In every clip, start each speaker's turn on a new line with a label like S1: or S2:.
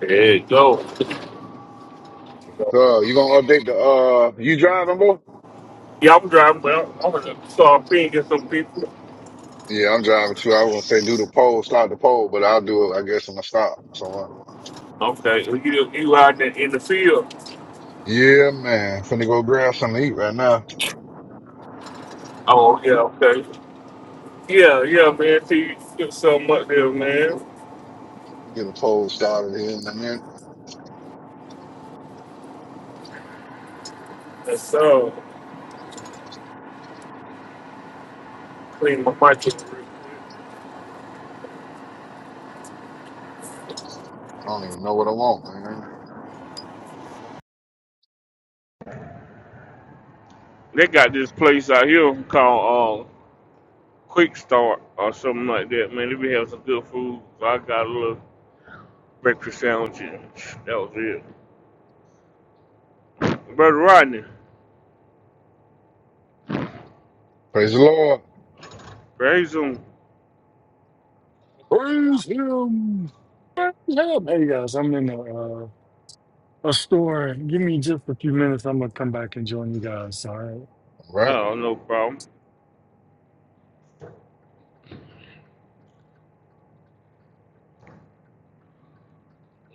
S1: There you go.
S2: So you gonna update the uh you driving, boy?
S1: Yeah, I'm driving, but I'm I'm gonna start pinging some people.
S2: Yeah, I'm driving too. I was gonna say do the poll, start the poll, but I'll do it, I guess, when I stop somewhere.
S1: Okay, you you out there in the field?
S2: Yeah, man. Finna go grab something to eat right now.
S1: Oh yeah, okay. Yeah, yeah, man. See, get something up there, man.
S2: We get a poll started here in a minute.
S1: That's all. Clean my mic. up real quick.
S2: I don't even know what I want, man.
S1: They got this place out here called um, Quick Start or something like that, man. They be having some good food. So I got a little breakfast sandwich. And that was it. Brother Rodney,
S2: Praise the Lord.
S1: raise them.
S3: Praise him. Praise him. Hey guys, I'm in a, uh, a store. Give me just a few minutes. I'm gonna come back and join you guys. All right.
S2: All right.
S1: Oh, no problem.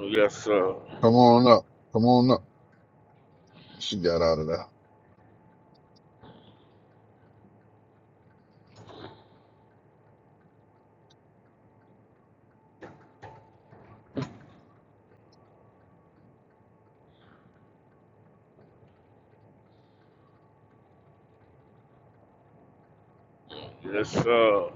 S1: Yes, sir.
S2: Come on up. Come on up. She got out of there.
S1: Yes, sir.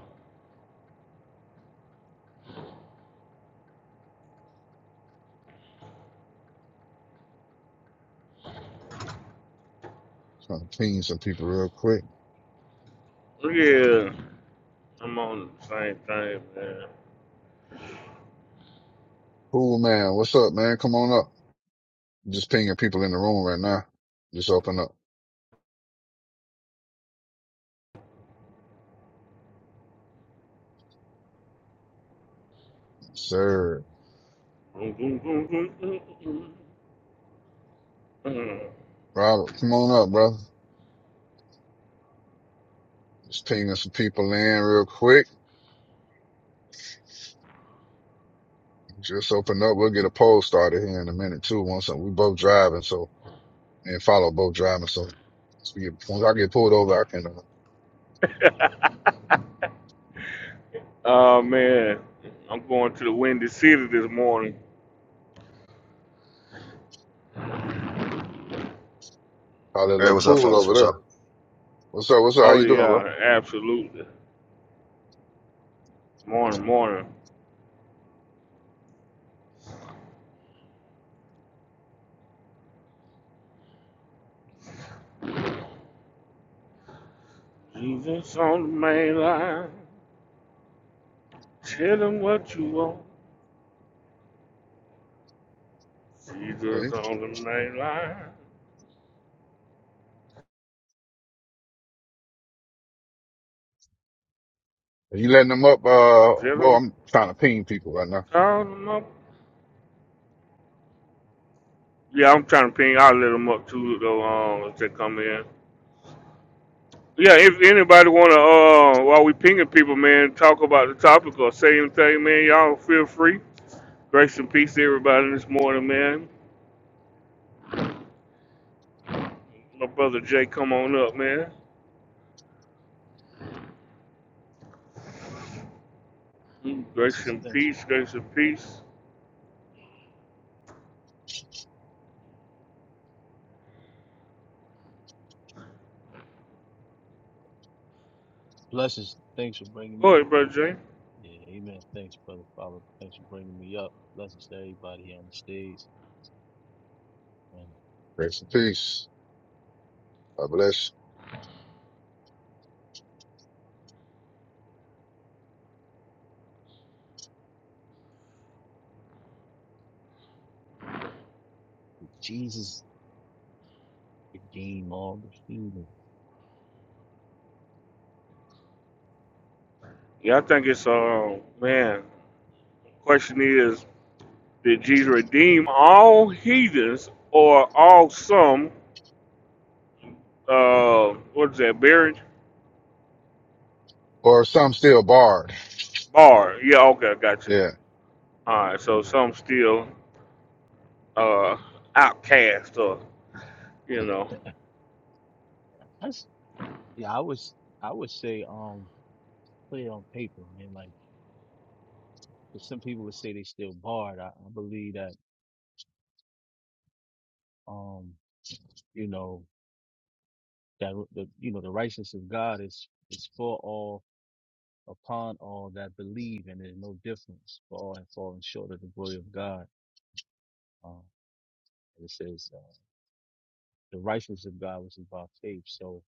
S2: Trying to ping some people real quick.
S1: Yeah, I'm on the same thing, man.
S2: Cool, man. What's up, man? Come on up. Just pinging people in the room right now. Just open up. Sir.
S1: Boom, boom, boom, boom, boom, boom, boom.
S2: Robert, come on up, brother. Just pinging some people in real quick. Just open up. We'll get a poll started here in a minute too. Once we both driving, so and follow both driving. So once, we get, once I get pulled over, I can uh,
S1: Oh
S2: call
S1: man, I'm going to the Windy City this morning.
S2: it a
S4: Hey,
S2: little
S4: what's up,
S2: cool
S4: fellas?
S2: over
S4: What's
S2: there.
S4: up?
S2: What's up? What's up? How
S1: Oh
S2: you doing, bro?
S1: yeah, absolutely. Morning, morning. Jesus on the main line, tell him what you want. Jesus
S2: Okay.
S1: on the main line,
S2: Are you letting them up? Uh,
S1: tell
S2: well,
S1: him,
S2: I'm trying to ping people right now.
S1: call him up. Yeah, I'm trying to ping all of them up too, though, um, if they come in. Yeah, if anybody wanna uh while we pinging people, man, talk about the topic or say anything, man, y'all feel free. Grace and peace to everybody this morning, man. My brother Jay, come on up, man. Mm, Grace
S5: Blessings.
S1: and
S5: Thanks.
S1: peace, grace and peace.
S5: Blessings. Thanks for bringing me.
S1: Go ahead, brother Jay.
S5: Yeah. Amen. Thanks, brother. Father. Thanks for bringing me up. Blessings to everybody here on the stage. And
S2: Grace and peace. God bless.
S5: Jesus became all the human.
S1: Yeah, I think it's uh man, question is, did Jesus redeem all heathens or all some uh what is that, buried?
S2: you. Or some still barred.
S1: Bar. Yeah, okay, I got you.
S2: Yeah.
S1: All right, so
S5: Yeah.
S1: some still uh, outcast or, you
S2: yeah.
S1: know.
S5: That's, yeah. I was, I would say, um, put it on paper, man. Like, if some people would say they still barred, I, I believe that, um, you know, that the, you know, the righteousness of God is, is for all, upon all that believe, and there's no difference for all have fallen short of the glory of God. Um, and it says uh, the righteousness of God was about faith. So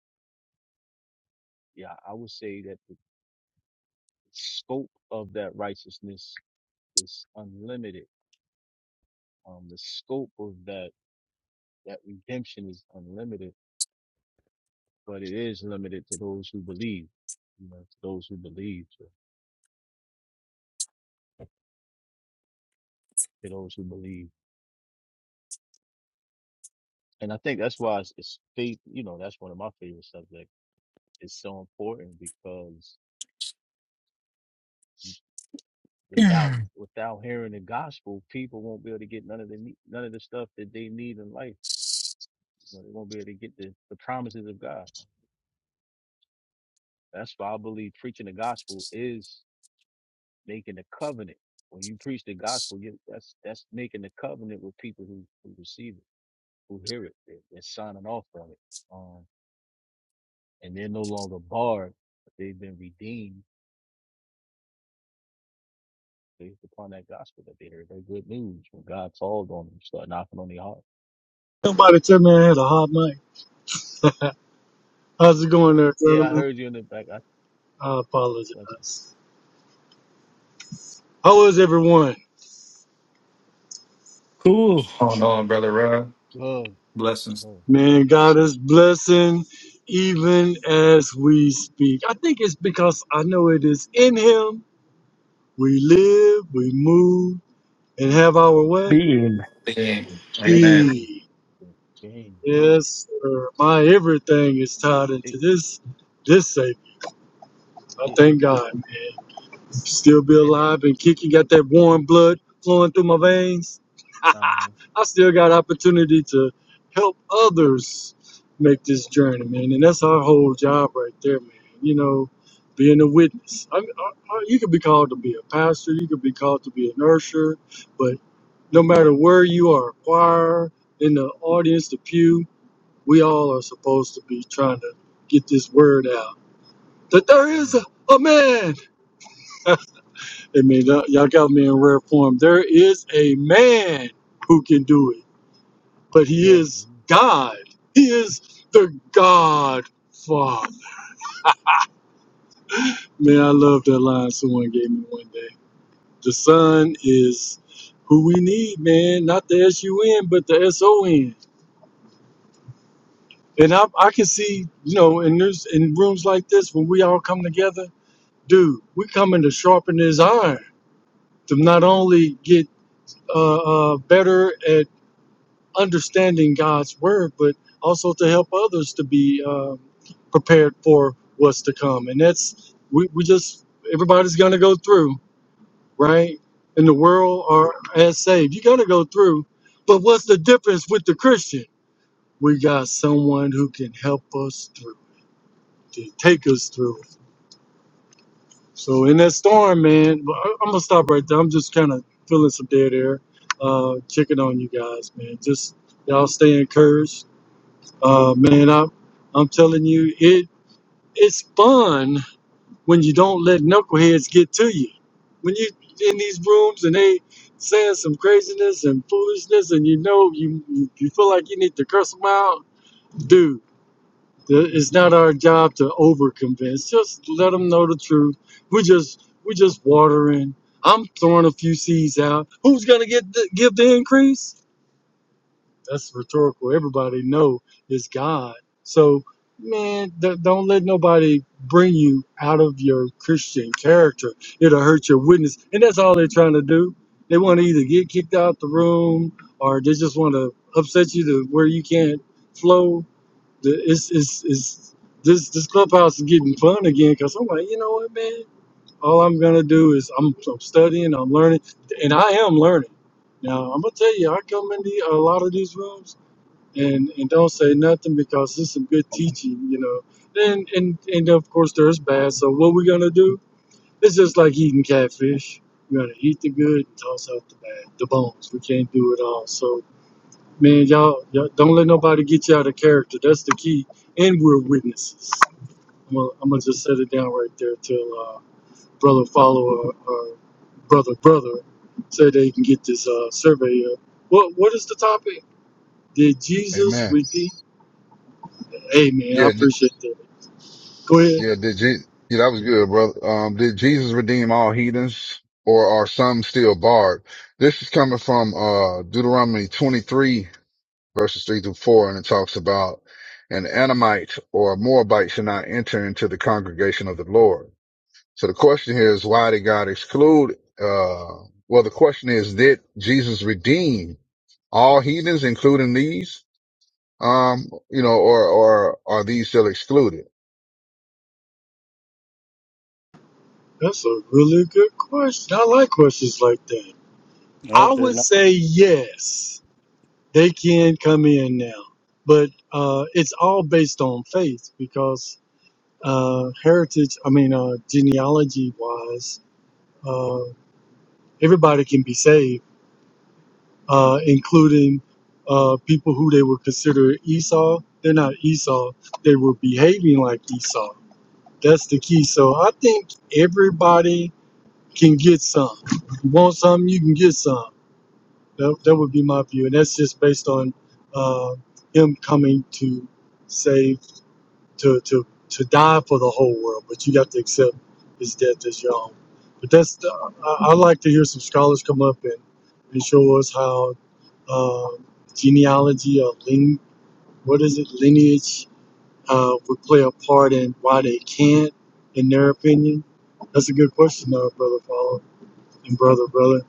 S5: yeah, I would say that the scope of that righteousness is unlimited. Um, the scope of that that redemption is unlimited, but it is limited to those who believe. You know, to those who believe, to, to those who believe, and I think that's why it's, it's faith. You know, that's one of my favorite subjects. It's so important because without without hearing the gospel, people won't be able to get none of the ne- none of the stuff that they need in life You know, they won't be able to get the, the promises of God. That's why I believe preaching the gospel is making a covenant. When you preach the gospel, you, that's that's making a covenant with people who, who receive it, who hear it. They're, they're signing off on it. Um, and they're no longer barred. But they've been redeemed based upon that gospel that they heard. That good news when God called on them, start knocking on their heart.
S3: Somebody tell me I had a hot mic. How's it going there,
S5: Yeah, I
S3: gentlemen?
S5: heard you in the back. I
S3: I
S5: listen.
S3: apologize. How is everyone?
S6: Cool
S7: Hold on, brother Rob.
S5: Oh,
S7: Blessings.
S5: good,
S3: Man, God is blessing even as we speak. I think it's because I know it is in Him we live, we move, and have our what?
S6: bean.
S7: Amen. Amen.
S5: ding,
S3: Being.
S5: ding, ding.
S3: Yes, sir. My everything is tied
S5: It,
S3: into this this Savior. I
S5: it, it,
S3: thank God, man. Still be
S5: it,
S3: alive and kicking. Got that warm blood flowing through my veins.
S5: uh
S3: I still got opportunity to help others make this journey, man. And that's our whole job right there, man. You know, being a witness. I, I, I- you could be called to be a pastor. You could be called to be an usher. But no matter where you are, choir, in the audience, the pew, we all are supposed to be trying to get this word out that there
S5: huh.
S3: is a, a man. I mean, y'all y'all got me in rare form. There is a man who can do it, but he
S5: Amen.
S3: is
S5: Amen.
S3: God. He is the God Father. Man, I love that line someone gave me one day. The Son is who we need, man. Not the S U N, but the S O N. And I, I can see, you know, in, this, in rooms like this, when we all come together, dude, we're coming to sharpen his iron to not only get uh, uh, better at understanding God's word, but also to help others to be um prepared for what's to come. And that's, we, we just, everybody's going to go through, right? In the world are as saved. You're going to go through. But what's the difference with the Christian? We got someone who can help us through, to take us through. So in that storm, man, but I- I'm gonna stop right there. I'm just kind of feeling some dead air, uh, checking on you guys, man. Just y'all stay encouraged, uh, man. I'm I'm telling you, it it's fun when you don't let knuckleheads get to you. When you in these rooms and they saying some craziness and foolishness, and you know you you you feel like you need to curse them out, dude. It's not our job to over convince. Just let them know the truth. We're just we're just watering. I'm throwing a few seeds out. Who's gonna get the, give the increase? That's rhetorical. Everybody know it's God. So man, d- don't let nobody bring you out of your Christian character. It'll hurt your witness, and that's all they're trying to do. They want to either get kicked out the room, or they just want to upset you to where you can't flow the- It's it's it's this this clubhouse is getting fun again because I'm like, you know what, man? All I'm gonna do is I'm, I'm studying, I'm learning, and I am learning. Now I'm gonna tell you, I come into a lot of these rooms and and don't say nothing because there's some good teaching, you know. And and and of course there's bad. So what we gonna do? It's just like eating catfish. We're gonna eat the good and toss out the bad, the bones. We can't do it all. So Man, y'all, y'all don't let nobody get you out of character. That's the key. And we're witnesses. I'm gonna, I'm gonna just set it down right there till uh, brother follower or brother brother say they can get this uh, survey up. What what is the topic? Did Jesus
S2: Amen.
S3: redeem? Hey man, I
S2: Yeah.
S3: appreciate that. Go ahead.
S2: Yeah, did Je- yeah, that was good, brother. Um, did Jesus redeem all heathens or are some still barred? This is coming from, uh, Deuteronomy 23 verses three through four. And it talks about an Anamite or a Moabite should not enter into the congregation of the Lord. So the question here is, why did God exclude, uh, well, the question is, did Jesus redeem all heathens, including these? Um, you know, or, or are these still excluded?
S3: That's a really good question. I like questions like that. I
S8: Nope, they're
S3: would
S8: not.
S3: say yes, they can come in now, but uh, it's all based on faith because uh, heritage, I mean, uh, genealogy wise, uh, everybody can be saved, uh, including uh, people who they would consider Esau. They're not Esau, they were behaving like Esau. That's the key. So I think everybody can get some. You want some, you can get some. That, that would be my view. And that's just based on uh, him coming to save to to to die for the whole world, but you have to accept his death as your own. But that's the, I, I like to hear some scholars come up and, and show us how um genealogy or line, what is it lineage uh, would play a part in why they can't, in their opinion. That's a good question, though, brother Paul and brother brother.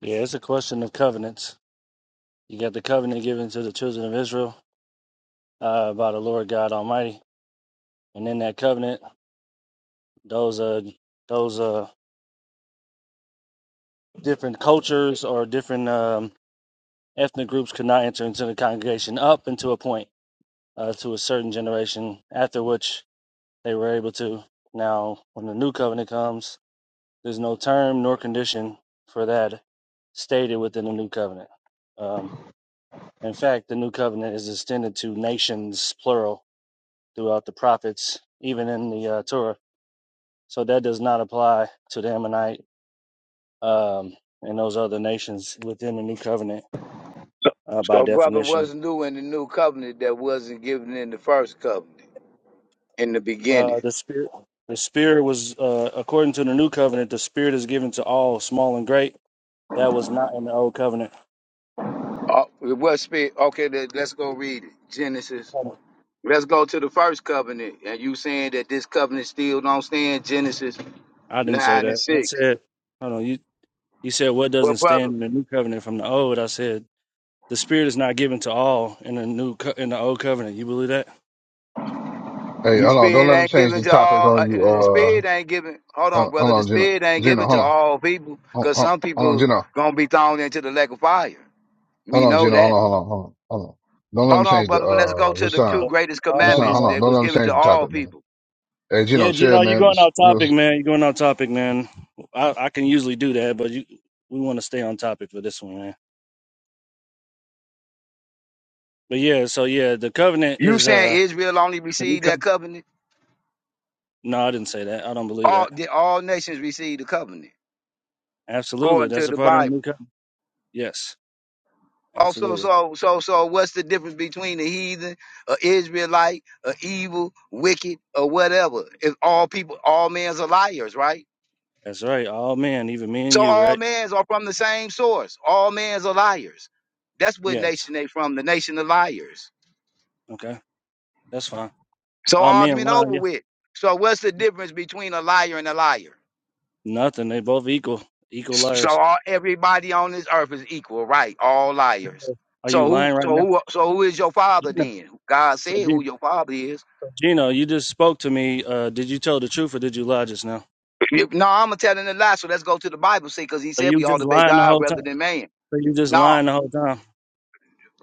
S8: Yeah, it's a question of covenants. You got the covenant given to the children of Israel uh, by the Lord God Almighty, and in that covenant, those uh those uh different cultures or different um, ethnic groups could not enter into the congregation up until a point uh, to a certain generation, after which they were able to. Now, when the new covenant comes, there's no term nor condition for that stated within the new covenant. Um, In fact, the new covenant is extended to nations, plural, throughout the prophets, even in the uh, Torah. So that does not apply to the Ammonite um, and those other nations within the new covenant
S9: So,
S8: uh,
S9: so
S8: by
S9: brother
S8: definition.
S9: wasn't new in the new covenant that wasn't given in the first covenant in the beginning.
S8: Uh, the spirit, the spirit was uh, according to the new covenant. The spirit is given to all, small and great. That was not in the old covenant.
S9: Oh, it was spirit. Okay, let, let's go read it. Genesis.
S8: Hold on.
S9: Let's go to the first covenant. And you saying that this covenant still don't stand? Genesis
S8: I didn't say
S9: nine and
S8: that. I
S9: six.
S8: said, hold on. You you said what
S9: Well,
S8: doesn't
S9: brother,
S8: stand in the new covenant from the old. I said The Spirit is not given to all in the new co- in the old covenant. You believe that?
S2: Hey,
S9: the
S2: hold on. Don't
S9: spirit
S2: let them
S9: ain't
S2: change
S9: given
S2: the
S9: to
S2: topic
S9: all. Uh,
S2: on you.
S9: the the
S2: Uh,
S9: spirit ain't given. Hold on,
S2: hold
S9: brother.
S2: hold
S9: The
S2: on, Gino.
S9: spirit ain't
S2: Gino,
S9: given to
S2: hold on.
S9: all people,
S2: Hold,
S9: cause
S2: hold,
S9: some
S2: hold on,
S9: people
S2: Gino.
S9: gonna be thrown into the lake of fire.
S2: Hold
S9: We
S2: on,
S9: know
S2: Gino.
S9: that.
S2: Hold on, hold on, hold on. Hold on. Don't let them
S9: Hold on,
S2: change the,
S9: brother, but let's go
S2: uh,
S9: to the two
S8: Yeah.
S2: Rasan.
S9: greatest
S8: Hold on,
S2: Rasan,
S9: commandments
S2: hold
S8: Gino.
S2: on.
S9: that
S2: Don't
S9: was
S2: let them
S9: given
S2: change
S9: to
S2: the
S9: all
S2: topic, man.
S9: people.
S2: Hey, Gino,
S8: Yeah,
S2: chill,
S8: Gino, you're
S2: man.
S8: going off
S2: We'll,
S8: topic,
S2: we'll-
S8: man. You're going off topic, man. I, I can usually do that, but you, we want to stay on topic for this one, man. But yeah, so yeah, the covenant
S9: You
S8: is
S9: saying
S8: uh
S9: Israel only
S8: the new
S9: received that
S8: covenant.
S9: covenant?
S8: No, I didn't say that. I don't believe
S9: All
S8: that.
S9: did all nations receive the covenant
S8: Absolutely,
S9: according to
S8: that's a
S9: the
S8: part of the
S9: Bible.
S8: new covenant. Yes,
S9: Also, so
S8: absolutely.
S9: so so, so what's the difference between a heathen, a Israelite, a evil, wicked, or whatever? If all people, all men's are liars, right?
S8: That's right. All men, even me and
S9: So
S8: you,
S9: all
S8: right?
S9: men's are from the same source. All men's are liars. That's what
S8: Yes.
S9: nation they from, the nation of liars.
S8: Okay, that's fine.
S9: So
S8: All men
S9: argument
S8: lie.
S9: over
S8: Yeah.
S9: with. So what's the difference between a liar and a liar?
S8: Nothing. They both equal. Equal
S9: So
S8: liars.
S9: all, everybody on this earth is equal, right? All liars.
S8: Are you
S9: So who,
S8: lying right
S9: so
S8: now?
S9: who, so who is your father
S8: Gino,
S9: then? God
S8: so,
S9: said
S8: G-
S9: who your father is.
S8: so Gino, you just spoke to me. Uh, did you tell the truth or did you lie just now?
S9: If- No, I'm gonna telling a lie. So let's go to the Bible, see, because He
S8: So
S9: said
S8: you
S9: we ought
S8: just
S9: to obey
S8: lying the
S9: God
S8: whole time.
S9: rather than man.
S8: So you just
S9: No,
S8: lying the whole time.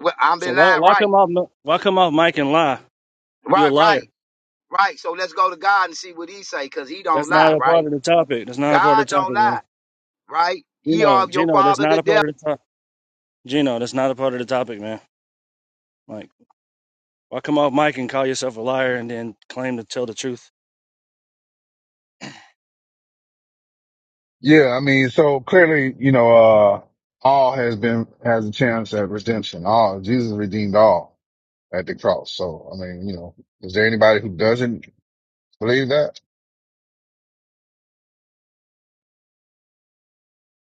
S9: well, I'm
S8: So
S9: been
S8: why
S9: lying,
S8: why
S9: right?
S8: come off mi- why come off mic and lie? You're a
S9: Right,
S8: liar.
S9: right, right. So let's go to God and see what He say, because He don't
S8: That's
S9: lie,
S8: not a part
S9: right?
S8: of the topic. That's not a part
S9: God
S8: of the
S9: don't
S8: topic,
S9: lie,
S8: man.
S9: right? Ye are
S8: Gino,
S9: of your
S8: Gino, that's
S9: father
S8: not
S9: the
S8: a
S9: devil
S8: part of the topic. Gino, that's not a part of the topic, man. Like why come off mic and call yourself a liar and then claim to tell the truth?
S2: yeah, I mean, so clearly, you know, uh, all has been, has a chance at redemption. All, Jesus redeemed all at the cross. So, I mean, you know, is there anybody who doesn't believe that?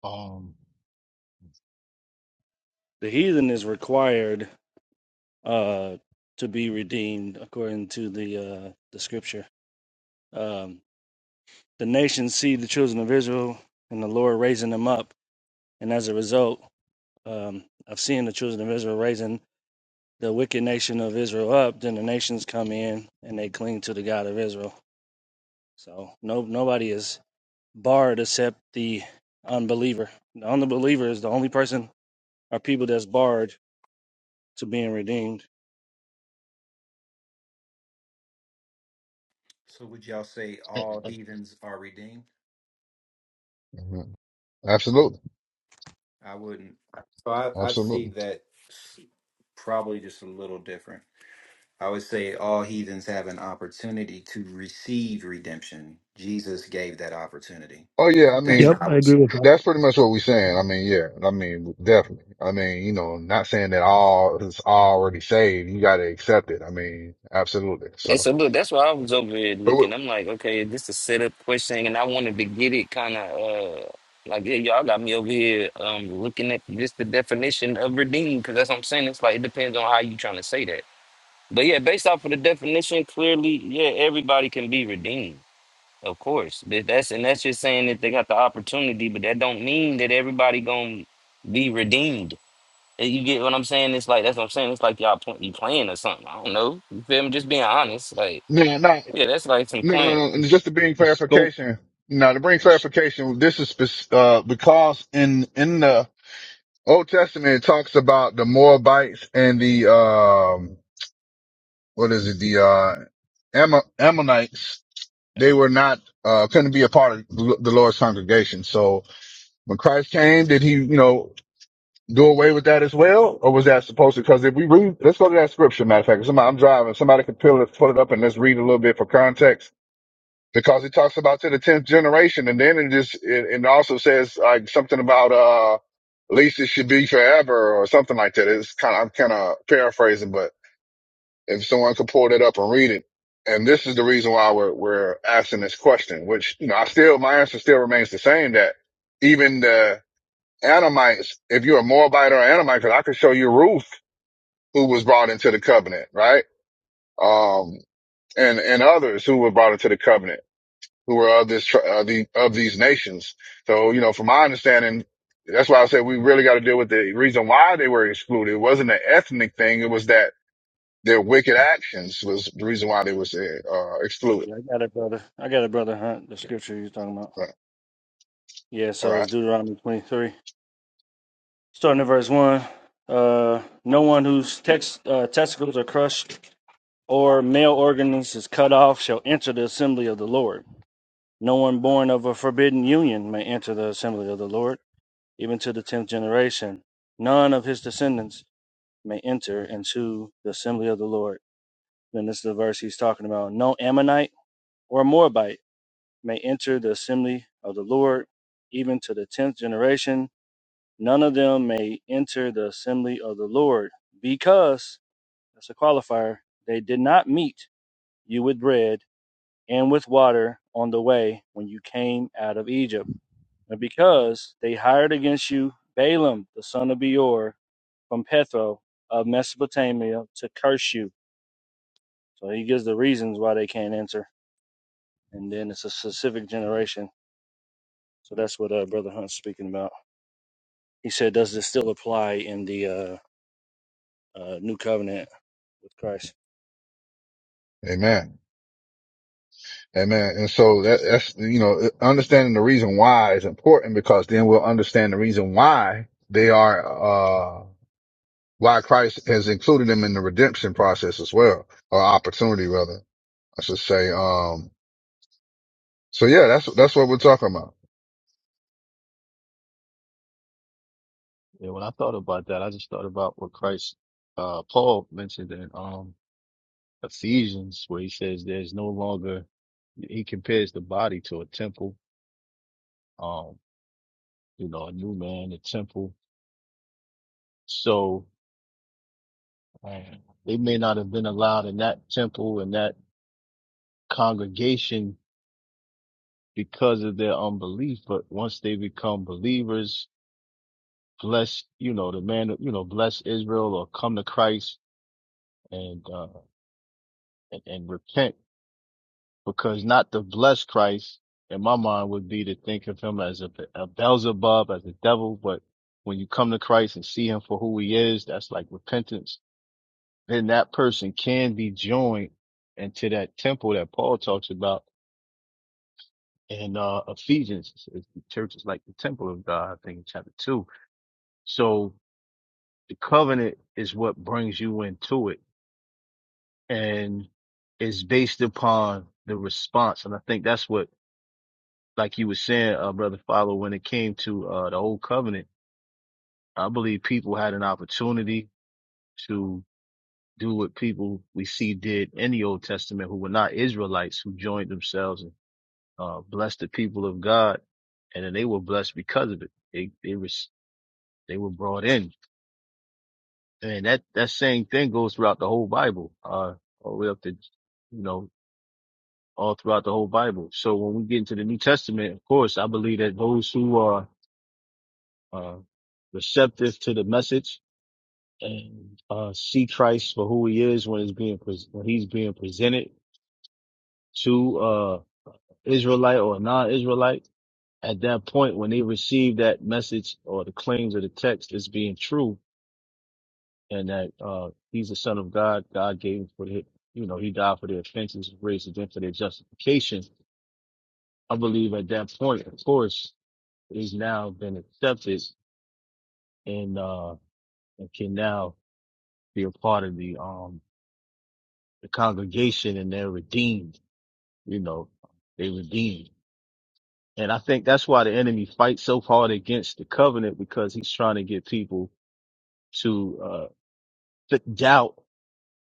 S5: Um,
S8: The heathen is required uh to be redeemed according to the uh the scripture. Um the nations see the children of Israel and the Lord raising them up. And as a result um, of seeing the children of Israel raising the wicked nation of Israel up, then the nations come in and they cling to the God of Israel. So no, nobody is barred except the unbeliever. The unbeliever is the only person or people that's barred to being redeemed.
S7: So would y'all say
S5: eh,
S7: all
S5: eh,
S7: heathens are redeemed?
S2: Mhm. Absolutely.
S7: I wouldn't. So I, I'd see
S2: Absolutely.
S7: that s- probably just a little different. I would say all heathens have an opportunity to receive redemption. Jesus gave that opportunity.
S2: Oh yeah, I mean,
S7: That's how
S6: Yep,
S7: I
S6: I
S7: would
S6: agree with that.
S2: That's pretty much what we're saying. I mean, yeah. I mean, definitely. I mean, you know, not saying that all is already saved. You got to accept it. I mean, absolutely.
S10: And
S2: So,
S10: so, look, that's why I was over here
S2: but we,
S10: looking. I'm like, okay, is this a setup question? And I wanted to get it kind of uh, like, yeah, y'all got me over here um, looking at just the definition of redeemed, because that's what I'm saying. It's like, it depends on how you trying to say that. But yeah, based off of the definition, clearly, yeah, everybody can be redeemed, of course. But that's And that's just saying that they got the opportunity, but that don't mean that everybody going to be redeemed. And You get what I'm saying? It's like, that's what I'm saying. It's like y'all pl- you playing or something. I don't know. You feel me? Just being honest. like.
S2: no, no,
S10: Yeah, that's nice and
S2: no, no, no.
S10: clean.
S2: no. And
S5: this,
S2: just to
S5: the,
S2: bring
S5: the scope.
S2: clarification, now to bring
S5: This,
S2: clarification, this is spec- uh because in in the Old Testament it talks about the Moabites and the um what is it the uh Ammon- Ammonites.
S8: Yeah,
S2: They were not uh couldn't be a part of the Lord's congregation. So when Christ came, did he, you know, do away with that as well, or was that supposed to? Because if we read, let's go to that scripture. Matter of fact, somebody, I'm driving. Somebody can pull it, pull it up, and let's read a little bit for context. Because it talks about to the tenth generation, and then it just it, it also says like something about uh, at least it should be forever or something like that. It's kind of I'm kind of paraphrasing, but if someone could pull that up and read it, and this is the reason why we're we're asking this question, which you know I still my answer still remains the same that even the Anamites, if you're a Moabite or Anamite, because I could show you Ruth, who was brought into the covenant, right? Um, and, and others who were brought into the covenant, who were of this, uh, the, of these nations. So, you know, from my understanding, that's why I said we really got to deal with the reason why they were excluded. It wasn't an ethnic thing. It was that their wicked actions was the reason why they was uh, excluded.
S8: yeah I got it, brother. I got it, brother Hunt. The scripture you're talking about.
S2: All right.
S8: Yeah,
S2: All
S8: so it's
S2: right.
S8: Deuteronomy 23. Starting at verse 1. Uh, no one whose tex- uh, testicles are crushed or male organs is cut off shall enter the assembly of the Lord. No one born of a forbidden union may enter the assembly of the Lord, even to the tenth generation. None of his descendants may enter into the assembly of the Lord. Then this is the verse he's talking about. No Ammonite or Moabite may enter the assembly of the Lord, even to the tenth generation none of them may enter the assembly of the Lord, because, that's a qualifier, they did not meet you with bread and with water on the way when you came out of Egypt, and because they hired against you Balaam the son of Beor from Pethro of Mesopotamia to curse you. So he gives the reasons why they can't enter, and then it's a specific generation. So that's what uh, Brother Hunt's speaking about. He said, does this still apply in the uh, uh, New Covenant with Christ?
S2: Amen. Amen. And so that, that's, you know, understanding the reason why is important because then we'll understand the reason why they are, uh, why Christ has included them in the redemption process as well, or opportunity rather, I should say. Um, so yeah, that's, that's what we're talking about.
S5: yeah, when I thought about that, I just thought about what Christ, uh, Paul mentioned in um Ephesians, where he says there's no longer. He compares the body to a temple. Um, you know, a new man, a temple. So uh, they may not have been allowed in that temple and that congregation because of their unbelief, but once they become believers bless, you know, the man, you know, bless Israel or come to Christ and, uh, and, and repent because not to bless Christ in my mind would be to think of him as a, a Beelzebub, as a devil. But when you come to Christ and see him for who he is, that's like repentance. Then that person can be joined into that temple that Paul talks about in, uh, Ephesians. It says The church is like the temple of God, I think in chapter two. So the covenant is what brings you into it and it's based upon the response. And I think that's what, like you were saying, uh, brother Follow, when it came to uh, the old covenant, I believe people had an opportunity to do what people we see did in the Old Testament who were not Israelites, who joined themselves and uh, blessed the people of God, and then they were blessed because of it. They they was they were brought in, and that that same thing goes throughout the whole Bible, uh, all the way up to you know all throughout the whole Bible. So when we get into the New Testament, of course, I believe that those who are uh, receptive to the message and uh, see Christ for who He is when it's being pres when He's being presented to uh, Israelite or non-Israelite, at that point when they receive that message or the claims of the text as being true, and that uh, He's the Son of God, God gave him for the you know He died for their offenses, raised again for their justification. I believe at that point, of course. He's now been accepted and uh and can now be a part of the um the congregation and they're redeemed, you know, they redeemed. And I think that's why the enemy fights so hard against the covenant because he's trying to get people to uh to doubt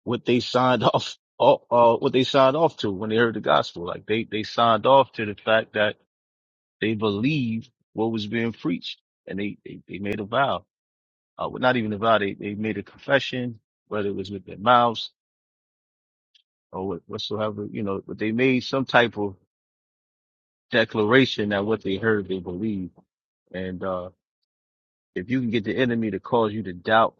S5: what they signed off uh, uh, what they signed off to when they heard the gospel. Like they they signed off to the fact that they believed what was being preached and they they, they made a vow uh, well, not even a They, they made a confession, whether it was with their mouths or what, whatsoever, you know, but they made some type of declaration that what they heard, they believed. And, uh, if you can get the enemy to cause you to doubt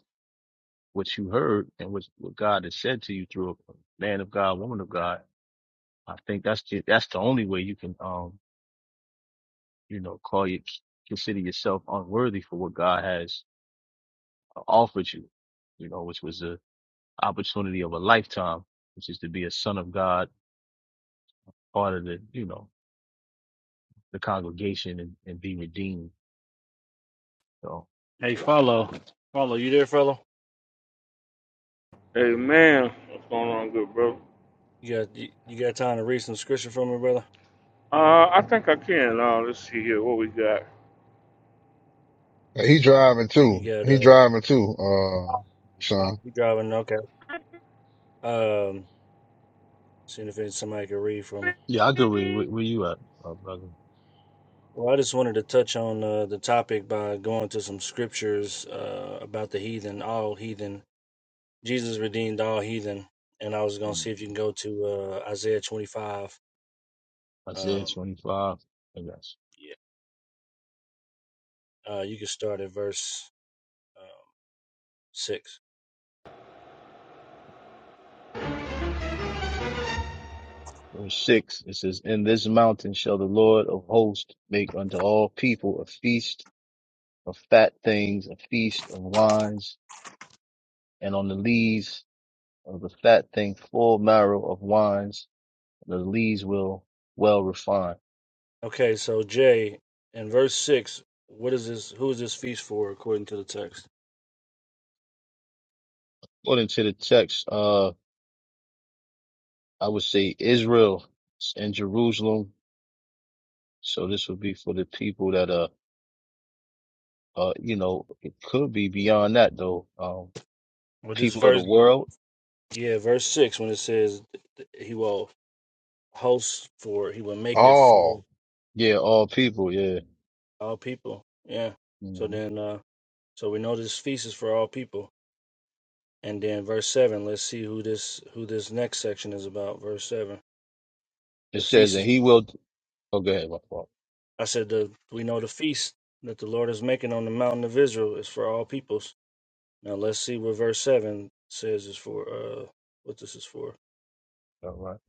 S5: what you heard and what, what God has said to you through a man of God, woman of God, I think that's the, that's the only way you can, um, you know, call you, consider yourself unworthy for what God has uh, offered you, you know, which was the opportunity of a lifetime, which is to be a son of God part of the, you know, the congregation and, and be redeemed. So
S8: Hey, follow, follow. You there, fellow?
S1: Amen. What's going on, good brother?
S8: You got you, you got time to read some scripture from me, brother?
S1: Uh, I think I can. Uh, let's see here what we got.
S2: He driving
S8: You
S2: too.
S8: got
S2: He
S8: uh,
S2: driving too, uh,
S8: Ah,
S2: son.
S8: you driving? Okay.
S11: I'm
S8: Um, seeing if it's somebody can read from me.
S5: yeah, I agree.
S11: free.
S5: Where, where you at, uh, brother?
S8: Well, I just wanted to touch on uh, the topic by going to some scriptures uh, about the heathen, all heathen. Jesus redeemed all heathen, and I was gonna see if you can go to uh, Isaiah twenty five.
S5: Isaiah
S8: Um,
S5: 25, I guess.
S8: yeah. Uh, you can start at verse um, six.
S5: Verse 6, it says, In this mountain shall the Lord of hosts make unto all people a feast of fat things, a feast of wines, and on the lees of the fat thing full marrow of wines, and the lees will well refine.
S8: Okay, so Jay, in verse six, what is this? Who is this feast for, according to the text?
S5: According to the text, uh, I would say Israel and Jerusalem So this would be for the people that are, uh, you know, it could be beyond that though. Um,
S8: Well, this
S5: people of the
S8: verse, when,
S5: world.
S8: yeah, verse six, when it says he will host for, he will make it for
S2: Oh
S5: Yeah, all people. Yeah.
S8: all people. Yeah. So
S5: hmm
S8: then, uh so we know this feast is for all people. And then verse seven, let's see who this who this next section is about. Verse seven,
S5: It
S8: the
S5: says,
S8: feast
S5: and
S8: is.
S5: he will, oh, go ahead, my fault.
S8: I said the we know the feast that the Lord is making on the mountain of Israel is for all peoples. Now let's see what verse seven says is for uh what this is for.
S5: All right.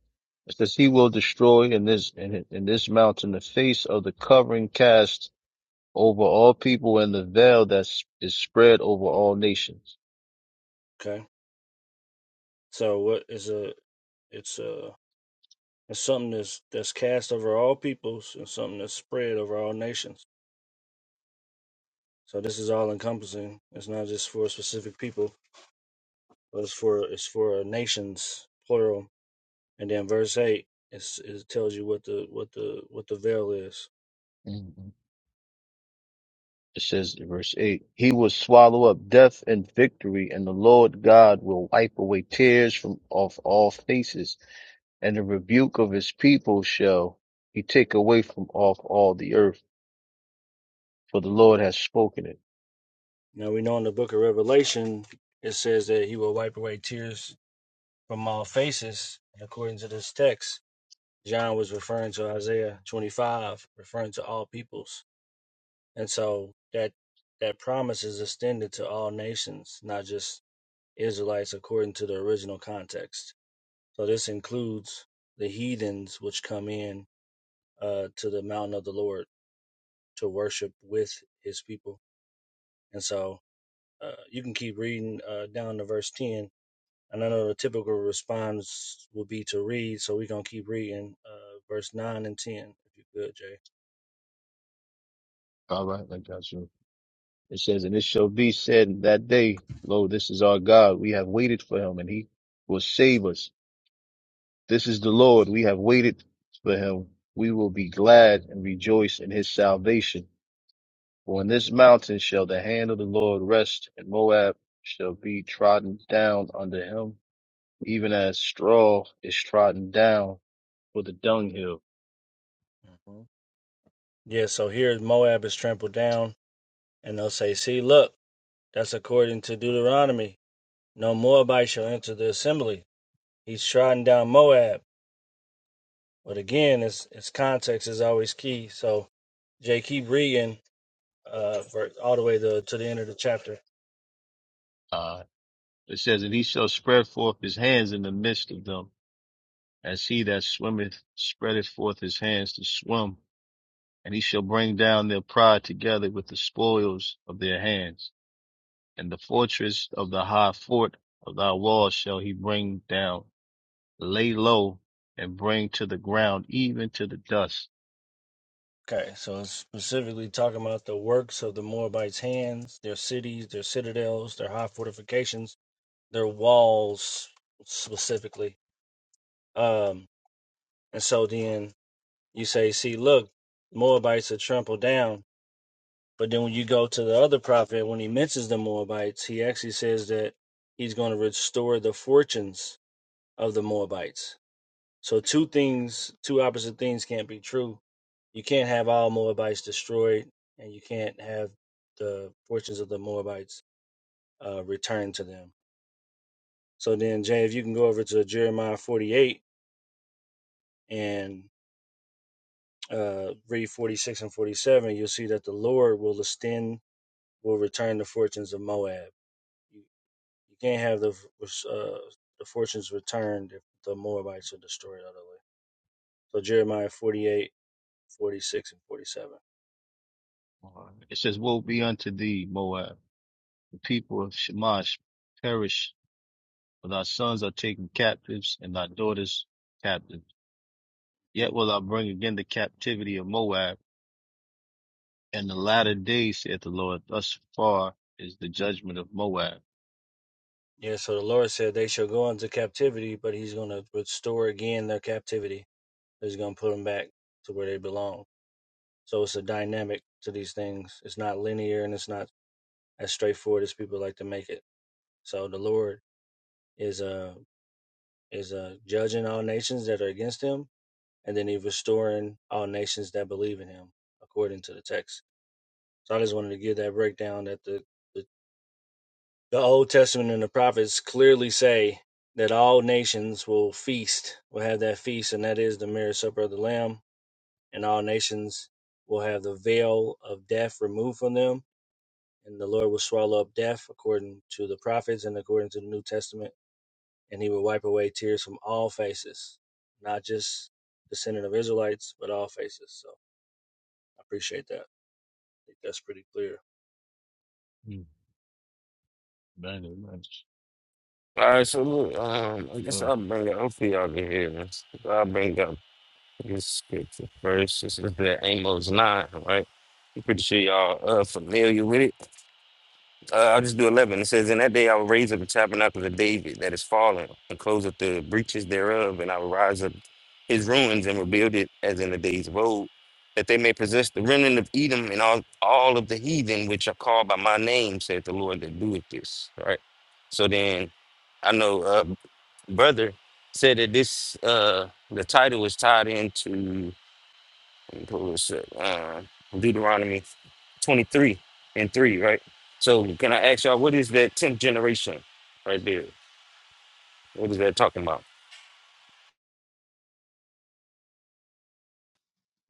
S5: It says he will destroy in this, in, in this mountain the face of the covering cast over all people and the veil that is spread over all nations.
S8: Okay. So what is a it's a it's something that's that's cast over all peoples and something that's spread over all nations. So this is all encompassing. It's not just for a specific people, but it's for it's for nations plural. And then verse eight it's, it tells you what the what the what the veil is.
S5: Mhm. It says in verse 8, He will swallow up death and victory, and the Lord God will wipe away tears from off all faces and the rebuke of his people shall he take away from off all the earth, for the Lord has spoken it.
S8: Now we know in the book of Revelation it says that he will wipe away tears from all faces. And according to this text, John was referring to Isaiah 25, referring to all peoples. And so that that promise is extended to all nations, not just Israelites according to the original context. So this includes the heathens which come in uh, to the mountain of the Lord to worship with his people. And so uh, you can keep reading uh, down to verse 10. And I know the typical response would be to read, so we're going to keep reading uh, verse 9 and 10, if you could, Jay.
S5: All right, I got you. It says, And it shall be said in that day, Lo, this is our God. We have waited for him, and he will save us. This is the Lord. We have waited for him. We will be glad and rejoice in his salvation. For in this mountain shall the hand of the Lord rest, and Moab shall be trodden down under him, even as straw is trodden down for the dunghill
S8: Mhm. Yeah, so here Moab is trampled down, and they'll say, See, look, that's according to Deuteronomy. No Moabite shall enter the assembly. He's trodden down Moab. But again, it's, it's context is always key. So, Jay, keep reading uh, ver- all the way to, to the end of the chapter.
S5: Uh, it says, And he shall spread forth his hands in the midst of them, as he that swimmeth spreadeth forth his hands to swim. And he shall bring down their pride together with the spoils of their hands. And the fortress of the high fort of thy walls shall he bring down, lay low, and bring to the ground, even to the dust.
S8: Okay, so it's specifically talking about the works of the Moabites' hands, their cities, their citadels, their high fortifications, their walls specifically. Um, and so then you say, see, look, Moabites are trampled down. But then when you go to the other prophet, when he mentions the Moabites, he actually says that he's going to restore the fortunes of the Moabites. So two things, two opposite things can't be true. You can't have all Moabites destroyed, and you can't have the fortunes of the Moabites uh, returned to them. So then, Jay, if you can go over to Jeremiah 48 and uh, read 46 and 47, you'll see that the Lord will extend, will return the fortunes of Moab. You, you can't have the uh, the fortunes returned if the Moabites are destroyed utterly. So Jeremiah 48, 46, and 47.
S5: It says, Woe be unto thee, Moab. The people of Shamash perish, for thy sons are taken captives, and thy daughters captive
S8: Mhm.
S5: Yet will I bring again the captivity of Moab, and the latter days, saith the Lord. Thus far is the judgment of Moab.
S8: Yeah, so the Lord said they shall go into captivity, but He's going to restore again their captivity. He's going to put them back to where they belong. So it's a dynamic to these things. It's not linear and it's not as straightforward as people like to make it. So the Lord is uh is uh judging all nations that are against Him, and then He's restoring all nations that believe in Him, according to the text. So I just wanted to give that breakdown that the the The Old Testament and the prophets clearly say that all nations will feast, will have that feast, and that is the marriage supper of the Lamb, and all nations will have the veil of death removed from them, and the Lord will swallow up death according to the prophets and according to the New Testament, and he will wipe away tears from all faces, not just the descendant of Israelites, but all faces. So I appreciate that. I think that's pretty clear.
S5: Hmm, Man, amen.
S10: All right, so look, um, I guess
S5: Well,
S10: I'll bring it up for y'all to hear. I'll bring up this scripture first. This is the Amos 9, right? I'm pretty sure y'all are familiar with it. Uh, I'll just do 11. It says, In that day I will raise up the tabernacle of David that is fallen, and close up the breaches thereof, and I will rise up his ruins and rebuild it as in the days of old, that they may possess the remnant of Edom and all, all of the heathen which are called by my name, saith the Lord that doeth this. All Right. So then I know uh, brother said that this uh the title was tied into who is it? Uh, Deuteronomy 23 and 3, right? So, can I ask y'all, what is that 10th generation right there? What is that talking about?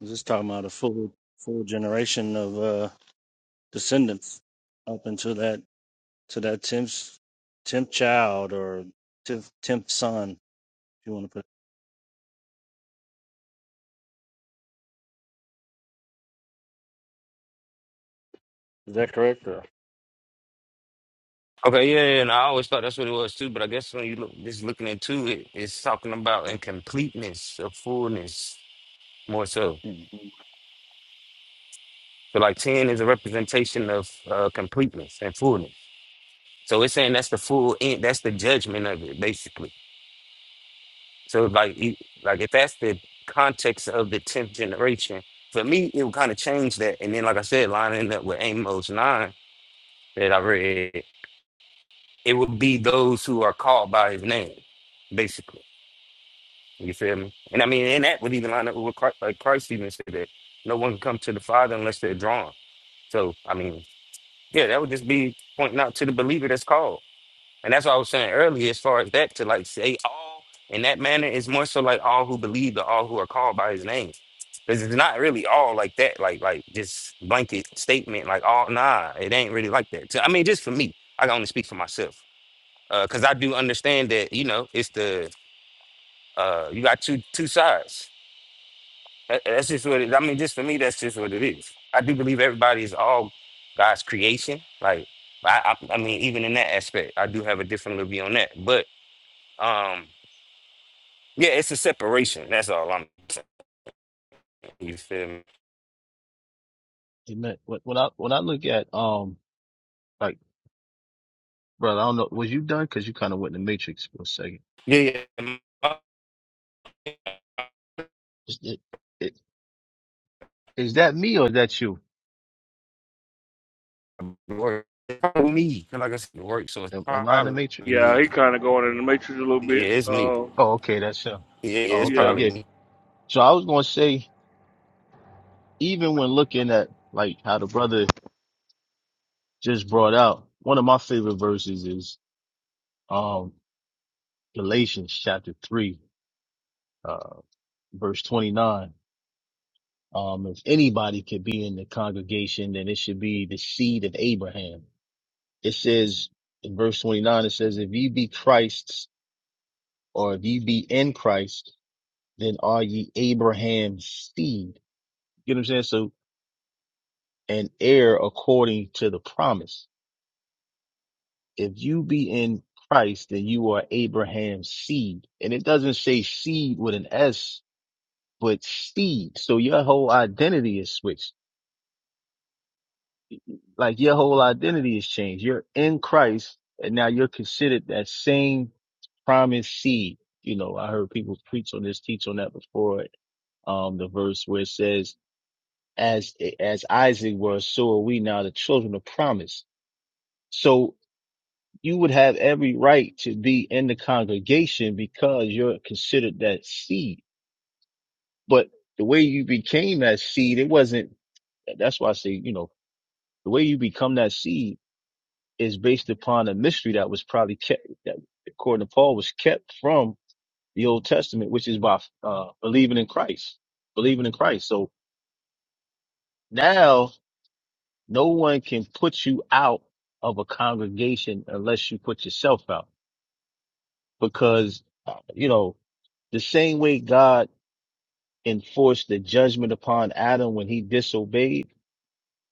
S8: We're Just talking about a full full generation of uh descendants up into that to that tenth tenth child or tenth tenth son, if you want to put. Is that correct? Or?
S10: Okay, yeah, yeah, and I always thought that's what it was too, but I guess when you look just looking into it, it's talking about incompleteness of fullness more so.
S8: Hmm.
S10: So like ten is a representation of uh, completeness and fullness. So it's saying that's the full end, that's the judgment of it, basically So like you- like if that's the context of the tenth generation, for me it would kind of change that. And then like I said, lining up with Amos nine that I read, it would be those who are called by his name, basically. You feel me? And I mean, and that would even line up with what Christ, like Christ even said that no one can come to the Father unless they're drawn. So I mean, yeah, that would just be pointing out to the believer that's called. And that's what I was saying earlier, as far as that, to like say all in that manner is more so like all who believe or all who are called by his name. Because it's not really all like that, like like just blanket statement, like all nah, it ain't really like that. So, I mean, just for me, I can only speak for myself. Uh, cause I do understand that, you know, it's the uh you got two two sides. That- that's just what it I mean, just for me, that's just what it is. I do believe everybody is all God's creation. Like I, I I mean, even in that aspect, I do have a different little view on that. But um, yeah, it's a separation. That's all I'm saying. You feel me?
S5: amen. When when I when I look at um, like, brother, I don't know, was you done? Because you kind of went in the matrix for a second.
S10: Yeah, yeah.
S5: Is, it, it, is that me or is that you?
S10: my work. It's Probably me. 'cause Like I said, work. So it's
S5: Am, am I in the
S10: probably
S5: matrix?
S1: Yeah,
S10: me.
S1: he kind of going in the matrix a little
S10: Yeah,
S1: bit.
S10: it's me.
S1: Uh,
S5: Oh, okay, that's you.
S10: Yeah, yeah,
S5: Oh,
S10: it's
S5: okay,
S1: yeah.
S10: probably
S5: yeah.
S10: me.
S5: So I was gonna say, even when looking at like how the brother just brought out, one of my favorite verses is. um Galatians chapter 3, uh, verse 29. Um, if anybody could be in the congregation, then it should be the seed of Abraham. It says in verse 29, it says, if ye be Christ's or if ye be in Christ, then are ye Abraham's seed. You know what I'm saying? So an heir according to the promise. If you be in Christ, then you are Abraham's seed. And it doesn't say seed with an S, but seed. So your whole identity is switched Like your whole identity has changed. You're in Christ and now you're considered that same promised seed. You know, I heard people preach on this, teach on that before. Um, the verse where it says, as, as Isaac was, so are we now the children of promise. So you would have every right to be in the congregation because you're considered that seed. But the way you became that seed, it wasn't, that's why I say, you know, the way you become that seed is based upon a mystery that was probably kept, that according to Paul, was kept from the Old Testament, which is by uh, believing in Christ, believing in Christ. So now no one can put you out of a congregation unless you put yourself out, because you know the same way God enforced the judgment upon Adam when he disobeyed,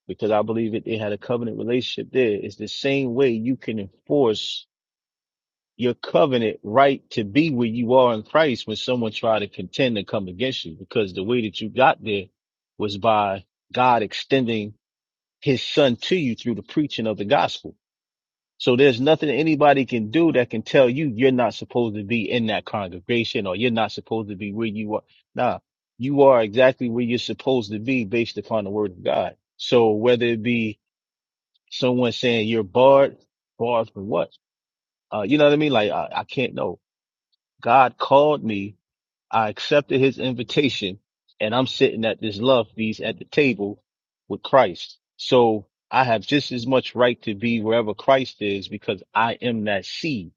S5: because I believe it, it had a covenant relationship there. It's the same way you can enforce your covenant right to be where you are in Christ when someone tried to contend to come against you because the way that you got there was by God extending his son to you through the preaching of the gospel. So there's nothing anybody can do that can tell you you're not supposed to be in that congregation or you're not supposed to be where you are. Nah, you are exactly where you're supposed to be based upon the word of God. So whether it be someone saying you're barred, barred from what? Uh, you know what I mean? Like I, I can't know God called me. I accepted his invitation and I'm sitting at this love feast at the table with Christ. So I have just as much right to be wherever Christ is because I am that seed.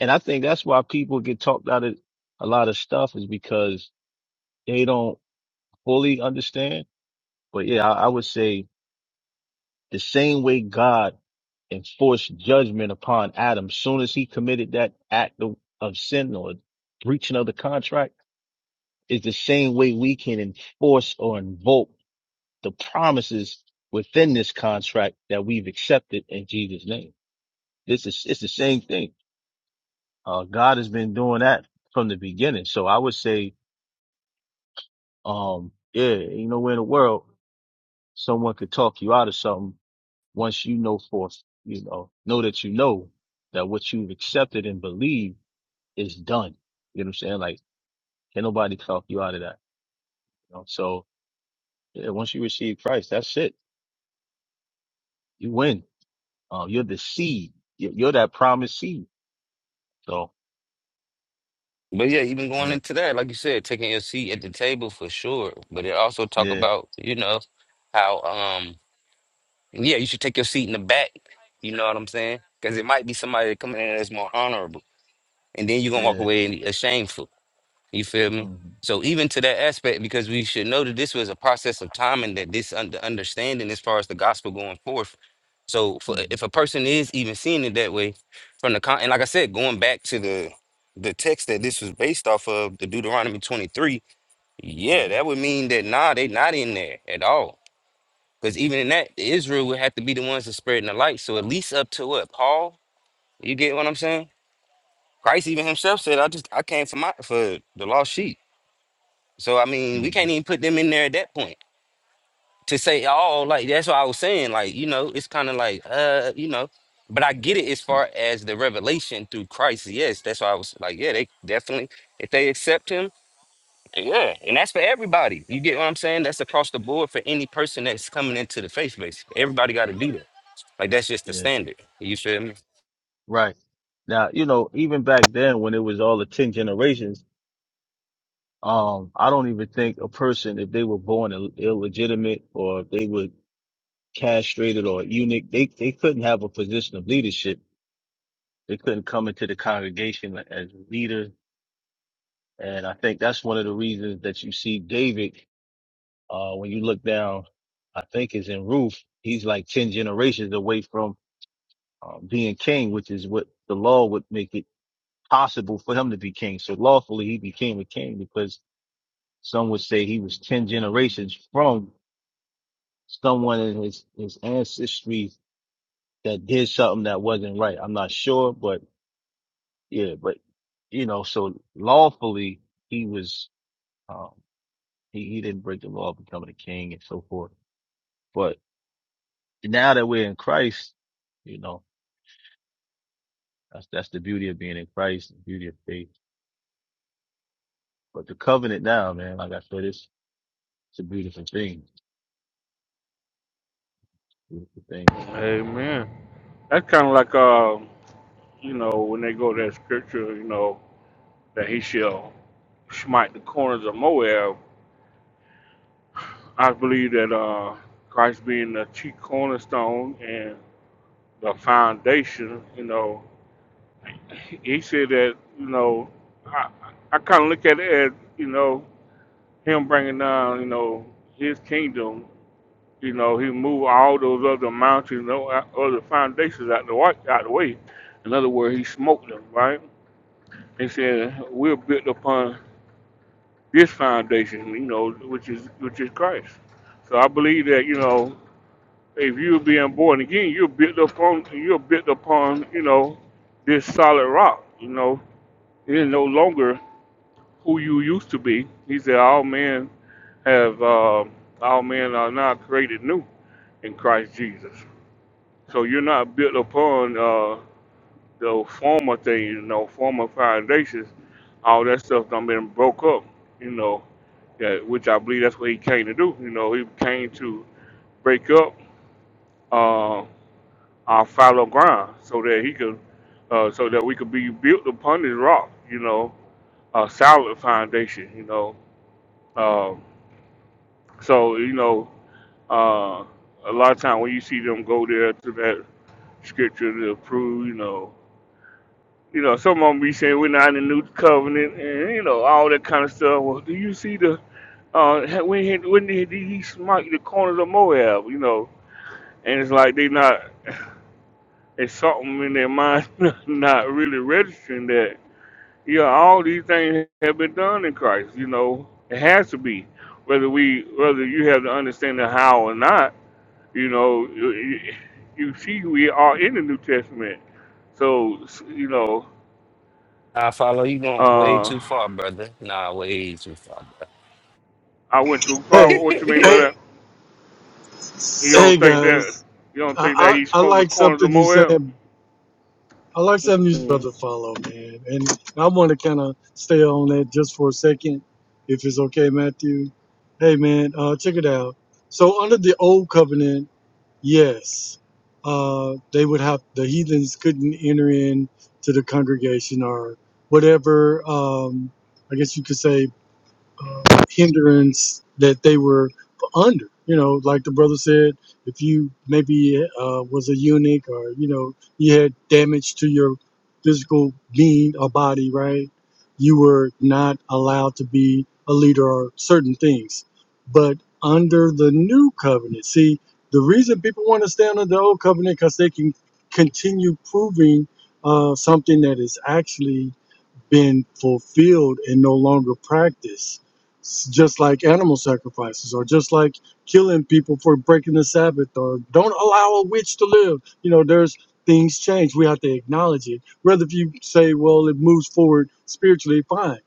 S5: And I think that's why people get talked out of a lot of stuff is because they don't fully understand. But yeah, I, I would say the same way God enforced judgment upon Adam soon as he committed that act of, of sin or breaching of the contract is the same way we can enforce or invoke the promises within this contract that we've accepted in Jesus' name. This is it's the same thing. Uh, God has been doing that from the beginning. So I would say, um, yeah, you know, in the world, someone could talk you out of something once you know for you know know that you know that what you've accepted and believed is done. You know what I'm saying? Like, can nobody talk you out of that? You know? So yeah, once you receive Christ, that's it. You win Oh, you're the seed. You're, you're that promised seed. So,
S10: But yeah, even going
S5: uh,
S10: into that, like you said, taking your seat at the table for sure. But it also talk
S5: yeah,
S10: about, you know, how um yeah, you should take your seat in the back. You know what I'm saying? Because it might be somebody coming in that's more honorable, and then you're gonna walk
S5: yeah.
S10: away and- ashamed. You feel me?
S5: hmm
S10: So even to that aspect, because we should know that this was a process of time and that this under understanding as far as the gospel going forth. So for,
S5: hmm
S10: if a person is even seeing it that way, from the con and like I said, going back to the the text that this was based off of, the Deuteronomy 23,
S5: hmm
S10: yeah, that would mean that nah, they not in there at all. Because even in that, Israel would have to be the ones that spreading the light. So at least up to what? Paul? You get what I'm saying? Christ even himself said, I just I came for my for the lost sheep. So I mean, we can't
S5: hmm
S10: even put them in there at that point to say, oh, like that's what I was saying. Like you know, it's kind of like, uh, you know, but I get it as far as the revelation through Christ. Yes, that's why I was like, yeah, they definitely if they accept Him, yeah, and that's for everybody. You get what I'm saying? That's across the board for any person that's coming into the faith base. Everybody got to do that. Like that's just the
S5: Yeah,
S10: standard. You feel me?
S5: right. Now, you know, even back then when it was all the 10 generations, um, I don't even think a person, if they were born Ill- illegitimate or if they were castrated or eunuch, they, they couldn't have a position of leadership. They couldn't come into the congregation as a leader. And I think that's one of the reasons that you see David Uh, when you look down, I think it's in Ruth. He's like 10 generations away from uh, being king, which is what the law would make it possible for him to be king. So lawfully he became a king because some would say he was 10 generations from someone in his, his ancestry that did something that wasn't right. I'm not sure, but yeah, but you know, so lawfully he was, um, he, he didn't break the law of becoming a king and so forth. But now that we're in Christ, you know. That's that's the beauty of being in Christ, the beauty of faith. But the covenant now, man, like I said, it's it's a beautiful thing. Beautiful thing.
S1: Amen. That's kind of like, uh, you know, when they go to that scripture, you know, that he shall smite the corners of Moab. I believe that uh, Christ being the chief cornerstone and the foundation, you know, he said that you know I I kind of look at it as you know him bringing down you know his kingdom. You know he moved all those other mountains, you know, out- other foundations out the wa- out the way. In other words, he smoked them. Right? He said we're built upon this foundation, you know, which is which is Christ. So I believe that you know if you're being born again, you're built upon you're built upon you know this solid rock. You know, it is no longer who you used to be. He said, All men have, uh, all men are now created new in Christ Jesus. So you're not built upon uh, the former things, you know, former foundations. All that stuff done been broke up, you know, that, which I believe that's what he came to do. You know, he came to break up uh, our fallow ground so that he could, uh, so that we could be built upon this rock, you know, a solid foundation, you know. um, So you know, uh, a lot of time when you see them go there to that scripture to prove, you know, you know, some of them be saying we're not in the new covenant, and you know, all that kind of stuff. Well, do you see the uh, when he, when did he smite the corners of Moab? You know, and it's like they not it's something in their mind not really registering that you know all these things have been done in Christ. You know, it has to be whether we whether you have the understanding how or not You know, you, you see, we are in the New Testament. So, you know,
S10: I follow you going way
S1: uh,
S10: too far, brother. Nah, way too far.
S1: I went too far.
S3: Hey,
S1: What you mean
S10: Bro.
S1: by
S3: hey,
S1: that? You don't
S3: hey,
S1: think that?
S3: guys.
S1: You don't think that
S3: I,
S1: he
S3: I, I
S1: smoked the
S3: like
S1: corners of
S3: something you
S1: Moab?
S3: said I like
S1: mm
S3: Seven News
S1: hmm
S3: brother follow, man. And I want to kind of stay on that just for a second, if it's okay, Matthew. Hey, man, uh, check it out. So under the old covenant, yes, uh, they would have the heathens couldn't enter in to the congregation or whatever. Um, I guess you could say uh, hindrance that they were under. You know, like the brother said, if you maybe uh, was a eunuch or you know you had damage to your physical being or body, right? You were not allowed to be a leader or certain things. But under the new covenant, see, the reason people want to stay under the old covenant because they can continue proving uh, something that is actually been fulfilled and no longer practiced. S- Just like animal sacrifices, or just like killing people for breaking the Sabbath, or don't allow a witch to live. You know, there's things change. We have to acknowledge it. Rather, if you say, well, it moves forward spiritually, fine.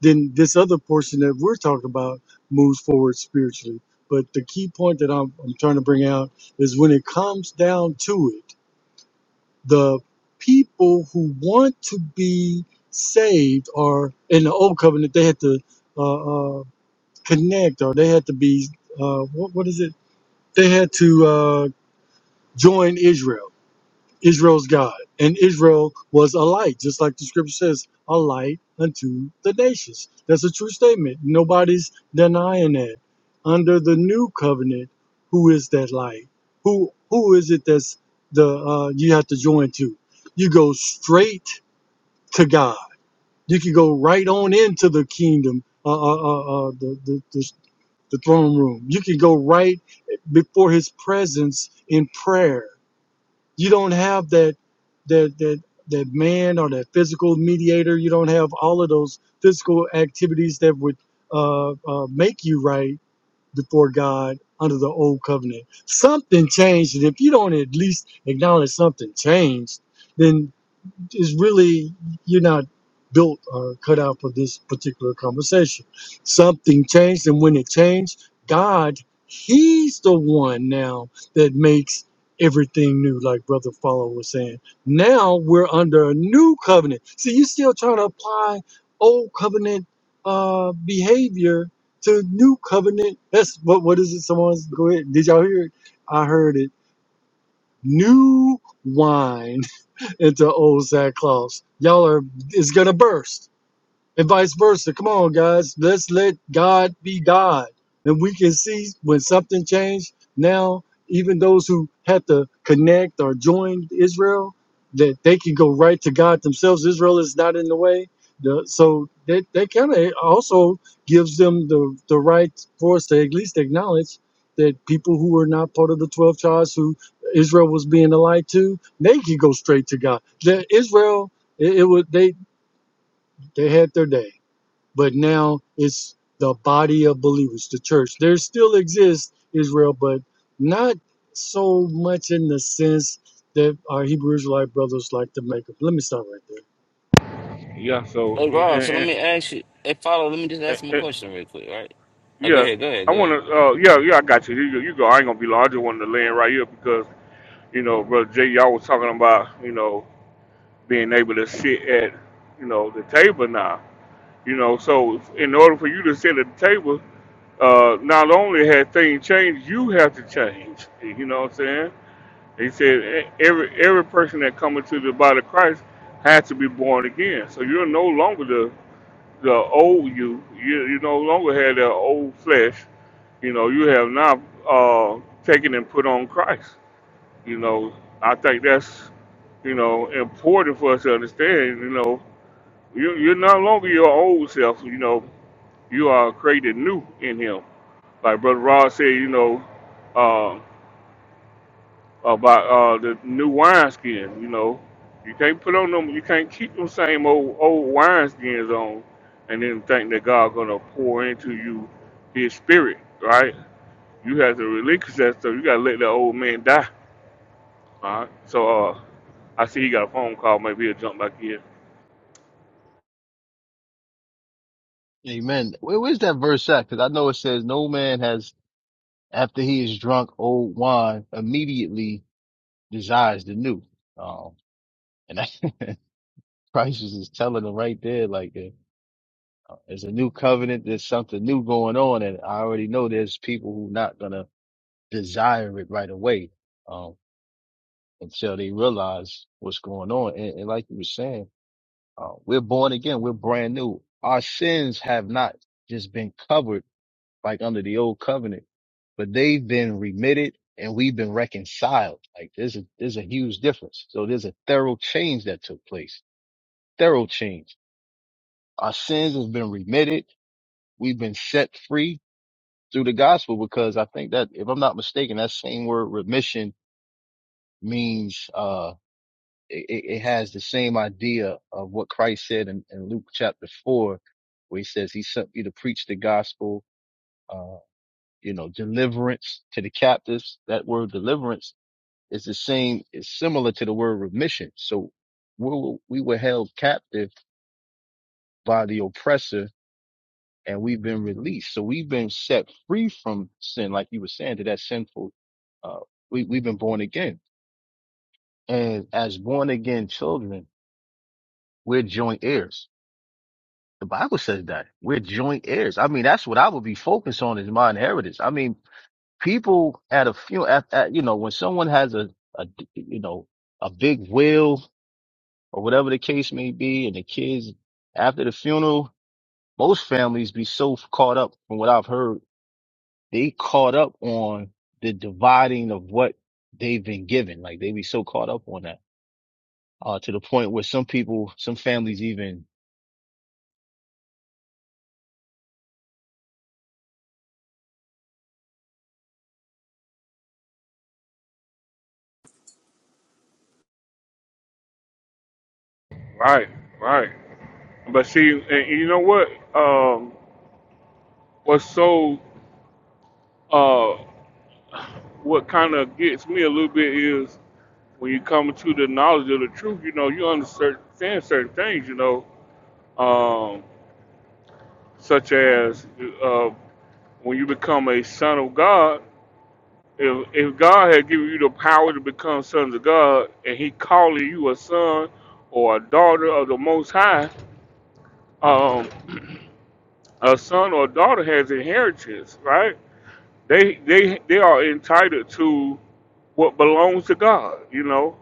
S3: Then this other portion that we're talking about moves forward spiritually. But the key point that I'm, I'm trying to bring out is when it comes down to it the people who want to be saved are in the old covenant they had to uh, uh, connect or they had to be uh, what, what is it they had to uh, join israel Israel's God. And Israel was a light, just like the scripture says, a light unto the nations. That's a true statement. Nobody's denying that. Under the new covenant, who is that light? Who who is it that's the uh, you have to join to? You go straight to God. You can go right on into the kingdom, uh, uh, uh, uh, the, the, the the throne room. You can go right before His presence in prayer you don't have that that that that man or that physical mediator. You don't have all of those physical activities that would uh, uh, make you right before God under the old covenant. Something changed, and if you don't at least acknowledge something changed, then is really you're not built or cut out for this particular conversation. Something changed, and when it changed, God, He's the one now that makes everything new, like Brother Follow was saying. Now we're under a new covenant. See, you're still trying to apply old covenant uh, behavior to new covenant. That's what what is it? Someone's go ahead. Did y'all hear it? I heard it. New wine into old Santa Claus. Y'all are is gonna burst and vice versa. Come on, guys, let's let God be God, and we can see when something changed. Now, even those who had to connect or join Israel, that they can go right to God themselves. Israel is not in the way, The- so that that kind of also gives them the the right for us to at least acknowledge that people who were not part of the twelve tribes, who Israel was being allied to, they could go straight to God. That Israel, it, it was they they had their day but now it's the body of believers, the church. There still exists Israel, but not so much in the sense that our Hebrew Israelite brothers like to make up. Let me stop right there.
S1: Yeah. So,
S10: Hey, Rob, so let
S1: and,
S10: me ask you, hey, follow, let me just
S1: and,
S10: ask him a
S1: and,
S10: question real quick, right? Oh, go
S1: yeah,
S10: ahead, go ahead,
S1: I
S10: go
S1: want
S10: ahead.
S1: to. Uh, yeah, yeah, I got you. You, go- you go. I ain't gonna be long. I just wanted to land right here because you know, brother Jay, y'all was talking about you know being able to sit at you know the table now. You know, so in order for you to sit at the table, uh, not only had things changed, you have to change. You know what I'm saying? He said e- every every person that come into the body of Christ has to be born again. So you're no longer the the old you. You you no longer have that old flesh. You know you have now uh, taken and put on Christ. You know I think that's you know important for us to understand. You know you you're no longer your old self. You know you are created new in Him like Brother Rod said, you know, uh, about uh, the new wineskin, you know. You can't put on them, you can't keep them same old old wineskins on and then think that God gonna pour into you his spirit, right? You have to relinquish that stuff. You gotta let that old man die. All right. So uh I see he got a phone call, maybe he'll jump back in.
S5: Amen. Where, where's that verse at? Because I know it says, "No man has after he is drunk old wine immediately desires the new." Um, and that, Christ is just telling them right there, like uh, there's a new covenant, there's something new going on, and I already know there's people who not gonna desire it right away. Um, until they realize what's going on. And, and like you were saying. Uh, we're born again. We're brand new. Our sins have not just been covered like under the old covenant, but they've been remitted and we've been reconciled. Like there's a, there's a huge difference. So there's a thorough change that took place, thorough change. Our sins have been remitted. We've been set free through the gospel because I think that if I'm not mistaken, that same word remission means, uh, it, it has the same idea of what Christ said in, in Luke chapter four, where he says he sent me to preach the gospel, uh, you know, deliverance to the captives. That word deliverance is the same, is similar to the word remission. So we were, we were held captive by the oppressor and we've been released. So we've been set free from sin, like you were saying, to that sinful, uh, we, we've been born again. And as born again children, we're joint heirs The Bible says that we're joint heirs. I mean, that's what I would be focused on is my inheritance. I mean, people at a funeral, at, at, you know, when someone has a, a, you know, a big will or whatever the case may be, and the kids after the funeral, most families be so caught up from what I've heard, they caught up on the dividing of what they've been given. Like they be so caught up on that, uh, to the point where some people, some families even,
S1: Right, right. But see and and you know what? Um what's so uh what kinda gets me a little bit is when you come to the knowledge of the truth, you know, you understand certain things, you know, um, such
S5: oh, what,
S1: as uh, when you become a son of God, if, if God had given you the power to become sons of God and he calling you a son or a daughter of the Most High, um, a son or a daughter has inheritance, right? They, they, they are entitled to what belongs to God, you know.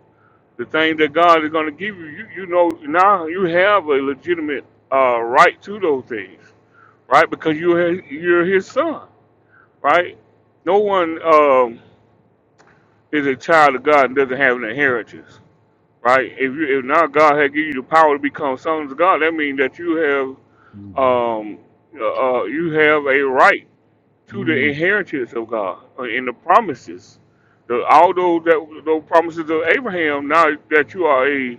S1: the thing that God is going to give you, you, you know, now you have a legitimate uh, right to those things, right? Because you're his, you're His son, right? No one um, is a child of God and doesn't have an inheritance, right? If you, if now God has given you the power to become sons of God, that means that you have
S5: mhm.
S1: um, uh, uh, you have a right to the
S5: Mhm.
S1: inheritance of God uh, and the promises. The, all those that those promises of Abraham. Now that you are a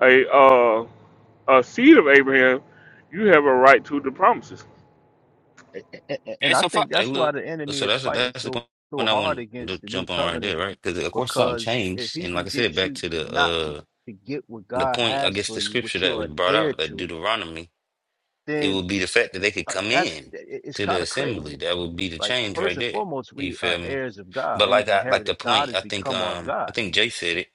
S1: a uh, a seed of Abraham, you have a right to the promises.
S5: A- a-
S10: Hey,
S5: And I
S10: so follow,
S5: think
S10: hey,
S5: that's why
S10: look,
S5: the enemy
S10: so
S5: is
S10: that's
S5: fighting
S10: that's the
S5: so
S10: point
S5: so
S10: I
S5: hard
S10: want to
S5: against the new
S10: jump on right
S5: covenant
S10: there, right? Because of course something
S5: because if
S10: changed,
S5: he
S10: and like
S5: can
S10: I said,
S5: get
S10: back
S5: you
S10: to the
S5: not to
S10: uh
S5: to get what
S10: the
S5: God
S10: point, I
S5: has
S10: guess
S5: for
S10: the
S5: you,
S10: scripture
S5: what
S10: that
S5: you're
S10: was
S5: an
S10: brought
S5: heir
S10: out, that
S5: to,
S10: Deuteronomy, it
S5: then
S10: would be the fact that they could
S5: uh,
S10: come
S5: that's
S10: in
S5: i- i- it's
S10: to the
S5: kind of
S10: assembly.
S5: crazy.
S10: That would be the
S5: Like
S10: change
S5: first
S10: right
S5: and
S10: there.
S5: foremost,
S10: You
S5: we
S10: feel
S5: are
S10: me?
S5: heirs of God.
S10: But like
S5: We've
S10: I like the
S5: inherited. God
S10: point,
S5: has
S10: I think
S5: become our
S10: um I
S5: God.
S10: think Jay said it.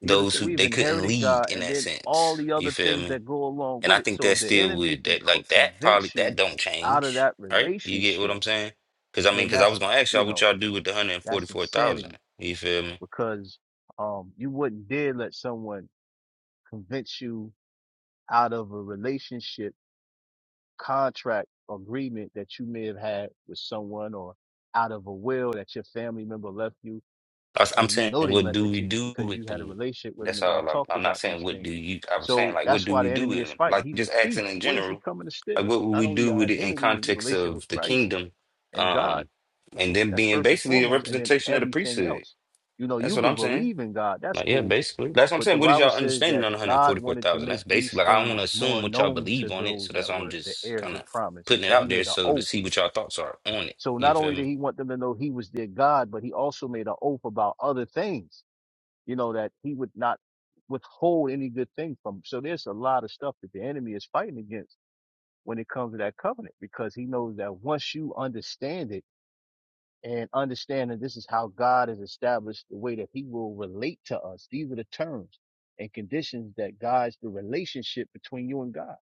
S5: You get what I'm
S10: Those
S5: saying?
S10: who
S5: We've
S10: they couldn't
S5: inherited
S10: lead
S5: God,
S10: in
S5: and
S10: that
S5: then all
S10: sense.
S5: the
S10: You
S5: other
S10: feel
S5: things
S10: me?
S5: that go along
S10: And
S5: with
S10: I
S5: it.
S10: think
S5: So
S10: that
S5: if the
S10: still
S5: enemy
S10: would
S5: can
S10: that
S5: co-
S10: like that probably
S5: convince
S10: that
S5: you
S10: don't
S5: out of
S10: change,
S5: that
S10: right? You get what
S5: relationship,
S10: I'm saying? Because I mean,
S5: then
S10: because I was
S5: that's
S10: gonna ask
S5: you
S10: y'all what
S5: know
S10: y'all do with the hundred and forty
S5: That's
S10: four thousand.
S5: insanity
S10: You feel me?
S5: because um, you wouldn't dare let someone convince you out of a relationship contract agreement that you may have had with someone or out of a will that your family member left you
S10: I was- I'm
S5: and you
S10: saying,
S5: know they
S10: what
S5: left
S10: do
S5: it
S10: we
S5: to you
S10: do
S5: because
S10: with
S5: you had a
S10: them?
S5: relationship with them
S10: That's
S5: and y'all
S10: all. I'm,
S5: talked
S10: I'm not
S5: about
S10: saying
S5: these
S10: what do
S5: things.
S10: you. I'm saying
S5: So
S10: like, what
S5: that's
S10: do
S5: why
S10: we
S5: the
S10: do
S5: enemy
S10: with
S5: is
S10: them?
S5: fighting.
S10: Like
S5: He's a
S10: just asking
S5: thief.
S10: in
S5: What is he
S10: general,
S5: coming to
S10: like
S5: steal?
S10: what would
S5: Not
S10: we
S5: only
S10: do
S5: your
S10: with it in
S5: identity and your
S10: context
S5: relationship
S10: of
S5: with
S10: the
S5: Christ
S10: kingdom,
S5: and God,
S10: um, and then
S5: that's
S10: being
S5: first and
S10: basically a
S5: foremost, and then
S10: representation of the
S5: everything
S10: priesthood.
S5: else. You know,
S10: That's
S5: you
S10: what
S5: can
S10: I'm saying.
S5: believe in God. That's
S10: Like, yeah,
S5: cool
S10: basically. That's what I'm
S5: But the
S10: saying. What is
S5: Bible
S10: y'all
S5: says
S10: understanding
S5: that
S10: on
S5: God wanted to
S10: 144,000?
S5: make
S10: That's
S5: these
S10: basically like I don't want to
S5: things
S10: assume
S5: more
S10: what y'all
S5: known to
S10: believe on it,
S5: those
S10: so that's
S5: that
S10: why I'm
S5: were the
S10: just
S5: heirs
S10: kind of
S5: of promise.
S10: putting it
S5: So he
S10: out there
S5: made an
S10: so to
S5: oath.
S10: see what y'all thoughts are on it.
S5: So
S10: You
S5: not
S10: feel
S5: only did
S10: me?
S5: he want them to know he was their God, but he also made an oath about other things, you know, that he would not withhold any good thing from them. So there's a lot of stuff that the enemy is fighting against when it comes to that covenant because he knows that once you understand it, and understanding this is how God has established the way that he will relate to us. These are the terms and conditions that guides the relationship between you and God.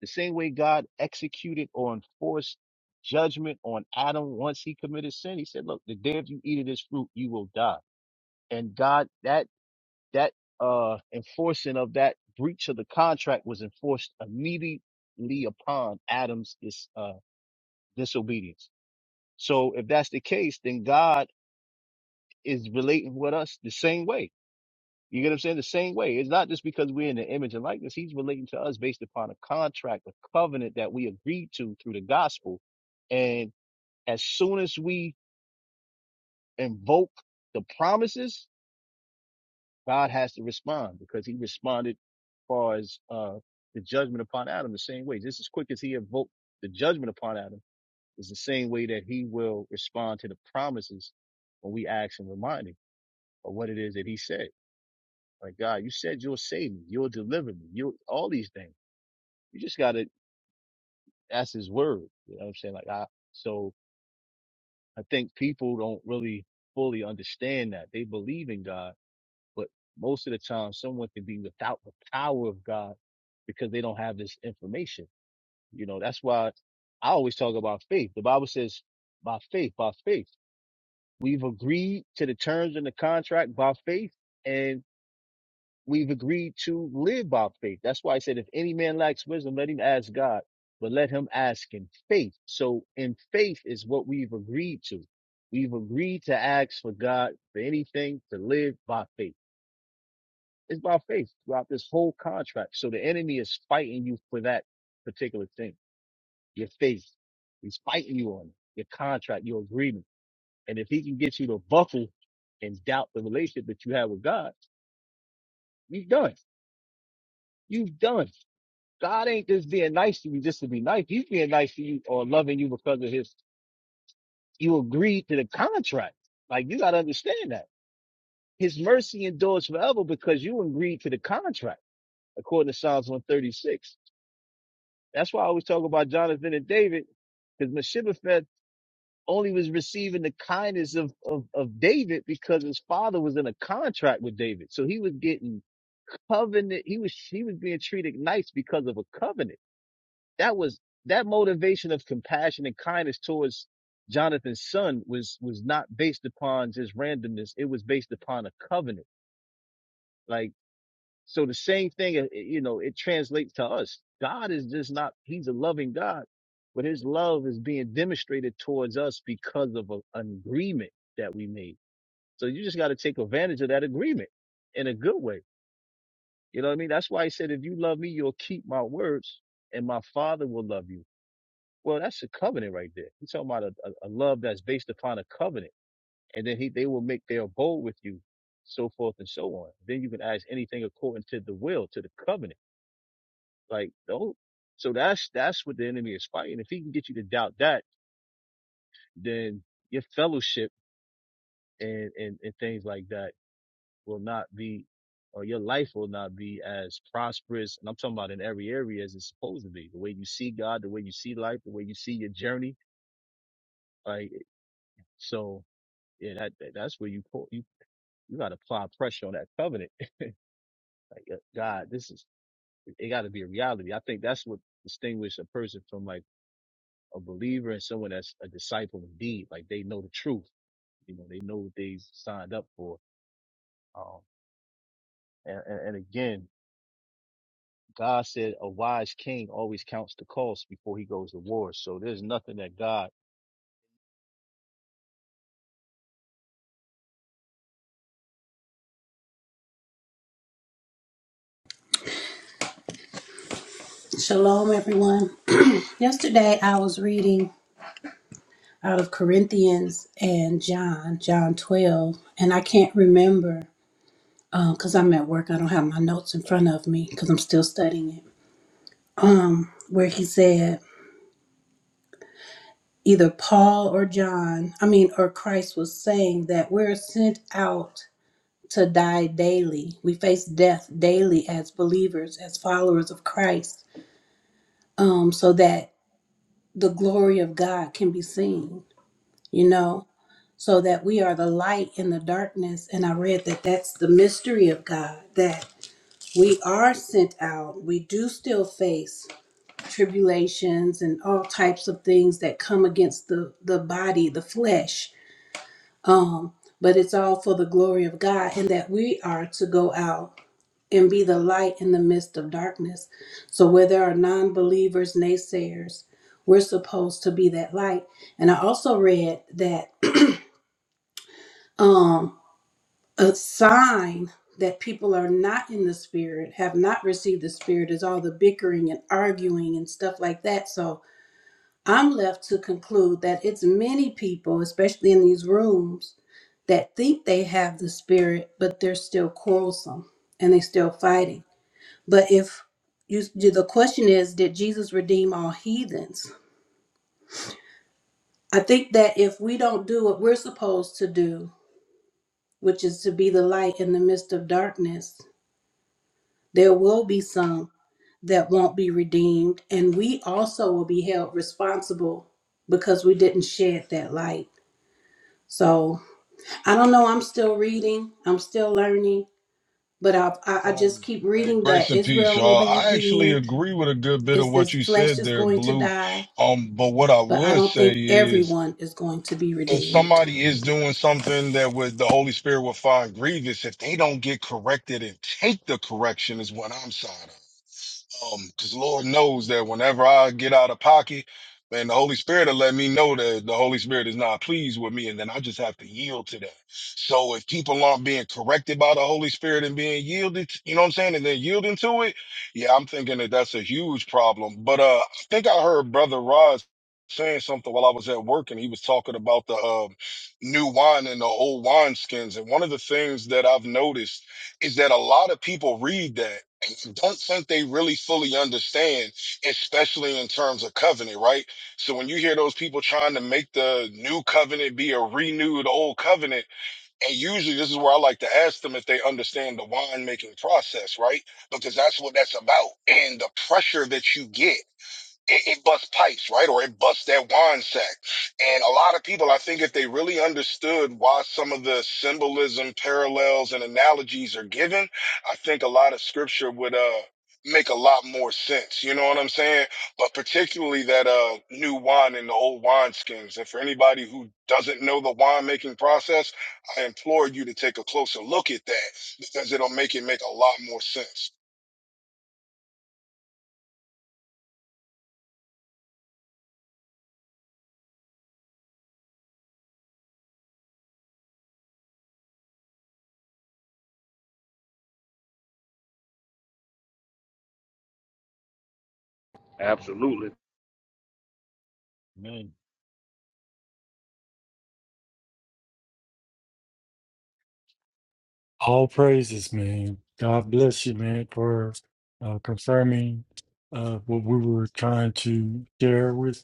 S5: The same way God executed or enforced judgment on Adam once he committed sin, he said, look, the day if you eat of this fruit, you will die. And God, that, that, uh, enforcing of that breach of the contract was enforced immediately upon Adam's, dis, uh, disobedience. So if that's the case, then God is relating with us the same way. You get what I'm saying? The same way. It's not just because we're in the image and likeness. He's relating to us based upon a contract, a covenant that we agreed to through the gospel. And as soon as we invoke the promises, God has to respond because he responded as far as uh, the judgment upon Adam the same way. Just as quick as he invoked the judgment upon Adam is the same way that he will respond to the promises when we ask and remind him of what it is that he said. My God, you said you'll save me, you'll deliver me, you'll all these things. You just gotta ask his word. You know what I'm saying? Like I so I think people don't really fully understand that. They believe in God, but most of the time someone can be without the power of God because they don't have this information. You know, that's why I always talk about faith. The Bible says by faith, by faith. We've agreed to the terms in the contract by faith And we've agreed to live by faith. That's why I said, if any man lacks wisdom, let him ask God, but let him ask in faith. So in faith is what we've agreed to. We've agreed to ask for God for anything to live by faith. It's by faith throughout this whole contract. So the enemy is fighting you for that particular thing, your faith. He's fighting you on it, your contract, your agreement. And if he can get you to buckle and doubt the relationship that you have with God, you've done. You've done. God ain't just being nice to you just to be nice. He's being nice to you or loving you because of his, you agreed to the contract. Like you got to understand that his mercy endures forever because you agreed to the contract according to Psalms 136. That's why I always talk about Jonathan and David because Meshibbetheth only was receiving the kindness of, of, of David because his father was in a contract with David. So he was getting covenant. He was, he was being treated nice because of a covenant. that was that motivation of compassion and kindness towards Jonathan's son was was not based upon just randomness. It was based upon a covenant. Like so, the same thing. uh, You know, it translates to us. God is just not. He's a loving God, but His love is being demonstrated towards us because of a, an agreement that we made. So you just got to take advantage of that agreement in a good way. You know what I mean? That's why He said, "If you love me, you'll keep my words, and my Father will love you." Well, that's a covenant right there. He's talking about a, a, a love that's based upon a covenant. And then he they will make their abode with you, so forth and so on. Then you can ask anything according to the will, to the covenant. Like don't so that's that's what the enemy is fighting. If he can get you to doubt that, then your fellowship and, and, and things like that will not be or your life will not be as prosperous. And I'm talking about in every area as it's supposed to be. The way you see God, the way you see life, the way you see your journey. Like so Yeah, that, that- that's where you pull, you you got to apply pressure on that covenant. Like uh, God, this is it. Got to be a reality. I think that's what distinguishes a person from like a believer and someone that's a disciple indeed. Like they know the truth. You know, they know what they signed up for. Um, and, and and again, God said a wise king always counts the cost before he goes to war. So there's nothing that God.
S12: Shalom, everyone. Yesterday I was reading out of Corinthians and John, John 12, and I can't remember because I'm at work. I don't have my notes in front of me because I'm still studying it. Where he said, either Paul or John, I mean, or Christ was saying that we're sent out to die daily. We face death daily as believers, as followers of Christ, um, so that the glory of God can be seen, you know? so that we are the light in the darkness. And I read that that's the mystery of God, that we are sent out. We do still face tribulations and all types of things that come against the, the body, the flesh. Um, but it's all for the glory of God, and that we are to go out and be the light in the midst of darkness. So where there are non believers, naysayers, we're supposed to be that light. And I also read that. Um, a sign that people are not in the spirit, have not received the spirit, is all the bickering and arguing and stuff like that. So I'm left to conclude that it's many people, especially in these rooms, that think they have the spirit, but they're still quarrelsome and they still fighting. But if you, the question is, did Jesus redeem all heathens? I think that if we don't do what we're supposed to do, which is to be the light in the midst of darkness, there will be some that won't be redeemed. And we also will be held responsible because we didn't shed that light. So I don't know. I'm still reading, I'm still learning, but I, I, I just
S13: Um,
S12: keep
S13: hey,
S12: reading
S13: grace
S12: that
S13: and peace,
S12: Israel will
S13: y'all.
S12: be
S13: I actually
S12: redeemed.
S13: agree with a good bit of
S12: It's
S13: what
S12: this
S13: you
S12: flesh
S13: said
S12: is
S13: there,
S12: going to
S13: Blue.
S12: die,
S13: Um, but what I
S12: but I
S13: would
S12: don't
S13: say
S12: think
S13: is
S12: everyone is going to be
S13: if
S12: redeemed.
S13: somebody is doing something that would the Holy Spirit would find grievous, if they don't get corrected and take the correction is what I'm saying. Um, because Lord knows that whenever I get out of pocket, man, the Holy Spirit will let me know that the Holy Spirit is not pleased with me, and then I just have to yield to that. So if people aren't being corrected by the Holy Spirit and being yielded, you know what I'm saying, and then yielding to it, yeah, I'm thinking that that's a huge problem. But uh, I think I heard Brother Rod saying something while I was at work, and he was talking about the uh, new wine and the old wine skins. And one of the things that I've noticed is that a lot of people read that don't think they really fully understand, especially in terms of covenant, right? So when you hear those people trying to make the new covenant be a renewed old covenant, and usually this is where I like to ask them if they understand the wine making process, right? Because that's what that's about. And the pressure that you get it, it busts pipes, right? Or it busts that wine sack. And a lot of people, I think if they really understood why some of the symbolism, parallels, and analogies are given, I think a lot of scripture would, uh, make a lot more sense. You know what I'm saying? But particularly that, uh, new wine and the old wine skins. And for anybody who doesn't know the winemaking process, I implore you to take a closer look at that because it'll make it make a lot more sense.
S5: Mhm.
S1: Absolutely.
S5: Man,
S3: All praises, man. God bless you, man, for uh, confirming uh, what we were trying to share with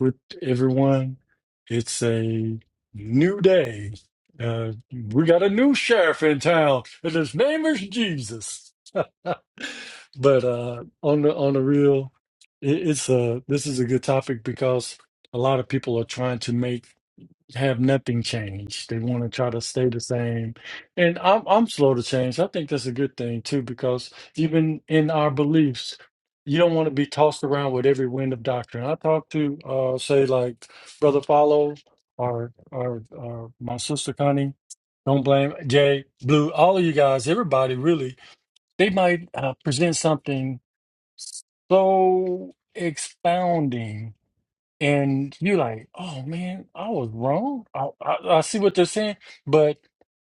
S3: with everyone. It's a new day. Uh, we got a new sheriff in town, and his name is Jesus. but uh, on the on the real, it, it's a this is a good topic because a lot of people are trying to make have nothing change. They want to try to stay the same. And I'm I'm slow to change. I think that's a good thing too, because even in our beliefs, you don't want to be tossed around with every wind of doctrine. I talked to uh say like Brother Follow or or or my sister Connie, don't blame Jay, Blue, all of you guys, everybody really, they might uh, present something so expounding and you're like, oh man, I was wrong. I, I, I see what they're saying, but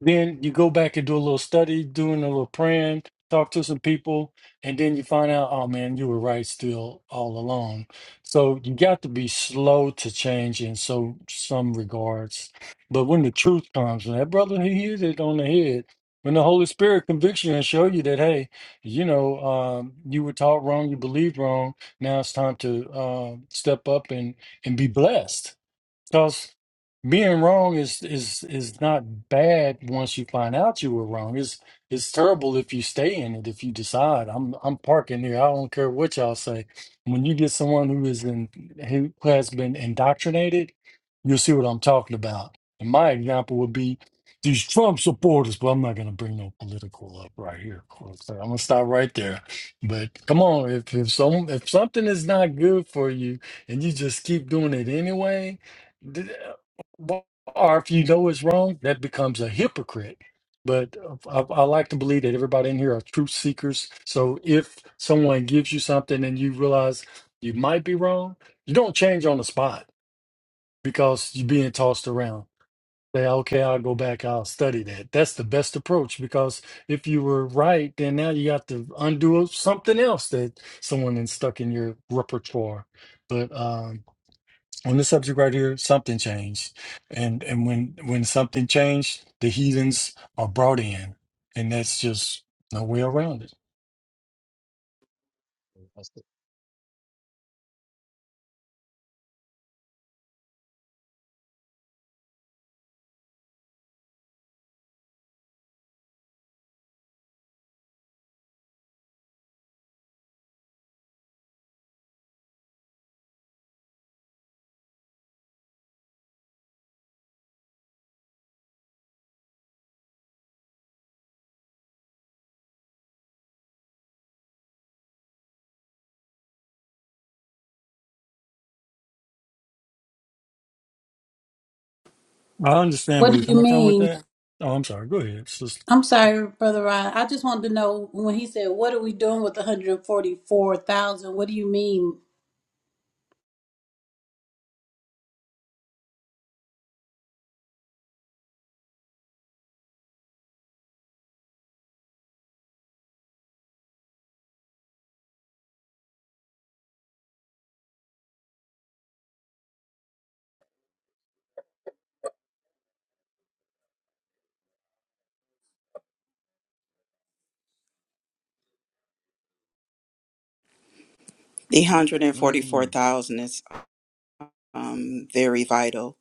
S3: then you go back and do a little study, doing a little praying, talk to some people, and then you find out, oh man, you were right still all along. So you got to be slow to change in so some regards, but when the truth comes, and that brother he hit it on the head. When the Holy Spirit convicts you and show you that, hey, you know, um, you were taught wrong, you believed wrong. Now it's time to uh, step up and and be blessed. Because being wrong is is is not bad once you find out you were wrong. It's it's terrible if you stay in it, if you decide I'm I'm parking here. I don't care what y'all say. When you get someone who is in who has been indoctrinated, you'll see what I'm talking about. And my example would be these Trump supporters, but I'm not gonna bring no political up right here. of course. So I'm gonna stop right there. But come on, if if some if something is not good for you and you just keep doing it anyway Th- wh- Or if you know it's wrong, that becomes a hypocrite. But uh, I, I like to believe that everybody in here are truth seekers. So if someone gives you something and you realize you might be wrong, you don't change on the spot because you're being tossed around. Say, okay, I'll go back, I'll study that. That's the best approach because if you were right, then now you got to undo something else that someone has stuck in your repertoire. But um, on the subject right here, something changed, and and when when something changed, the heathens are brought in, and that's just no way around it.
S5: that's the
S3: I understand where
S12: What
S3: you're
S12: do
S5: yeah.
S12: you
S3: coming from with
S12: mean?
S3: that. Oh, I'm sorry. Go ahead. It's just-
S12: I'm sorry, Brother Rod. I just wanted to know when he said, What are we doing with 144,000? What do you mean
S14: The
S5: Mm.
S14: 144,000 is um, very vital.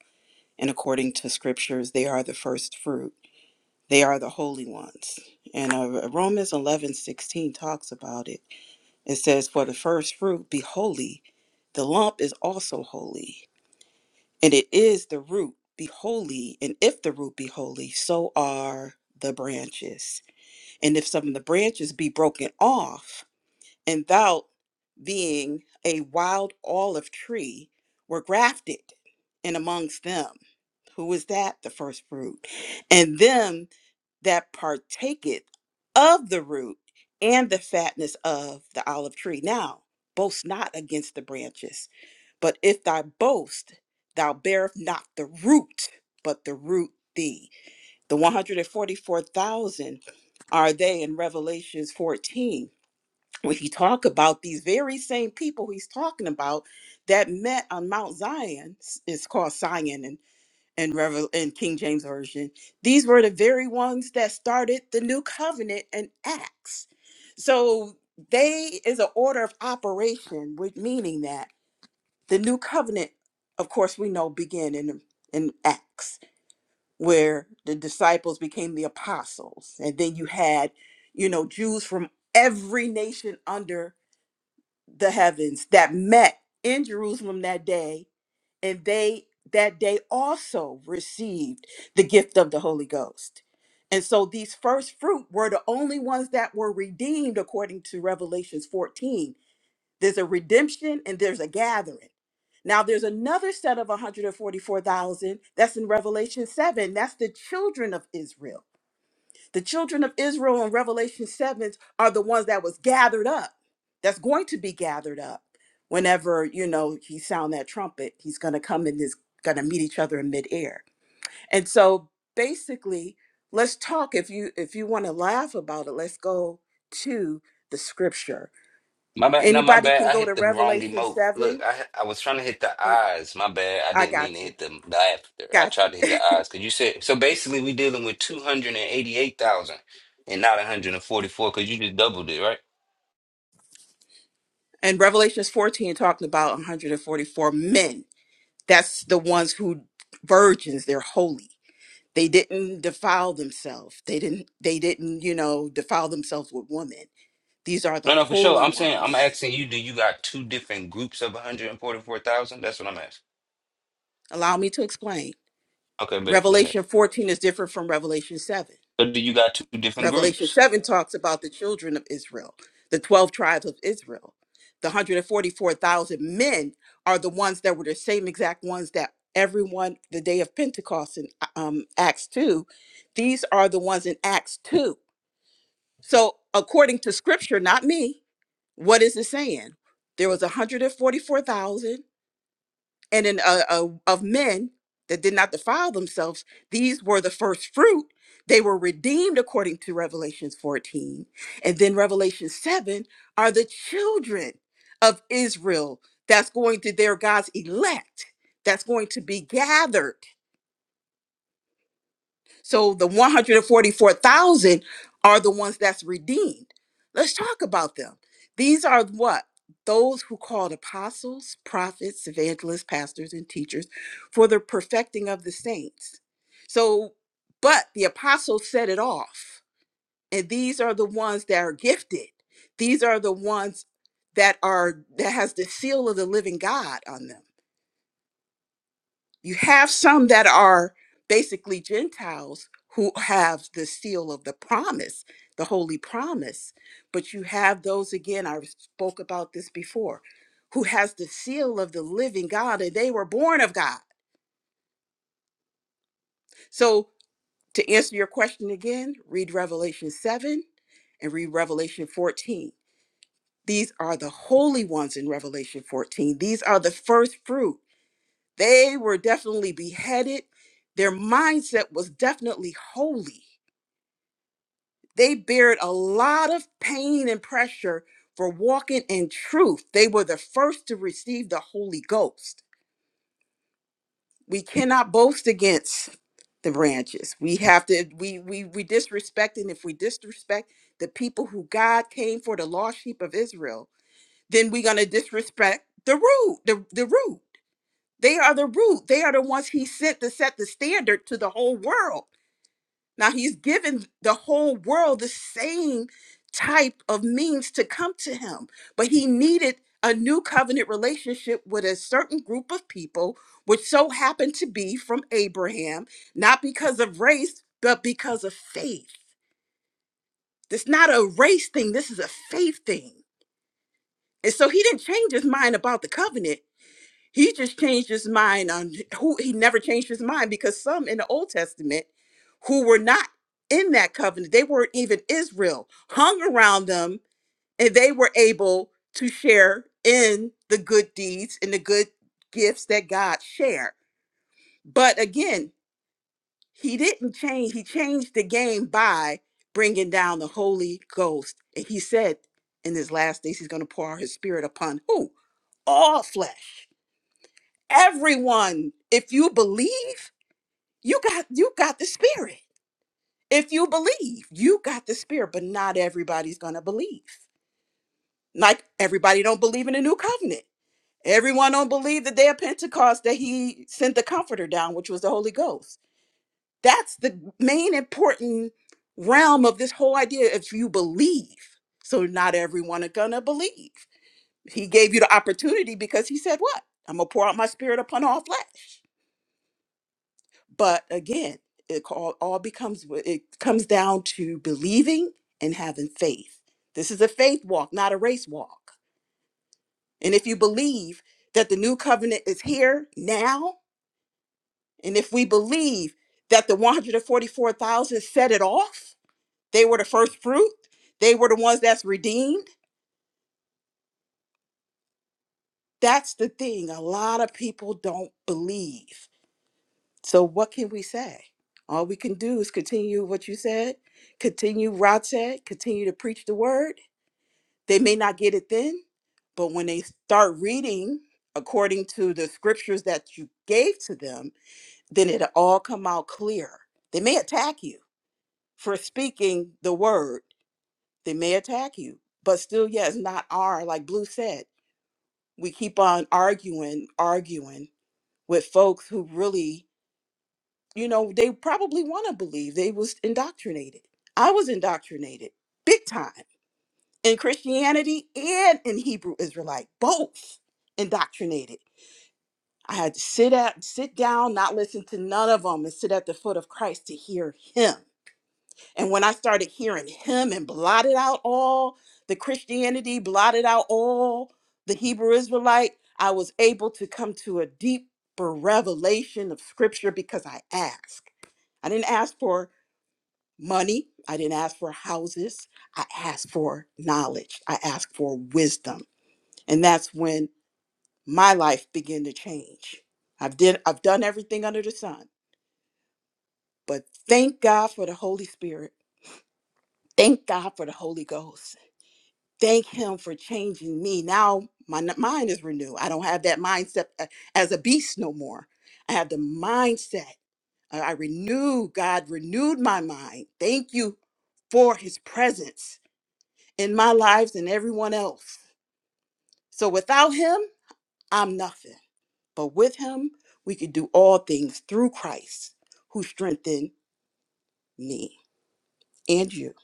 S14: And according to scriptures, they are the first fruit. They are the holy ones. And uh, Romans eleven sixteen talks about it. It says, For the first fruit, be holy. The lump is also holy. And it is the root, be holy. And if the root be holy, so are the branches. And if some of the branches be broken off, and thou being a wild olive tree were grafted in amongst them who is that the first fruit and them that partaketh of the root and the fatness of the olive tree now boast not against the branches but if thou boast thou bearest not the root but the root thee the 144000 are they in revelations 14 when you talk about these very same people he's talking about that met on Mount Zion, s- it's called Zion and and Revel in King James Version. These were the very ones that started the new covenant in Acts. So they is an order of operation, with meaning that the new covenant, of course, we know began in in Acts, where the disciples became the apostles, and then you had, you know, Jews from every nation under the heavens that met in Jerusalem that day, and they that day also received the gift of the Holy Ghost. And so these first fruit were the only ones that were redeemed according to Revelations 14. There's a redemption and there's a gathering. Now there's another set of 144,000 that's in Revelation 7. That's the children of Israel the children of Israel in Revelation 7 are the ones that was gathered up, that's going to be gathered up. Whenever, you know, he sound that trumpet, he's gonna come and is gonna meet each other in midair. And so basically, let's talk. If you if you want to laugh about it, let's go to the scripture.
S10: My bad. No, my
S14: Anybody can
S10: bad. I
S14: go to
S10: hit the wrong
S14: Revelation
S10: emote. Look,
S14: 7.
S10: I I was trying to hit the
S14: It,
S10: eyes. My bad. I
S14: I
S10: didn't mean to
S14: got you.
S10: hit the laughter. I
S14: Got
S10: tried to hit the
S14: you.
S10: eyes because you said so. Basically, we dealing with two hundred and eighty-eight thousand and not one hundred and forty-four because you just doubled it, right?
S14: and Revelations 14 talking about 144 men That's the ones who virgins, they're holy. They didn't defile themselves. They didn't they didn't, you know, defile themselves with women. These are the
S10: No, no, for sure.
S14: holy
S10: I'm saying I'm
S14: ones.
S10: asking you. Do you got two different groups of one hundred and forty-four thousand? That's what I'm asking.
S14: Allow me to explain.
S10: Okay, bet. Go ahead.
S14: Revelation 14 is different from Revelation 7.
S10: So do you got two different
S14: Revelation
S10: groups?
S14: 7 talks about the children of Israel, the 12 tribes of Israel. The 144,000 men are the ones that were the same exact ones that everyone, the day of Pentecost in um, Acts 2, these are the ones in Acts 2 So, according to scripture, not me, what is it saying? There was 144,000 and in uh, uh, of men that did not defile themselves. These were the first fruit. They were redeemed according to Revelations 14. And then Revelation 7 are the children of Israel that's going to their God's elect, that's going to be gathered. So the 144,000 are the ones that's redeemed. Let's talk about them. These are what? Those who called apostles, prophets, evangelists, pastors, and teachers for the perfecting of the saints. So, but the apostles set it off. And these are the ones that are gifted. These are the ones that are that has the seal of the living God on them you have some that are basically Gentiles who have the seal of the promise, the holy promise. But you have those again, I spoke about this before, who has the seal of the living God and they were born of God. So to answer your question again, read Revelation 7 and read Revelation 14. These are the holy ones in Revelation 14. These are the first fruit. They were definitely beheaded. Their mindset was definitely holy. They bared a lot of pain and pressure for walking in truth. They were the first to receive the Holy Ghost. We cannot boast against the branches. We have to, we we we disrespect, and if we disrespect the people who God came for, the lost sheep of Israel, then we're gonna disrespect the root, the, the root. They are the root. They are the ones he sent to set the standard to the whole world. Now he's given the whole world the same type of means to come to him, but he needed a new covenant relationship with a certain group of people, which so happened to be from Abraham, not because of race, but because of faith. It's not a race thing, this is a faith thing. And so he didn't change his mind about the covenant He just changed his mind on who he never changed his mind because some in the Old Testament who were not in that covenant, they weren't even Israel, hung around them and they were able to share in the good deeds and the good gifts that God shared. But again, he didn't change, he changed the game by bringing down the Holy Ghost. And he said in his last days, he's going to pour out his spirit upon who? All flesh everyone if you believe you got you got the spirit if you believe you got the spirit but not everybody's gonna believe like everybody don't believe in the new covenant everyone don't believe the day of pentecost that he sent the comforter down which was the holy ghost that's the main important realm of this whole idea if you believe so not everyone are gonna believe he gave you the opportunity because he said what i'm gonna pour out my spirit upon all flesh but again it all, all becomes it comes down to believing and having faith this is a faith walk not a race walk and if you believe that the new covenant is here now and if we believe that the 144000 set it off they were the first fruit they were the ones that's redeemed that's the thing a lot of people don't believe So what can we say? All we can do is continue what you said, continue Rod said, continue to preach the word. They may not get it then, but when they start reading according to the scriptures that you gave to them, then it'll all come out clear. They may attack you for speaking the word. They may attack you, but still, yes, not our, like Blue said. We keep on arguing, arguing with folks who really you know they probably want to believe they was indoctrinated i was indoctrinated big time in christianity and in hebrew israelite both indoctrinated i had to sit at sit down not listen to none of them and sit at the foot of christ to hear him and when i started hearing him and blotted out all the christianity blotted out all the hebrew israelite i was able to come to a deeper revelation of scripture because i asked i didn't ask for money. I didn't ask for houses. I asked for knowledge. I asked for wisdom. And that's when my life began to change. I've did I've done everything under the sun. But thank God for the Holy Spirit. Thank God for the Holy Ghost. Thank him for changing me. Now my n- mind is renewed. I don't have that mindset a- as a beast no more. I have the mindset. I I renewed, God renewed my mind. Thank you for his presence in my lives and everyone else. So without him, I'm nothing. But with him, we can do all things through Christ who strengthened me and you.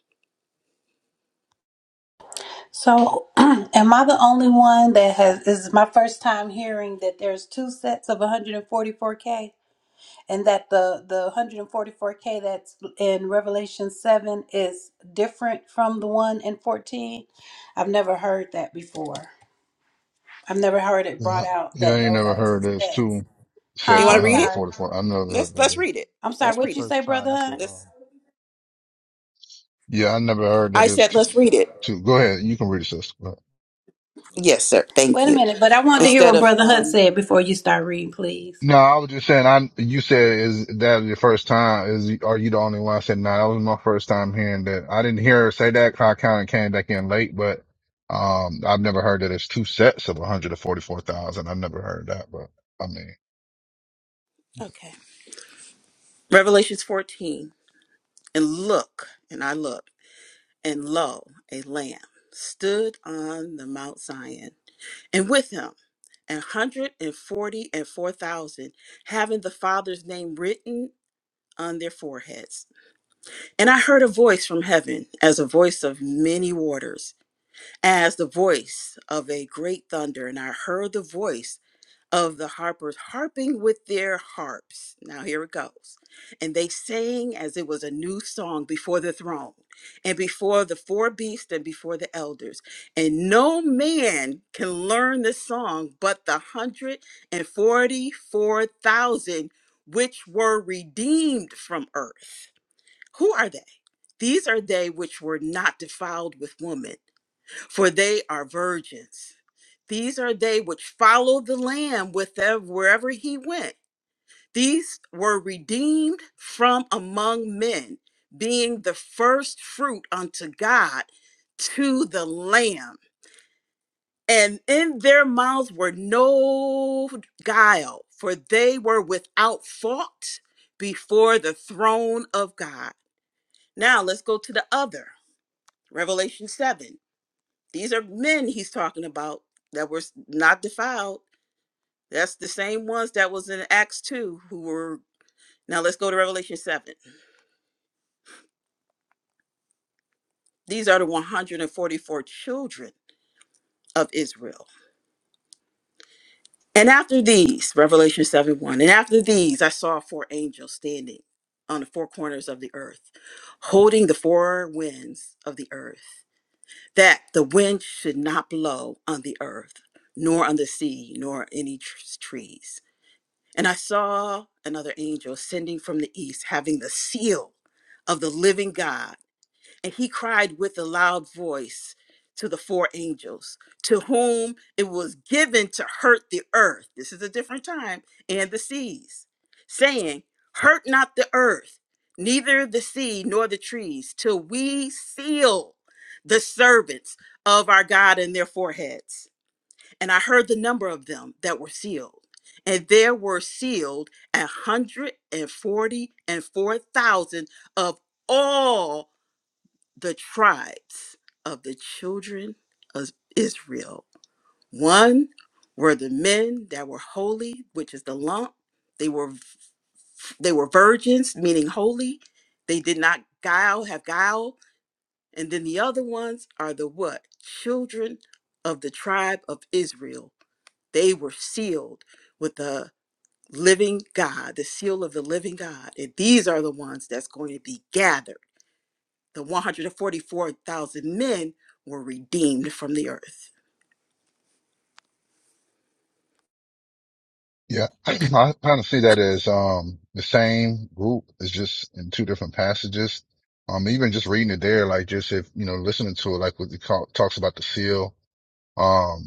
S12: So, am I the only one that has? This is my first time hearing that there's two sets of 144k, and that the the 144k that's in Revelation seven is different from the one in 14. I've never heard that before. I've never heard it
S2: Yeah,
S12: brought out
S2: yeah, I
S12: that
S2: ain't
S12: those
S2: never
S12: are two
S2: heard this
S12: sets.
S2: too.
S14: You
S2: Says
S12: Huh?
S14: want to
S12: I'm
S5: yeah,
S14: read
S5: that's
S14: it?
S12: sorry.
S5: the
S2: 144. I never
S14: Let's
S2: heard
S14: let's
S2: that.
S14: read it.
S12: I'm
S5: that's
S12: sorry.
S14: Let's
S5: the
S12: What
S14: read
S12: you
S14: it.
S12: say,
S5: first time.
S12: Brother
S5: That's the
S12: Hunt?
S5: um.
S14: Let's
S2: Yeah, I never heard that
S14: I
S2: it's
S14: said
S2: two,
S14: let's read it.
S2: two. Go ahead. You can read it, sis.
S14: Yes, sir. Thank
S12: Wait a
S14: you.
S12: minute, but I wanted to hear
S14: Instead
S12: what
S14: of
S12: Brother Hunt
S14: um
S12: said before you start reading, please.
S2: No, I was just saying. I you said is that your first time? Is are you the only one? I said no. that was my first time hearing that. I didn't hear her say that. 'cause I kind of came back in late, but um, I've never heard that it's two sets of one hundred and forty-four thousand. I've never heard that, but I mean,
S14: okay. Revelations 14. And look, and I looked, and lo, a lamb stood on the Mount Zion and with him an hundred and forty and four thousand, having the Father's name written on their foreheads. And I heard a voice from heaven, as a voice of many waters, as the voice of a great thunder. And I heard the voice of the harpers harping with their harps. Now here it goes. And they sang as it was a new song before the throne and before the four beasts and before the elders. And no man can learn this song but the 144,000 which were redeemed from earth. Who are they? These are they which were not defiled with woman for they are virgins. These are they which followed the Lamb with them wherever he went. These were redeemed from among men, being the first fruit unto God to the Lamb. And in their mouths were no guile, for they were without fault before the throne of God. Now let's go to the other, Revelation 7. These are men he's talking about that were not defiled. That's the same ones that was in Acts 2 who were. Now let's go to Revelation 7. These are the 144 children of Israel. And after these, Revelation 7 1, and after these, I saw four angels standing on the four corners of the earth, holding the four winds of the earth, that the wind should not blow on the earth, nor on the sea, nor any tr- trees. And I saw another angel ascending from the east, having the seal of the living God. And he cried with a loud voice to the four angels, to whom it was given to hurt the earth. This is a different time, and the seas, saying, Hurt not the earth, neither the sea nor the trees, till we seal the servants of our God in their foreheads and I heard the number of them that were sealed. And there were sealed a hundred and forty and four thousand of all the tribes of the children of Israel. One were the men that were holy, which is the lump. They were they were virgins, meaning holy. They did not guile, have guile. And then the other ones are the what? Children of the tribe of Israel they were sealed with the living God, the seal of the living God. And these are the ones that's going to be gathered. The 144,000 men were redeemed from the earth.
S2: yeah, I kind of see that as um the same group. It's just in two different passages. Um, even just reading it there, like just if you know listening to it, like what it call, talks about the seal. um,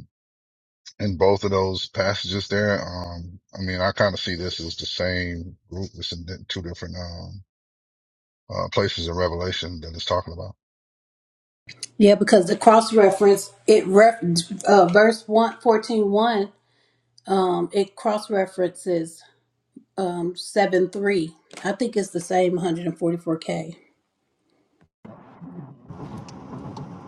S2: in both of those passages there. Um, I mean, I kind of see this as the same group. It's in two different, um, uh, places in Revelation that it's talking about.
S12: Yeah, because the cross reference it ref uh, verse one fourteen one um it cross references um seven three. I think it's the same one hundred and forty four k.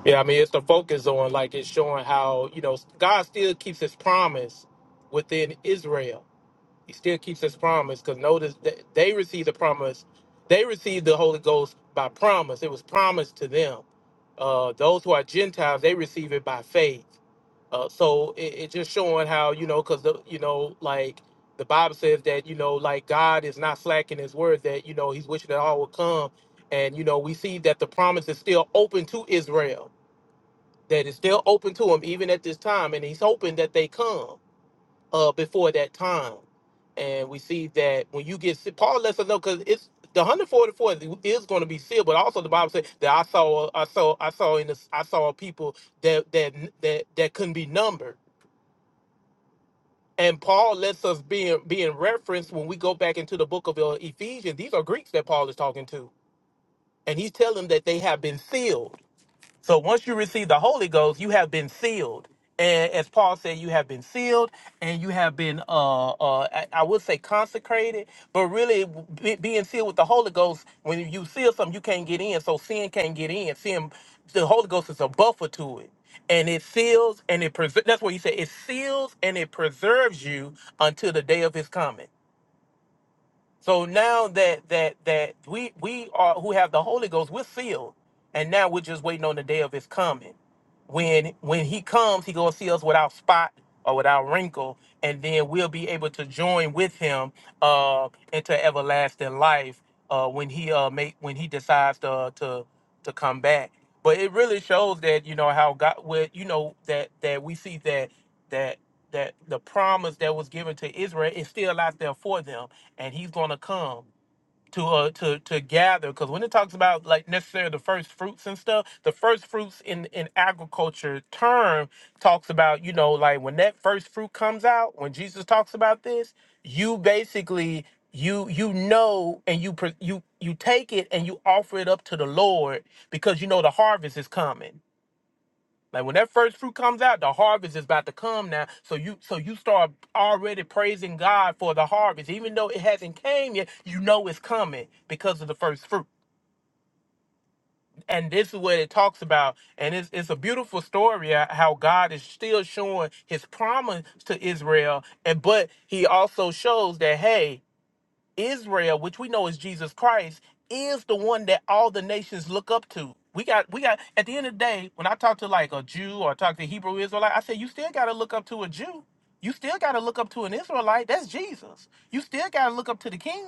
S15: Yeah, I mean, it's the focus on like it's showing how you know God still keeps His promise within Israel. He still keeps His promise because notice that they received the promise. They received the Holy Ghost by promise. It was promised to them. Uh, those who are Gentiles, they receive it by faith. Uh, so it, it just showing how you know because you know like the Bible says that you know like God is not slacking His word that you know He's wishing that all will come, and you know we see that the promise is still open to Israel that is still open to him even at this time, and he's hoping that they come uh, before that time. And we see that when you get se- Paul lets us know because it's the 144 is going to be sealed, but also the Bible says that I saw, I saw, I saw in this, I saw people that that that that couldn't be numbered. And Paul lets us be in, be in reference when we go back into the book of uh, Ephesians. These are Greeks that Paul is talking to, and he's telling them that they have been sealed So once you receive the Holy Ghost, you have been sealed. And as Paul said, you have been sealed and you have been, uh, uh, I, I would say consecrated, but really be, being sealed with the Holy Ghost, when you seal something, you can't get in. So sin can't get in. Sin, the Holy Ghost is a buffer to it. And it seals and it preserves. That's what he said. It seals and it preserves you until the day of his coming. So now that that that we we are who have the Holy Ghost, we're sealed, and now we're just waiting on the day of His coming. When when He comes, He gonna see us without spot or without wrinkle, and then we'll be able to join with Him uh, into everlasting life uh, when He uh make when He decides to to to come back. But it really shows that you know how God, with you know that that we see that that that the promise that was given to Israel is still out there for them and he's going to come to uh to to gather because when it talks about like necessarily the first fruits and stuff the first fruits in in agriculture term talks about you know like when that first fruit comes out when jesus talks about this you basically you you know and you pre- you you take it and you offer it up to the lord because you know the harvest is coming like when that first fruit comes out, the harvest is about to come now. So you so you start already praising God for the harvest. Even though it hasn't came yet, you know it's coming because of the first fruit. And this is what it talks about. And it's it's a beautiful story uh, how God is still showing his promise to Israel. And but he also shows that hey, Israel, which we know is Jesus Christ, is the one that all the nations look up to. We got, we got. At the end of the day, when I talk to like a Jew or talk to Hebrew Israelite, I say you still got to look up to a Jew. You still got to look up to an Israelite. That's Jesus. You still got to look up to the King,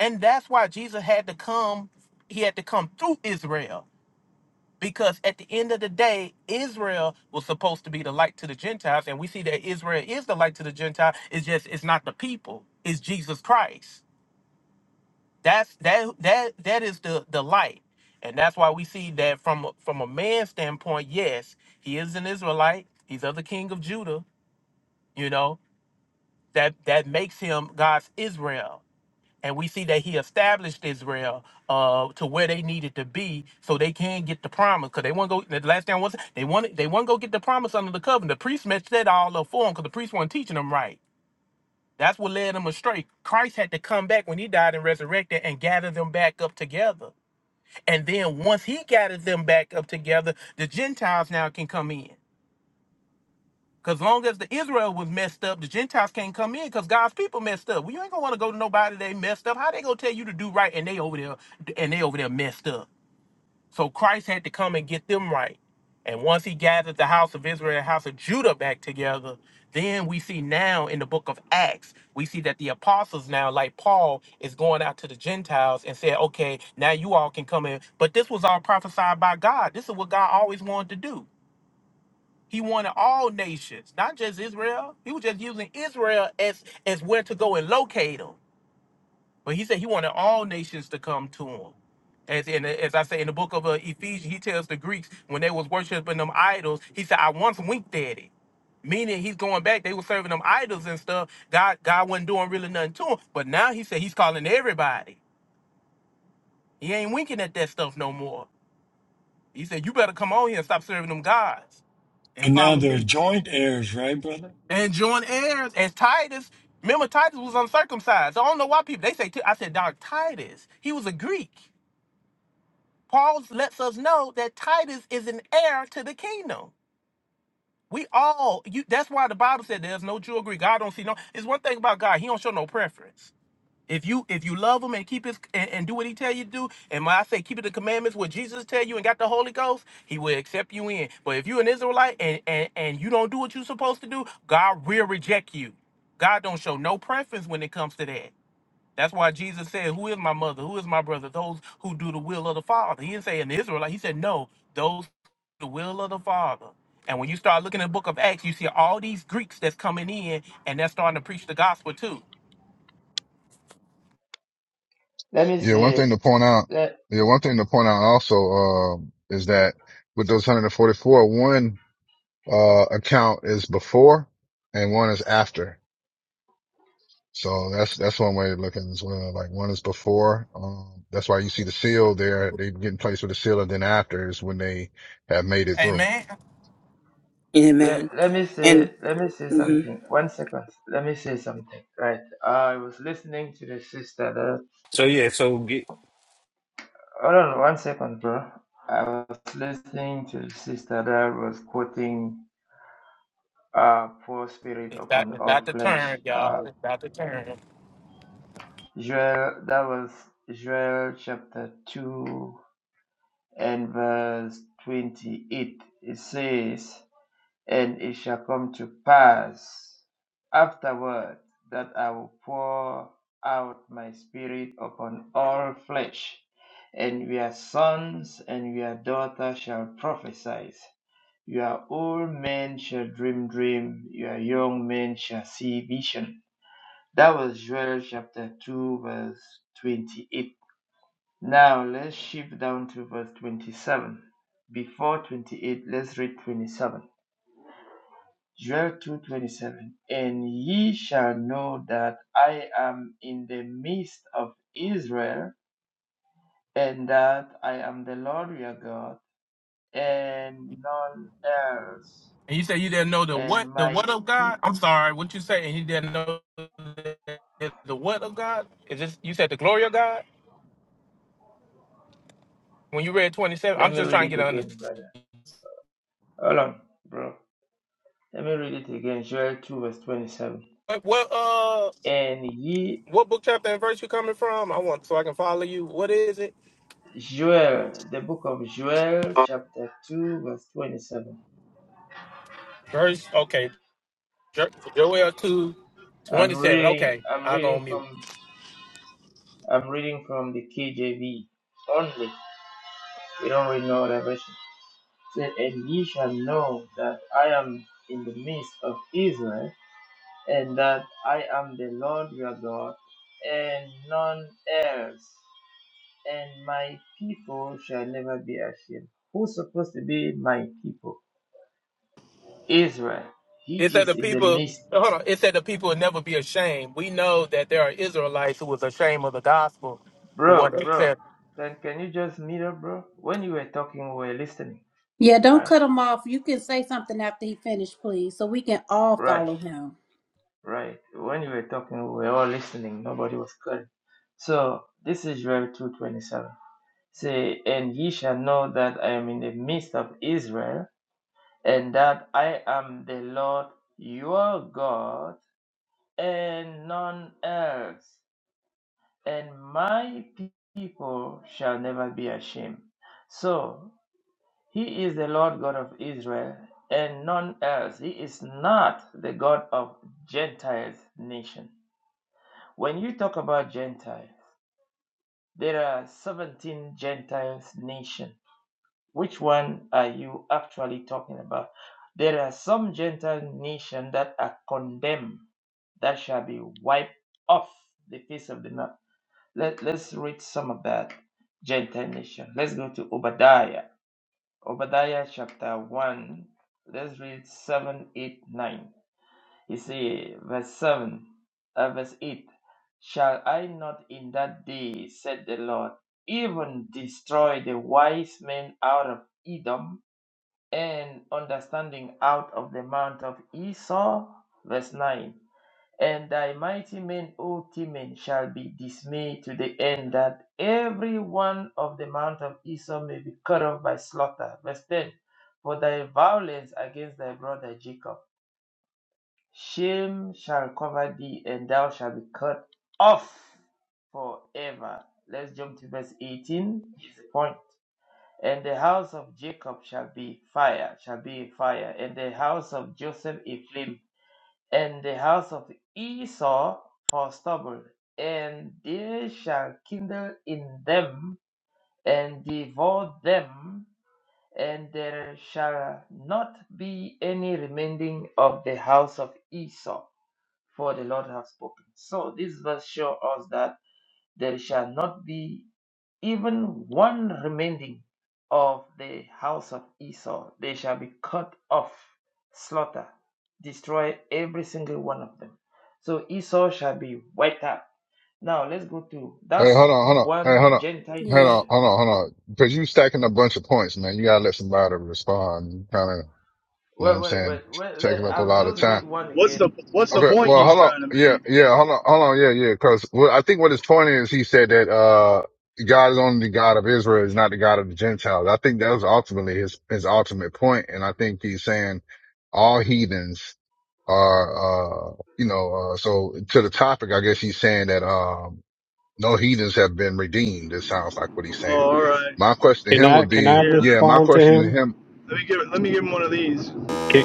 S15: and that's why Jesus had to come. He had to come through Israel because at the end of the day, Israel was supposed to be the light to the Gentiles, and we see that Israel is the light to the Gentile. It's just it's not the people. It's Jesus Christ. That's that that that is the the light, and that's why we see that from a- from a man's standpoint. Yes, he is an Israelite. He's of the king of Judah. You know that that makes him God's Israel, and we see that he established Israel uh to where they needed to be so they can get the promise. Cause they want to go. The last thing was they wanted they want to go get the promise under the covenant. The priest messed that all up for them because the priest wasn't teaching them right. That's what led them astray. Christ had to come back when he died and resurrected and gather them back up together. And then once he gathered them back up together, the Gentiles now can come in. Because long as the Israel was messed up, the Gentiles can't come in because God's people messed up. Well, you ain't gonna want to go to nobody they messed up. How they gonna tell you to do right and they over there and they over there messed up? So Christ had to come and get them right. And once he gathered the house of Israel and the house of Judah back together, then we see now in the book of Acts, we see that the apostles now, like Paul, is going out to the Gentiles and said, okay, now you all can come in. But this was all prophesied by God. This is what God always wanted to do. He wanted all nations, not just Israel. He was just using Israel as, as where to go and locate them. But he said he wanted all nations to come to him. As in, as I say in the book of uh, Ephesians, he tells the Greeks when they was worshiping them idols, he said, "I once winked at it," meaning he's going back. They were serving them idols and stuff. God, God wasn't doing really nothing to him. But now he said he's calling everybody. He ain't winking at that stuff no more. He said, "You better come on here and stop serving them gods and
S3: and now
S15: follow
S3: they're
S15: me
S3: joint heirs, right, brother?
S15: and join heirs." As Titus, remember Titus was uncircumcised. I don't know why people they say. T- I said, "Dog, Titus, he was a Greek." Paul lets us know that Titus is an heir to the kingdom. We all you that's why the Bible said there's no Jew or Greek. God don't see no it's one thing about God, he don't show no preference. If you if you love him and keep his and, and do what he tell you to do, and when I say keep the commandments what Jesus tell you and got the Holy Ghost, he will accept you in. But if you're an Israelite and and, and you don't do what you're supposed to do, God will reject you. God don't show no preference when it comes to that. That's why Jesus said, Who is my mother? Who is my brother? Those who do the will of the Father. He didn't say an Israelite. He said, No, those who do the will of the Father. And when you start looking at the book of Acts, you see all these Greeks that's coming in and they're starting to preach the gospel too.
S16: Let me
S2: Yeah. One thing
S16: say,
S2: to point out.
S16: let,
S2: Yeah. One thing to point out also, um, is that with those 144, one, uh, account is before and one is after. So that's, that's one way to look at it as well. Like one is before, um, that's why you see the seal there. They get in place with the seal and then after is when they have made it through.
S15: Amen.
S16: let,
S14: Amen.
S16: let me
S14: And
S16: say, let me say
S14: mhm.
S16: something. One second. Let me say something. Right. I was listening to the sister that,
S10: So yeah, so get
S16: hold on one second, bro. I was listening to the sister that was quoting, uh, poor spirit
S15: It's about,
S16: upon
S15: it's
S16: all
S15: about to
S16: flesh.
S15: turn,
S16: Uh,
S15: y'all. It's about to turn.
S16: Joel, that was Joel chapter 2 and verse 28. It says, And it shall come to pass afterward that I will pour out my spirit upon all flesh, and your sons and your daughters shall prophesy. Your old men shall dream dream, your young men shall see vision. That was Joel chapter 2, verse 28. Now let's shift down to verse 27. Before 28, let's read 27. Joel 2:27 And ye shall know that I am in the midst of Israel and that I am the Lord your God and none else
S15: And you say you didn't know the
S16: and
S15: what the
S16: my
S15: what of God?
S16: people
S15: I'm sorry, what you say? And you didn't know the, the what of God? Is this you said the glory of God? When you read 27, I'm
S16: let me
S15: just
S16: read
S15: trying to
S16: it
S15: get an
S16: again
S15: understanding.
S16: brother hold on bro let me read it again Joel 2 verse 27
S15: What, what
S16: and ye
S15: What book chapter and verse you coming from? I want so I can follow you. What is it?
S16: Joel the book of Joel chapter 2 verse 27
S15: Verse okay. Jo- Joel two
S16: I'm
S15: twenty seven.
S16: reading
S15: Okay,
S16: I'm
S15: I'll go
S16: reading
S15: on mute.
S16: from I'm reading from the KJV only. We don't read no other version. It Said, and ye shall know that I am in the midst of Israel, and that I am the Lord your God, and none else. And my people shall never be ashamed. Who's supposed to be my people? Israel.
S15: It
S16: He
S15: said
S16: is
S15: the
S16: in the
S15: people
S16: midst.
S15: hold on. It said the people will never be ashamed. We know that there are Israelites who was ashamed of the gospel who
S16: Bro,
S15: want to
S16: bro,
S15: accept.
S16: can, can you just meet up, bro? When you were talking, we were listening.
S12: Yeah, don't
S16: Right?
S12: cut him off. You can say something after he finished, please, so we can all
S16: Right.
S12: follow him.
S16: Right. When you were talking, we were all listening. Nobody was clear. So this is Joel two twenty seven. Say, and ye shall know that I am in the midst of Israel, and that I am the Lord your God, and none else. And my people shall never be ashamed. So he is the Lord God of Israel, and none else. He is not the God of Gentiles nation. When you talk about Gentiles, there are 17 Gentiles nations. Which one are you actually talking about? There are some Gentile nations that are condemned that shall be wiped off the face of the earth. Let, let's read some of that Gentile nation. Let's go to Obadiah. Obadiah chapter 1. Let's read 7, 8, 9. You see, verse 7, uh, verse 8 Shall I not in that day, said the Lord, even destroy the wise men out of Edom and understanding out of the mount of Esau? Verse 9 And thy mighty men, O Timon, shall be dismayed to the end that every one of the mount of Esau may be cut off by slaughter. Verse 10 For thy violence against thy brother Jacob. Shame shall cover thee, and thou shalt be cut off forever. Let's jump to verse 18. It's the point. And the house of Jacob shall be fire, shall be a fire, and the house of Joseph a flame, and the house of Esau for stubble, and they shall kindle in them and devour them, and there shall not be any remaining of the house of Esau for the Lord hath spoken. So this verse shows us that there shall not be even one remaining of the house of Esau. They shall be cut off, slaughter, destroy every single one of them. So Esau shall be wiped out. Now let's go to
S2: Hey,
S16: that's
S2: hold on, hold on. Hey,
S16: one
S2: hold on.
S16: Gentile
S2: Hold
S12: Yeah,
S2: on,
S16: nation.
S2: hold on, hold on. Because you stacking a bunch of points, man. You gotta let somebody respond. You kind of, you know what
S16: Wait,
S2: I'm
S16: wait,
S2: saying,
S16: wait, wait.
S2: taking
S16: Let,
S2: up a
S16: I'll
S2: lot of
S16: just
S2: time.
S16: read one
S17: What's
S16: again.
S17: the What's the
S2: Okay,
S17: point
S2: well,
S17: he's
S2: hold on.
S17: trying to
S2: Yeah,
S17: make?
S2: yeah, hold on, hold on. Yeah, yeah. Because well, I think what his point is, he said that uh God is only the God of Israel, is not the God of the Gentiles. I think that was ultimately his his ultimate point, and I think he's saying all heathens are, uh, you know, uh, so to the topic, I guess he's saying that, um, no heathens have been redeemed. It sounds like what he's saying.
S17: Oh, all right.
S2: My question to
S18: Can
S2: him
S18: I
S2: would
S18: can I
S2: be,
S17: Here,
S2: yeah,
S17: let,
S2: my
S18: respond to
S2: question to
S18: him?
S2: him,
S17: let me give Let me give him one of these.
S18: Can,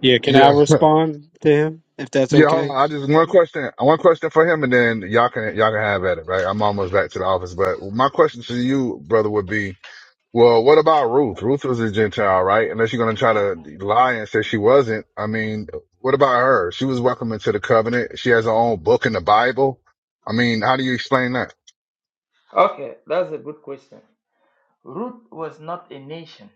S18: yeah, can I
S2: yeah,
S18: respond to him if that's
S2: yeah. Hold on,
S18: okay?
S2: I just one question, one question for him, and then y'all can y'all can have at it, right? I'm almost back to the office, but my question to you, brother, would be, well, what about Ruth? Ruth was a Gentile, right? Unless you're gonna try to lie and say she wasn't. I mean, what about her? She was welcome into the covenant. She has her own book in the Bible. I mean, how do you explain that?
S16: Okay, that's a good question. Ruth was not a nation.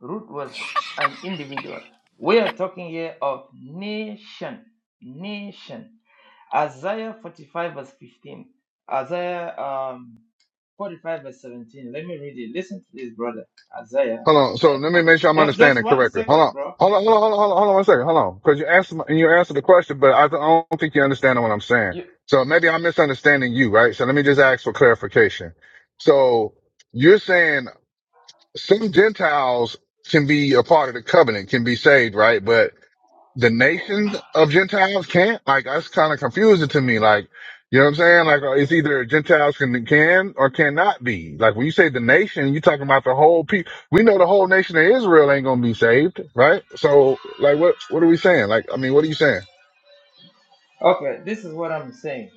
S16: Root was an individual. We are talking here of nation, nation. Isaiah 45 verse 15. Isaiah um, 45 verse 17. Let me read it. Listen to this, brother. Isaiah
S2: Hold on. So
S16: chapter
S2: let me
S16: 40.
S2: make sure I'm
S16: Just, just
S2: understanding
S16: one
S2: correctly. Hold
S16: second,
S2: on.
S16: bro.
S2: Hold on, hold on, hold on, hold on, hold on one second. Hold on. Cause you asked, my- you answered the question, but I don't think you understand what I'm saying.
S16: You,
S2: So maybe I'm misunderstanding you, right? So let me just ask for clarification. So you're saying some Gentiles can be a part of the covenant, can be saved, right? But the nations of Gentiles can't? Like that's kind of confusing to me. Like, you know what I'm saying? Like uh, it's either Gentiles can can or cannot be. Like when you say the nation, you're talking about the whole people. We know the whole nation of Israel ain't gonna be saved, right? So like, what what are we saying? Like, I mean, what are you saying,
S16: okay, this is what I'm saying.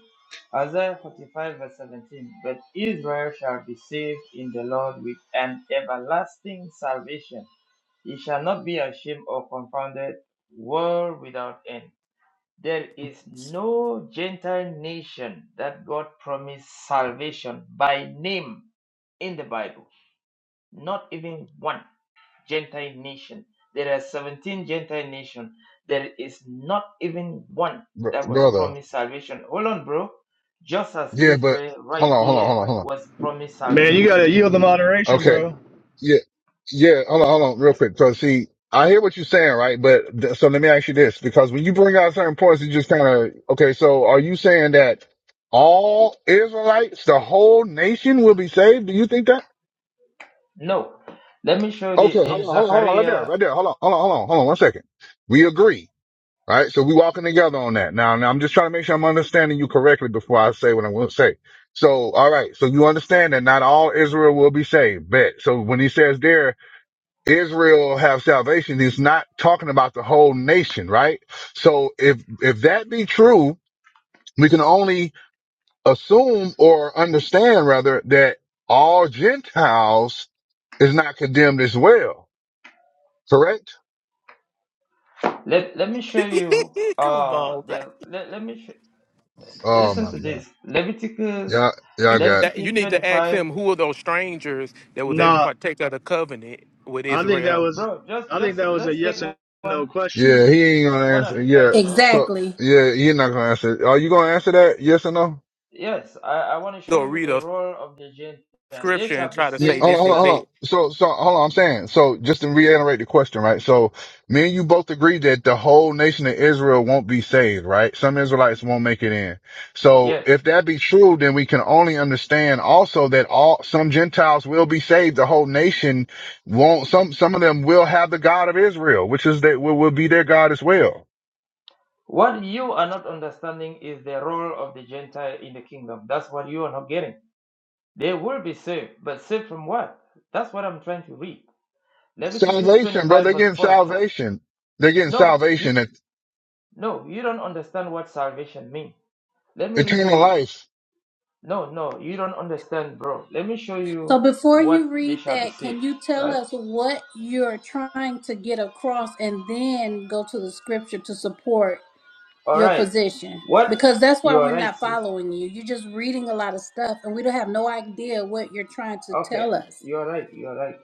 S16: Isaiah 45 verse 17. But Israel shall be saved in the Lord with an everlasting salvation. Ye shall not be ashamed or confounded, world without end. There is no Gentile nation that God promised salvation by name in the Bible. Not even one Gentile nation. There are 17 Gentile nations. There is not even one
S2: Br-
S16: that was
S2: brother?
S16: promised salvation. Hold on, bro. Just as
S2: Yeah, but
S16: Israel right
S2: hold on, hold on, hold
S16: here
S2: on, hold
S16: was promised
S17: Man, you
S16: salvation.
S17: gotta yield the
S2: on.
S17: moderation,
S2: Okay,
S17: bro.
S2: Yeah, yeah. Hold on, hold on, real quick. So, see, I hear what you're saying, right? But th- so let me ask you this, because when you bring out certain points, you just kind of okay. So, are you saying that all Israelites, the whole nation, will be saved? Do you think that?
S16: No. Let me show you
S2: Okay,
S16: this
S2: hold on,
S16: in
S2: hold on, hold on, right
S16: Zechariah
S2: there, right there. Hold on, hold on, hold on, hold on, one second. We agree, right? So we walking together on that. Now, now I'm just trying to make sure I'm understanding you correctly before I say what I'm going to say. So, all right. So you understand that not all Israel will be saved. Bet. So when he says there, Israel have salvation, he's not talking about the whole nation, right? So if, if that be true, we can only assume or understand rather that all Gentiles is not condemned as well, correct?
S16: Let let me show you
S15: Come
S16: uh
S15: on, man.
S16: the let, let me sh-
S2: Oh
S16: listen
S2: my
S16: to
S2: God.
S16: this. Leviticus
S15: No.
S2: Yeah,
S15: You,
S2: y'all got,
S15: that,
S16: Leviticus
S15: you need to ask
S16: 25.
S15: him who are those strangers that were they
S17: Nah,
S15: partake of the covenant with
S17: I think that
S15: Israel.
S17: was
S16: Bro, just
S17: I think
S16: just
S17: that was a
S16: let's take
S17: yes and no
S16: one
S17: question.
S2: yeah, he ain't gonna
S16: one at
S2: answer.
S16: a
S2: Yeah.
S16: time, bro.
S2: So
S12: exactly.
S2: yeah, you're not gonna answer. Are you gonna answer that? Yes or no?
S16: Yes, I, I want to
S15: Go
S16: show you
S15: read
S16: the
S15: a
S16: role of the Gentile. They
S15: scripture and
S16: shall be
S15: try to
S2: Yeah,
S15: say
S16: saved,
S2: Hold on,
S15: this
S2: hold on,
S15: is
S16: but
S2: hold on.
S15: it.
S2: So, so hold on. I'm saying so. Just to reiterate the question, right? So, me and you both agree that the whole nation of Israel won't be saved, right? Some Israelites won't make it in. So,
S16: yes.
S2: if that be true, then we can only understand also that all some Gentiles will be saved. The whole nation won't. Some some of them will have the God of Israel, which is that will, will be their God as well.
S16: What you are not understanding is the role of the Gentile in the kingdom. That's what you are not getting. They will be saved, but saved from what? That's what I'm trying to read. Leviticus
S2: Salvation, bro.
S16: 25,
S2: They're
S16: verse
S2: getting
S16: 44.
S2: salvation. They're getting
S16: No, you.
S2: salvation. et-
S16: No, you don't understand what salvation means. Let me read
S2: Eternal
S16: you.
S2: life.
S16: No, no, you don't understand, bro. Let me show
S12: So
S16: you
S12: before
S16: what
S12: you
S16: they
S12: read
S16: shall be
S12: that,
S16: saved.
S12: can you tell
S16: Right?
S12: us what you're trying to get across, and then go to the scripture to support
S16: All
S12: your
S16: right.
S12: position
S16: What?
S12: because that's why
S16: You
S12: we're
S16: are right,
S12: not
S16: sis.
S12: following you. You're just reading a lot of stuff and we don't have no idea what you're trying to
S16: Okay.
S12: tell us.
S16: You are right. You are right.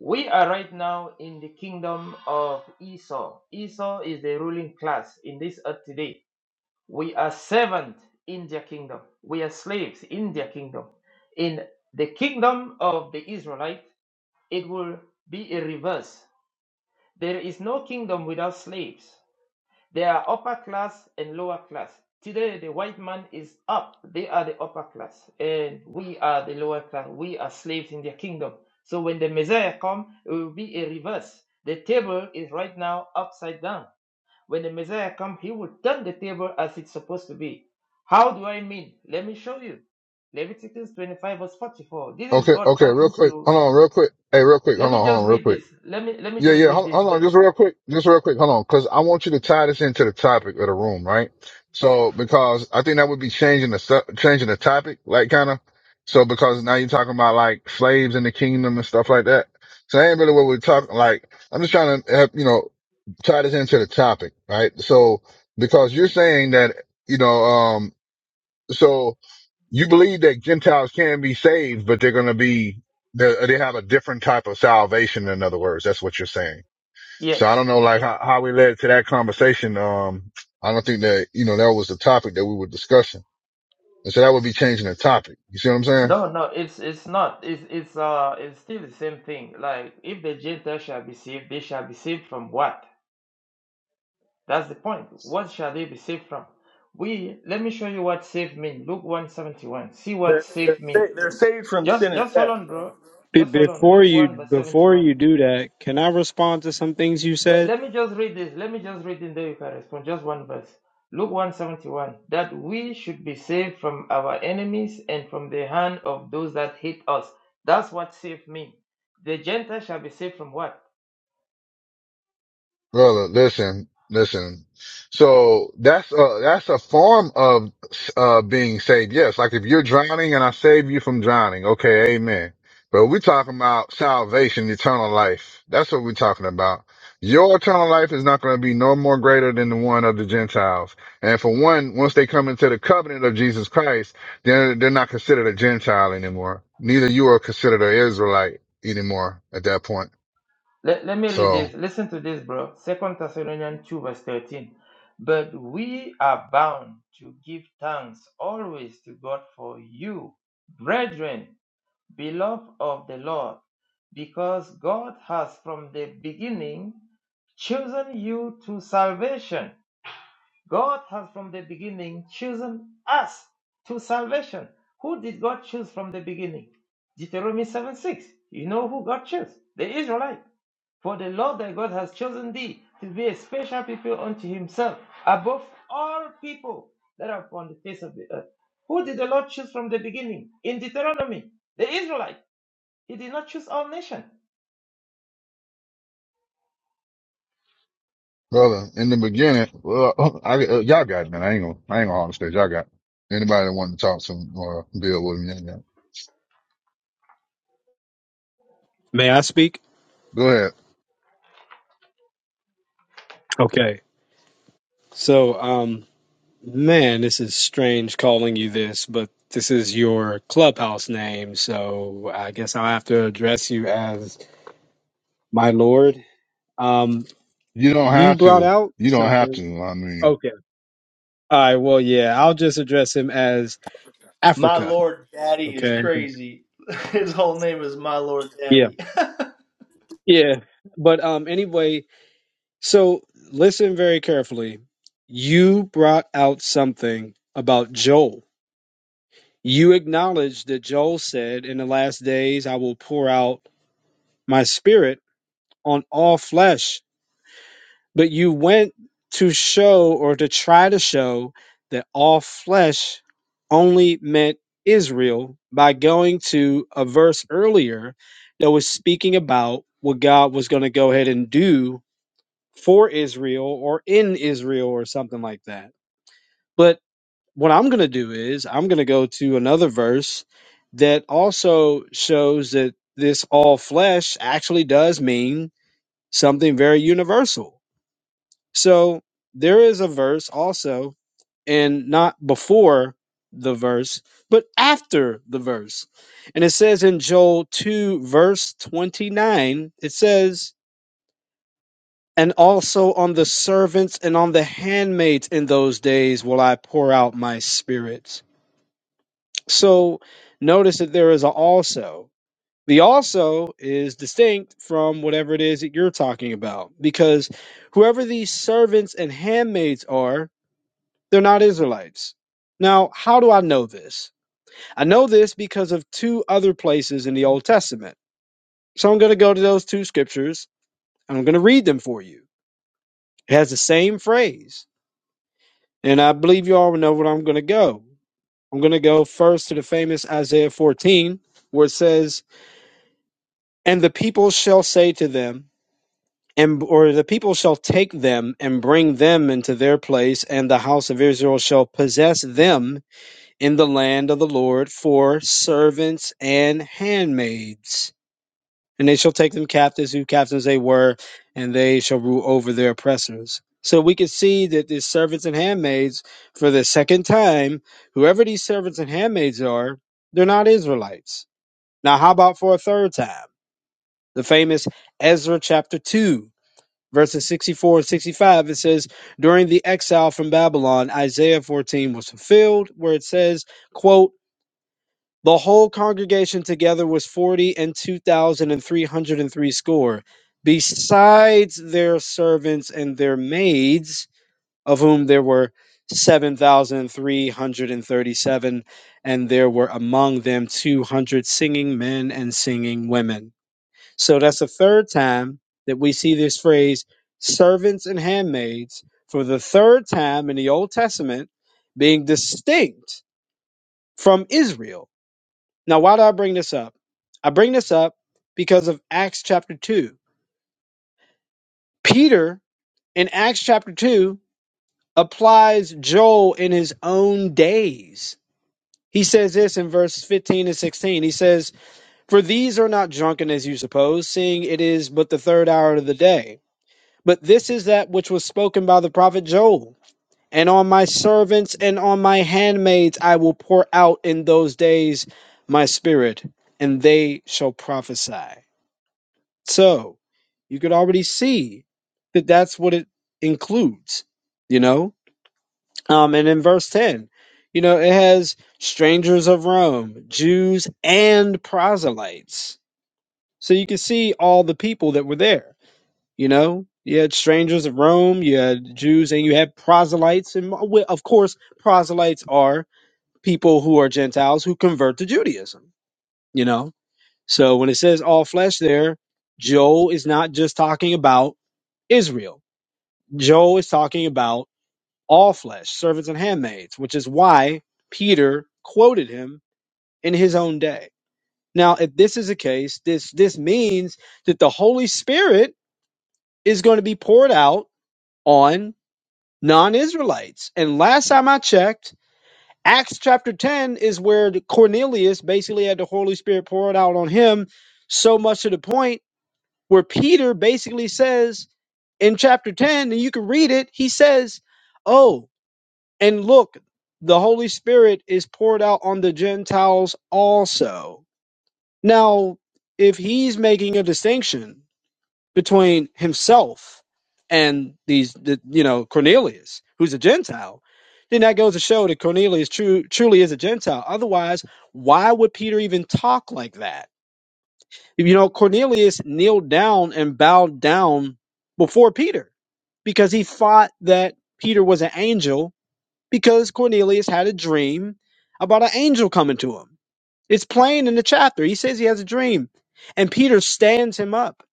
S16: We are right now in the kingdom of Esau. Esau is the ruling class in this earth today. We are servants in their kingdom. We are slaves in their kingdom. In the kingdom of the Israelite, it will be a reverse. There is no kingdom without slaves. There are upper class and lower class. Today, the white man is up. They are the upper class, and we are the lower class. We are slaves in their kingdom. So when the Messiah comes, it will be a reverse. The table is right now upside down. When the Messiah comes, he will turn the table as it's supposed to be. How do I mean? Let me show you. Leviticus 25 verse 44. This is
S2: Okay,
S16: God
S2: okay, real
S16: talking
S2: quick.
S16: to.
S2: Hold on, real quick. Hey, real quick.
S16: Let
S2: Hold
S16: me
S2: on, hold
S16: just
S2: on, real
S16: read
S2: quick.
S16: this. Let me let me
S2: Yeah,
S16: just
S2: yeah.
S16: read
S2: Hold,
S16: this.
S2: hold on,
S16: Then
S2: just real quick. Just real quick. Hold on, because I want you to tie this into the topic of the room, right? So, because I think that would be changing the su- changing the topic, like kind of. So, because now you're talking about like slaves in the kingdom and stuff like that. So, that ain't really what we're talking. Like, I'm just trying to, help, you know, tie this into the topic, right? So, because you're saying that, you know, um, so you believe that Gentiles can be saved, but they're going to be they they have a different type of salvation. In other words, that's what you're saying. So I
S16: yes.
S2: don't know, like how, how we led to that conversation. Um, I don't think that you know that was the topic that we were discussing, and so that would be changing the topic. You see what I'm saying?
S16: No, no, it's it's not. It's it's uh it's still the same thing. Like if the Gentiles shall be saved, they shall be saved from what? That's the point. What shall they be saved from? We let me show you what saved mean. Luke 171. See what
S17: They're
S16: saved
S17: they're,
S16: mean.
S17: sa- they're saved from
S16: Just
S17: sin and
S16: just hold
S17: death,
S16: on,
S17: bro.
S16: bro.
S18: Be-
S16: Just hold on.
S18: before
S16: Luke
S18: you
S16: 1 verse
S18: before
S16: 71.
S18: you do that, can I respond to some things you
S16: Let,
S18: said?
S16: let me just read this. Let me just read in there. You can respond. Just one verse. Luke 171. That we should be saved from our enemies and from the hand of those that hate us. That's what saved means. The Gentiles shall be saved from what?
S2: Brother, listen, listen. So that's a that's a form of uh being saved. Yes, like if you're drowning and I save you from drowning, okay, amen. But we're talking about salvation, eternal life. That's what we're talking about. Your eternal life is not going to be no more greater than the one of the Gentiles. And for one, once they come into the covenant of Jesus Christ, they're they're not considered a Gentile anymore. Neither you are considered an Israelite anymore at that point.
S16: Let, let me read
S2: So.
S16: this. Listen to this, bro. Second Thessalonians 2, verse 13. But we are bound to give thanks always to God for you, brethren beloved of the Lord, because God has from the beginning chosen you to salvation. God has from the beginning chosen us to salvation. Who did God choose from the beginning? Deuteronomy 7 6. You know who God chose? The Israelite. For the Lord thy God has chosen thee to be a special people unto himself above all people that are upon the face of the earth. Who did the Lord choose from the beginning? In Deuteronomy, the Israelite. He did not choose all nations.
S2: Brother, in the beginning, well, I, uh, y'all got it, man. I ain't gonna, I ain't gonna hog the stage. Y'all got it. anybody that wanted to talk to him or build with me. y'all got it.
S18: May I speak?
S2: Go ahead.
S18: Okay. So, um, man, this is strange calling you this, but this is your clubhouse name, so I guess I'll have to address you as my lord. Um,
S2: You don't
S18: you
S2: have
S18: brought
S2: to.
S18: out
S2: You don't have
S18: something.
S2: to. I mean,
S18: Okay. All right. Well, yeah, I'll just address him as
S17: My
S18: Africa.
S17: Lord Daddy is
S18: Okay.
S17: crazy. His whole name is My Lord
S18: Yeah.
S17: Daddy.
S18: Yeah, but um anyway, so listen very carefully. You brought out something about Joel. You acknowledged that Joel said, "In the last days I will pour out my spirit on all flesh." But you went to show or to try to show that all flesh only meant Israel by going to a verse earlier that was speaking about what God was going to go ahead and do for Israel or in Israel or something like that. But what I'm going to do is I'm going to go to another verse that also shows that this all flesh actually does mean something very universal. So there is a verse also, and not before the verse, but after the verse. And it says in Joel 2, verse 29, it says, And also on the servants and on the handmaids in those days will I pour out my spirits. So notice that there is a also. The also is distinct from whatever it is that you're talking about because whoever these servants and handmaids are, they're not Israelites. Now, how do I know this? I know this because of two other places in the Old Testament. So I'm going to go to those two scriptures and I'm going to read them for you. It has the same phrase And I believe you all know where I'm going to go. I'm going to go first to the famous Isaiah 14, where it says, And the people shall say to them, and or the people shall take them and bring them into their place, and the house of Israel shall possess them in the land of the Lord for servants and handmaids. and they shall take them captives who captains they were, and they shall rule over their oppressors. So we can see that these servants and handmaids, for the second time, whoever these servants and handmaids are, they're not Israelites. Now, how about for a third time? The famous Ezra chapter 2, verses 64 and 65, it says, During the exile from Babylon, Isaiah 14 was fulfilled, where it says, quote, the whole congregation together was forty and two thousand and three hundred and three score, besides their servants and their maids, of whom there were seven thousand three hundred and thirty seven, and there were among them two hundred singing men and singing women. So that's the third time that we see this phrase servants and handmaids for the third time in the Old Testament being distinct from Israel now, why do I bring this up? I bring this up because of Acts chapter 2. Peter in Acts chapter 2 applies Joel in his own days. He says this in verses 15 and 16. He says, For these are not drunken as you suppose, seeing it is but the third hour of the day. But this is that which was spoken by the prophet Joel. And on my servants and on my handmaids I will pour out in those days my spirit, and they shall prophesy. So you could already see that that's what it includes, you know? Um, and in verse 10, you know, it has strangers of Rome, Jews, and proselytes. So you can see all the people that were there, you know? You had strangers of Rome, you had Jews, and you had proselytes. And uh, well, of course, proselytes are people who are Gentiles who convert to Judaism, you know? So when it says all flesh there, Joel is not just talking about Israel. Joel is talking about all flesh, servants and handmaids, which is why Peter quoted him in his own day. Now, if this is the case, this this means that the Holy Spirit is going to be poured out on non-Israelites. And last time I checked, Acts chapter 10 is where the Cornelius basically had the Holy Spirit poured out on him so much to the point where Peter basically says in chapter 10, and you can read it, he says, "Oh, And look, the Holy Spirit is poured out on the Gentiles also. Now, if he's making a distinction between himself and these, the, you know, Cornelius, who's a Gentile, then that goes to show that Cornelius true, truly is a Gentile. Otherwise, why would Peter even talk like that? You know, Cornelius kneeled down and bowed down before Peter because he thought that Peter was an angel because Cornelius had a dream about an angel coming to him. It's plain in the chapter. He says he has a dream. And Peter stands him up.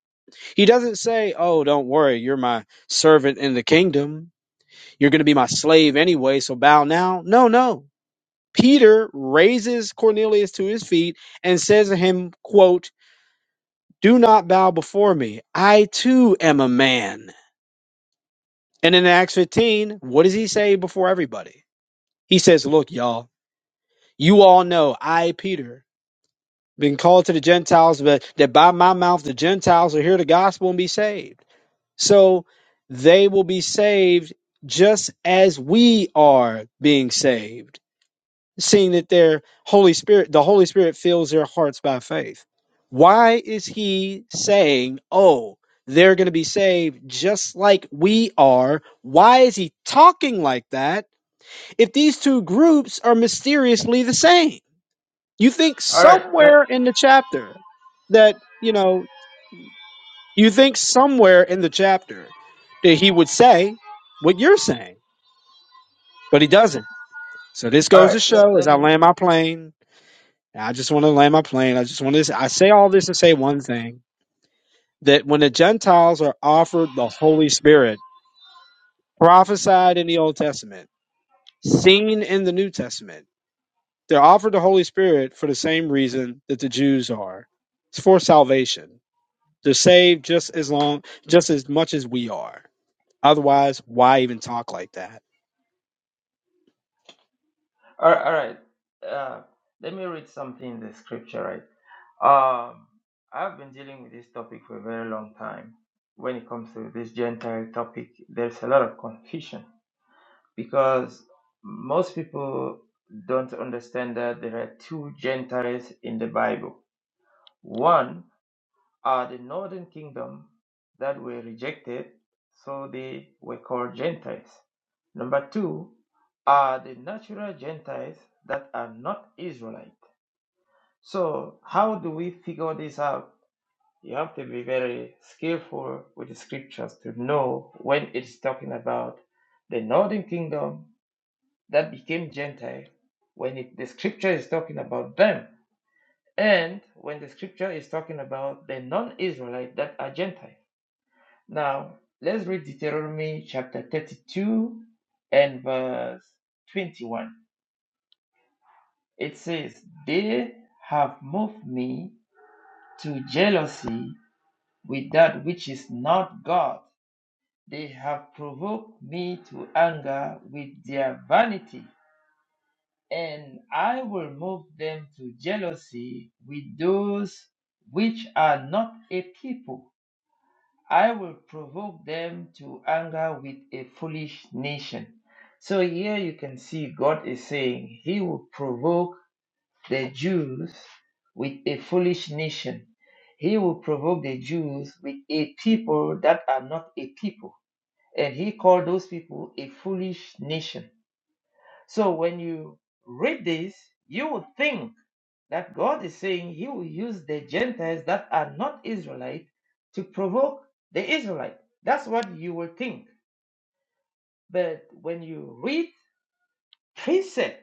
S18: He doesn't say, Oh, don't worry, you're my servant in the kingdom. You're going to be my slave anyway, so bow now. No, no. Peter raises Cornelius to his feet and says to him, quote, Do not bow before me. I too am a man. And in Acts 15, what does he say before everybody? He says, Look, y'all, you all know I, Peter, been called to the Gentiles, but that by my mouth the Gentiles will hear the gospel and be saved. So they will be saved just as we are being saved, seeing that their Holy Spirit, the Holy Spirit fills their hearts by faith. Why is he saying, oh, they're going to be saved just like we are? Why is he talking like that if these two groups are mysteriously the same? You think
S16: All right, let,
S18: somewhere in the chapter that, you know, you think somewhere in the chapter that he would say what you're saying, but he doesn't. So this
S16: all
S18: goes
S16: right,
S18: to
S16: let,
S18: show as
S16: let
S18: I
S16: me,
S18: land my plane, and I just want to land my plane. I just want to, I say all this to say one thing that when the Gentiles are offered the Holy Spirit, prophesied in the Old Testament, seen in the New Testament, they're offered the Holy Spirit for the same reason that the Jews are it's for salvation They're saved just as long, just as much as we are. Otherwise, why even talk like that?
S16: all right, all right, uh, let me read something in the scripture, right? Um, I've been dealing with this topic for a very long time. When it comes to this Gentile topic, there's a lot of confusion because most people don't understand that there are two Gentiles in the Bible. One are the northern kingdom that were rejected, so they were called Gentiles. Number two are the natural Gentiles that are not Israelite. So, how do we figure this out? You have to be very skillful with the scriptures to know when it's talking about the northern kingdom that became Gentile, when it, the scripture is talking about them, and when the scripture is talking about the non Israelite that are Gentile. Now, let's read Deuteronomy chapter 32 and verse 21. It says, They have moved me to jealousy with that which is not God. They have provoked me to anger with their vanity, and I will move them to jealousy with those which are not a people. I will provoke them to anger with a foolish nation. So here you can see God is saying he will provoke the Jews with a foolish nation. He will provoke the Jews with a people that are not a people. And he called those people a foolish nation. So when you read this, you would think that God is saying he will use the Gentiles that are not Israelite to provoke the Israelite. That's what you will think. But when you read precept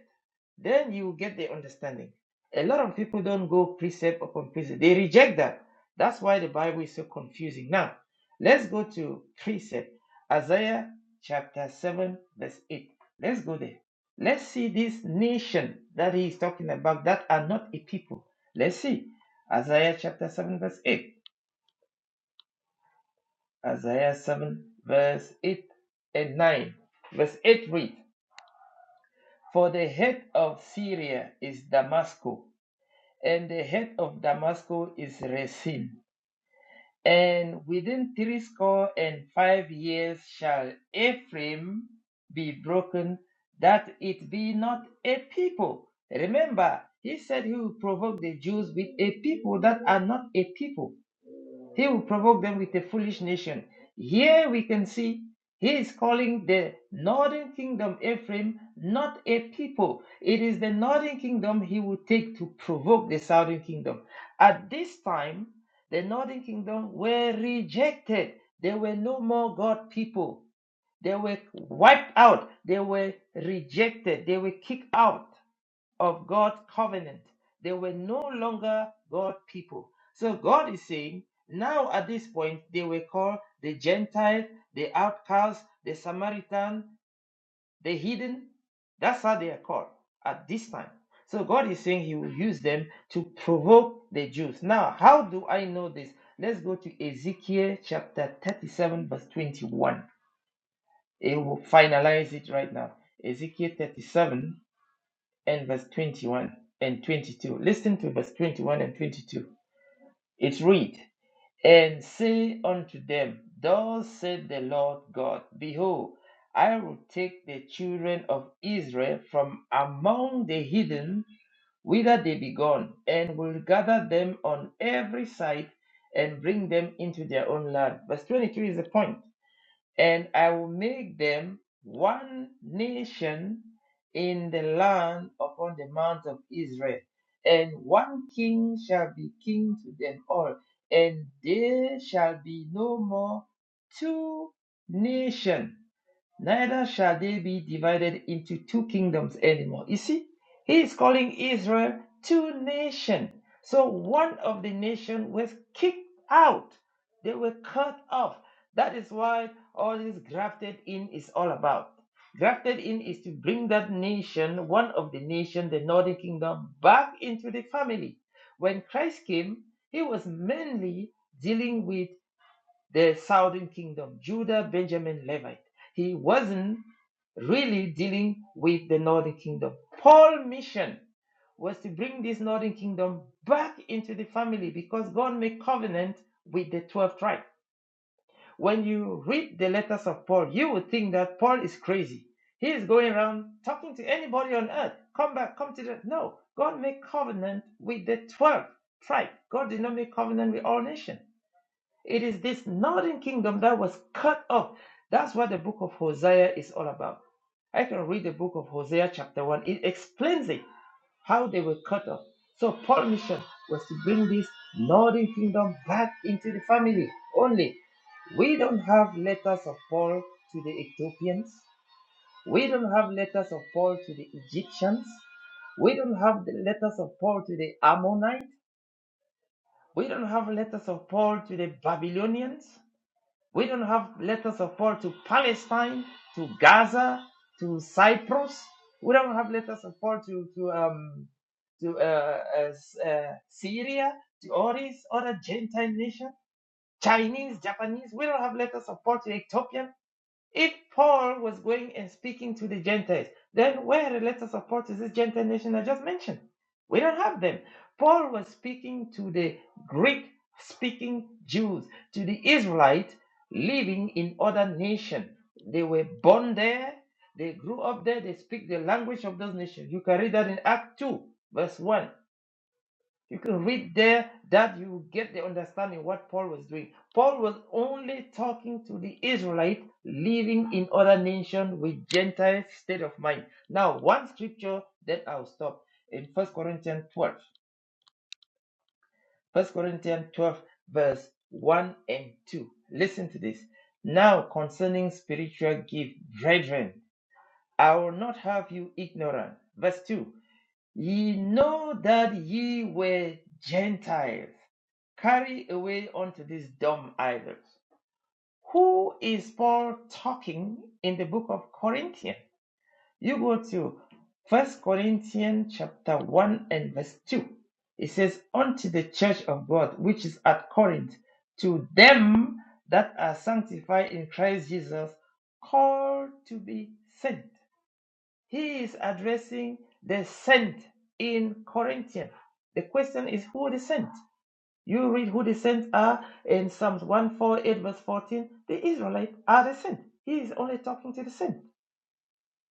S16: then you get the understanding. A lot of people don't go precept upon precept, they reject that. That's why the Bible is so confusing. Now, let's go to precept Isaiah chapter 7, verse 8. Let's go there. Let's see this nation that he is talking about that are not a people. Let's see Isaiah chapter 7, verse 8. Isaiah 7, verse 8 and 9. Verse 8 reads, For the head of Syria is Damascus and the head of Damascus is Resin. And within threescore and five years shall Ephraim be broken, that it be not a people. Remember, he said he will provoke the Jews with a people that are not a people. He will provoke them with a foolish nation. Here we can see he is calling the northern kingdom Ephraim not a people. It is the northern kingdom he will take to provoke the southern kingdom. At this time, the northern kingdom were rejected. They were no more God people. They were wiped out. They were rejected. They were kicked out of God's covenant. They were no longer God people. So God is saying, now at this point, they were called the Gentile, the outcast, the Samaritan, the hidden. That's how they are called at this time. So God is saying He will use them to provoke the Jews. Now, how do I know this? Let's go to Ezekiel chapter 37, verse 21. It will finalize it right now. Ezekiel 37 and verse 21 and 22. Listen to verse 21 and 22. It reads, And say unto them, Thus said the Lord God, Behold, I will take the children of Israel from among the heathen, whither they be gone, and will gather them on every side and bring them into their own land. Verse 23 is the point and I will make them one nation in the land upon the mount of Israel, and one king shall be king to them all, and there shall be no more two nations neither shall they be divided into two kingdoms anymore. You see, he is calling Israel two nations. So one of the nation was kicked out. They were cut off. That is why all this grafted in is all about. Grafted in is to bring that nation, one of the nation, the northern kingdom, back into the family. When Christ came, he was mainly dealing with the southern kingdom, Judah, Benjamin, Levite. He wasn't really dealing with the northern kingdom. Paul's mission was to bring this northern kingdom back into the family because God made covenant with the 12 tribes. When you read the letters of Paul, you would think that Paul is crazy. He is going around talking to anybody on earth. Come back, come to the. No, God made covenant with the 12 tribes. God did not make covenant with all nations. It is this northern kingdom that was cut off. That's what the book of Hosea is all about. I can read the book of Hosea, chapter 1. It explains it, how they were cut off. So, Paul's mission was to bring this northern kingdom back into the family only. We don't have letters of Paul to the Ethiopians. We don't have letters of Paul to the Egyptians. We don't have the letters of Paul to the Ammonites. We don't have letters of Paul to the Babylonians. We don't have letters of Paul to Palestine, to Gaza, to Cyprus. We don't have letters of Paul to to um to uh, uh, uh, Syria, to all these other Gentile nations, Chinese, Japanese. We don't have letters of Paul to Ethiopian. If Paul was going and speaking to the Gentiles, then where are the letters of Paul to this Gentile nation I just mentioned? We don't have them. Paul was speaking to the Greek speaking Jews, to the Israelites living in other nations. They were born there, they grew up there, they speak the language of those nations. You can read that in Act 2, verse 1. You can read there that you get the understanding what Paul was doing. Paul was only talking to the Israelite living in other nation with Gentile state of mind. Now, one scripture that I'll stop in First Corinthians 12. First Corinthians 12, verse 1 and 2. Listen to this. Now, concerning spiritual gift, brethren, I will not have you ignorant. Verse 2 Ye know that ye were Gentiles, carried away unto these dumb idols. Who is Paul talking in the book of Corinthians? You go to First Corinthians chapter 1 and verse 2. It says, Unto the church of God which is at Corinth, to them that are sanctified in Christ Jesus, called to be saints he is addressing the sent in Corinthian. The question is who the sent? You read who the sent are in Psalms 148, verse 14. The Israelites are the sent. He is only talking to the sent.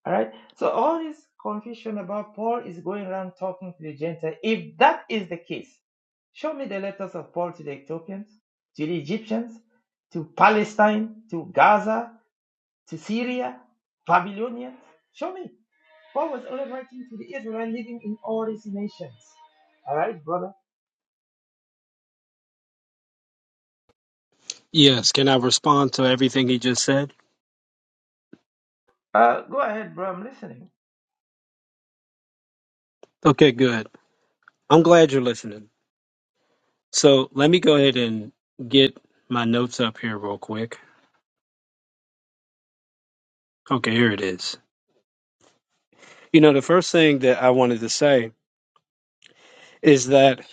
S16: All right. So all this confusion about Paul is going around talking to the Gentile. If that is the case, show me the letters of Paul to the Ethiopians, to the Egyptians, to Palestine, to Gaza, to Syria, Babylonians. Show me. Paul was only writing to the Israelites living in all these nations. All right, brother.
S18: Yes, can I respond to everything he just said?
S16: Uh, go ahead, bro. I'm listening.
S18: Okay, good. I'm glad you're listening. So let me go ahead and get my notes up here real quick. Okay, here it is. You know, the first thing that I wanted to say is that,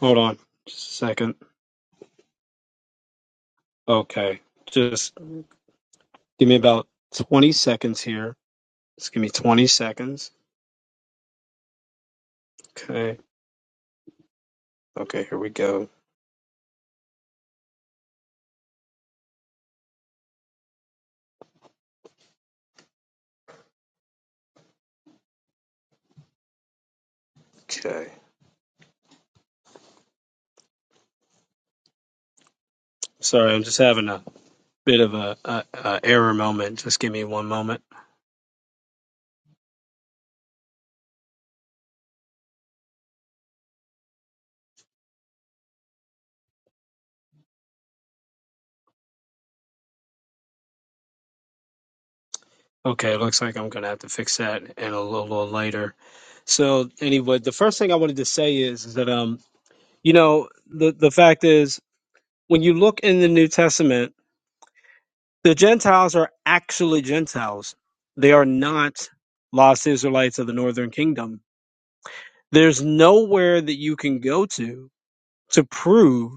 S18: hold on just a second. Okay, just give me about 20 seconds here. Just give me 20 seconds. Okay, okay, here we go. Okay. Sorry, I'm just having a bit of a, a, a error moment. Just give me one moment. Okay, it looks like I'm gonna have to fix that in a little, little later. So anyway, the first thing I wanted to say is, is that um, you know, the the fact is when you look in the New Testament, the Gentiles are actually Gentiles. They are not lost Israelites of the Northern Kingdom. There's nowhere that you can go to to prove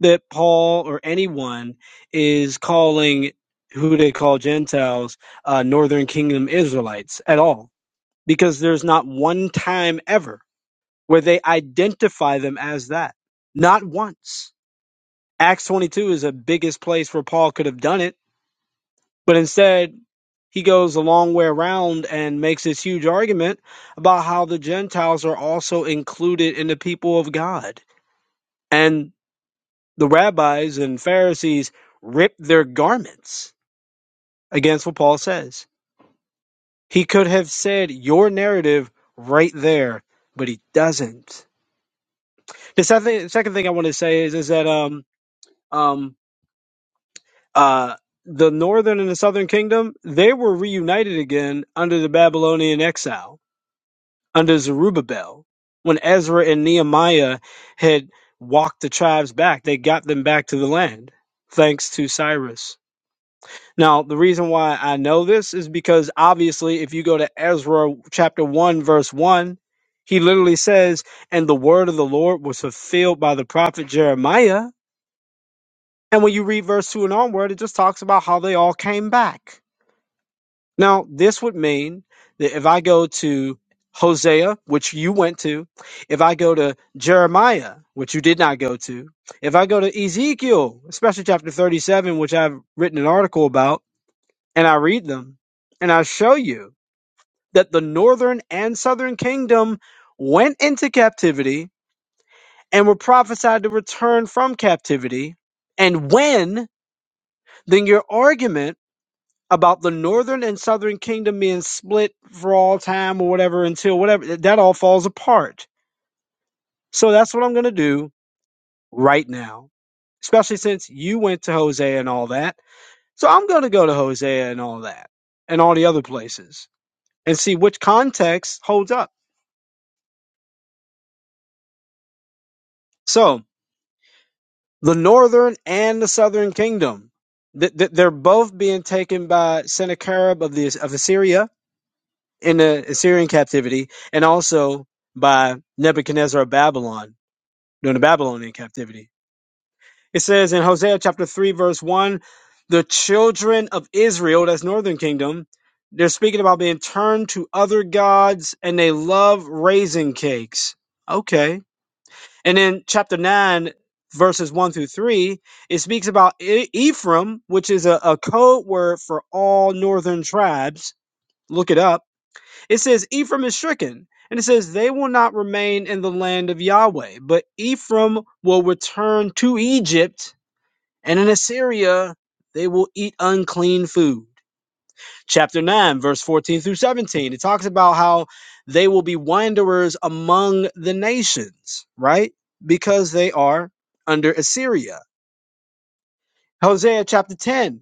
S18: that Paul or anyone is calling who they call Gentiles uh, Northern Kingdom Israelites at all, because there's not one time ever where they identify them as that. Not once. Acts 22 is the biggest place where Paul could have done it, but instead he goes a long way around and makes this huge argument about how the Gentiles are also included in the people of God. And The rabbis and Pharisees ripped their garments against what Paul says. He could have said your narrative right there, but he doesn't. The second, second thing I want to say is is that um um uh the northern and the southern kingdom they were reunited again under the Babylonian exile under Zerubbabel when Ezra and Nehemiah had walked the tribes back. They got them back to the land thanks to Cyrus. Now, the reason why I know this is because obviously, if you go to Ezra chapter 1, verse 1, he literally says, And the word of the Lord was fulfilled by the prophet Jeremiah. And when you read verse 2 and onward, it just talks about how they all came back. Now, this would mean that if I go to Hosea, which you went to, if I go to Jeremiah, which you did not go to, if I go to Ezekiel, especially chapter 37, which I've written an article about, and I read them, and I show you that the northern and southern kingdom went into captivity and were prophesied to return from captivity. And when, then your argument about the northern and southern kingdom being split for all time or whatever until whatever, that all falls apart. So that's what I'm going to do right now, especially since you went to Hosea and all that. So I'm going to go to Hosea and all that and all the other places and see which context holds up. So the northern and the southern kingdom, th- th- they're both being taken by Sennacherib of the of Assyria in the Assyrian captivity, and also by Nebuchadnezzar of Babylon during the Babylonian captivity. It says in Hosea chapter three verse one, the children of Israel, that's northern kingdom. They're speaking about being turned to other gods and they love raisin cakes. Okay And in chapter 9, verses 1 through 3, it speaks about E- Ephraim, which is a, a code word for all northern tribes. Look it up. It says, Ephraim is stricken. And it says, they will not remain in the land of Yahweh, but Ephraim will return to Egypt, and in Assyria they will eat unclean food chapter 9 verse 14 through 17 it talks about how they will be wanderers among the nations right because they are under assyria hosea chapter 10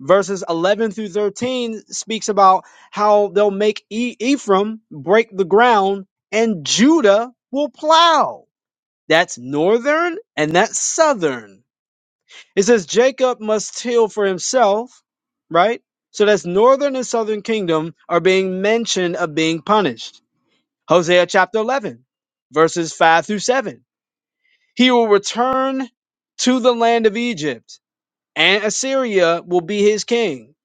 S18: verses 11 through 13 speaks about how they'll make e- ephraim break the ground and judah will plow that's northern and that's southern it says Jacob must heal for himself, right? So that's northern and southern kingdom are being mentioned of being punished. Hosea chapter 11, verses 5 through 7. He will return to the land of Egypt, and Assyria will be his king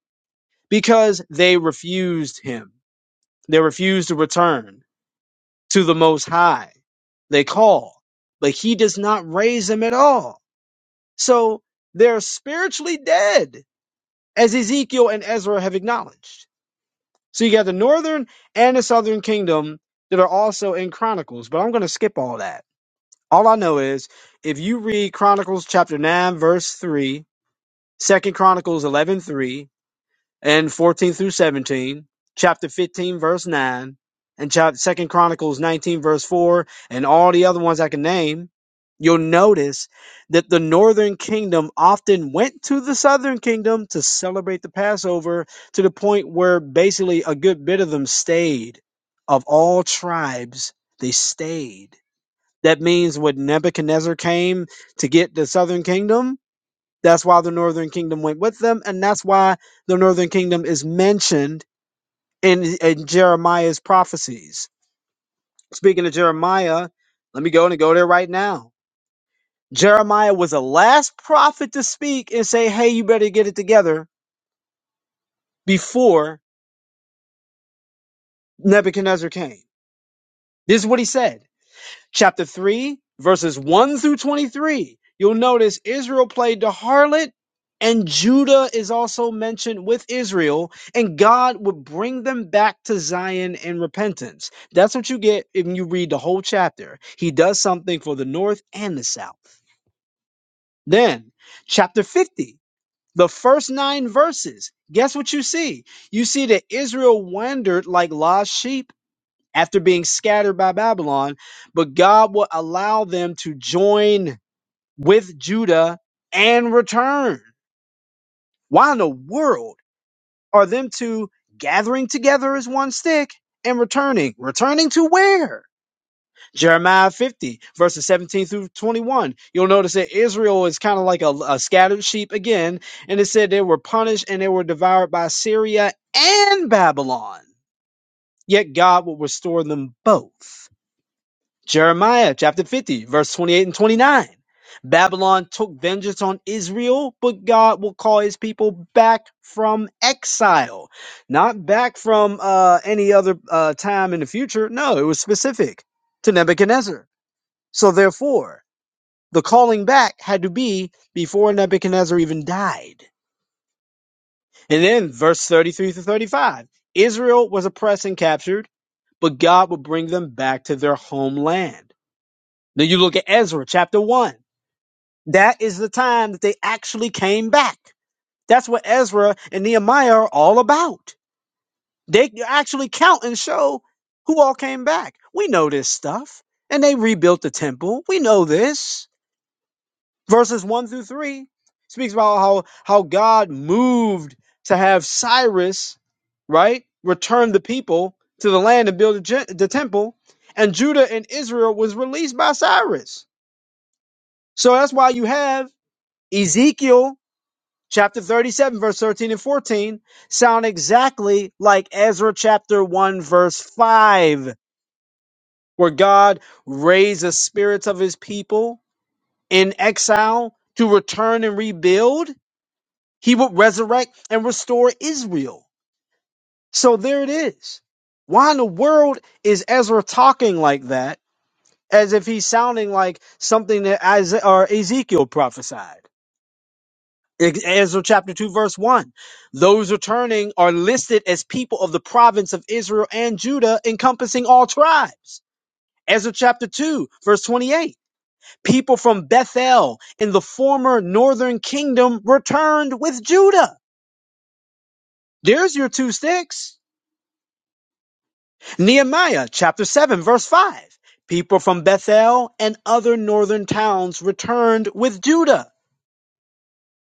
S18: because they refused him. They refused to return to the Most High. They call, but he does not raise them at all. So they're spiritually dead as Ezekiel and Ezra have acknowledged. So you got the northern and the southern kingdom that are also in Chronicles, but I'm going to skip all that. All I know is if you read Chronicles chapter 9 verse 3, Second Chronicles 11:3, and 14 through 17, chapter 15, verse 9, and chapter 2 Chronicles 19, verse 4, and all the other ones I can name, you'll notice that the northern kingdom often went to the southern kingdom to celebrate the Passover to the point where basically a good bit of them stayed. Of all tribes, they stayed. That means when Nebuchadnezzar came to get the southern kingdom, that's why the northern kingdom went with them, and that's why the northern kingdom is mentioned in, in Jeremiah's prophecies. Speaking of Jeremiah, let me go and go there right now. Jeremiah was the last prophet to speak and say, Hey, you better get it together before Nebuchadnezzar came. This is what he said. chapter 3, verses 1 through 23, you'll notice Israel played the harlot, and Judah is also mentioned with Israel, and God would bring them back to Zion in repentance. That's what you get if you read the whole chapter. He does something for the north and the south. Then, chapter 50, the first nine verses, guess what you see? You see that Israel wandered like lost sheep after being scattered by Babylon, but God will allow them to join with Judah and return. Why in the world are them two gathering together as one stick and returning? Returning to where? Jeremiah 50, verses 17 through 21. You'll notice that Israel is kind of like a, a scattered sheep again, and it said they were punished and they were devoured by Syria and Babylon. Yet God will restore them both. Jeremiah chapter 50, verse 28 and 29. Babylon took vengeance on Israel, but God will call his people back from exile. Not back from uh, any other uh, time in the future. No, it was specific to Nebuchadnezzar. So, therefore, the calling back had to be before Nebuchadnezzar even died. And then, verse 33 to 35 Israel was oppressed and captured, but God would bring them back to their homeland. Then you look at Ezra chapter 1. That is the time that they actually came back. That's what Ezra and Nehemiah are all about. They actually count and show who all came back. We know this stuff. And they rebuilt the temple. We know this. Verses 1 through 3 speaks about how, how God moved to have Cyrus, right, return the people to the land and build the, gen- the temple. And Judah and Israel was released by Cyrus. So that's why you have Ezekiel chapter 37, verse 13 and 14 sound exactly like Ezra chapter 1, verse 5, where God raised the spirits of his people in exile to return and rebuild. He would resurrect and restore Israel. So there it is. Why in the world is Ezra talking like that as if he's sounding like something that Isaiah or Ezekiel prophesied? Ezra chapter 2, verse 1. Those returning are listed as people of the province of Israel and Judah, encompassing all tribes. Ezra chapter 2, verse 28. People from Bethel in the former northern kingdom returned with Judah. There's your two sticks. Nehemiah chapter 7, verse 5. People from Bethel and other northern towns returned with Judah.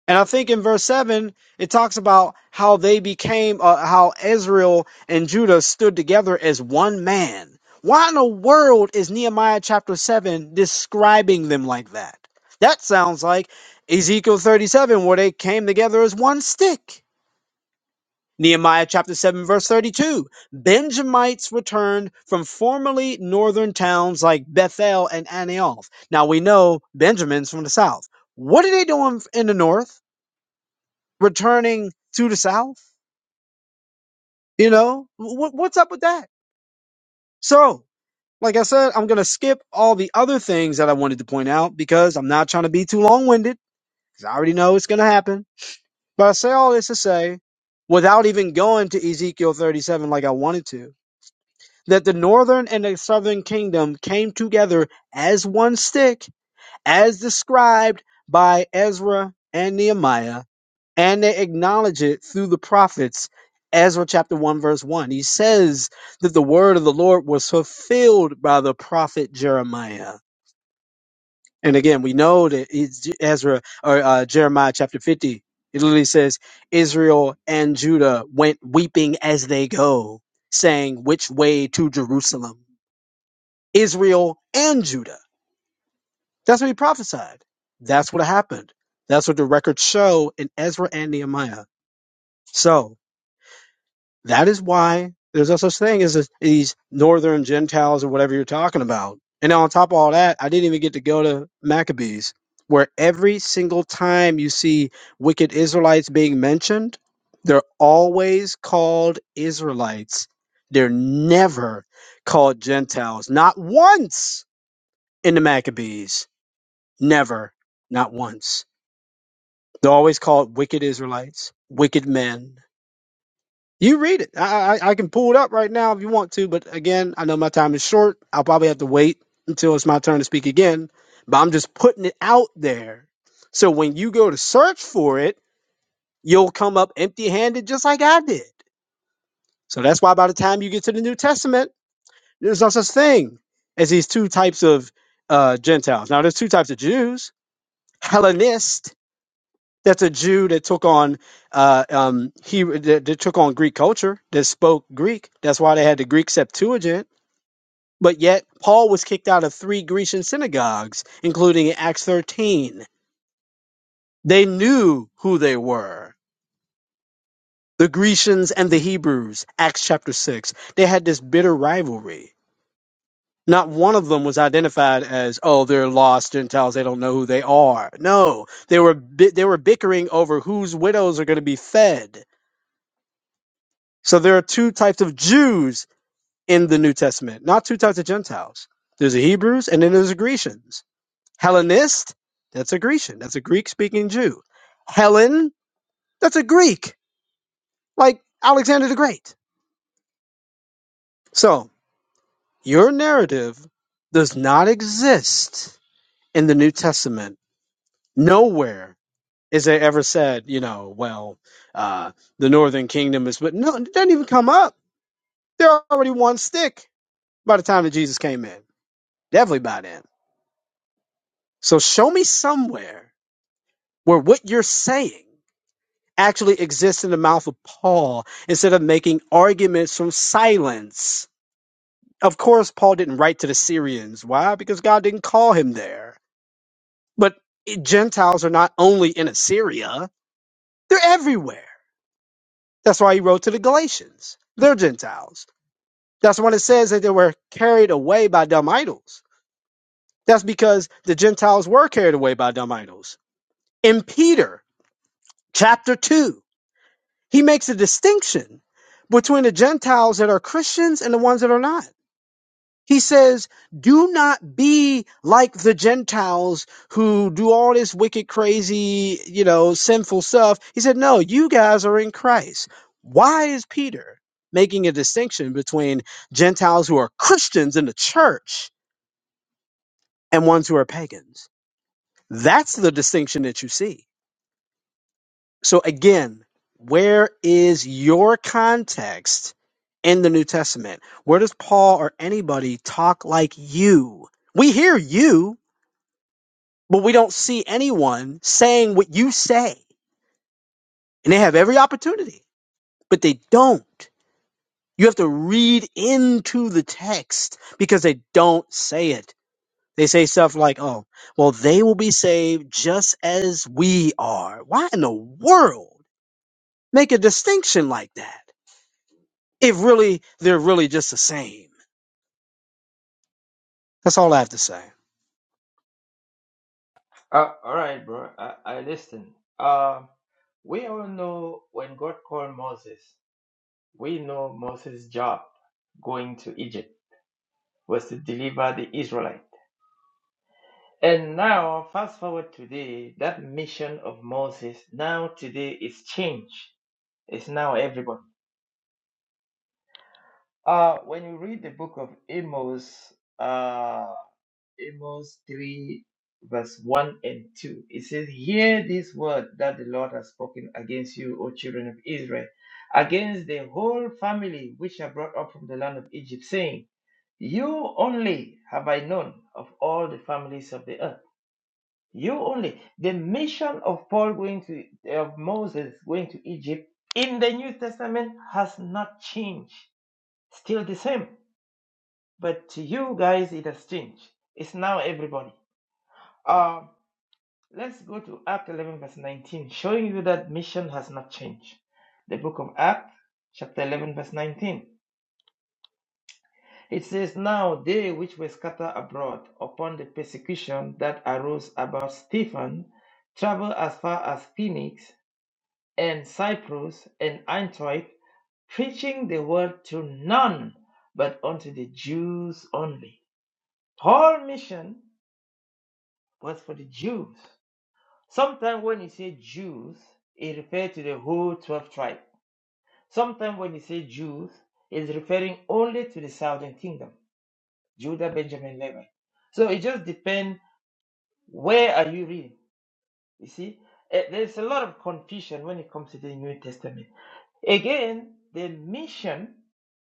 S18: And I think in verse 7, it talks about how they became, uh, how Israel and Judah stood together as one man. Why in the world is Nehemiah chapter 7 describing them like that? That sounds like Ezekiel 37, where they came together as one stick. Nehemiah chapter 7, verse 32. Benjamites returned from formerly northern towns like Bethel and Anioth. Now we know Benjamin's from the south. What are they doing in the north? returning to the South. You know, what, what's up with that? So, like I said, I'm going to skip all the other things that I wanted to point out because I'm not trying to be too long winded because I already know it's going to happen. But I say all this to say, without even going to Ezekiel 37 like I wanted to, that the northern and the southern kingdom came together as one stick, as described by Ezra and Nehemiah and they acknowledge it through the prophets. Ezra chapter 1, verse 1. He says that the word of the Lord was fulfilled by the prophet Jeremiah. And again, we know that it's J- Ezra or uh, Jeremiah chapter 50. It literally says, Israel and Judah went weeping as they go, saying, Which way to Jerusalem? Israel and Judah. That's what he prophesied. That's what happened. That's what the records show in Ezra and Nehemiah. So, That is why there's no such thing as these northern Gentiles or whatever you're talking about. And on top of all that, I didn't even get to go to Maccabees, where every single time you see wicked Israelites being mentioned, they're always called Israelites. They're never called Gentiles. Not once in the Maccabees. Never. Not once. They're always called wicked Israelites, wicked men, you read it. I, I I can pull it up right now if you want to, but again, I know my time is short. I'll probably have to wait until it's my turn to speak again. But I'm just putting it out there. So when you go to search for it, you'll come up empty handed just like I did. So that's why by the time you get to the New Testament, there's no such thing as these two types of uh, Gentiles. Now, there's two types of Jews Hellenist that's a Jew that took on uh, um, he that, that took on Greek culture that spoke Greek. That's why they had the Greek Septuagint. But yet Paul was kicked out of three Grecian synagogues, including in Acts 13. They knew who they were. The Grecians and the Hebrews, Acts chapter 6. They had this bitter rivalry. Not one of them was identified as, oh, they're lost Gentiles. They don't know who they are. No, they were bi- they were bickering over whose widows are going to be fed So there are two types of Jews in the New Testament, not two types of Gentiles. There's the Hebrews and then there's the Grecians. Hellenist, that's a Grecian, that's a Greek speaking Jew. Helen, that's a Greek, like Alexander the Great. So your narrative does not exist in the New Testament. Nowhere is it ever said, you know, well, uh, the northern kingdom is, but no, it doesn't even come up. They're already one stick by the time that Jesus came in. Definitely by then. So show me somewhere where what you're saying actually exists in the mouth of Paul instead of making arguments from silence. Of course, Paul didn't write to the Syrians. Why? Because God didn't call him there. But Gentiles are not only in Assyria, they're everywhere. That's why he wrote to the Galatians. They're Gentiles. That's when it says that they were carried away by dumb idols. That's because the Gentiles were carried away by dumb idols. In Peter chapter 2, He makes a distinction between the Gentiles that are Christians and the ones that are not. He says, Do not be like the Gentiles who do all this wicked, crazy, you know, sinful stuff. He said, No, you guys are in Christ. Why is Peter making a distinction between Gentiles who are Christians in the church and ones who are pagans? That's the distinction that you see. So again, where is your context in the New Testament? Where does Paul or anybody talk like you? We hear you, but we don't see anyone saying what you say. And they have every opportunity, but they don't. You have to read into the text because they don't say it. They say stuff like, oh, well, they will be saved just as we are. Why in the world make a distinction like that? It really, they're really just the same. That's all I have to say.
S16: Uh, all right, bro. I, I listen. Uh, we all know when God called Moses, we know Moses' job going to Egypt was to deliver the Israelite. And now, fast forward today, that mission of Moses now today is changed. It's now everybody. Uh, when you read the book of Amos, uh, Amos 3, verse 1 and 2. It says, Hear this word that the Lord has spoken against you, O children of Israel, against the whole family which are brought up from the land of Egypt, saying, You only have I known of all the families of the earth. You only. The mission of Paul going to, of Moses going to Egypt in the New Testament has not changed. Still the same. But to you guys, it has changed. It's now everybody. Um. Let's go to Act 11, verse 19, showing you that mission has not changed. The book of Acts, chapter 11, verse 19. It says, Now they which were scattered abroad upon the persecution that arose about Stephen traveled as far as Phoenix and Cyprus and Antioch, preaching the word to none but unto the Jews only. Paul's mission was for the Jews. Sometimes when he say Jews, it refers to the whole 12 tribe. Sometimes when he say Jews, it's referring only to the southern kingdom, Judah, Benjamin, Levi. So it just depends where are you reading. You see, Eh, there's a lot of confusion when it comes to the New Testament. Again, the mission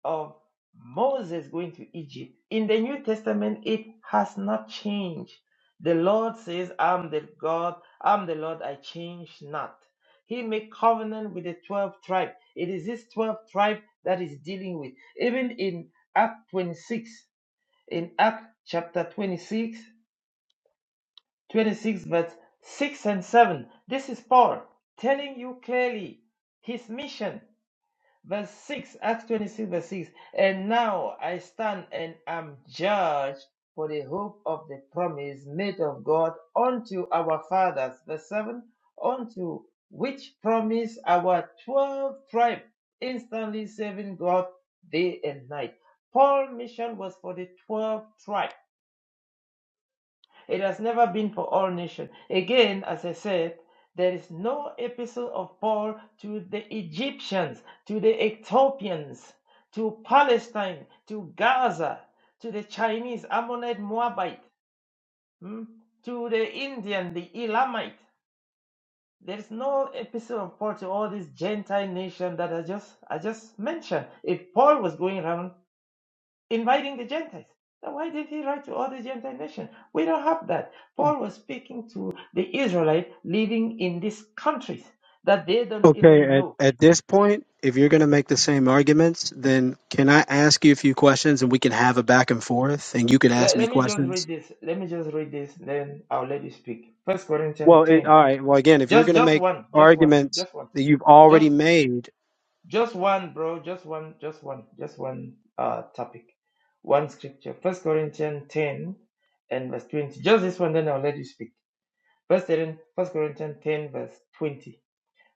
S16: of Moses going to Egypt in the New Testament, it has not changed. The Lord says, I'm the God, I'm the Lord, I change not. He made covenant with the 12 tribe. It is this 12 tribe that is dealing with. Even in Act 26, in Act chapter twenty six, twenty six, 26, verse 6 and 7, this is Paul telling you clearly his mission verse 6, Acts 26, verse 6. And now I stand and am judged for the hope of the promise made of God unto our fathers. Verse 7, unto which promise our 12 tribe instantly serving God day and night. Paul's mission was for the 12 tribe it has never been for all nations. Again, as I said, there is no epistle of Paul to the Egyptians, to the Ethiopians, to Palestine, to Gaza, to the Chinese, Ammonite, Moabite, hmm, to the Indian, the Elamite. There is no epistle of Paul to all these Gentile nations that I just I just mentioned. If Paul was going around inviting the Gentiles. So why did he write to all the Gentile nations? We don't have that. Paul was speaking to the Israelite living in these countries that they don't even
S18: Okay, at,
S16: know.
S18: at this point, if you're going to make the same arguments, then can I ask you a few questions and we can have a back and forth and you can ask
S16: Let,
S18: me
S16: let me just read
S18: questions?
S16: this. Let me just read this, then I'll let you speak. First
S18: Well,
S16: Corinthians
S18: it,
S16: 10.
S18: all right. Well, again, if you're
S16: Just
S18: going to
S16: just
S18: make
S16: one, just one,
S18: arguments
S16: just one.
S18: that you've
S16: Just
S18: already made,
S16: just one, bro. Just one, just one, just one uh topic. One scripture. First Corinthians 10 and verse 20. Just this one, then I'll let you speak. First Corinthians 10 verse 20.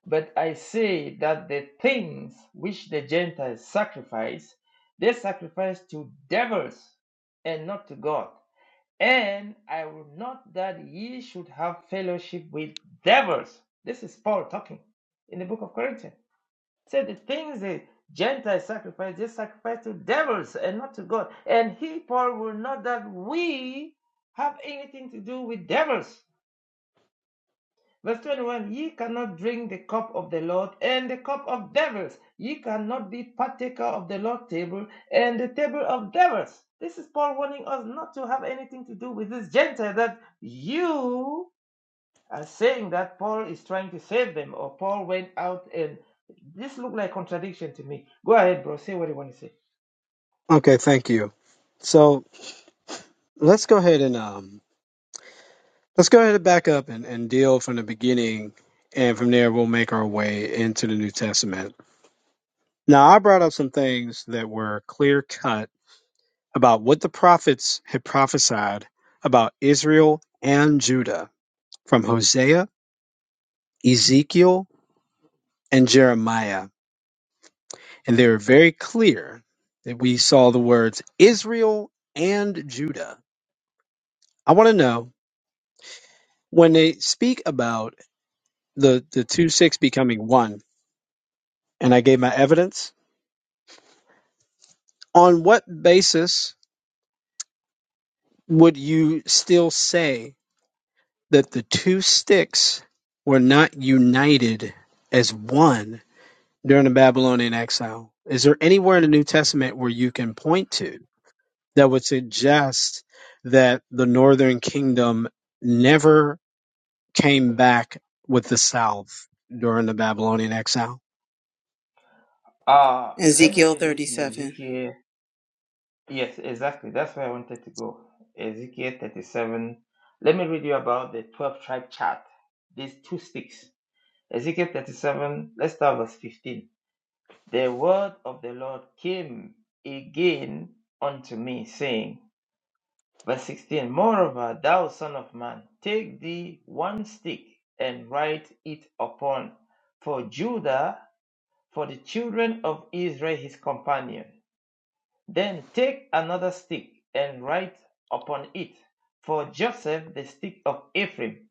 S16: But I say that the things which the Gentiles sacrifice, they sacrifice to devils and not to God. And I will not that ye should have fellowship with devils. This is Paul talking in the book of Corinthians. Say the things the Gentiles sacrifice, they sacrifice to devils and not to God. And he, Paul, will not that we have anything to do with devils. Verse 21 Ye cannot drink the cup of the Lord and the cup of devils. Ye cannot be partaker of the Lord's table and the table of devils. This is Paul warning us not to have anything to do with this Gentile that you are saying that Paul is trying to save them or Paul went out and this looked like contradiction to me. Go ahead, bro. Say what you want to say.
S18: okay, thank you. So let's go ahead and um, let's go ahead and back up and, and deal from the beginning. And from there, we'll make our way into the New Testament. Now, I brought up some things that were clear cut about what the prophets had prophesied about Israel and Judah from Hosea, Ezekiel, and Jeremiah. And they were very clear that we saw the words Israel and Judah. I want to know when they speak about the, the two six becoming one, and I gave my evidence, on what basis would you still say that the two sticks were not united as one? during the Babylonian exile. Is there anywhere in the New Testament where you can point to that would suggest that the northern kingdom never came back with the south during the Babylonian exile?
S16: Uh, let me
S14: Ezekiel
S16: read this in
S14: 37.
S16: Ezekiel. Yes, exactly. That's where I wanted to go. Ezekiel 37. Let me read you about the 12 tribe chart. These two sticks. Ezekiel 37, let's start verse 15. The word of the Lord came again unto me, saying, Verse 16, Moreover, thou son of man, take thee one stick and write it upon, for Judah, for the children of Israel his companion. Then take another stick, and write upon it, For Joseph the stick of Ephraim,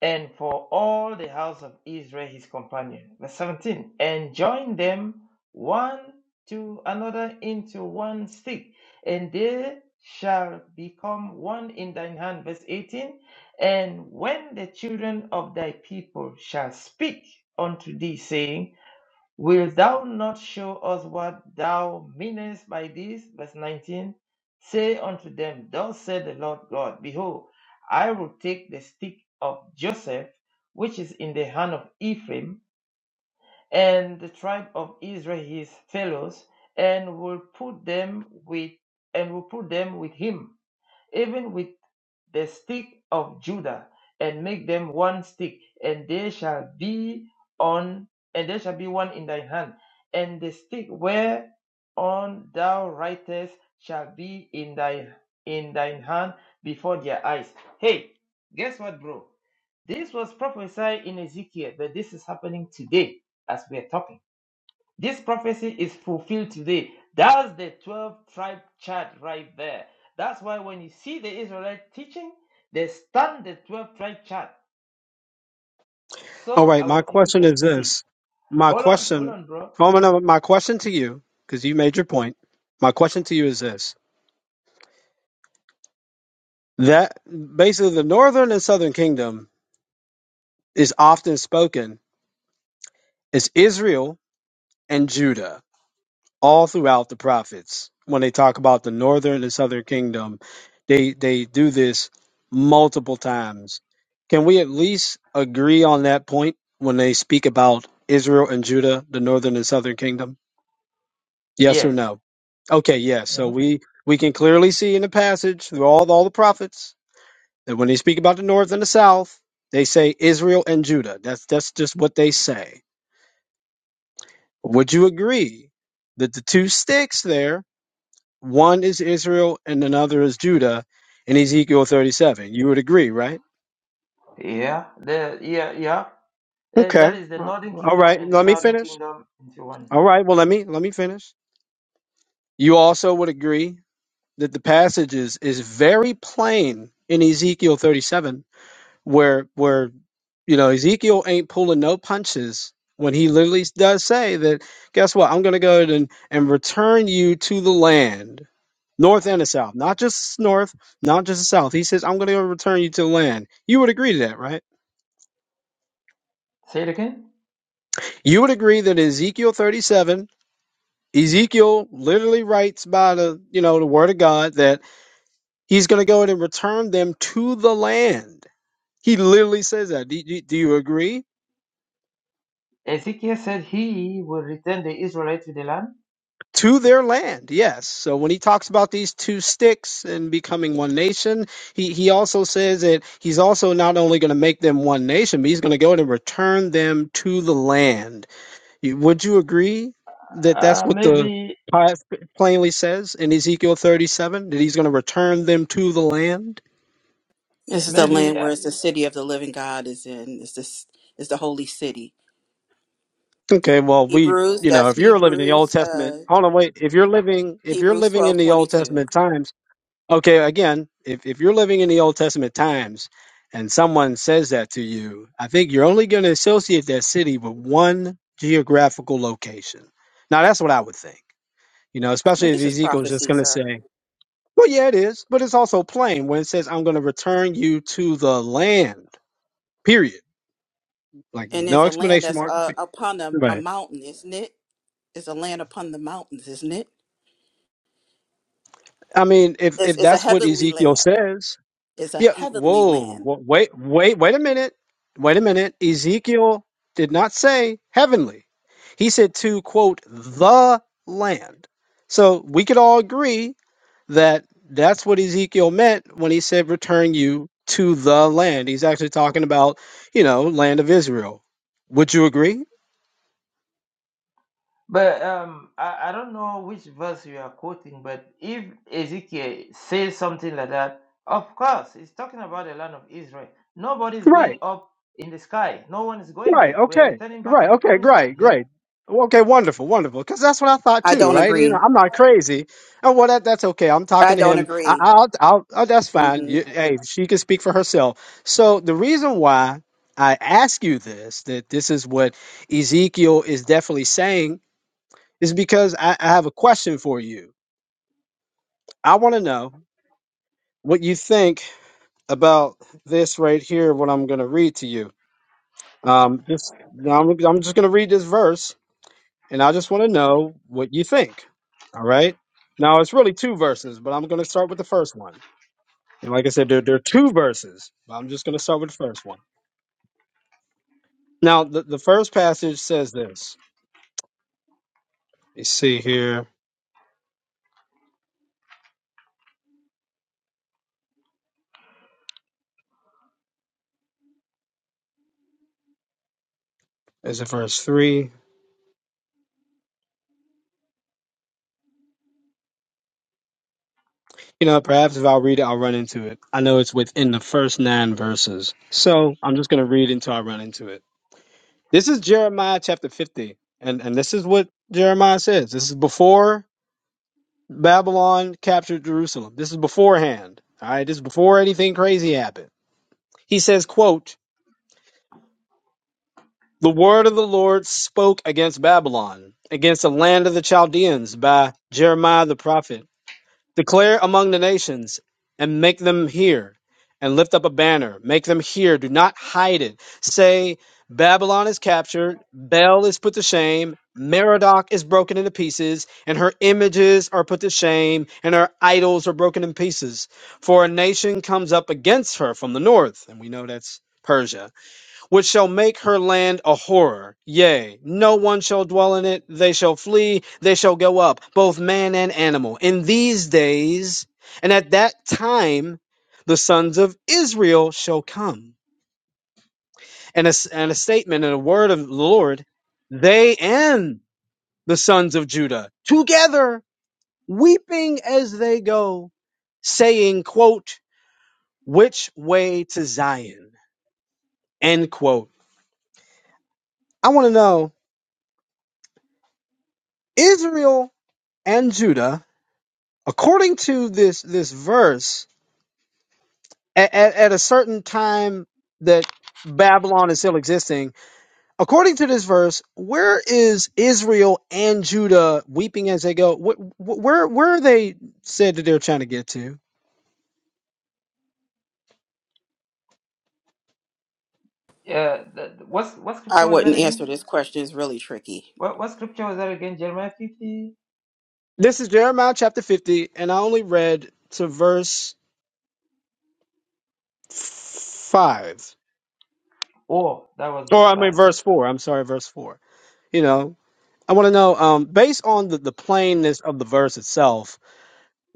S16: and for all the house of Israel his companion. Verse 17. And join them one to another into one stick, and they shall become one in thine hand. Verse 18. And when the children of thy people shall speak unto thee, saying, Wilt thou not show us what thou meanest by this? Verse 19 Say unto them, Thus said the Lord God, Behold, I will take the stick of Joseph, which is in the hand of Ephraim, and the tribe of Israel his fellows, and will put them with and will put them with him, even with the stick of Judah, and make them one stick, and there shall be on, and there shall be one in thy hand, and the stick whereon thou writest shall be in thy in thine hand before their eyes. Hey, guess what, bro? This was prophesied in Ezekiel, but this is happening today as we are talking. This prophecy is fulfilled today. That's the 12 tribe chart right there. That's why when you see the Israelite teaching, they stand the 12 tribe chart
S18: All
S16: so
S18: right, my
S16: our people
S18: question
S16: can
S18: is
S16: see.
S18: this. My
S16: Hold on, hold
S18: question,
S16: on, bro.
S18: oh, no, my question to you, because you made your point, my question to you is this. That basically the northern and southern kingdom is often spoken as Israel and Judah all throughout the prophets when they talk about the northern and southern kingdom they they do this multiple times can we at least agree on that point when they speak about israel and judah the northern and southern kingdom yes or
S16: Yes.
S18: no okay yes so
S16: Mhm.
S18: we we can clearly see in the passage through all all the prophets that when they speak about the north and the south they say israel and judah that's that's just what they say would you agree that the two sticks there One is Israel and another is Judah in Ezekiel 37. You would agree, right?
S16: Yeah, the, yeah, yeah. Uh,
S18: Okay.
S16: that is the
S18: Well,
S16: northern
S18: All
S16: kingdom
S18: right.
S16: and the
S18: Let me
S16: southern
S18: finish.
S16: kingdom into one.
S18: All right. Well, let me let me finish. You also would agree that the passage is, is very plain in Ezekiel 37 where where you know Ezekiel ain't pulling no punches when he literally does say that guess what? I'm going to go ahead and and return you to the land north and the south, not just north, not just the south. He says, I'm going to return you to the land. You would agree to that, right?
S16: Say it again.
S18: You would agree that in Ezekiel 37, Ezekiel literally writes by the, you know, the word of God that he's going to go in and return them to the land. He literally says that. Do, do, do you agree?
S16: Ezekiel said he will return the Israelites to the land.
S18: To their land, yes. So when he talks about these two sticks and becoming one nation, he, he also says that he's also not only going to make them one nation, but he's going to go in and return them to the land. You- Would you agree that that's
S16: Uh,
S18: what the
S16: maybe,
S18: tithe plainly says in Ezekiel 37 that he's going to return them to the land?
S14: This is the
S16: maybe
S14: land where it's the city of the living God is in. It's this is the holy city.
S18: Okay, well, we,
S14: Hebrews,
S18: you know,
S14: that's
S18: if you're living in the Old
S14: Hebrews,
S18: Testament,
S14: uh
S18: hold on, wait. If you're living, if you're
S14: Hebrews
S18: living in
S14: 12
S18: the Old
S14: 22.
S18: Testament times, okay, again, if if you're living in the Old Testament times, and someone says that to you, I think you're only going to associate that city with one geographical location. Now, that's what I would think. You know,
S14: Well,
S18: especially if
S14: this is
S18: Ezekiel's just
S14: prophecy,
S18: going to
S14: sir.
S18: say. Well, yeah, it is, but it's also plain when it says, "I'm going to return you to the land." Period. Like
S14: And it's
S18: no
S14: a land
S18: explanation
S14: that's
S18: mark.
S14: uh, upon a, a
S18: Right.
S14: mountain, isn't it? It's a land upon the mountains, isn't it?
S18: I mean, if
S14: It's,
S18: if
S14: it's a
S18: that's what
S14: heavenly
S18: Ezekiel
S14: land.
S18: says,
S14: It's a
S18: yeah.
S14: heavenly
S18: Whoa,
S14: land.
S18: wh- wait, wait, wait a minute, wait a minute. Ezekiel did not say heavenly. He said to quote the land. So we could all agree that that's what Ezekiel meant when he said, return you to the land. He's actually talking about, you know, land of Israel. Would you agree?
S16: But um, I, I don't know which verse you are quoting, but if Ezekiel says something like that, of course, he's talking about the land of Israel. Nobody is going
S18: Right,
S16: up in the sky. No one is going
S18: right,
S16: there. We are
S18: okay,
S16: returning back to
S18: right,
S16: the
S18: okay,
S16: promised land.
S18: great,
S16: Yeah.
S18: great. Okay, wonderful, wonderful. Because that's what I thought
S14: I
S18: too,
S14: don't
S18: right? You know,
S14: agree.
S18: I'm not crazy. And well, that, that's okay. I'm
S14: I
S18: talking to
S14: don't
S18: him. I,
S14: agree.
S18: I'll, I'll, oh, that's fine.
S14: hmm
S18: You, hey, she can speak for herself. So the reason why I ask you this, that this is what Ezekiel is definitely saying Is because I, I have a question for you. I want to know what you think about this right here, what I'm going to read to you. Um, just I'm, I'm just going to read this verse, and I just want to know what you think. All right. Now it's really two verses, but I'm going to start with the first one. And like I said, there, there are two verses, but I'm just going to start with the first one. Now, the, the first passage says this. You see here is it verse three? You know, perhaps if I read it, I'll run into it. I know it's within the first nine verses. So I'm just going to read until I run into it. This is Jeremiah chapter 50. And, and this is what Jeremiah says. This is before Babylon captured Jerusalem. This is beforehand. All right. This is before anything crazy happened. He says, quote, the word of the Lord spoke against Babylon, against the land of the Chaldeans by Jeremiah the prophet. Declare among the nations and make them hear, and lift up a banner. Make them hear. Do not hide it. Say, Babylon is captured, Bel is put to shame, Merodach is broken into pieces, and her images are put to shame, and her idols are broken in pieces. For a nation comes up against her from the north, and we know that's Persia which shall make her land a horror. Yea, no one shall dwell in it. They shall flee. They shall go up, both man and animal. In these days and at that time, the sons of Israel shall come. And a, s- and a statement and a word of the Lord, they and the sons of Judah together weeping as they go, saying, quote, which way to Zion? End quote. I want to know, Israel and Judah according to this this verse at, at a certain time that babylon is still existing according to this verse where is israel and judah weeping as they go Wh- wh- where where are they said that they're trying to get to
S16: Yeah. the- the- what's what
S14: I
S16: scripture was that
S14: wouldn't answer
S16: again?
S14: this question. It's really tricky.
S16: What what scripture was that again? Jeremiah fifty.
S18: this is jeremiah chapter 50 and i only read to verse 5
S16: Oh, that was
S18: or
S16: verse
S18: i mean
S16: five.
S18: verse 4 i'm sorry verse 4 you know i want to know um based on the, the plainness of the verse itself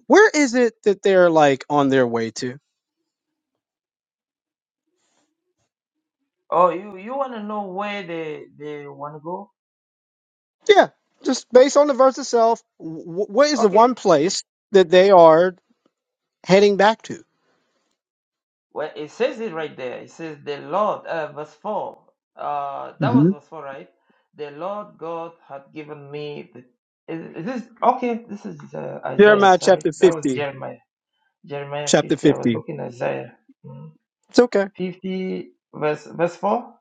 S18: where is it that they're like on their way to
S16: Oh, you you want to know where they they want to go?
S18: Yeah, just based on the verse itself, wh- what is the one place that they are heading back to?
S16: Well, it says it right there. It says the Lord, uh, verse 4. Uh, that was
S18: hmm
S16: verse 4, right? The Lord God had given me the. Is, is this okay? This is uh, Isaiah.
S18: Jeremiah
S16: Sorry,
S18: chapter
S16: that was
S18: 50.
S16: Jeremiah. Jeremiah
S18: Chapter
S16: 50. I was
S18: 50.
S16: looking at Isaiah Mm.
S18: It's okay.
S16: 50, verse verse 4.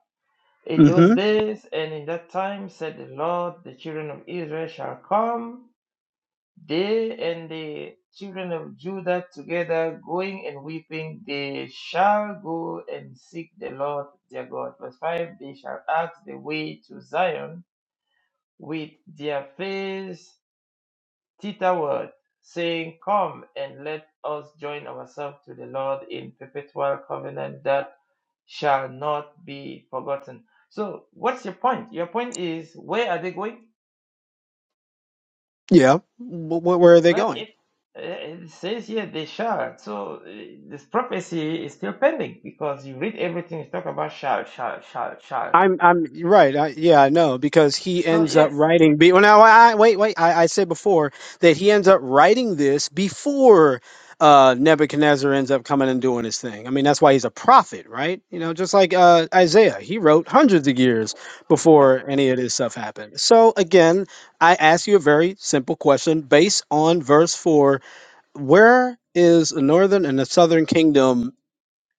S16: In those
S18: hmm
S16: days and in that time, said the Lord, the children of Israel shall come they and the children of Judah together going and weeping, they shall go and seek the Lord their God. Verse 5 They shall ask the way to Zion with their face thitherward, saying, Come and let us join ourselves to the Lord in perpetual covenant that shall not be forgotten. So, what's your point? Your point is, where are they going?
S18: Yeah. Wh- wh- where are they
S16: But
S18: going?
S16: it, uh, it says here they shall. So uh, this prophecy is still pending because you read everything, it's talk about shall, shall, shall, shall.
S18: I'm I'm right. I, yeah, I know because he
S16: So,
S18: ends up
S16: yes.
S18: writing. Be, well, now I, I- wait, wait. I, I said before that he ends up writing this before uh, Nebuchadnezzar ends up coming and doing his thing. I mean, that's why he's a prophet, right? You know, just like uh, Isaiah, he wrote hundreds of years before any of this stuff happened. So again, I ask you a very simple question based on verse four: Where is the northern and the southern kingdom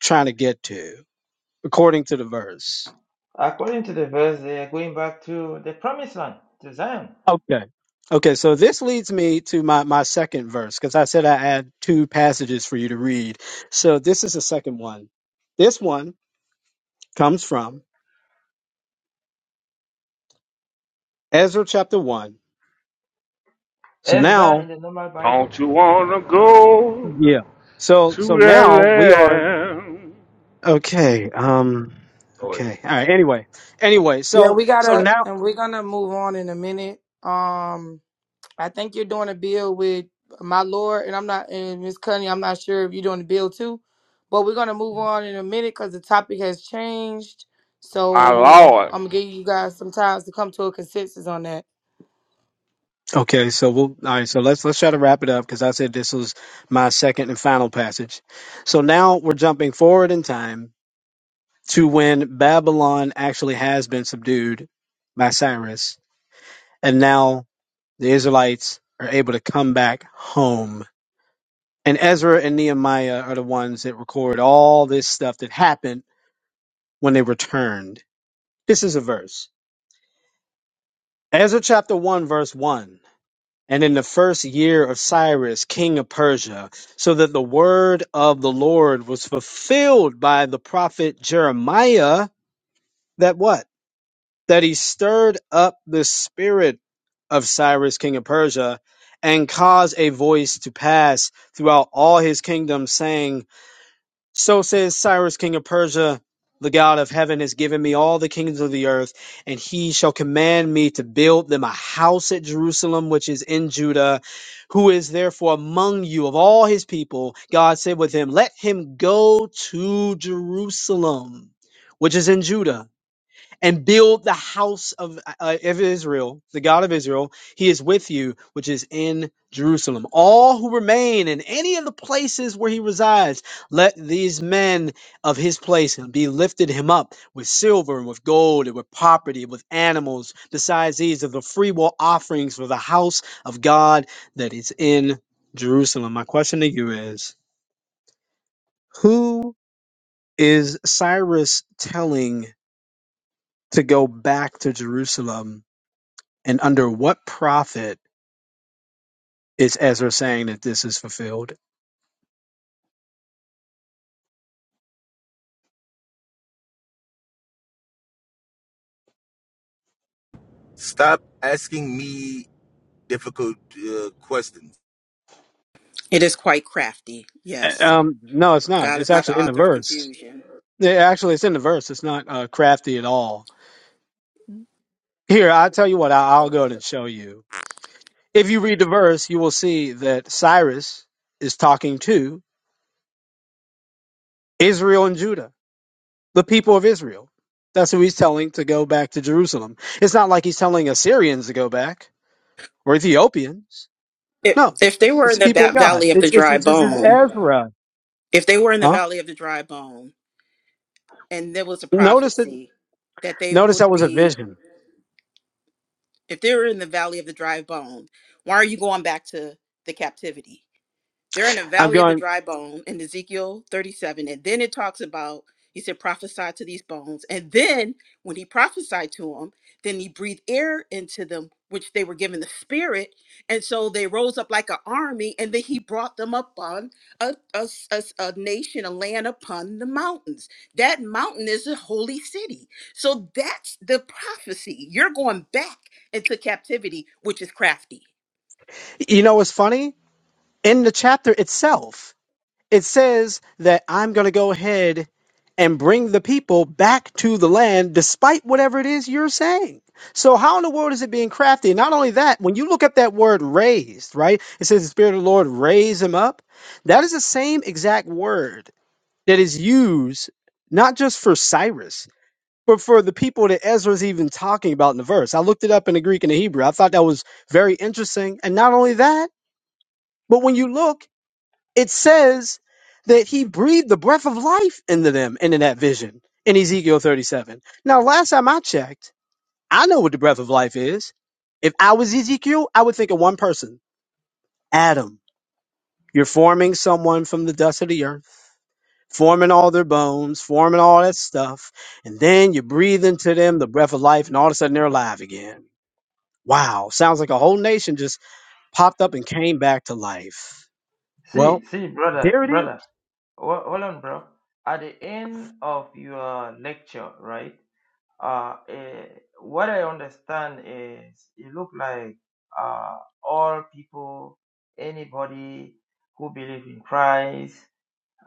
S18: trying to get to, according to the verse?
S16: According to the verse, they are going back to the promised land, to Zion.
S18: Okay. Okay, so this leads me to my, my second verse, because I said I had two passages for you to read. So this is the second one. This one comes from Ezra chapter one. So
S16: Ezra
S18: now
S16: in the normal Bible.
S1: Don't you wanna go
S18: Yeah. So so
S1: to that
S18: now we are
S1: land?
S18: okay. Um
S1: Go ahead.
S18: okay. All right. Anyway. Anyway,
S19: Yeah,
S18: so
S19: we
S18: so
S19: gotta,
S18: now
S19: and we're gonna move on in a minute. Um, I think you're doing a bill with my lord, and I'm not, and Miss Cunny, I'm not sure if you're doing a bill too, but we're gonna move on in a minute because the topic has changed.
S1: My
S19: So
S1: Lord.
S19: I'm gonna give you guys some time to come to a consensus on that.
S18: Okay, so we'll all right, so let's let's try to wrap it up because I said this was my second and final passage. So now we're jumping forward in time to when Babylon actually has been subdued by Cyrus, and now the Israelites are able to come back home. And Ezra and Nehemiah are the ones that record all this stuff that happened when they returned. This is a verse. Ezra chapter 1, verse 1. And in the first year of Cyrus, king of Persia, so that the word of the Lord was fulfilled by the prophet Jeremiah, that what? that he stirred up the spirit of Cyrus, king of Persia, and caused a voice to pass throughout all his kingdom, saying, So says Cyrus, king of Persia, the God of heaven has given me all the kingdoms of the earth, and he shall command me to build them a house at Jerusalem, which is in Judah, who is therefore among you of all his people. God said with him, Let him go to Jerusalem, which is in Judah and build the house of, uh, of Israel, the God of Israel. He is with you, which is in Jerusalem. All who remain in any of the places where he resides, let these men of his place be lifted him up with silver and with gold and with property, with animals, besides these of the freewill offerings for the house of God that is in Jerusalem. My question to you is who is Cyrus telling to go back to Jerusalem? And under what prophet is Ezra saying that this is fulfilled?
S20: Stop asking me difficult uh, questions.
S14: It is quite crafty. Yes.
S18: Um, no, it's not.
S14: God is
S18: It's
S14: not the
S18: actually in the
S14: author of
S18: verse.
S14: confusion.
S18: Yeah, actually, it's in the verse. It's not uh, crafty at all. Here, I'll tell you what, I- I'll go ahead and show you. If you read the verse, you will see that Cyrus is talking to Israel and Judah, the people of Israel. That's who he's telling to go back to Jerusalem. It's not like he's telling Assyrians to go back. or Ethiopians.
S14: If,
S18: No,
S14: if they were
S18: it's
S14: in
S18: the
S14: the
S18: people
S14: ba-
S18: of God.
S14: valley of the
S18: It's it's,
S14: dry
S18: it's, it's
S14: bone,
S18: Ezra.
S14: if they were in the
S18: Huh?
S14: valley of the dry bone, and there was a
S18: Notice that.
S14: prophecy that they
S18: Notice that
S14: would
S18: was a
S14: be,
S18: vision.
S14: if they were in the valley of the dry bone, why are you going back to the captivity? They're in a
S18: I'm
S14: valley of the
S18: going.
S14: dry bone in Ezekiel 37. And then it talks about, he said, prophesy to these bones. And then when he prophesied to them, then he breathed air into them, which they were given the spirit. And so they rose up like an army. And then he brought them up on a a, a nation, a land upon the mountains. That mountain is a holy city. So that's the prophecy. You're going back into captivity, which is crafty.
S18: You know what's funny? In the chapter itself, it says that I'm going to go ahead and bring the people back to the land, despite whatever it is you're saying. So how in the world is it being crafty? Not only that, when you look at that word "raised," right? It says the Spirit of the Lord raised him up. That is the same exact word that is used not just for Cyrus, but for the people that Ezra's even talking about in the verse. I looked it up in the Greek and the Hebrew. I thought that was very interesting. And not only that, but when you look, it says that he breathed the breath of life into them into that vision in Ezekiel 37. Now, last time I checked, I know what the breath of life is. If I was Ezekiel, I would think of one person Adam. You're forming someone from the dust of the earth forming all their bones, forming all that stuff. And then you breathe into them the breath of life, and all of a sudden they're alive again. Wow, sounds like a whole nation just popped up and came back to life. Well,
S16: See, see, brother,
S18: there it is.
S16: brother, ho- hold on, bro. At the end of your lecture, right? Uh, eh, what I understand is it look like uh, all people, anybody who believe in Christ,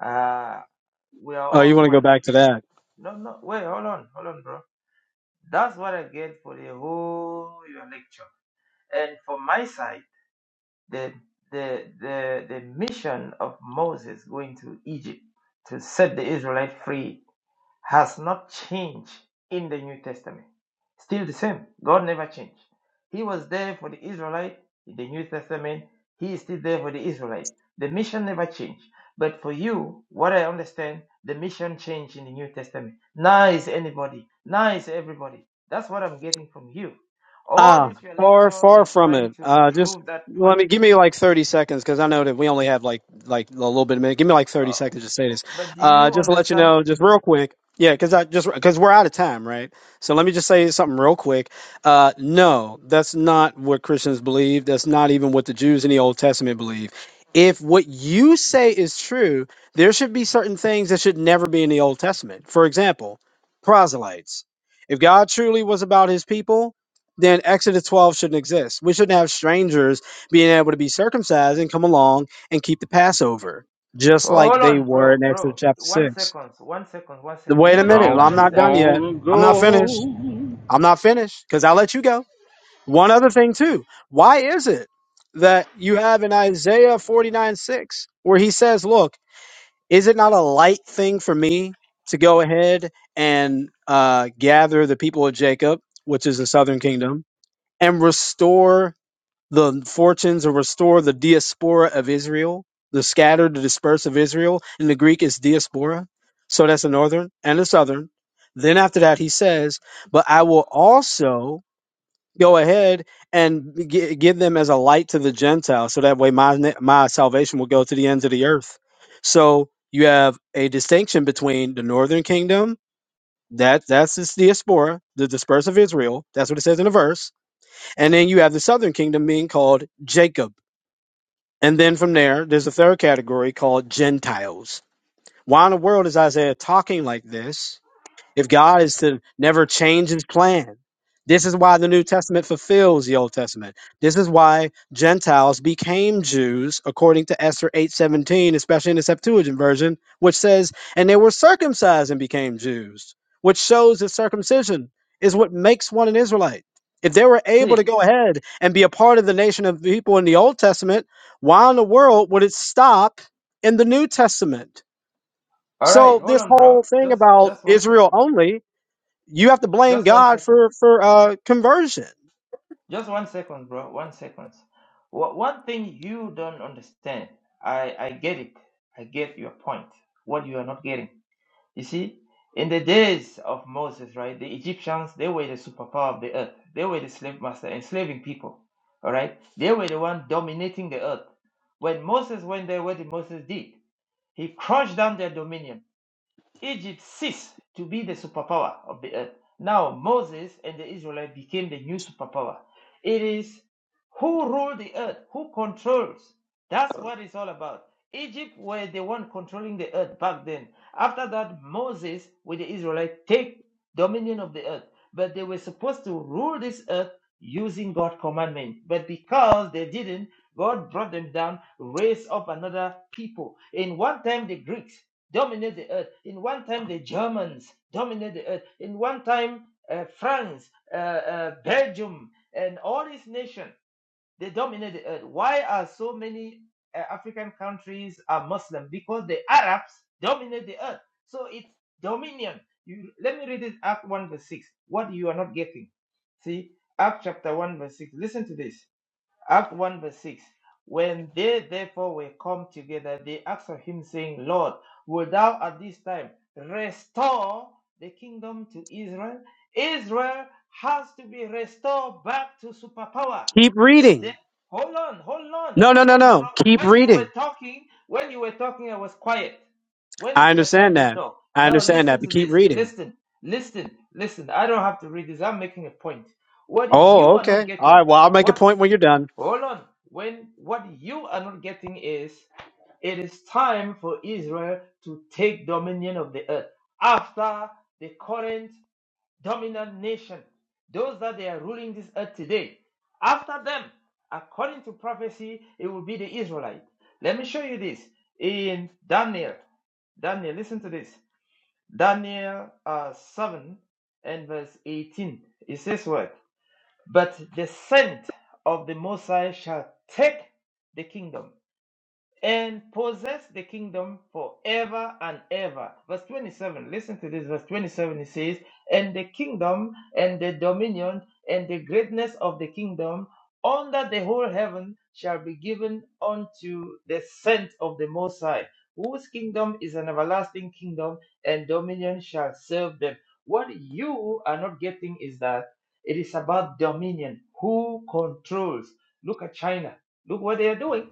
S16: uh, we are
S18: Oh, you
S16: all
S18: want to go
S16: one.
S18: back to that?
S16: No, no, wait, hold on, hold on, bro. That's what I get for the whole your lecture. And for my side. the the the the mission of Moses going to Egypt to set the Israelite free has not changed in the New Testament. Still the same. God never changed. He was there for the Israelite in the New Testament. He is still there for the Israelite. The mission never changed. But for you, what I understand, the mission changed in the New Testament. Now is anybody. Now is everybody. That's what I'm getting from you. All
S18: Ah,
S16: this your
S18: far,
S16: lecture
S18: far
S16: is
S18: from
S16: trying
S18: it.
S16: to
S18: Uh, just
S16: prove that
S18: let me
S16: point
S18: give me like 30 seconds because I know that we only have like like a little bit of minute. Give me like 30
S16: Oh,
S18: seconds to say this.
S16: but do
S18: Uh,
S16: you
S18: just to let you
S16: understand?
S18: know, just real quick. Yeah, because I just because we're out of time, right? So let me just say something real quick. Uh, no, that's not what Christians believe. That's not even what the Jews in the Old Testament believe. If what you say is true, there should be certain things that should never be in the Old Testament. For example, proselytes. If God truly was about his people, then Exodus 12 shouldn't exist. We shouldn't have strangers being able to be circumcised and come along and keep the Passover, just
S16: Oh,
S18: like
S16: Hold
S18: they
S16: on,
S18: were
S16: bro,
S18: in Exodus
S16: bro.
S18: chapter
S16: One
S18: 6.
S16: second, one second, one second.
S18: Wait a
S16: You don't
S18: minute.
S1: Don't
S18: I'm
S1: you
S18: not
S16: understand.
S18: done yet.
S1: wanna
S18: I'm not finished.
S1: go?
S18: I'm not finished because I'll let you go. One other thing, too. Why is it that you have in Isaiah 49 6, where he says, Look, is it not a light thing for me to go ahead and uh, gather the people of Jacob, which is the southern kingdom, and restore? the fortunes are restored, the diaspora of Israel, the scattered, the dispersed of Israel. In the Greek, it's diaspora. So that's the northern and the southern. Then after that, he says, But I will also go ahead and gi- give them as a light to the Gentiles. So that way, my, na- my salvation will go to the ends of the earth. So you have a distinction between the northern kingdom. That that's this diaspora, the dispersed of Israel. That's what it says in the verse. And then you have the southern kingdom being called Jacob and then from there, there's a third category called Gentiles. Why in the world is Isaiah talking like this? if God is to never change his plan. This is why the New Testament fulfills the Old Testament. This is why Gentiles became Jews, according to Esther 8:17, especially in the Septuagint version, which says, "And they were circumcised and became Jews," which shows that circumcision is what makes one an Israelite. If they were able to
S16: See,
S18: go ahead and be a part of the nation of people in the Old Testament, why in the world would it stop in the New Testament?
S16: all right,
S18: So
S16: hold
S18: this
S16: on, bro.
S18: whole thing
S16: Just,
S18: about
S16: just one, sec-
S18: Israel only you have to blame
S16: just one
S18: God
S16: second,
S18: for for uh, conversion.
S16: just one second, bro. One second. Wha- One thing you don't understand. I, I get it. I get your point. What you are not getting. You see, in the days of Moses, right, the Egyptians, they were the superpower of the earth. They were the slave master, enslaving people. All right. They were the one dominating the earth. When Moses went there, what did Moses did? He crushed down their dominion. Egypt ceased to be the superpower of the earth. Now Moses and the Israelites became the new superpower. It is who rule the earth, who controls. That's what it's all about. Egypt were the one controlling the earth back then. After that, Moses with the Israelites take dominion of the earth. But they were supposed to rule this earth using God's commandment. But because they didn't, God brought them down, raised up another people. In one time, the Greeks dominate the earth. In one time, the Germans dominate the earth. In one time, uh, France, uh, uh, Belgium, and all these nations they dominate the earth. Why are so many uh, African countries are Muslim? Because the Arabs dominate the earth. So it's dominion. You, let me read it Act one verse six. What you are not getting. See Act chapter one verse six. Listen to this. Act 1 verse 6. When they therefore were come together, they asked of him, saying, Lord, wilt thou at this time restore the kingdom to Israel? Israel has to be restored back to superpower.
S18: Keep
S16: They,
S18: reading.
S16: hold on, hold on,
S18: No, no,
S16: hold
S18: no,
S16: on, bro.
S18: no. Keep
S16: When you were
S18: reading.
S16: talking, when you were talking, I was quiet. When
S18: I
S16: is your time
S18: understand
S16: you
S18: that.
S16: talk?
S18: I
S16: Now
S18: understand that.
S16: listen
S18: But
S16: to
S18: keep
S16: this.
S18: reading.
S16: Listen, listen, listen. I don't have to read this. I'm making a point. What you
S18: Oh,
S16: are not
S18: okay. All
S16: getting
S18: right. Well, I'll make a
S16: what?
S18: point when you're done.
S16: Hold on. When what you are not getting is it is time for Israel to take dominion of the earth after the current dominant nation, those that they are ruling this earth today. After them, according to prophecy, it will be the Israelite. Let me show you this in Daniel. Daniel, listen to this. Daniel uh, 7 and verse 18. It says what? But the scent of the Messiah shall take the kingdom and possess the kingdom forever and ever. Verse 27, listen to this. Verse 27 it says, And the kingdom and the dominion and the greatness of the kingdom under the whole heaven shall be given unto the saints of the Most High, whose kingdom is an everlasting kingdom, and dominion shall serve them. What you are not getting is that it is about dominion. Who controls? Look at China. Look what they are doing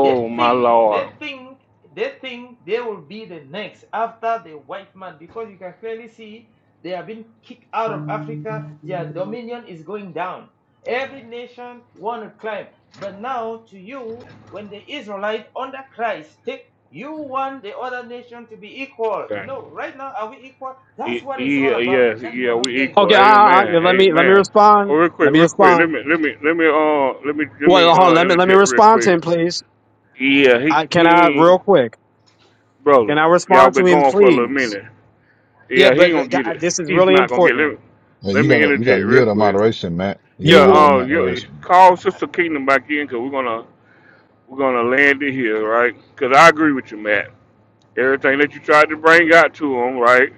S16: they
S1: my
S16: think, they
S1: Lord.
S16: think, they think they will be the next after the white man because you can clearly see they have been kicked out of Africa. Their dominion is going down. Every nation want to climb, but now to you, when the Israelite under Christ take, you want the other nation to be equal.
S1: Okay.
S16: No, right now are we equal? That's
S1: E-
S16: what it's all
S1: e-
S16: about.
S1: yes,
S16: That you
S1: yeah,
S16: are not
S1: we
S16: getting.
S1: equal.
S18: Okay. All right, all
S1: Amen.
S18: right. Let me let me
S1: Amen. Oh,
S18: respond.
S1: real
S18: Let
S1: quick,
S18: me
S1: real quick. Let
S18: respond.
S1: me, let me, let me, uh, let me, let
S18: Well,
S1: me,
S18: hold on.
S1: uh,
S18: Let me let me
S1: interject real
S18: respond to
S1: quick.
S18: him, please.
S1: Yeah, he,
S18: I can I
S1: he,
S18: real quick.
S1: brother,
S18: Can I
S1: y'all
S18: respond to
S1: been
S18: him,
S1: going for a little
S18: please?
S1: minute.
S18: Yeah,
S1: Yeah, he
S18: but
S1: ain't
S18: uh,
S1: gonna
S18: God,
S1: get it.
S18: this is
S1: He's
S18: really
S1: not gonna get it. Let
S18: important.
S1: me,
S2: man,
S1: let
S2: you
S1: me
S2: gotta, you gotta
S1: interject real
S2: yield to
S1: quick.
S2: moderation, Matt. You
S18: You
S2: gotta
S1: Yeah,
S2: yield to
S18: will.
S1: uh, you,
S2: moderation.
S18: uh,
S1: call Sister Kingdom back in because we're gonna we're gonna land it here, right? Because I agree with you, Matt. Everything that you tried to bring out to him, right?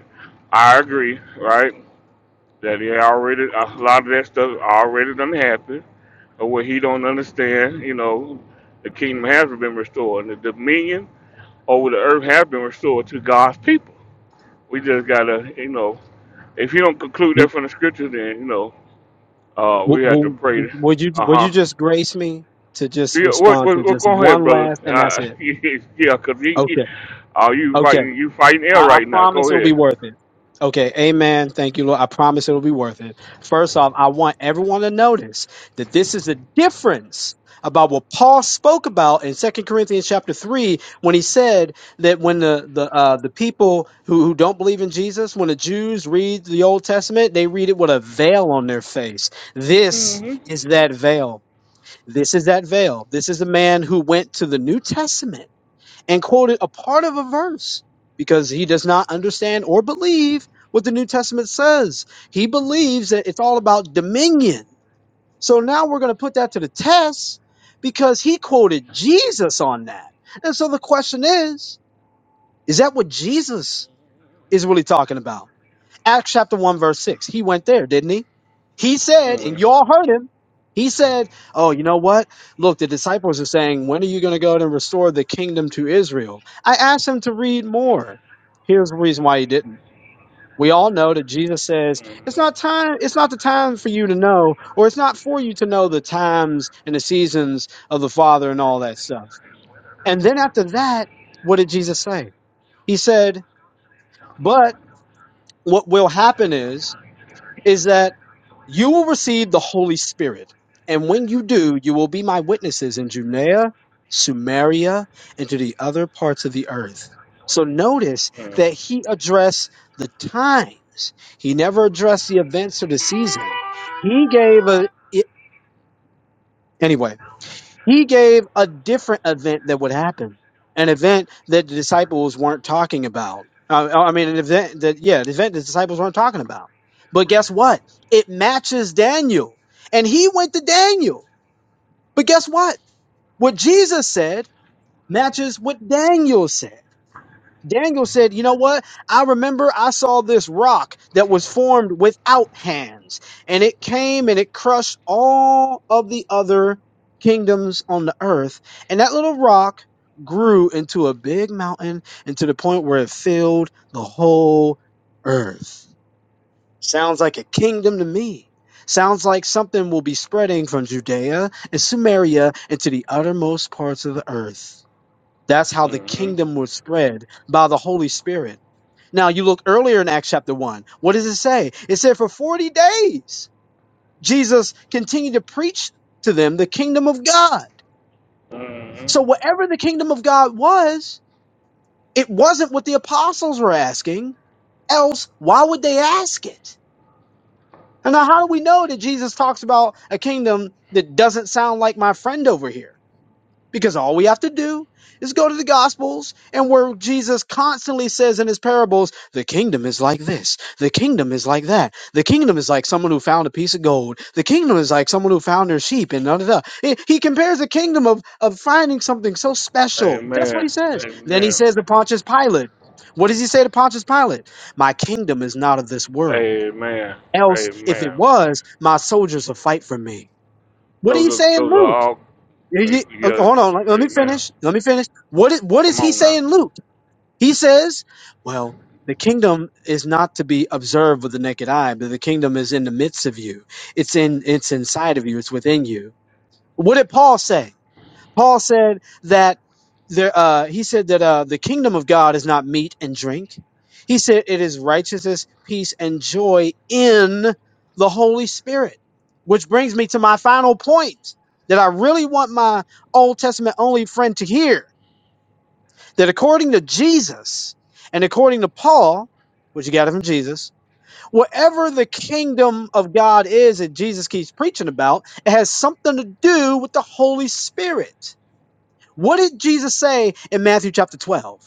S1: I agree, right? That he already a lot of that stuff already done happened, or what he don't understand. You know, the kingdom has been restored, and the dominion over the earth has been restored to God's people. We just gotta, you know, if you don't conclude that from the scriptures, then you know. Uh,
S18: W-
S1: we had to
S18: w-
S1: pray.
S18: Would you
S1: Uh
S18: would you
S1: huh.
S18: just grace me to just
S1: Yeah, what,
S18: respond to
S1: what, what,
S18: just
S1: go ahead,
S18: one
S1: brother.
S18: last and that's
S1: Uh,
S18: it?
S1: yeah, cause you, you-
S18: Okay,
S1: uh, you
S18: okay.
S1: fighting, you fighting air
S18: I, I
S1: right now.
S18: promise
S1: Go
S18: it'll
S1: ahead.
S18: be worth it. Okay, amen. Thank you, Lord. I promise it'll be worth it. First off, I want everyone to notice that this is a difference about what Paul spoke about in Second Corinthians chapter 3 when he said that when the the uh, the people who, who don't believe in Jesus, when the Jews read the Old Testament, they read it with a veil on their face. This is that veil this is that veil. This is a man who went to the New Testament and quoted a part of a verse because he does not understand or believe what the New Testament says. He believes that it's all about dominion. So now we're going to put that to the test because he quoted Jesus on that. And so the question is, is that what Jesus is really talking about? Acts chapter 1, verse 6. He went there, didn't he? He said,
S1: Hmm.
S18: and y'all heard him. He said, Oh, you know what? Look, the disciples are saying, When are you going to go out and restore the kingdom to Israel? I asked him to read more. Here's the reason why he didn't. We all know that Jesus says, It's not time, it's not the time for you to know, or it's not for you to know the times and the seasons of the Father and all that stuff. And then after that, what did Jesus say? He said, But what will happen is is that you will receive the Holy Spirit. And when you do, you will be my witnesses in Judea, Samaria, and to the other parts of the earth. So notice that he addressed the times. He never addressed the events or the season. He gave a, it, anyway. He gave a different event that would happen, an event that the disciples weren't talking about. Uh, I mean, an event that, yeah, an event the disciples weren't talking about. But guess what? It matches Daniel. And he went to Daniel. But guess what? What Jesus said matches what Daniel said. Daniel said, You know what? I remember I saw this rock that was formed without hands, and it came and it crushed all of the other kingdoms on the earth. And that little rock grew into a big mountain and to the point where it filled the whole earth. Sounds like a kingdom to me. Sounds like something will be spreading from Judea and Samaria into the uttermost parts of the earth. That's how the kingdom was spread by the Holy Spirit. Now, you look earlier in Acts chapter 1. What does it say? It said, For 40 days, Jesus continued to preach to them the kingdom of God. So, whatever the kingdom of God was, it wasn't what the apostles were asking. Else, why would they ask it? And now, how do we know that Jesus talks about a kingdom that doesn't sound like my friend over here? Because all we have to do is go to the Gospels and where Jesus constantly says in his parables, the kingdom is like this, the kingdom is like that, the kingdom is like someone who found a piece of gold, the kingdom is like someone who found their sheep, and da da da. He he compares the kingdom of, of finding something so special. That's what
S1: Amen.
S18: he says. Then he
S1: Amen.
S18: says to Pontius Pilate, what does he say to Pontius Pilate? My kingdom is not of this world.
S1: Amen.
S18: Else, if it
S1: Amen.
S18: was, my soldiers will fight for me. What do you
S1: Those are,
S18: say in
S1: those are
S18: Luke?
S1: all.
S18: You-
S1: uh,
S18: you- okay,
S1: Yeah.
S18: hold on. Let let me
S1: Amen.
S18: finish. Let me finish. What is, what is
S1: Come
S18: he
S1: on now.
S18: saying, Luke? He says, well, the kingdom is not to be observed with the naked eye, but the kingdom is in the midst of you. It's in, it's inside of you. It's within you. What did Paul say? Paul said that there, uh, he said that uh, the kingdom of God is not meat and drink. He said it is righteousness, peace, and joy in the Holy Spirit. Which brings me to my final point that I really want my Old Testament only friend to hear that according to Jesus and according to Paul, which you got it from Jesus, whatever the kingdom of God is that Jesus keeps preaching about, it has something to do with the Holy Spirit what did Jesus say in Matthew chapter 12?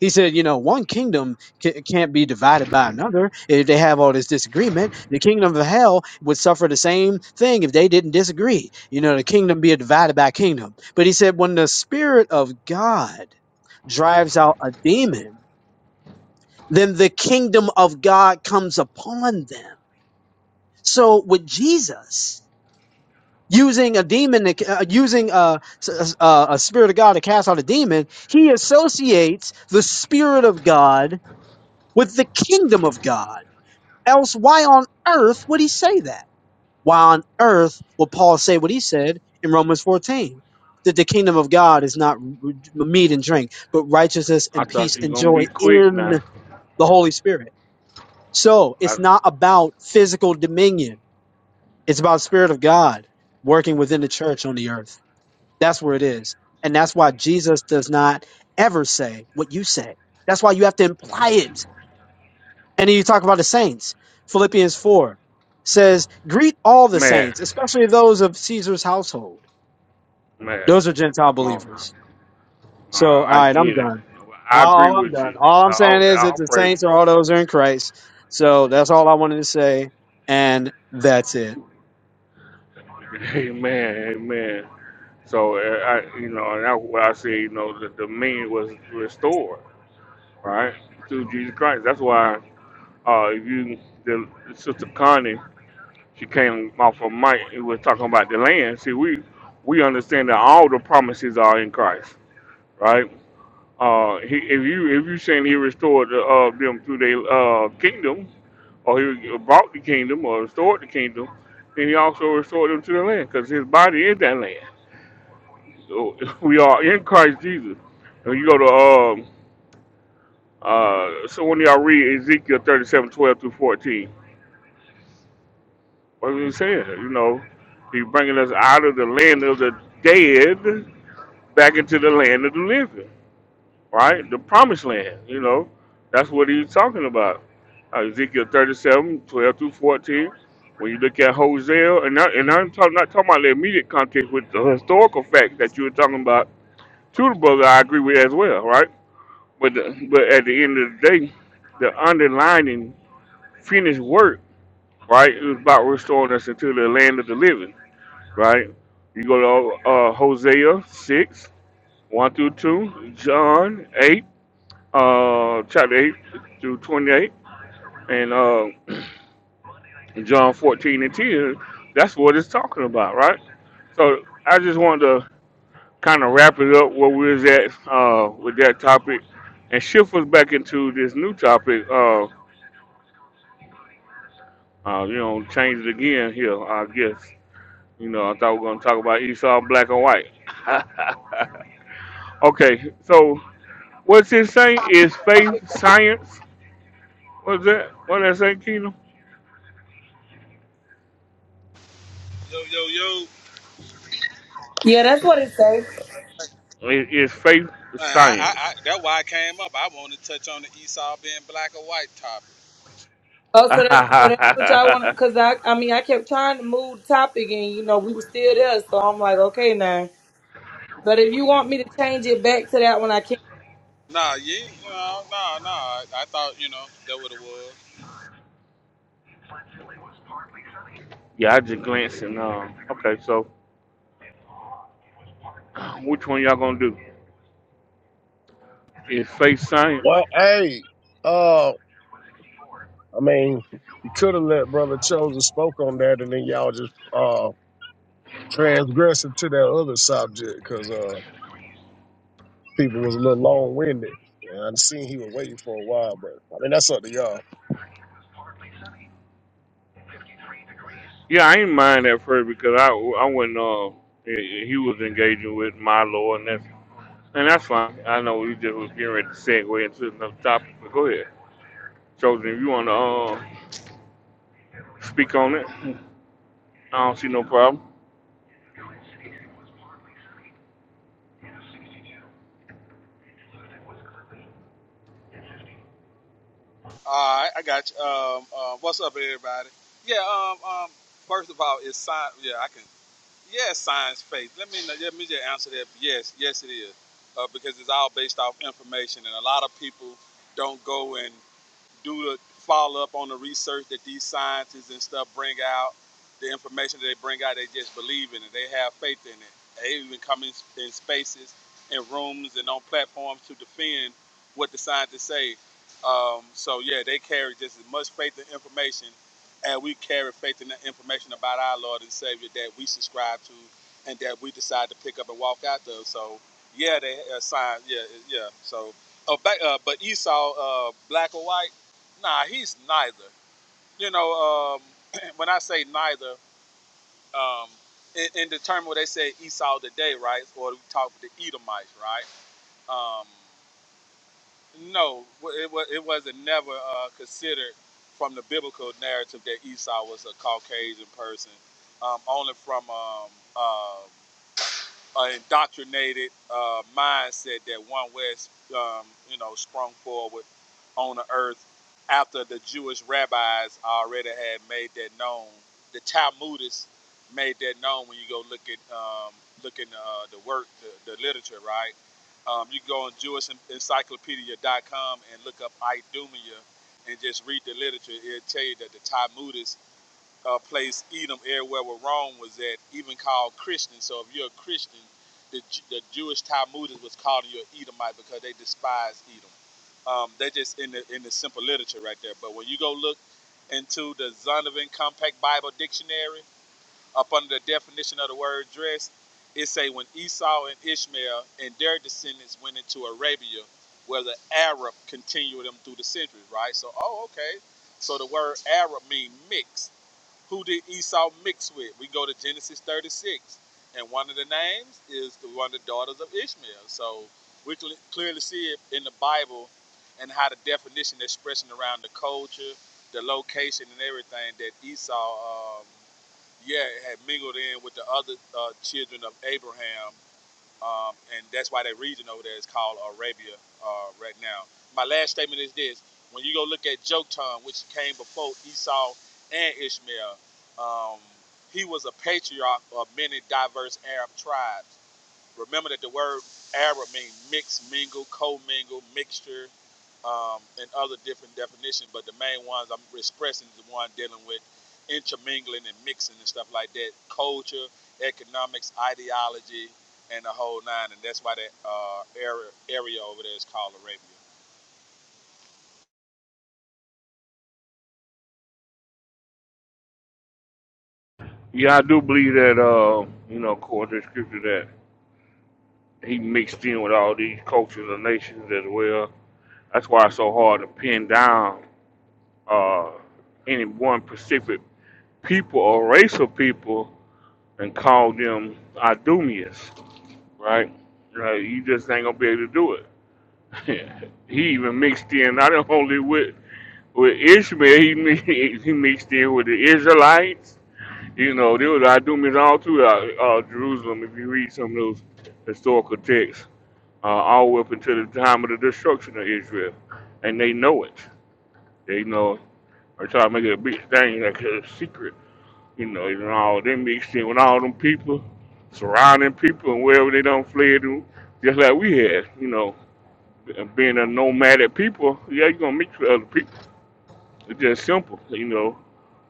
S18: He said, you know, one kingdom ca- can't be divided by another. If they have all this disagreement, the kingdom of hell would suffer the same thing if they didn't disagree. You know, the kingdom be divided by kingdom. But he said, when the spirit of God drives out a demon, then the kingdom of God comes upon them. So with Jesus, using a demon, to, uh, using a, a, a spirit of God to cast out a demon, he associates the spirit of God with the kingdom of God. Else, why on earth would he say that? Why on earth would Paul say what he said in Romans 14? That the kingdom of God is not r- r- meat and drink, but righteousness
S1: I
S18: and peace
S1: thought you
S18: and
S1: gonna
S18: joy
S1: be quick
S18: in
S1: now.
S18: the Holy Spirit. So it's
S1: I,
S18: not about physical dominion. It's about spirit of God working within the church on the earth. That's where it is. And that's why Jesus does not ever say what you say. That's why you have to imply it. And then you talk about the saints. Philippians 4 says, Greet all the
S1: mad,
S18: saints, especially those of Caesar's household.
S1: mad.
S18: Those are Gentile
S1: Come on now.
S18: believers. So, all
S1: I, I
S18: right, I'm
S1: get it.
S18: done.
S1: I
S18: All
S1: agree
S18: all I'm
S1: with
S18: done.
S1: you.
S18: All I'm saying
S1: I'll,
S18: is that
S1: I'll
S18: the
S1: praise
S18: saints are all
S1: you.
S18: those who are in Christ. So that's all I wanted to say. And that's it.
S1: Amen. Amen. So uh, I, you know, and that's why I say, you know, the dominion was restored, right, through Jesus Christ. That's why, uh, if you, the sister Connie, she came off of Mike and was talking about the land. See, we we understand that all the promises are in Christ, right? Uh, he, if you if you saying he restored the, uh, them through their uh, kingdom, or he brought the kingdom, or restored the kingdom, then he also restored them to the land, because his body is that land So we are in Christ Jesus. And you go to um uh so when y'all read Ezekiel thirty-seven, twelve 12 through 14, what was he saying? You know, he's bringing us out of the land of the dead back into the land of the living, right? The promised land, you know. That's what he's talking about. Uh, Ezekiel thirty-seven, twelve 12 through 14. When you look at Hosea, and, I, and I'm talk, not talking about the immediate context with the historical fact that you were talking about, to the brother, I agree with as well, right? But the, but at the end of the day, the underlining finished work, right, It was about restoring us into the land of the living, right? You go to uh, Hosea six one through two, John eight, uh, chapter eight through twenty eight, and uh, John fourteen and ten. That's what it's talking about, right? So I just wanted to kind of wrap it up where we was at uh, with that topic, and shift us back into this new topic. uh. Uh, you know, change it again here, I guess. You know, I thought we were going to talk about Esau, black and white. okay, so what's it saying? Is faith science? What's that? What did I say, Keenum?
S19: Yeah, that's what it says.
S1: Is, is faith science?
S19: Oh,
S1: yeah,
S19: so that so that's what y'all want because I I mean I kept trying to move the topic and you know we were still there, so I'm like, okay now. But if you want me to change it back to that one, I can.
S1: I just glanced and, uh, okay, so which one y'all going to do? Is faith science?
S21: Well, hey, uh, I mean, you could have let Brother Chosen spoke on that, and then y'all just uh transgressing to that other subject because uh people was a little long winded. And I seen he was waiting for a while, but I mean that's up to y'all.
S1: Yeah, I ain't mind at first because I, I went, uh, he he was engaging with my Lord and that. And that's fine. I know we just was getting ready to segue into another topic, but go ahead. Chosen, if you want to uh, speak on it, I don't see no problem. Yeah, I do believe that, uh, you know, according to scripture, that he mixed in with all these cultures and nations as well. That's why it's so hard to pin down uh, any one specific people or race of people and call them Idumeans, right? Right, you just ain't gonna be able to do it. he even mixed in not only with with Ishmael, he mixed, he mixed in with the Israelites. You know, there was Idumeans all throughout uh, uh, Jerusalem. If you read some of those historical texts, uh, all the way up until the time of the destruction of Israel, and they know it. They know they try to make it a big thing, like a secret. You know, and all they mixed in with all them people, surrounding people, and wherever they done fled to, just like we had. You know, being a nomadic people, yeah, you are gonna mix with other people. It's just simple. You know,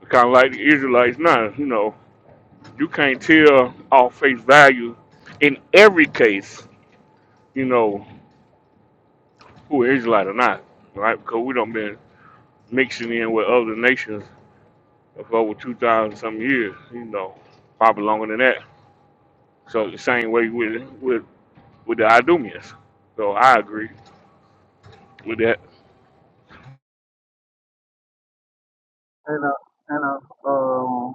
S1: Kind of like the Israelites now, you know, you can't tell off face value in every case, you know, who an Israelite or not, right? Because we don't been mixing in with other nations for over 2,000 some years, you know, probably longer than that. So the same way with with, with the Idumeans. So I agree with that.
S22: and uh, and uh, um,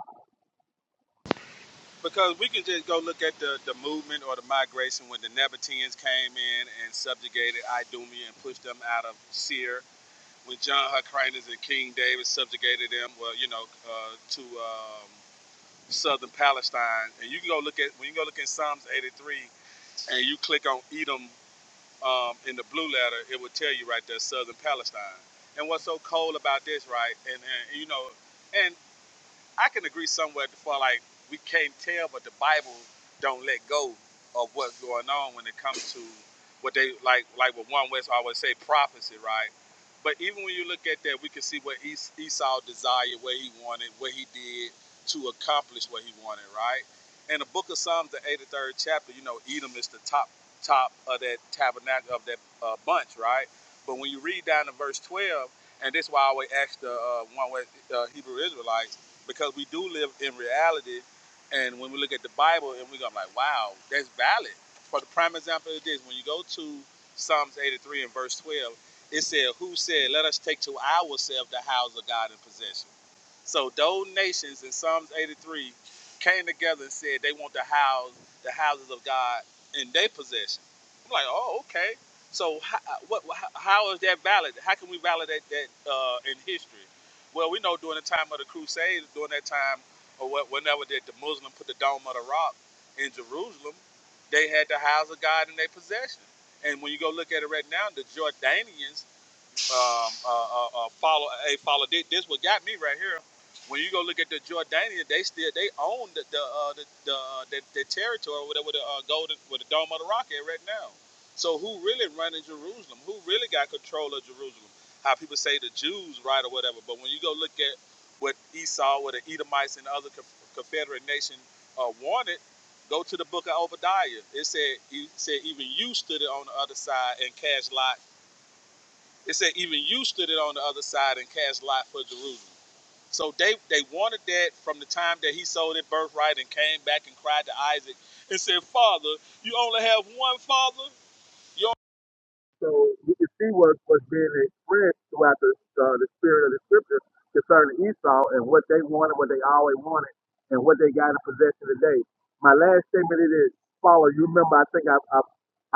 S22: so you can see what was being expressed throughout the uh, the spirit of the scripture concerning Esau and what they wanted, what they always wanted, and what they got in possession today. My last statement it is follow. You remember? I think I I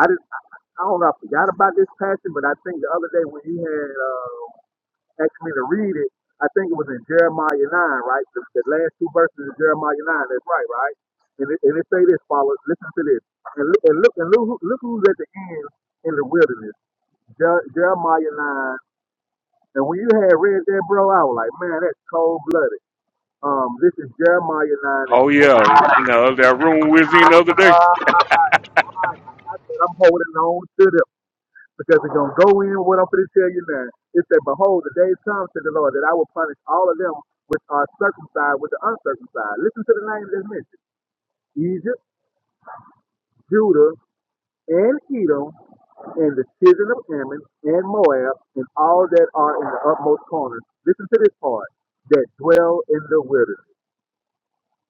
S22: I, just, I don't know. I forgot about this passage, but I think the other day when you had. Uh, actually to read it, I think it was in Jeremiah 9, right? The, the last two verses of Jeremiah 9, that's right, right? And it, and it say this, followers, listen to this. And look, and look, and look, who- look who's at the end in the wilderness, Jer- Jeremiah 9. And when you had read that, bro, I was like, man, that's cold blooded. Um, this is Jeremiah 9 and
S1: Oh
S22: 20.
S1: yeah, you know that room we was in
S22: I
S1: the other day.
S22: said, I'm holding on to them. because it's going to go in with what I'm going to tell you now. It said, Behold, the day comes, said the Lord, that I will punish all of them which are circumcised with the uncircumcised. Listen to the names that's mentioned Egypt, Judah, and Edom, and the children of Ammon, and Moab, and all that are in the utmost corners. Listen to this part that dwell in the wilderness.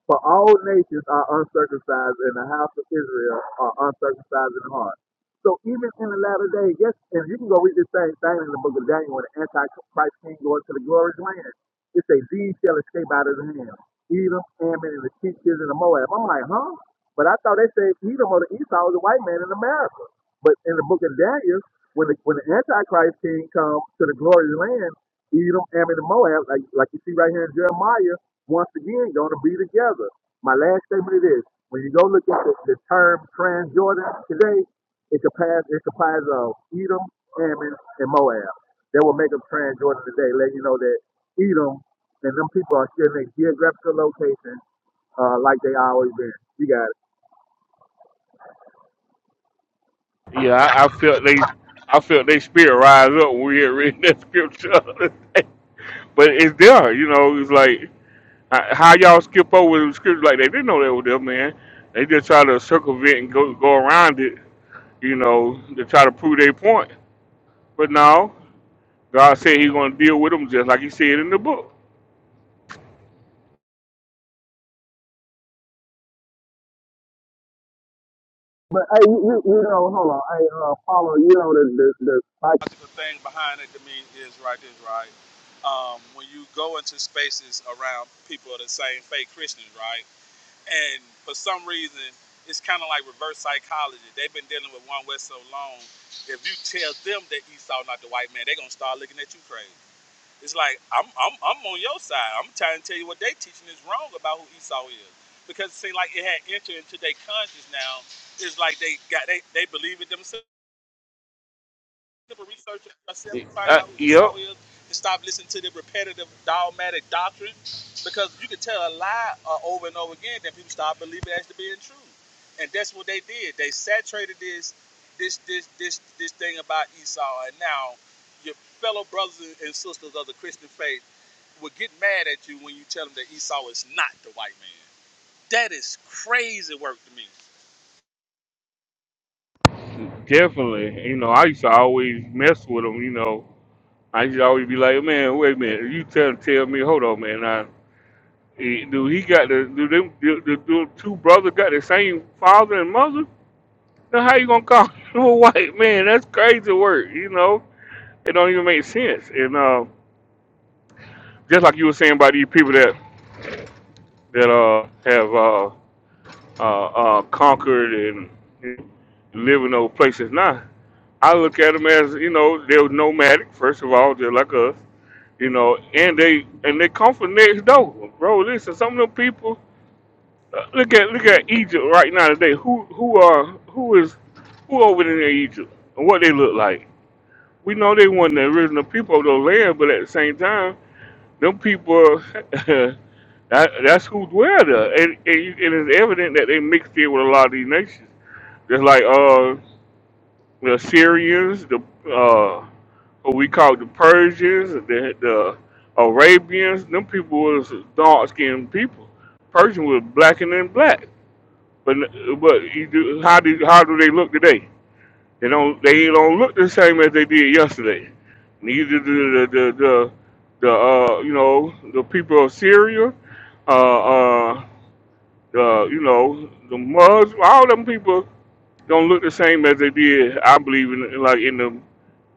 S22: For all nations are uncircumcised, and the house of Israel are uncircumcised in heart. So even in the latter day, yes, and you can go read this same thing in the book of Daniel when the Antichrist king goes to the glorious land. It say these shall escape out of the hand. Edom, Ammon, and the ten children the Moab. I'm like, huh? But I thought they said Edom or the Esau was a white man in America. But in the book of Daniel, when the when the Antichrist king comes to the glorious land, Edom, Ammon, and Moab, like like you see right here in Jeremiah, once again gonna be together. My last statement is this. When you go look at the, the term Transjordan today, it comprises it comprises of Edom, Ammon, and Moab. That will make them Transjordan today, letting you know that Edom, and them people are still in a geographical location uh, like they always been. You got it.
S1: Yeah, I, I felt they, I felt they spirit rise up when we had read that scripture. But it's there, you know. It's like h- how y'all skip over the scripture like that. They didn't know that was there, man. They just try to circumvent and go go around it, you know, to try to prove their point. But now God said He's going to deal with them just like He said in the book.
S22: But hey, you, you you know, hold on, hey, uh, follow, you know, the the the like,
S1: Uh, yep, definitely. You know, I used to always mess with them. You know, I used to always be like, man, wait a minute, you tell tell me, hold on, man. I, do he got the do them do, do, do two brothers got the same father and mother? Now how you gonna call you a white man? That's crazy work, you know? It don't even make sense. And uh, just like you were saying about these people that that uh have uh uh, uh conquered and live in those places now. I look at them as, you know, they're nomadic, first of all, they're like us, you know, and they and they come from next door. Bro, listen, some of them people uh, look at look at Egypt right now today. Who who are who is who over there in Egypt and what they look like? we know they weren't the original people of the land, but at the same time, them people, that, that's who dwell there. And, and, you- and it's evident that they mixed in with a lot of these nations. Just like uh, the Syrians, the uh, what we call the Persians, the, the Arabians, them people was dark-skinned people. Persian was blacker than black. But but you do, how do how do they look today? They don't they don't look the same as they did yesterday. Neither do the the the, the uh you know the people of Syria, uh uh the you know the Muslims, all them people don't look the same as they did. I believe in like in the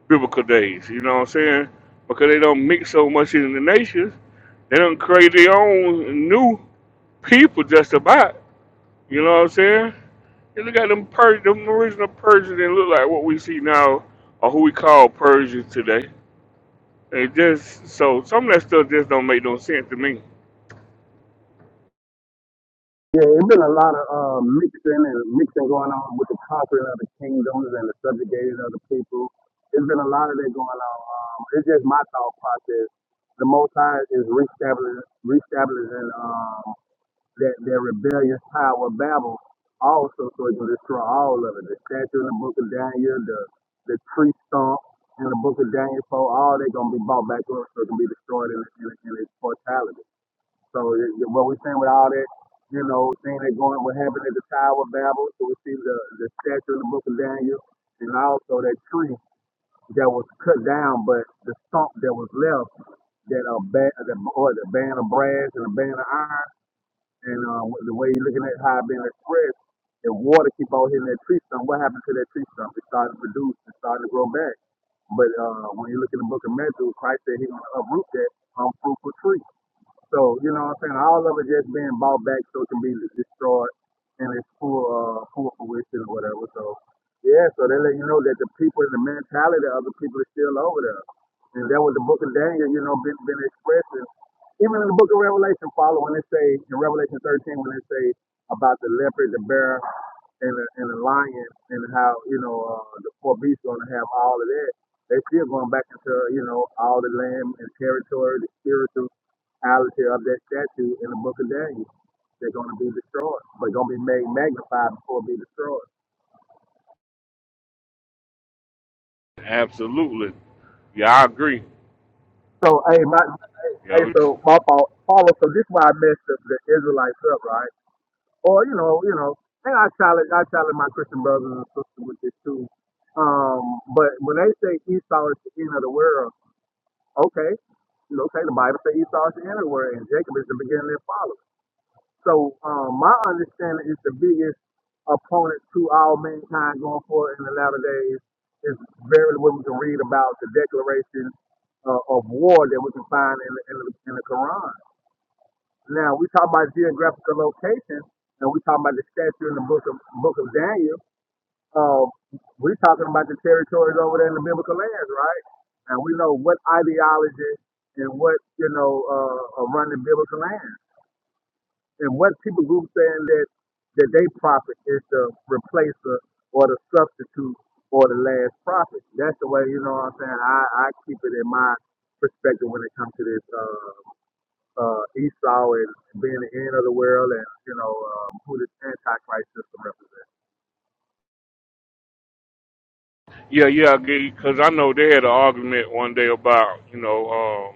S1: biblical days. You know what I'm saying? Because they don't mix so much in the nations. They don't create their own new people just about. You know what I'm saying? And look at them Persian, them original Persians didn't look like what we see now or who we call Persians today. It just so some of that stuff just don't make no sense to me.
S22: yeah, it's been a lot of uh mixing and mixing going on with the conquering of the kingdoms and the subjugating of the people. it has been a lot of that going on. Um, it's just my thought process. The Most High is reestablishing, reestablishing. um, that their rebellious power of Babel also, so it will destroy all of it. The statue in the book of Daniel, the, the tree stump in the book of Daniel, so all they are going to be bought back up so it can be destroyed in, in, in its mortality. So it, it- what we're saying with all that, you know, thing that going, what happened at the Tower of Babel, so we see the, the statue in the book of Daniel, and also that tree that was cut down, but the stump that was left, that a band, the, or the band of brass and a band of iron, and um, the way you're looking at how it being expressed, if water keep out hitting that tree stump, what happened to that tree stump? It started to produce, it started to grow back. But uh, when you look in the book of Matthew, Christ said he's going to uproot that unfruitful tree. So, you know what I'm saying? All of it just being bought back so it can be destroyed and it's full uh full fruition or whatever. So yeah, so they let you know that the people and the mentality of the people is still over there. And that was the book of Daniel, you know, been been expressing. Even in the book of Revelation follow when they say in Revelation thirteen when they say about the leopard, the bear and the and the lion and how, you know, uh, the four beasts gonna have all of that. They still going back into, you know, all the land and territory, the spiritual reality of that statue in the book of Daniel. They're going to be destroyed, but going to be made magnified before it be destroyed.
S1: Absolutely. Yeah, I agree.
S22: So, hey, my,
S1: You
S22: hey,
S1: know, it's-
S22: so my fault, Paul. So this is why I messed up the Israelites up, right? Or you know, you know, and I challenge, I challenge my Christian brothers and sisters with this too. Um, but when they say Esau is the end of the world, okay, you know, okay, the Bible says Esau is the end of the world, and Jacob is the beginning and follower. So um, my understanding is the biggest opponent to all mankind going forward in the latter days is very what we can read about the declaration uh, of war that we can find in the, in, the, in the Quran. Now we talk about geographical location, and we talk about the statue in the book of Book of Daniel. Uh, we're talking about the territories over there in the biblical lands, right? And we know what ideology and what you know uh, are running biblical lands. And what people group saying that that they prophet is the replacer or the substitute or the last prophet. That's the way you know what I'm saying. I, I keep it in my perspective when it comes to this uh, uh, Esau and being the end of the world and you know um, who this Antichrist system represents.
S1: yeah, yeah, I agree. Because I know they had an argument one day about, you know,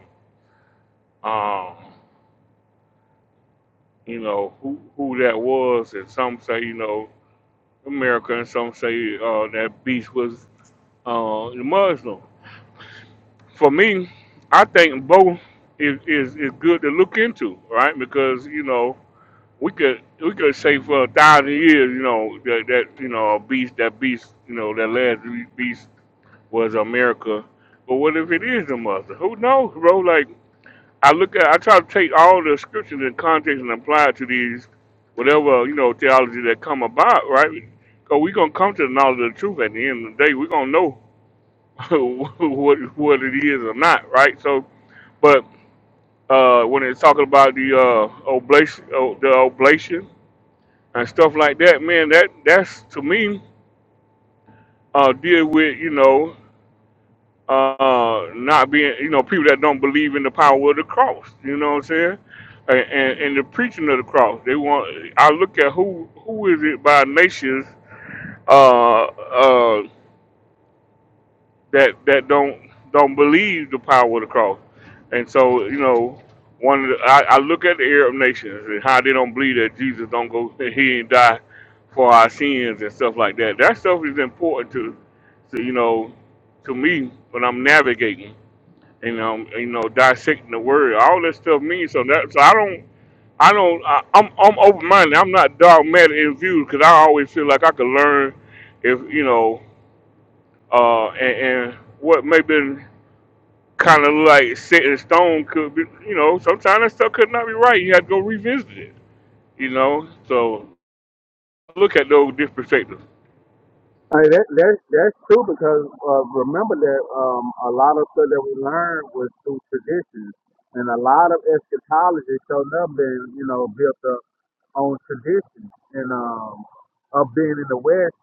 S1: um, um, you know, who who that was, and some say, you know, America, and some say uh, that beast was uh, Muslim. for me, I think both is, is, is good to look into, right? Because you know we could we could say for a thousand years, you know that, that you know a beast that beast you know that last beast was America, but what if it is the mother? Who knows, bro? Like I look at I try to take all the scriptures in context and apply it to these whatever you know theology that come about, right? Because we gonna come to the knowledge of the truth at the end of the day. We're gonna know what what it is or not, right? So, but uh, when it's talking about the uh, oblation, oh, the oblation and stuff like that, man, that that's to me uh, deal with you know uh, not being you know people that don't believe in the power of the cross. You know what I'm saying? And, and, and the preaching of the cross. They want. I look at who who is it by nations. Uh, uh, that that don't don't believe the power of the cross. And so, you know, one of the, I, I look at the Arab nations and how they don't believe that Jesus don't go he and die for our sins and stuff like that. That stuff is important to, to you know, to me when I'm navigating and um you know dissecting the word. All that stuff means so that so I don't. I don't. I, I'm I'm open minded. I'm not dogmatic in views because I always feel like I could learn if you know uh, and, and what may be kind of like set in stone could be, you know, sometimes that stuff could not be right. You have to go revisit it, you know. So look at those different perspectives.
S22: I mean, that, that, that's true because uh, remember that um, a lot of stuff that we learned was through traditions, and a lot of eschatology showed up and you know built up on tradition and um, of being in the West,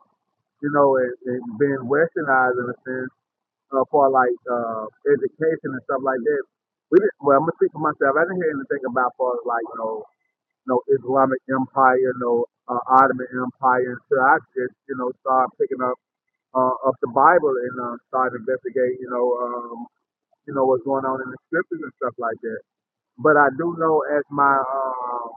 S22: you know, and, and being westernized in a sense uh, for like uh, education and stuff like that. We didn't, well, I'm gonna speak for myself. I didn't hear anything about for like you know, no Islamic Empire, no uh, Ottoman Empire until I just you know started picking up uh, of the Bible and uh, start to investigate, you know, um, you know what's going on in the scriptures and stuff like that. But I do know as my um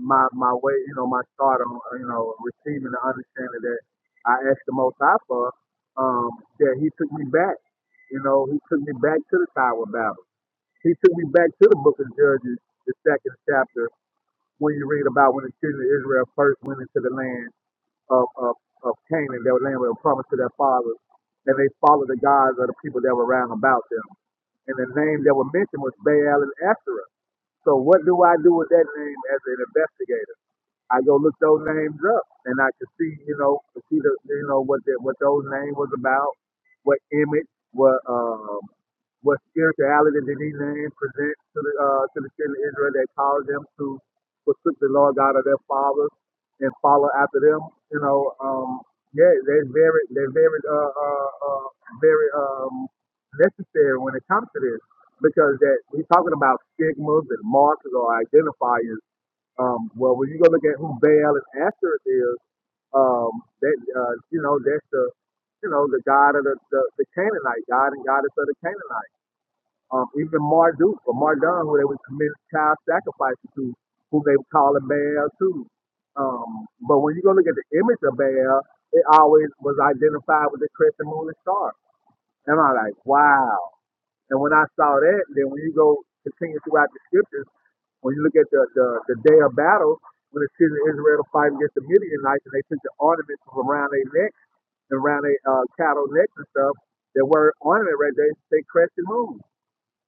S22: my my way, you know, my start on uh, you know receiving the understanding that I asked the Most High for, um, that He took me back. You know, He took me back to the Tower of Babel. He took me back to the Book of Judges, the second chapter, when you read about when the children of Israel first went into the land of, of, of Canaan, their land was promised to their fathers, and they followed the gods of the people that were round about them. And the name that were mentioned was Baal and Asherah. So what do I do with that name as an investigator? I go look those names up, and I could see, you know, could see the, you know, what that, what those names was about, what image, what, um, what spirituality did these names present to the, uh, to the children of Israel that caused them to forsook the Lord God of their fathers and follow after them, you know, um, yeah, they're very, they're very, uh, uh, uh, very, um, necessary when it comes to this because that we're talking about stigmas and markers or identifiers um, well, when you go look at who Baal and Asherah is, um, that uh, you know that's the you know the god of the, the, the Canaanite god and goddess of the Canaanite. Um, even Marduk or Mardon, who they would commit child sacrifices to, who they would call him Baal too. Um, but when you go look at the image of Baal, it always was identified with the crescent moon and star. And I'm like, wow. And when I saw that, then when you go continue throughout the scriptures when you look at the, the, the day of battle, when the children of Israel fight against the Midianites and they took the ornaments from around their neck and around their uh, cattle necks and stuff, that were ornament right there, they crested moon.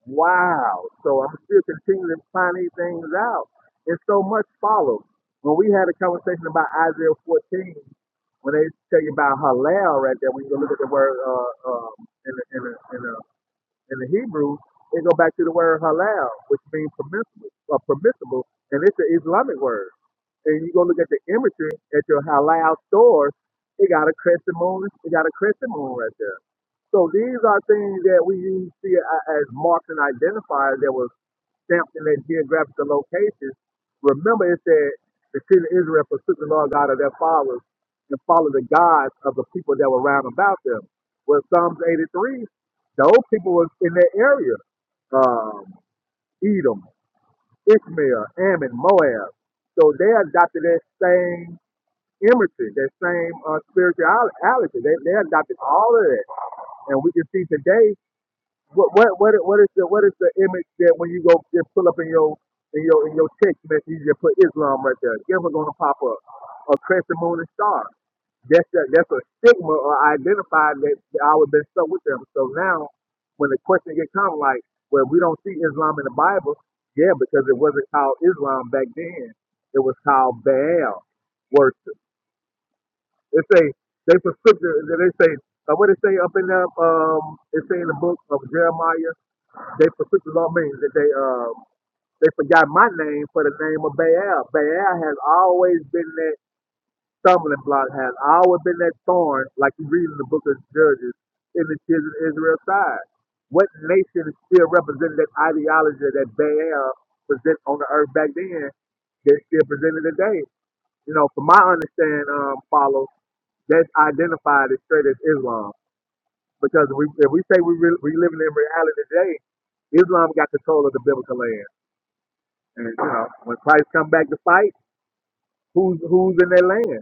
S22: Wow. So I'm still continuing to find these things out. And so much follows. When we had a conversation about Isaiah 14, when they tell you about Hallel right there, when you go look at the word uh, uh, in the, in the, in the in the Hebrew, it go back to the word halal, which means permissible, or permissible, and it's an Islamic word. And you go look at the imagery at your halal stores, it got a crescent moon, it got a crescent moon right there. So these are things that we use see a- as marks and identifiers that was stamped in their geographical locations, remember it said the children of Israel forsook the Lord God of their fathers and followed the gods of the people that were round about them. Well, Psalms 83, those people was in their area. Um, Edom, Ishmael, Ammon, Moab. So they adopted that same imagery, that same uh, spirituality. They, they adopted all of that. And we can see today what what what is what is the what is the image that when you go just pull up in your in your in your text message you just put Islam right there? Guess what's gonna pop up? A crescent moon and star. That's a, that's a stigma or identified that that I would been stuck with them. So now when the question get come like, well we don't see Islam in the Bible, yeah, because it wasn't called Islam back then. It was called Baal worship. They say they prescriptive they say uh, what they say up in the um they say in the book of Jeremiah they particular means that they uh they forgot my name for the name of Baal. Baal has always been that stumbling block, has always been that thorn, like you read in the book of Judges, in the children of Israel's side. What nation still represented that ideology that Baal present on the earth back then that still presented today? You know, from my understanding, um, follow, that's identified as straight as Islam. Because we, if we say we, re- we living in reality today, Islam got control of the biblical land. And you know, when Christ come back to fight, who's who's in their land?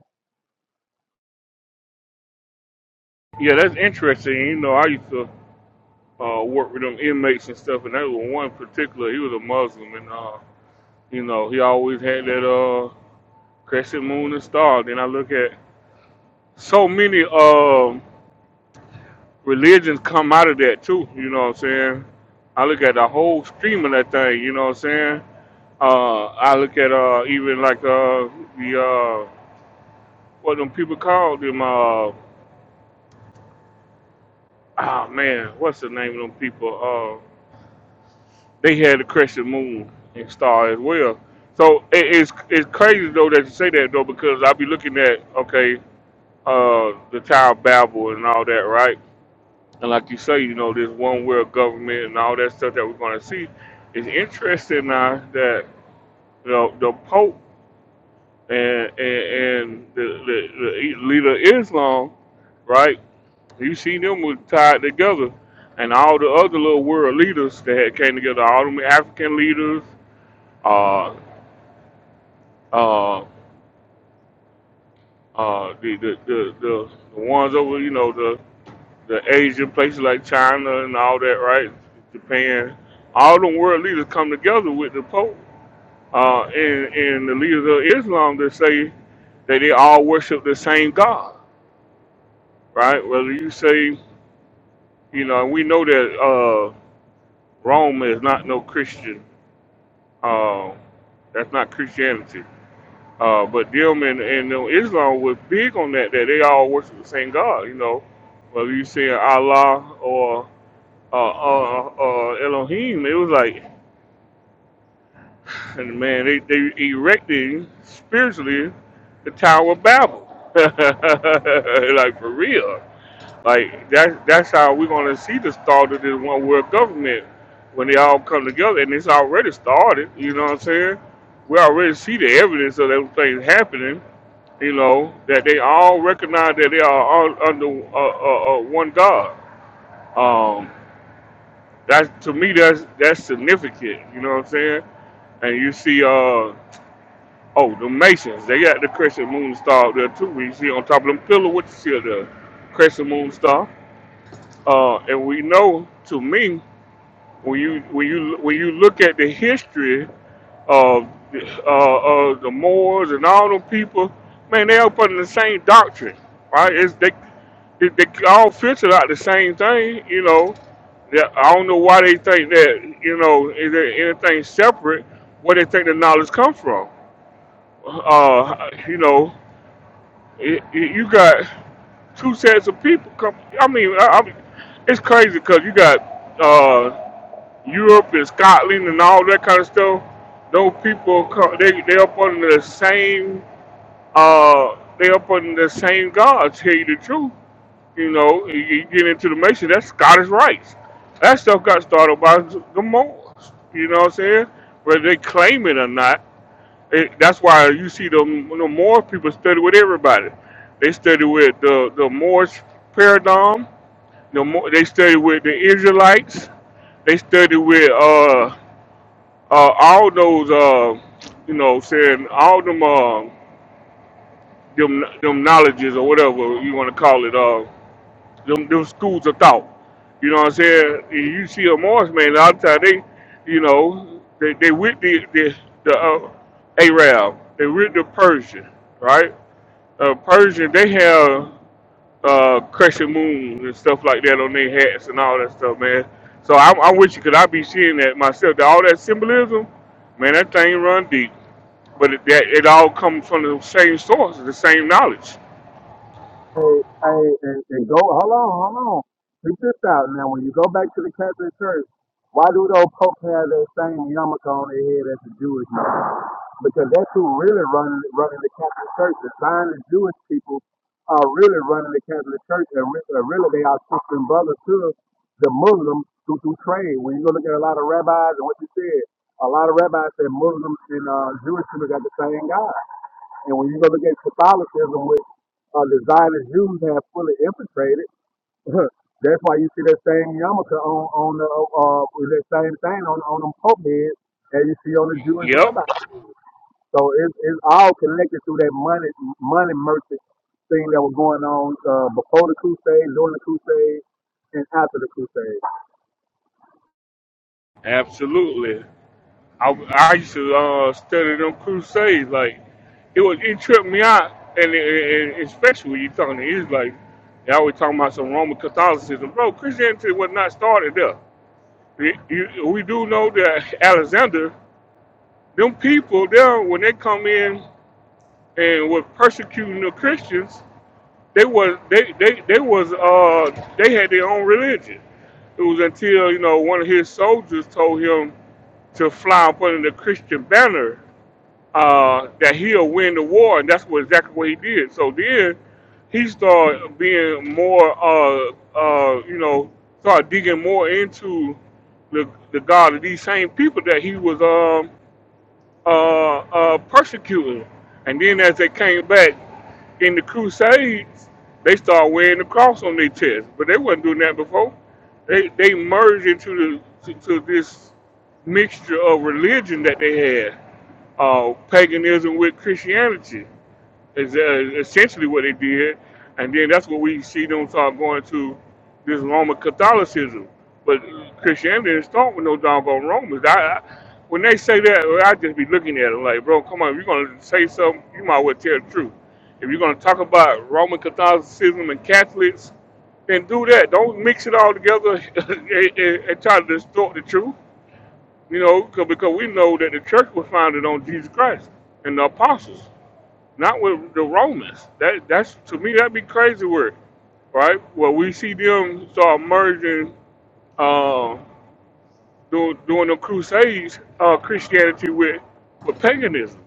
S1: Yeah, that's interesting. You know, I used to uh, work with them inmates and stuff, and that was one particular. He was a Muslim, and uh, you know, he always had that uh, crescent moon and star. Then I look at so many um, religions come out of that too. You know what I'm saying? I look at the whole stream of that thing. You know what I'm saying? Uh, I look at uh, even like uh, the uh, what them people called them. Uh, oh man, what's the name of them people? Uh, they had the crescent moon and star as well. So it, it's it's crazy though that you say that though because I be looking at okay uh, the Tower of Babel and all that right. And like you say, you know this one world government and all that stuff that we're gonna see. It's interesting now that the the Pope and and, and the, the, the leader of Islam, right? You see them was tied together, and all the other little world leaders that had came together, all them African leaders, uh, uh, uh, the, the the the the ones over, you know, the the Asian places like China and all that, right? Japan, all them world leaders come together with the Pope uh, and and the leaders of Islam that say that they all worship the same God right? Whether you say, you know, and we know that uh, Rome is not no Christian. Uh, that's not Christianity. Uh, but them and, and them Islam was big on that, that they all worship the same God, you know. Whether you say Allah or uh, uh, uh, uh, Elohim, it was like, and man, they, they erected spiritually the Tower of Babel. like, for real. Like that that's how we're gonna see the start of this one world government when they all come together and it's already started, you know what I'm saying? We already see the evidence of those things happening, you know, that they all recognize that they are all under uh, uh, uh, one God. Um, that's to me that's that's significant, you know what I'm saying? And you see uh oh the Masons, they got the crescent moon star up there too. You see on top of them pillar what you see of the crescent moon star Uh, and we know, to me, when you when you when you look at the history of the- uh, uh, the Moors and all them people, man, they up under the same doctrine, right? It's they they, they all filter out the same thing, you know. That I don't know why they think that you know is there anything separate where they think the knowledge comes from. Uh, you know, it, it, you got two sets of people. Come, I mean, I, I, it's crazy because you got. uh, Europe and Scotland and all that kind of stuff, those people come, they they up under the same uh they up under the same God. Tell you the truth, you know, you, you get into the Mason, that's Scottish rights. That stuff got started by the Moors. You know what I'm saying? Whether they claim it or not, it, that's why you see the the Moor people study with everybody. They study with the the Moorish paradigm. The Mo- they study with the Israelites. They study with uh uh, all those, uh, you know, saying all them, uh, them, them knowledges or whatever you want to call it, uh, them, them schools of thought. You know what I'm saying? And you see a Morris man, a lot of time they, you know, they, they with the the, the uh, Arab, they with the Persian, right? Uh, Persian, they have uh, crescent moons and stuff like that on their hats and all that stuff, man. So I'm, I'm with you 'cause I be seeing that myself. That all that symbolism, man, that thing run deep. But it, that, it all comes from the same source, the same knowledge.
S22: Hey, hey, and, and go. Hold on, hold on. Check this out now. When you go back to the Catholic Church, why do those popes have that same yarmulke on their head as the Jewish man? Because that's who really running running the Catholic Church. The Zionist Jewish people are really running the Catholic Church, and re- uh, really they are sister and brother to the Muslims who do trade. When you go look at a lot of rabbis and what you said, a lot of rabbis said Muslims and uh, Jewish people got the same God. And when you go look at Catholicism, which uh, the Zionist Jews have fully infiltrated, that's why you see that same yarmulke on on the uh, with that same thing on on them pope heads that you see on the Jewish
S1: Yep,
S22: rabbis. So it's it's all connected through that money money merchant thing that was going on uh, before the crusade, during the crusade, and after the crusade.
S1: absolutely. I, I used to uh, study them crusades. Like it was, it tripped me out, and, it, and especially when you're talking to Israelites, they always talking about some Roman Catholicism, bro. Christianity was not started there. You- you- we do know that Alexander, them people there, when they come in and were persecuting the Christians, They was they they they was uh they had their own religion. It was until you know one of his soldiers told him to fly up under the Christian banner uh, that he'll win the war, and that's what exactly what he did. So then he started being more uh uh you know started digging more into the the God of these same people that he was um uh uh persecuting. And then as they came back, in the Crusades, they start wearing the cross on their chest, but they wasn't doing that before. They they merged into the to, to this mixture of religion that they had, uh, paganism with Christianity is uh, essentially what they did, and then that's what we see them start going to this Roman Catholicism. But Christianity didn't start with no doggone Romans. I, I when they say that, well, I just be looking at it like, bro, come on, if you're gonna say something, you might as well tell the truth. If you're gonna talk about Roman Catholicism and Catholics, then do that. Don't mix it all together and, and, and try to distort the truth. You know, 'cause- because we know that the church was founded on Jesus Christ and the apostles not with the Romans. That that's to me that'd be crazy work, right? Well, we see them start merging, uh, doing doing the Crusades, uh, Christianity with with paganism.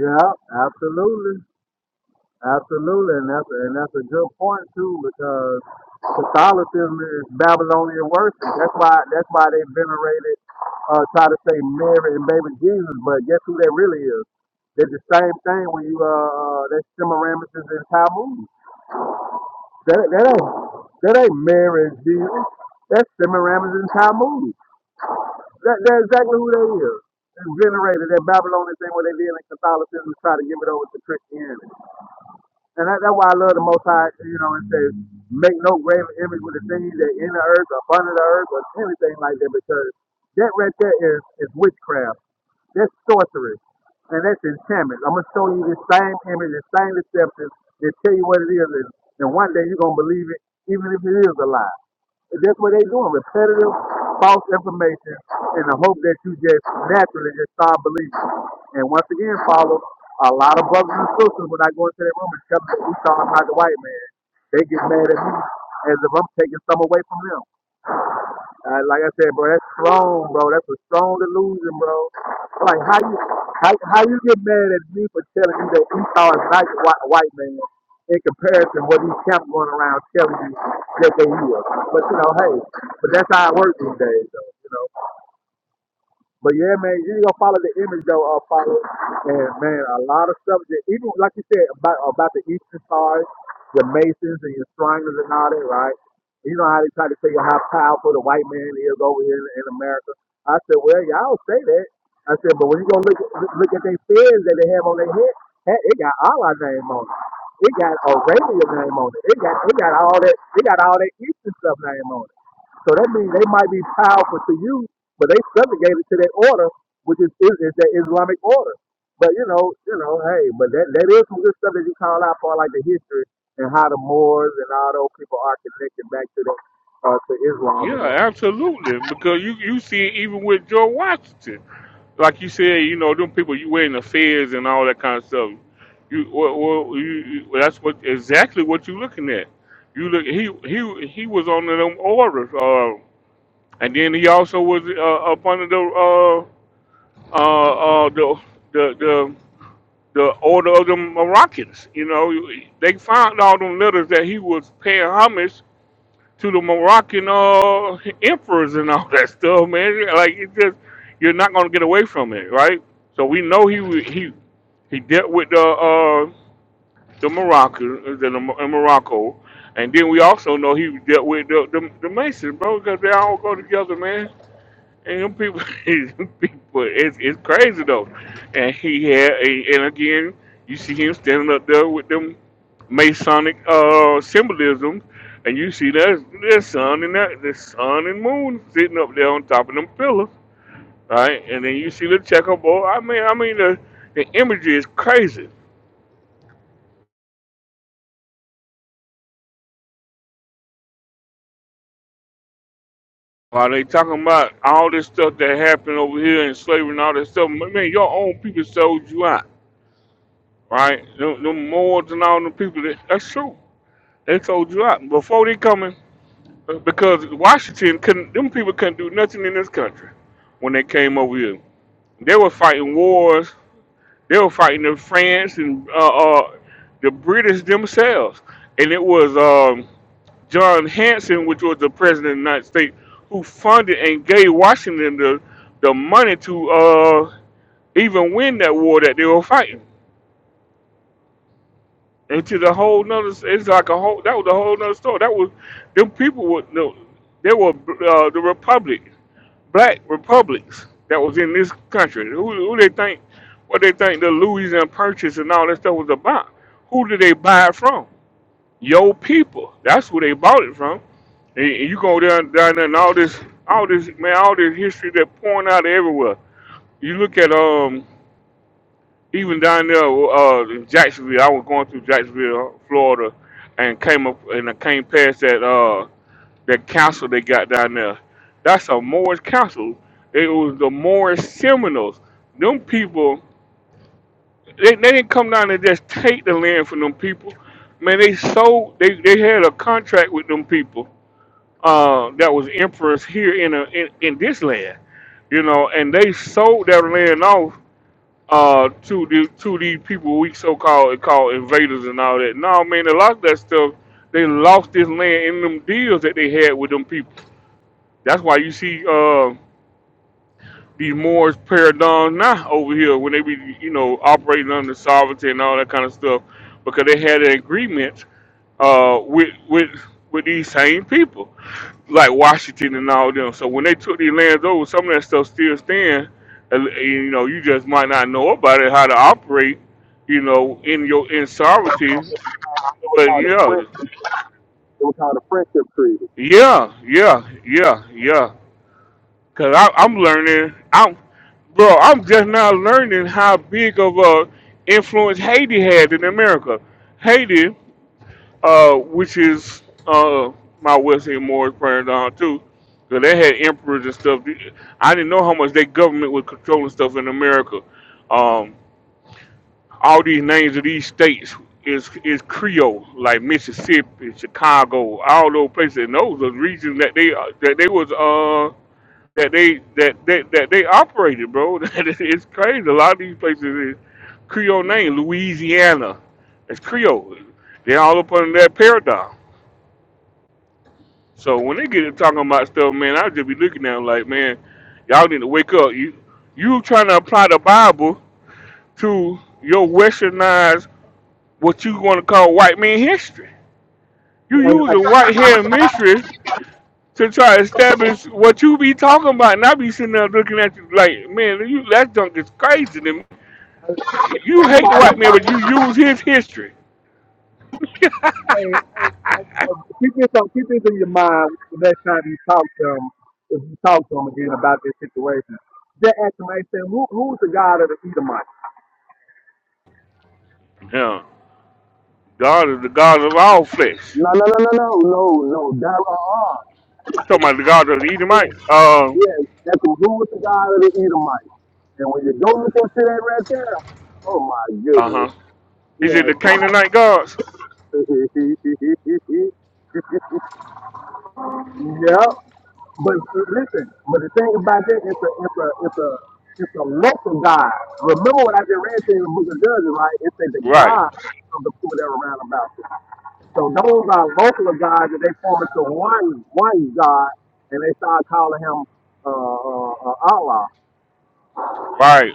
S22: Yeah, absolutely. Absolutely, and that's a, and that's a good point too, because Catholicism is Babylonian worship. That's why that's why they venerated, uh, try to say Mary and baby Jesus, but guess who that really is? They're the same thing when you uh, uh, that Semiramis is in Talmud. That that ain't that ain't Mary and Jesus. That's Semiramis and Talmud. That that's exactly who they is. They venerated that Babylonian thing what they did in Catholicism, to try to give it over to Christianity. And that, that's why I love the Most High, you know, it says, make no graven image with the things that in the earth or under the earth or anything like that, because that right there is, is witchcraft. That's sorcery. And that's enchantment. I'm going to show you the same image, the same deception, and tell you what it is. And, and one day you're going to believe it, even if it is a lie. That's what they doing. Repetitive false information in the hope that you just naturally just start believing. And once again, follow a lot of brothers and sisters when I go into their room and tell them that we talking about the white man. They get mad at me as if I'm taking some away from them. Uh, like I said, bro, that's strong, bro. That's a strong delusion, bro. Like how you how, how you get mad at me for telling you that Esau is not a nice white, white man in comparison what these camps going around telling you that they is. But you know, hey, but that's how it works these days, though. You know. But yeah, man, you gonna follow the image though, uh, follow. And man, a lot of stuff that even like you said about about the Eastern stars, the Masons and your Shriners and all that, right? You know how they try to tell you how powerful the white man is over here in, in America. I said, well, y'all say that. I said, but when you gonna look at- look at their feds that they have on their head, heck, it got Allah name on it. It got Arabia name on it. It got it got all that. It got all that Eastern stuff name on it. So that means they might be powerful to you, but they subjugated to that order, which is is, is that Islamic order. But you know, you know, hey, but that, that is some good stuff that you call out for, like the history and how the Moors and all those people are connected back to the uh, to Islam and
S1: Yeah,
S22: that.
S1: absolutely. Because you you see it even with George Washington, like you said, you know, them people you wearing the fez and all that kind of stuff. You well, well you, you- well, that's what exactly what you looking at. You look he he he was on them orders. uh, And then he also was uh, up under the uh, uh, uh, the, the the the order of the Moroccans. You know, they found all them letters that he was paying homage to the Moroccan uh, emperors and all that stuff, man. Like it just you're not gonna get away from it, right? So we know he wa- he he dealt with the uh, the Moroccan the, the in Morocco, and then we also know he dealt with the the, the Masons, bro, because they all go together, man. And them people, people, it's, it's crazy though. And he had, and, and again, you see him standing up there with them Masonic uh, symbolism, and you see that the sun and that the sun and moon sitting up there on top of them pillars, right? And then you see the checkerboard. I mean, I mean the the imagery is crazy. While they talking about all this stuff that happened over here and slavery and all this stuff, man, your own people sold you out, right? Them, them Moors and all them people, that, that's true. They sold you out before they coming uh, because Washington couldn't. Them people couldn't do nothing in this country when they came over here. They were fighting wars. They were fighting in France and uh, uh, the British themselves. And it was um, John Hanson, which was the president of the United States, who funded and gave Washington the the money to uh, even win that war that they were fighting. into the whole nother. It's like a whole. That was a whole nother story. That was them people were no, they were uh, the republic, black republics that was in this country. Who, who they think, what they think the Louisiana Purchase and all that stuff was about? Who did they buy it from? Your people. That's who they bought it from. And, and you go down down there and all this, all this man, all this history that pouring out everywhere. You look at um even down there uh, in Jacksonville, I was going through Jacksonville, Florida, and came up and I came past that uh, that council they got down there. That's a Morris council. It was the Morris Seminoles. Them people, they, they didn't come down and just take the land from them people. Man, they sold. They, they had a contract with them people uh, that was emperors here in, a, in in this land, you know, and they sold that land off uh to the to these people we so called called invaders and all that. No man, a lot of that stuff they lost this land in them deals that they had with them people. That's why you see uh these Moors paradigms now over here when they be, you know, operating under sovereignty and all that kind of stuff, because they had an agreement uh, with with with these same people, like Washington and all them. So when they took these lands over, some of that stuff still stand. And, and, you know, you just might not know about it, how to operate, you know, in your in sovereignty.
S22: It was
S1: But
S22: called the
S1: yeah,
S22: French. It was called the friendship creed.
S1: yeah, yeah, yeah, yeah. Cause I, I'm learning. I'm, bro. I'm just now learning how big of a influence Haiti had in America. Haiti, uh, which is uh, my Wesley and Morris burned down too. Cause they had emperors and stuff. I didn't know how much their government was controlling stuff in America. Um, all these names of these states is is Creole, like Mississippi, Chicago, all those places. And those are regions that they that they was uh, that they that that, that they operated, bro. That is- it's crazy. A lot of these places is Creole name, Louisiana. It's Creole. They're all up under that paradigm. So when they get to talking about stuff, man, I just be looking at them like, man, y'all need to wake up. You you trying to apply the Bible to your westernized what you want to call white man history. You
S22: Hey, hey,
S1: using white hair mystery to try to establish what you be talking about, and I be sitting there looking at you like, man, you that junk is crazy to me. You hate the white man, but you use his history.
S22: hey, hey, hey, uh, keep this on, keep this in your mind the next time you talk to them. If you talk to them again about this situation, just ask them. They say, who, who's the God of the Edomites?
S1: Yeah, God is the God of all flesh.
S22: No, no, no, no, no, no, no. Dara are.
S1: You talking about the God of the Edomites? Uh,
S22: Yes, that can do with the rule to God of the Edomite. And when you go look into that right there, oh my
S1: uh
S22: goodness.
S1: huh. Is
S22: Yes.
S1: it the Canaanite gods?
S22: yeah. But listen, but the thing about that, it's a, it's a, it's a, it's a local God. Remember what I just read to you in the book of Judges, right? It said the
S1: Right,
S22: God of the people that were around about you. So those are local gods that they form into one one god, and they start calling him uh, uh, uh, Allah.
S1: right,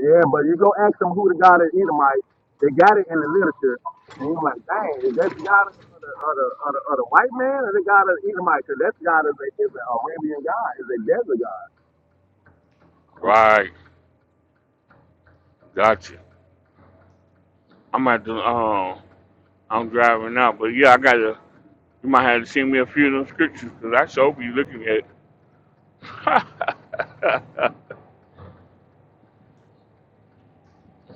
S22: Yeah, but you go ask them who the god of Edomite, they got it in the literature, and you're like, dang, is that the god of of the, of the, of the, of the white man or the god of Edomite? Because that god is a is an Arabian god, is a desert god.
S1: right. Gotcha. I'm at the um, I'm driving out, but yeah, I gotta. You might have to send me a few of them scriptures because I sure be looking at. it.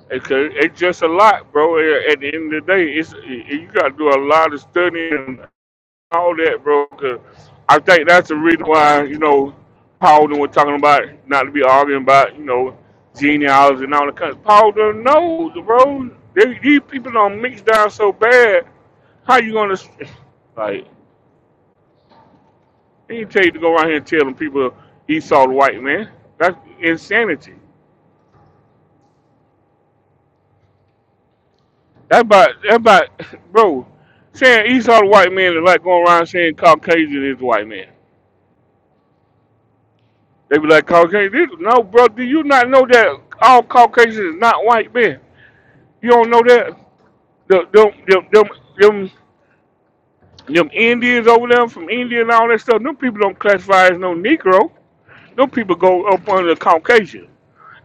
S1: It's, a- it's just a lot, bro. At at the end of the day, it's you got to do a lot of studying and all that, bro. 'cause I think that's the reason why you know Paul done was talking about not to be arguing about you know genealogy and all the kind. Paul done knows, bro. They, these people don't mix down so bad. How you gonna like? He didn't tell you to go around here and telling people Esau the white man. That's insanity. That about that about bro. Saying Esau the white man is like going around saying Caucasian is white man. They be like Caucasian. This, no, bro. Do you not know that all Caucasians is not white men? You don't know that. The, them, them, them, them, them Indians over there from India and all that stuff. Them people don't classify as no Negro. Them people go up under Caucasian,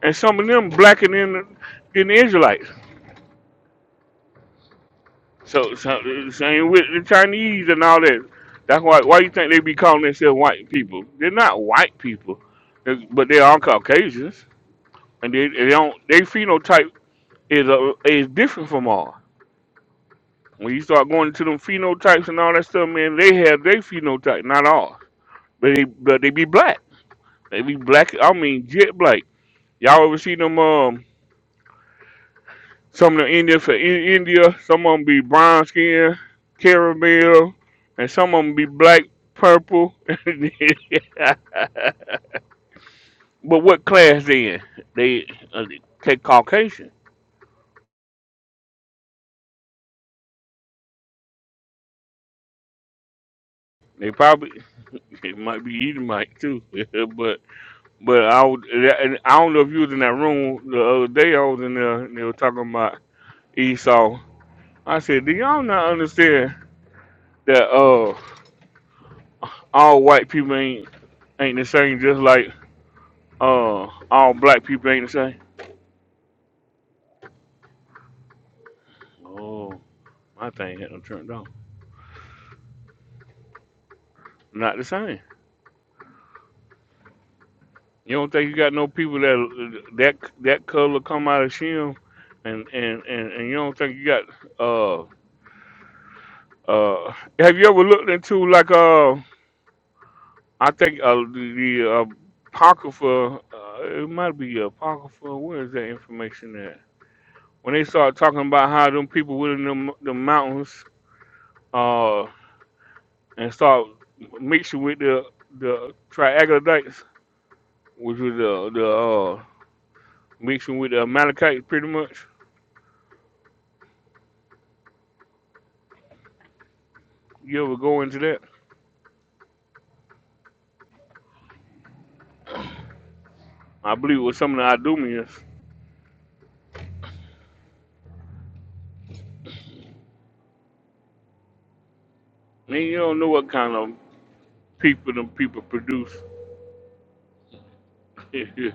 S1: and some of them blacker than than the Israelites. So, so same with the Chinese and all that. That's why why you think they be calling themselves white people? They're not white people, It's- but they are Caucasians, and they, they don't. Their phenotype is a, is different from ours. When you start going into them phenotypes and all that stuff, man, they have their phenotype, not ours. But they but they be black. They be black. I mean, jet black. Y'all ever see them? Um, Some of the Indians for in India, some of them be brown skin, caramel, and some of them be black, purple. but what class they in? They uh, they Caucasian. They probably it might be Edomite too. but but I would, and I don't know if you was in that room the other day. I was in there and they were talking about Esau. I said, do y'all not understand that uh all white people ain't ain't the same? Just like Uh, all black people ain't the same. Oh, my thing had them turned off. Not the same. You don't think you got no people that that that color come out of Shem, and and and, and you don't think you got uh uh. Have you ever looked into like uh I think uh the, the uh, apocrypha uh, it might be apocrypha. Where is that information at? When they start talking about how them people within them the mountains uh. and start mixing with the the triaglodites, which was the the uh, mixing with the Amalekites, pretty much. You ever go into that? I believe it was some of the Idumeans. Man, you don't know what kind of people them people produce. then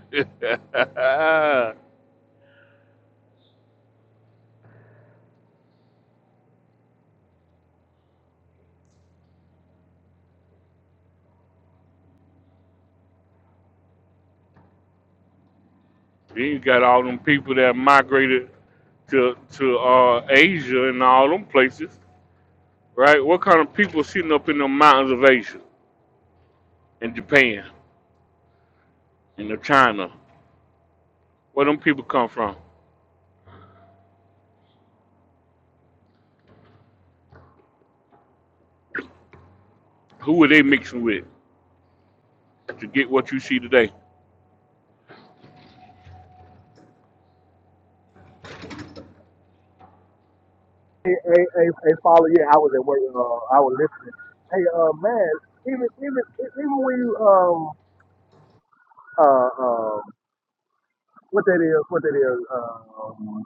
S1: you got all them people that migrated to to uh, Asia and all them places, right? What kind of people sitting up in the mountains of Asia and Japan and the China? Where them people come from? Who were they mixing with to get what you see today?
S22: Hey, hey, hey, hey, follow, yeah, I was at work, uh, I was listening. Hey, uh, man, even even even when you um uh, uh what that is, what that is, um,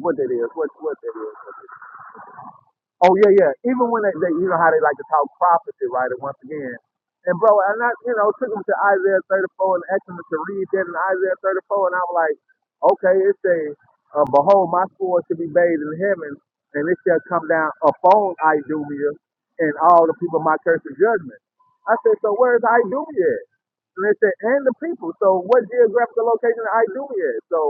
S22: what that is, what what that is. Oh yeah, yeah. Even when they, they you know how they like to talk prophecy, right? And once again, and bro, and I you know took them to Isaiah 34 and asked them to read that in Isaiah 34, and I was like, okay, it says, uh, behold, my sword shall be bathed in heaven, and it shall come down upon Idumea and all the people of my curse of judgment. I said, so where is Idumea at? And they said, and the people. So what geographical location is Idumea at? So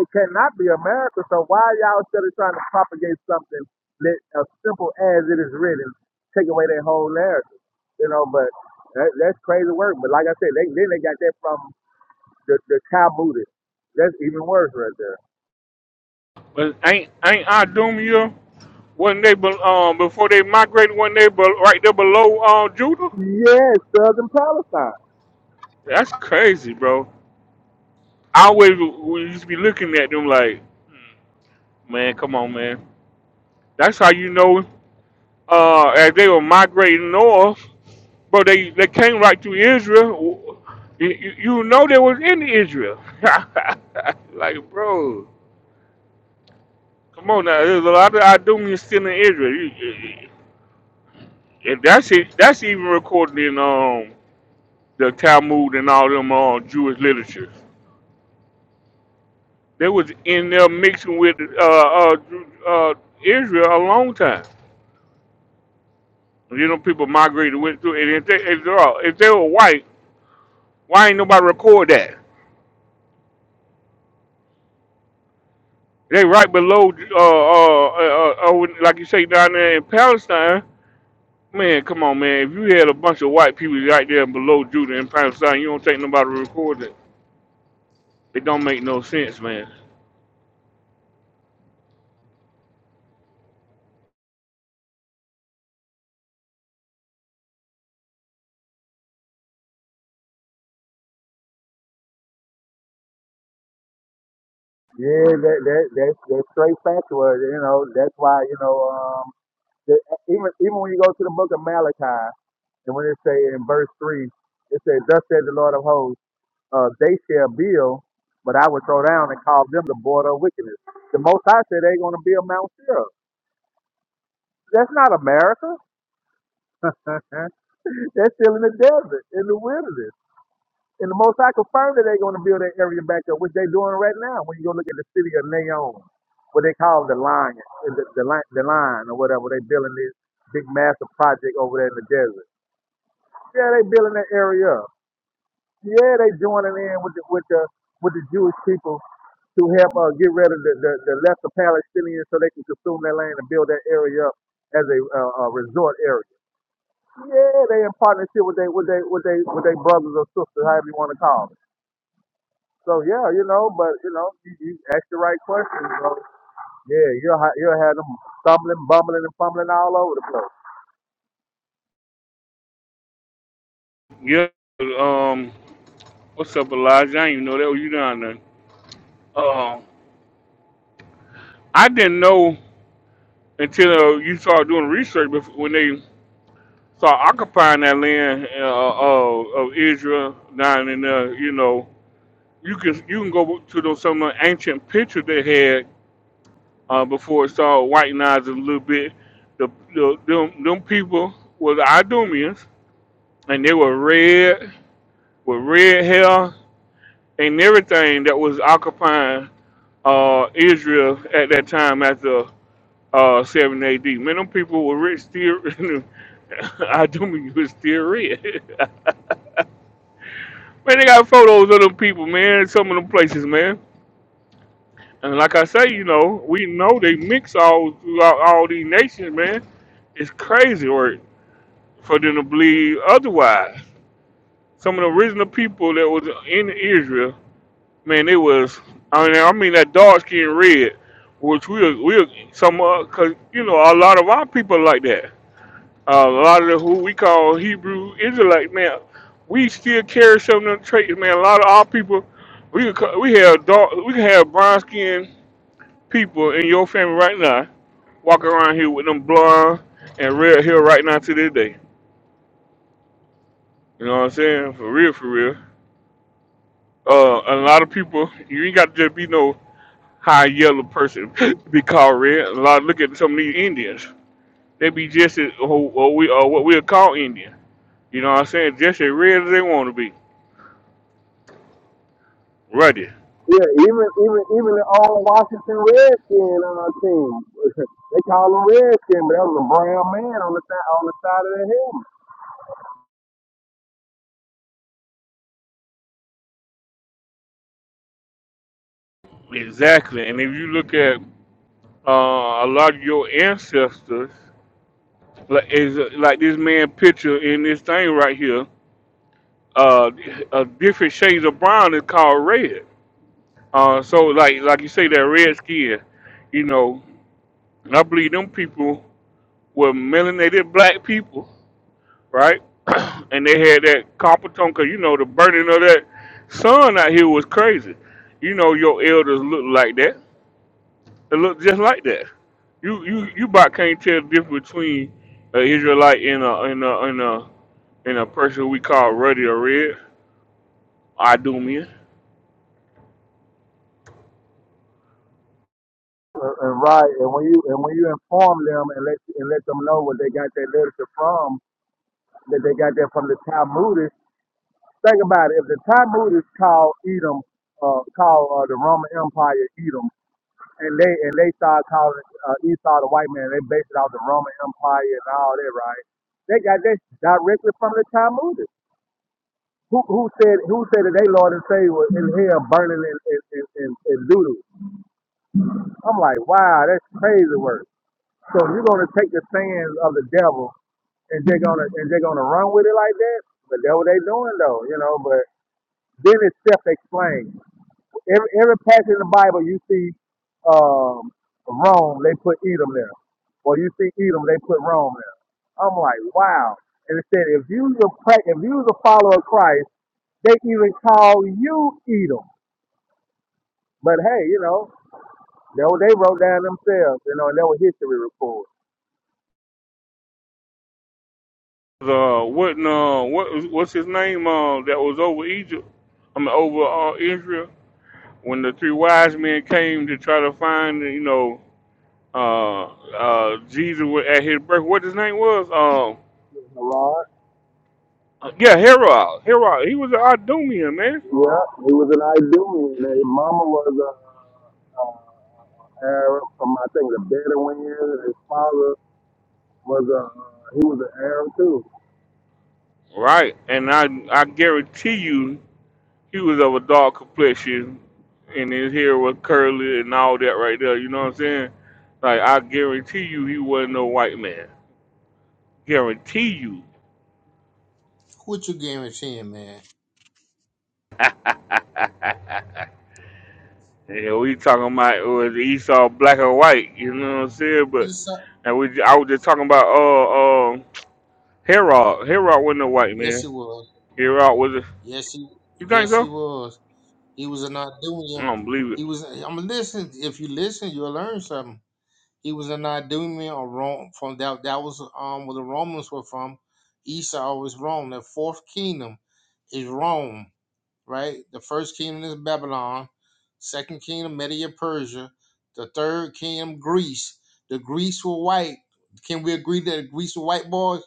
S22: it cannot be America. So why y'all still trying to propagate something? let as simple as it is written take away their whole narrative. You know, but that, that's crazy work. But like I said, they, then they got that from the, the Talmudists. That's even worse right there.
S1: But ain't ain't Idumea wasn't they be- um before they migrated wasn't they be- right there below uh, Judah?
S22: Yes, Southern Palestine.
S1: That's crazy, bro. I always we used to be looking at them like, man, come on, man. That's how you know uh as they were migrating north, bro. They they came right through Israel. You, you you know they was in Israel. like, bro, come on now. There's a lot of Idumeans still in Israel. You- And that's it. That's even recorded in um the Talmud and all them uh, Jewish literature. They was in there mixing with uh, uh, Ju- uh, Israel a long time. You know, people migrated went through. And if they if they are if they were white, why ain't nobody record that? They right below, uh, uh, uh, uh, when- like you say down there in Palestine. Man, come on, man. If you had a bunch of white people right there below Judah in Palestine, you don't think nobody record it. It don't make no sense, man.
S22: Yeah, that that that's that's straight factual. You know, that's why you know um the, even even when you go to the Book of Malachi and when it say in verse three, it says, "Thus says the Lord of hosts." uh, they shall build, but I would throw down and call them the border of wickedness. The Most High said they're going to build Mount Seir. That's not America. They're still in the desert, in the wilderness. And the Most High confirmed that they're going to build that area back up, which they're doing right now. When you go look at the city of Naon, what they call the lion, uh, the, the, li- the line or whatever, they building this big massive project over there in the desert. Yeah, they building that area up. yeah, they joining in with the with the with the Jewish people to help uh, get rid of the, the, the lesser Palestinians so they can consume their land and build that area up as a, uh, a resort area. Yeah, they in partnership with they with they with they with their brothers or sisters, however you want to call them. So yeah, you know, but you know, you, you ask the right questions, bro. Yeah, you'll ha- you'll have them stumbling, bumbling, and fumbling all over the place.
S1: Yeah, um, What's up, Elijah? I didn't even know that was you down there. Um, I didn't know until uh, you started doing research before, when they started occupying that land uh, uh, of Israel down in there. You know, you can you can go to those some of the ancient pictures they had uh, before it started whitenizing a little bit. The, the them, them people were the Idumeans, and they were red with red hair and everything that was occupying uh, Israel at that time after. uh, 7 AD. Man, them people were rich still. I do mean was still rich. man, they got photos of them people, man, some of them places, man. And like I say, you know, we know they mix all throughout all these nations, man. It's crazy work for them to believe otherwise. Some of the original people that was in Israel, man, they was, I mean, I mean that dark skin red, which we, we, some, uh, cause, you know, a lot of our people like that Uh, a lot of the, who we call Hebrew Israelite man, we still carry some of them traits, man. A lot of our people, we could ca- we have dark, we can have brown skinned people in your family right now, walking around here with them blonde and red hair right now to this day. You know what I'm saying? For real, for real. Uh, a lot of people, you ain't got to just be no high yellow person to be called red. A lot look at some of these Indians. They be just as who, what we or what we'll call Indian. You know what I'm saying? Just as red as they want to be. Ready.
S22: Yeah, even even even the old Washington Redskin uh, team. they call him Redskin, but that was a brown man on the side on the side of the helmet.
S1: Exactly. And if you look at uh, a lot of your ancestors, like, is, like this man picture in this thing right here, uh, uh, different shades of brown is called red. Uh, so like like you say that red skin, you know, and I believe them people were melanated black people, right? and they had that copper tone, 'cause you know the burning of that sun out here was crazy. You know your elders looked like that It looked just like that. You you you about can't tell the difference between an Israelite and a and a and a and a person we call ruddy or red, Idumean.
S22: Uh, uh, right, and when you and when you inform them and let and let them know where they got their literature from, that they got that from the Talmudists. Think about it. If the Talmudists call Edom, uh, call uh, the Roman Empire Edom, and they and they start calling uh, Esau the white man, they base it off the Roman Empire and all that, right? They got that directly from the Talmud. Who who said who said that they Lord and Savior was in hell burning in in, in, in, in doodle? I'm like, wow, that's crazy work. So you're gonna take the sayings of the devil and they're gonna and they're gonna run with it like that? But that's what they doing though, you know. But then it's self-explained. Every every passage in the Bible you see um, Rome, they put Edom there. Or you see Edom, they put Rome there. I'm like, wow. And it said, if you was a pra- if you was a follower of Christ, they even call you Edom. But hey, you know, they, they wrote down themselves, you know, and they were history reports.
S1: The what uh what what's his name uh that was over Egypt? I mean over uh, Israel when the three wise men came to try to find you know uh uh Jesus at his birth. What his name was? Um
S22: A
S1: yeah, Herod. Herod. He was an Idumean man.
S22: Yeah, he was an Idumean. and His mama was a, a Arab from I think the Bedouin. and His father was a he was an Arab too.
S1: Right, and I I guarantee you He was of a dark complexion, and his hair was curly and all that right there. You know what I'm saying? Like I guarantee you, he wasn't no white man. Guarantee you.
S23: What you guaranteeing, man?
S1: yeah, we talking about it was Esau black or white. You know what I'm saying?
S23: He
S1: But
S23: saw.
S1: and we, I was just talking about uh uh Herod. Herod wasn't a white
S23: Yes, he
S1: man.
S23: was.
S1: Herod was a.
S23: Yes, he.
S1: You think
S23: Yes, he
S1: so?
S23: was. He was not doing
S1: I
S23: him.
S1: don't believe it.
S23: He was. I'm listen. If you listen, you'll learn something. He was not doing me or wrong from that. That was um where the Romans were from. Esau was wrong. The fourth kingdom is Rome, right? The first kingdom is Babylon. Second kingdom, Media Persia. The third kingdom, Greece. The Greeks were white. Can we agree that the Greeks were white boys?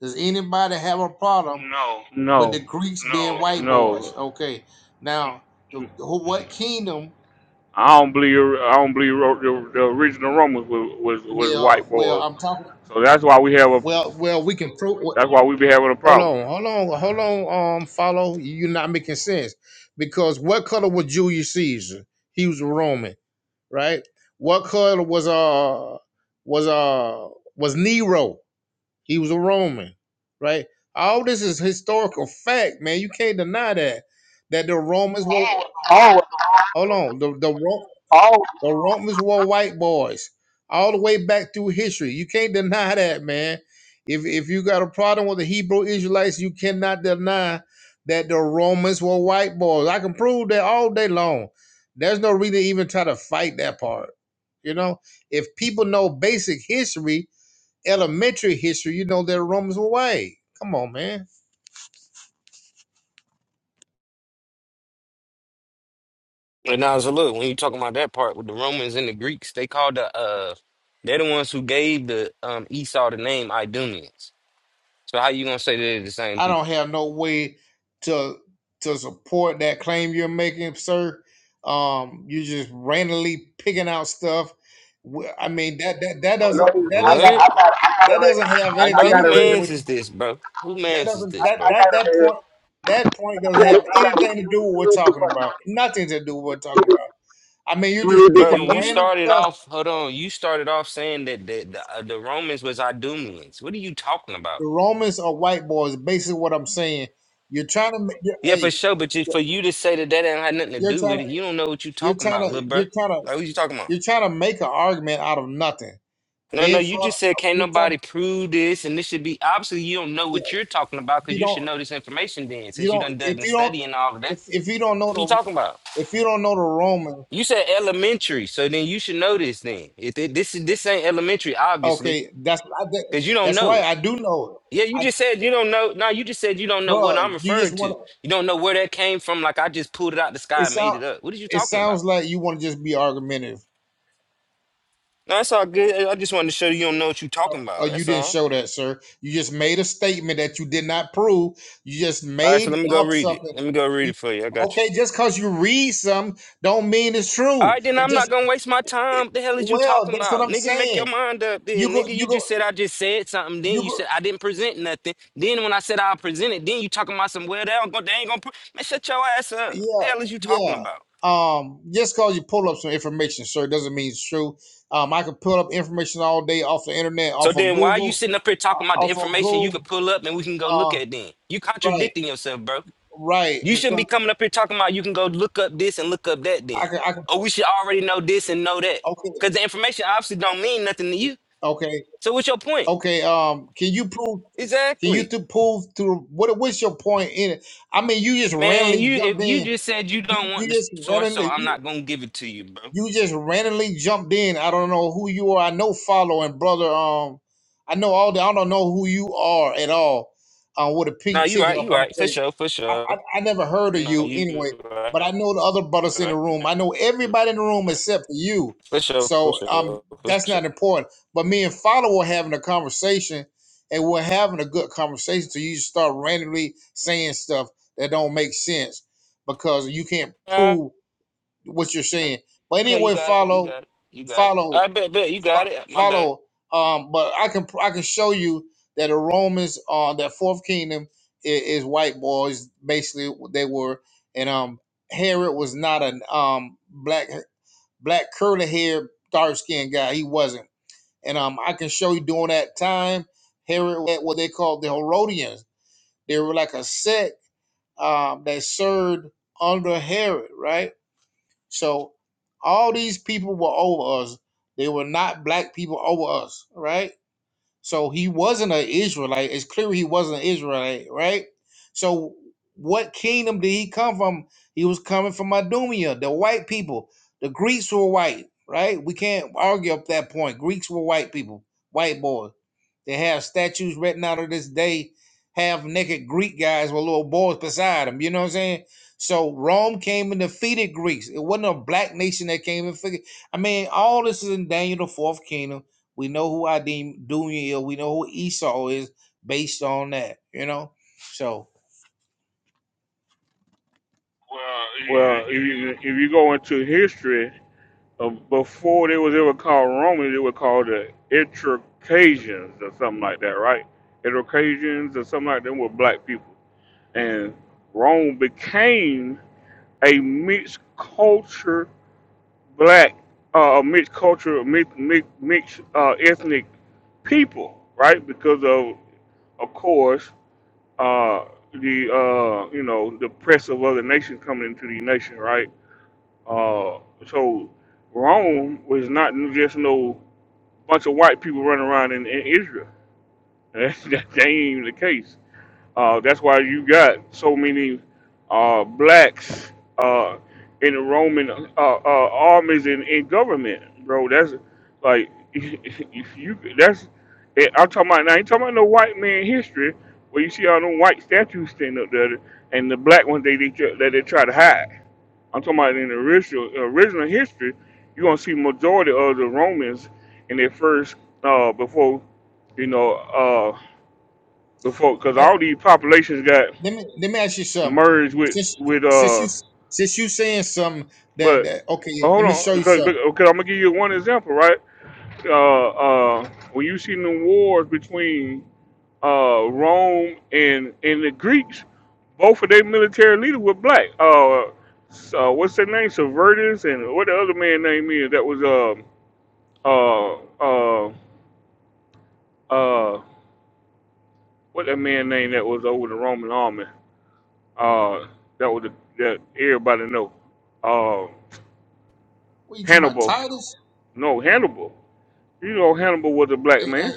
S23: Does anybody have a problem No, with the
S1: No,
S23: Greeks being no. white boys?
S1: no.
S23: Okay, now the, who- what kingdom?
S1: I don't believe. I don't believe ro- the, the original Romans was, was was
S23: Well,
S1: white
S23: well,
S1: boys.
S23: I'm talking.
S1: So that's why we have a
S23: Well, well, we can prove.
S1: that's why we be having a
S23: Hold
S1: problem.
S23: on, hold on, hold on. Um, follow. You're not making sense because what color was Julius Caesar? He was a Roman, right? What color was uh was uh was Nero? He was a Roman, right? All this is historical fact, man. You can't deny that that the Romans were.
S22: Oh,
S23: Hold on. The the Ro-
S22: oh,
S23: the Romans were white boys all the way back through history. You can't deny that, man. If if you got a problem with the Hebrew Israelites, you cannot deny that the Romans were white boys. I can prove that all day long. There's no reason to even try to fight that part. You know, if people know basic history, elementary history, you know that the Romans were white. Come on, man.
S10: And now, so look, when you talking about that part with the Romans and the Greeks, they called the uh, they're the ones who gave the um Esau the name Idumeans. So how you gonna say they're the same
S23: I don't
S10: people?
S23: have no way to to support that claim you're making, sir. Um, you're just randomly picking out stuff. Wh- I mean that that that
S22: No, no, he,
S23: doesn't that
S22: I got,
S23: doesn't
S10: What?
S22: I got, I got it
S23: that
S22: right.
S23: doesn't
S22: I
S23: have
S10: Hey,
S22: I
S10: bro,
S23: anything to
S22: got it
S10: who
S22: right
S23: do
S10: mans
S23: with
S10: is this, bro? Who
S23: that
S10: mans is
S23: doesn't
S10: this,
S23: that
S22: I
S10: bro?
S23: that
S22: got it
S23: that
S22: right.
S23: point that point
S22: I
S23: doesn't
S22: got it.
S23: have
S22: I
S23: anything
S22: got it. Let
S23: to
S22: me
S23: do with what we're
S22: read this
S23: talking
S22: part. Let
S23: about. Nothing to do with what we're talking about. I mean, you're
S22: me
S23: just
S22: read this
S10: Bro,
S23: picking
S22: part.
S10: you
S23: random
S10: started
S23: stuff.
S10: off. Hold on, you started off saying that the the, uh, the Romans was Idumeans. What are you talking about?
S23: The Romans are white boys. Basically, what I'm saying. You're trying to. ma- You're,
S10: Yeah, for
S23: hey,
S10: sure. But you,
S23: you're
S10: for you to say that that didn't have nothing to
S23: you're
S10: do
S23: trying
S10: with
S23: to.
S10: it, you don't know what you
S23: You're
S10: talking
S23: trying
S10: about,
S23: to.
S10: little bro.
S23: You're trying to.
S10: Like, what you talking about?
S23: You're trying to make an argument out of nothing.
S10: No,
S23: Me
S10: no,
S23: and
S10: you just said can't
S23: you're trying,
S10: nobody prove this, and this should be obviously you don't know
S23: yeah,
S10: what you're talking about
S23: you
S10: because you
S23: don't,
S10: should know this information then,
S23: you
S10: since you
S23: don't,
S10: done done
S23: if
S10: the
S23: you don't,
S10: study and all of that.
S23: if, if you don't
S10: What you
S23: know
S10: talking about?
S23: the, if you don't know the Roman,
S10: You said elementary, so then you should know this then. If it, this is this ain't elementary, obviously,
S23: okay, that's I, did-
S10: because you don't
S23: that's
S10: know
S23: right.
S10: it.
S23: I do know
S10: Yeah, you
S23: it, I,
S10: just said you don't know. No, you just said you don't know what I'm
S23: bro. You just
S10: referring to.
S23: want to.
S10: You don't know where that came from. Like I just pulled it out the
S23: It
S10: sky and made
S23: sound,
S10: it up. What are you
S23: it
S10: talking about?
S23: sounds like you want to just be argumentative.
S10: No, that's all good. I just wanted to show you, don't know what you're talking
S23: Oh,
S10: about.
S23: you
S10: That's
S23: didn't
S10: all.
S23: show that, sir. You just made a statement that you did not prove. You just
S10: All right, so
S23: made
S10: let me go
S23: up
S10: read it.
S23: something.
S10: Let me go read
S23: You,
S10: it for you. I got you.
S23: okay, just because you read some don't mean it's
S10: All
S23: true.
S10: right, then
S23: It
S10: I'm
S23: just
S10: not gonna waste my time. What the hell is you
S23: Well,
S10: talking
S23: that's what
S10: about?
S23: I'm
S10: Nigga, make your
S23: saying.
S10: mind up
S23: You
S10: then.
S23: go,
S10: Nigga, you
S23: you go,
S10: just said I just said something. Then
S23: you
S10: you
S23: go.
S10: said I didn't present nothing. Then when I said I presented, then you talking about some well, they, don't go, they ain't gonna pre-. Man, shut your ass up. What the hell is
S23: Yeah,
S10: you talking
S23: yeah.
S10: about?
S23: Um, just cause you pull up some information, sir, doesn't mean it's true. Um, I can pull up information all day off the internet,
S10: So
S23: off of
S10: then why are you
S23: Google,
S10: sitting up here
S23: uh,
S10: talking about the
S23: off of
S10: information you could
S23: Google.
S10: pull up and we can go look
S23: Uh,
S10: at then? You
S23: right,
S10: contradicting yourself, bro.
S23: right.
S10: You shouldn't
S23: Because
S10: be coming up here talking about you can go look up this and look up that
S23: I
S10: then.
S23: can, I can.
S10: Or
S23: pu-
S10: we should already know this and know that.
S23: Okay,
S10: Because the information obviously don't mean nothing to you.
S23: okay,
S10: So what's your point?
S23: okay. Um, can you prove? Can you
S10: Exactly.
S23: to prove through what? What's your point in it? I mean, you just
S10: Man,
S23: randomly
S10: you if
S23: jumped
S10: you
S23: in.
S10: just said you
S23: You,
S10: don't want
S23: you
S10: the
S23: just
S10: source, so
S23: randomly.
S10: I'm not gonna give it to you, bro.
S23: You just randomly jumped in. I don't know who you are. I know follow and brother. Um, I know all the. I don't know who you are at all. Uh, with a
S10: No,
S23: pink
S10: you
S23: ticket
S10: right, you
S23: up on the
S10: right, for
S23: stage.
S10: sure, for
S23: I,
S10: sure.
S23: I I never heard of
S10: No,
S23: you
S10: you
S23: anyway.
S10: right,
S23: But I know the other brothers
S10: you
S23: in the
S10: right,
S23: room. I know
S10: you
S23: everybody in the room
S10: right.
S23: except for you.
S10: for sure, for
S23: So um,
S10: sure, for
S23: that's
S10: sure.
S23: not important. But me and follow were having a conversation, and we're having a good conversation. So you just start randomly saying stuff that don't make sense because you can't
S10: Uh,
S23: prove what you're saying. But
S10: okay, you
S23: anyway,
S10: got it, you
S23: follow,
S10: got it, you got it.
S23: follow,
S10: I bet, bet you got it. My bad.
S23: follow. Um, but I can I can show you that the Romans, uh, that fourth kingdom is, is white boys. Basically, what they were, and um, Herod was not an um black black curly haired dark skinned guy. He wasn't, and um, I can show you during that time, Herod had what they called the Herodians. They were like a sect um that served under Herod, right? So all these people were over us. They were not black people over us, right? So he wasn't an Israelite. It's clear he wasn't an Israelite, right? So what kingdom did he come from? He was coming from Idumea, the white people. The Greeks were white, right? We can't argue up that point. Greeks were white people, white boys. They have statues written out of this day, half naked Greek guys with little boys beside them. You know what I'm saying? So Rome came and defeated Greeks. It wasn't a black nation that came and figured. I mean, all this is in Daniel the Fourth Kingdom. We know who Adim Dunya is. We know who Esau is based on that. You know, so. Well,
S1: Well,
S23: if you
S1: you- if you go into history, uh, before they was ever called Romans, they were called the Etruscans or something like that, right? Etruscans or something like that were black people, and Rome became a mixed culture black, uh, a mixed culture, mixed, mixed, mixed uh, ethnic people, right? Because of, of course, uh, the uh, you know the press of other nations coming into the nation, right? Uh, so Rome was not just no bunch of white people running around in, in Israel. That, that ain't even the case. Uh, that's why you got so many uh, blacks uh, in the Roman uh, uh, armies and in government, bro. That's like if you that's eh, I'm talking about now. You talking about no white man history where you see all them white statues standing up there and the black ones they, they tr- that they try to hide. I'm talking about in the original original history, you are gonna see majority of the Romans in their first uh, before you know uh, before because
S23: Hey,
S1: all these populations got
S23: let me let me ask you something.
S1: merge with
S23: Since
S1: with
S23: since
S1: uh
S23: you since you saying something that
S1: but
S23: that okay,
S1: but
S23: let
S1: hold
S23: me show
S1: on
S23: you
S1: because,
S23: something.
S1: because I'm gonna give you one example right uh uh when you see the wars between uh Rome and and the Greeks both of their military leaders were black uh so what's their name Servetus, and what the other man name is that was um uh uh uh what that man name that was over the Roman army uh that was the, that everybody know uh
S23: What you talking about?
S1: Hannibal
S23: Titus?
S1: No, Hannibal. You know Hannibal was a black
S23: Hey, hey,
S1: man.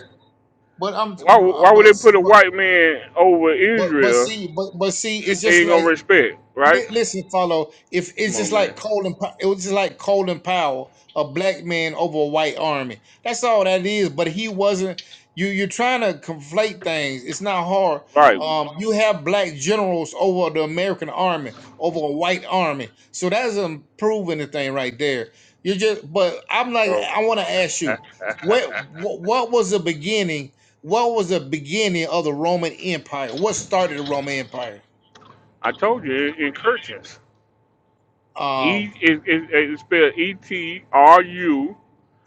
S23: But I'm,
S1: Why why would
S23: but
S1: they put a
S23: but
S1: white man over
S23: but but
S1: Israel?
S23: see, but but see, it's
S1: that They
S23: just
S1: ain't
S23: like
S1: gonna respect,
S23: Li-
S1: right?
S23: Listen, follow. If it's
S1: Come
S23: just
S1: on,
S23: like
S1: man.
S23: Colin, Pow- it was just like Colin Powell, a black man over a white army. That's all that is. But he wasn't. You you're trying to conflate things. It's not hard.
S1: Right,
S23: Um, you have black generals over the American army, over a white army. So that doesn't prove anything right there. You just. But I'm like,
S1: bro.
S23: I want to ask you, what what what was the beginning? What was the beginning of the Roman Empire? What started the Roman Empire?
S1: I told you in, in Kirchens. E
S23: Um.
S1: is it, it, it's spelled E T R U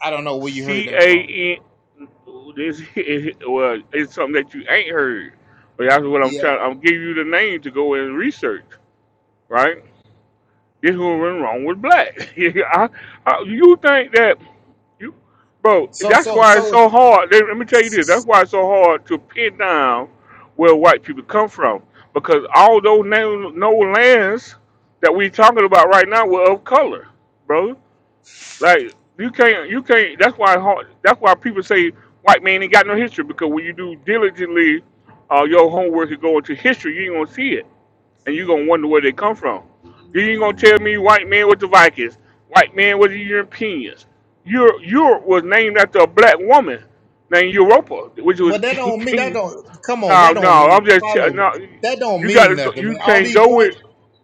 S23: I don't know where you heard
S1: C
S23: that from.
S1: A N. This is, well, it's something that you ain't heard, but that's what I'm trying.
S23: Yeah.
S1: I'm giving you the name to go and research, right? This is what went wrong with black. I, I, you think that You, bro,
S23: So
S1: that's
S23: so
S1: why it's
S23: so
S1: so hard. Let, let me tell you this. That's why it's so hard to pin down where white people come from. Because all those no, no lands that we talking about right now were of color, bro. Like you can't, you can't. That's why it's hard. That's why people say white man ain't got no history. Because when you do diligently uh, your homework and go into history, you ain't gonna see it and you're gonna wonder where they come from. You ain't gonna tell me white man with the Vikings, white man with the Europeans. Europe, Europe was named after a black woman named Europa, which
S23: well
S1: was
S23: that
S1: King.
S23: don't mean that
S1: King.
S23: don't come on,
S1: No,
S23: that don't
S1: no, I'm
S23: mean
S1: just tell-
S23: follow
S1: no.
S23: that don't
S1: You
S23: mean
S1: gotta go.
S23: nothing,
S1: You
S23: man. All
S1: can't
S23: these
S1: go with.
S23: points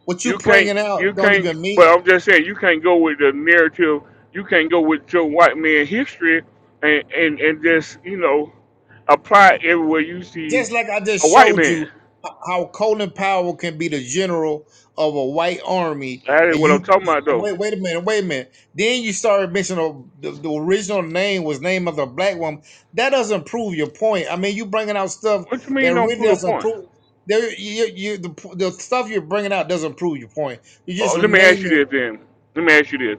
S23: what you
S1: You can't.
S23: bringing
S1: You
S23: out don't
S1: can't.
S23: even
S1: But
S23: mean
S1: I'm just saying, you can't go with the narrative. You can't go with your white man history and and and just you know apply it everywhere you see
S23: just like I
S1: a
S23: just
S1: white
S23: showed
S1: man.
S23: you h- how Colin Powell can be the general of a white army,
S1: That is
S23: and
S1: what I'm
S23: you
S1: talking about, though.
S23: wait, wait a minute, wait a minute. Then you started mentioning the, the original name was name of the black woman. That doesn't prove your point. I mean, you bringing out stuff
S1: What you mean
S23: that
S1: don't
S23: really
S1: prove a
S23: doesn't
S1: point?
S23: prove. There, you, you, the, the stuff you're bringing out doesn't prove your point. You're
S1: Uh,
S23: just
S1: let me ask you
S23: naming
S1: this then. Let me ask you this.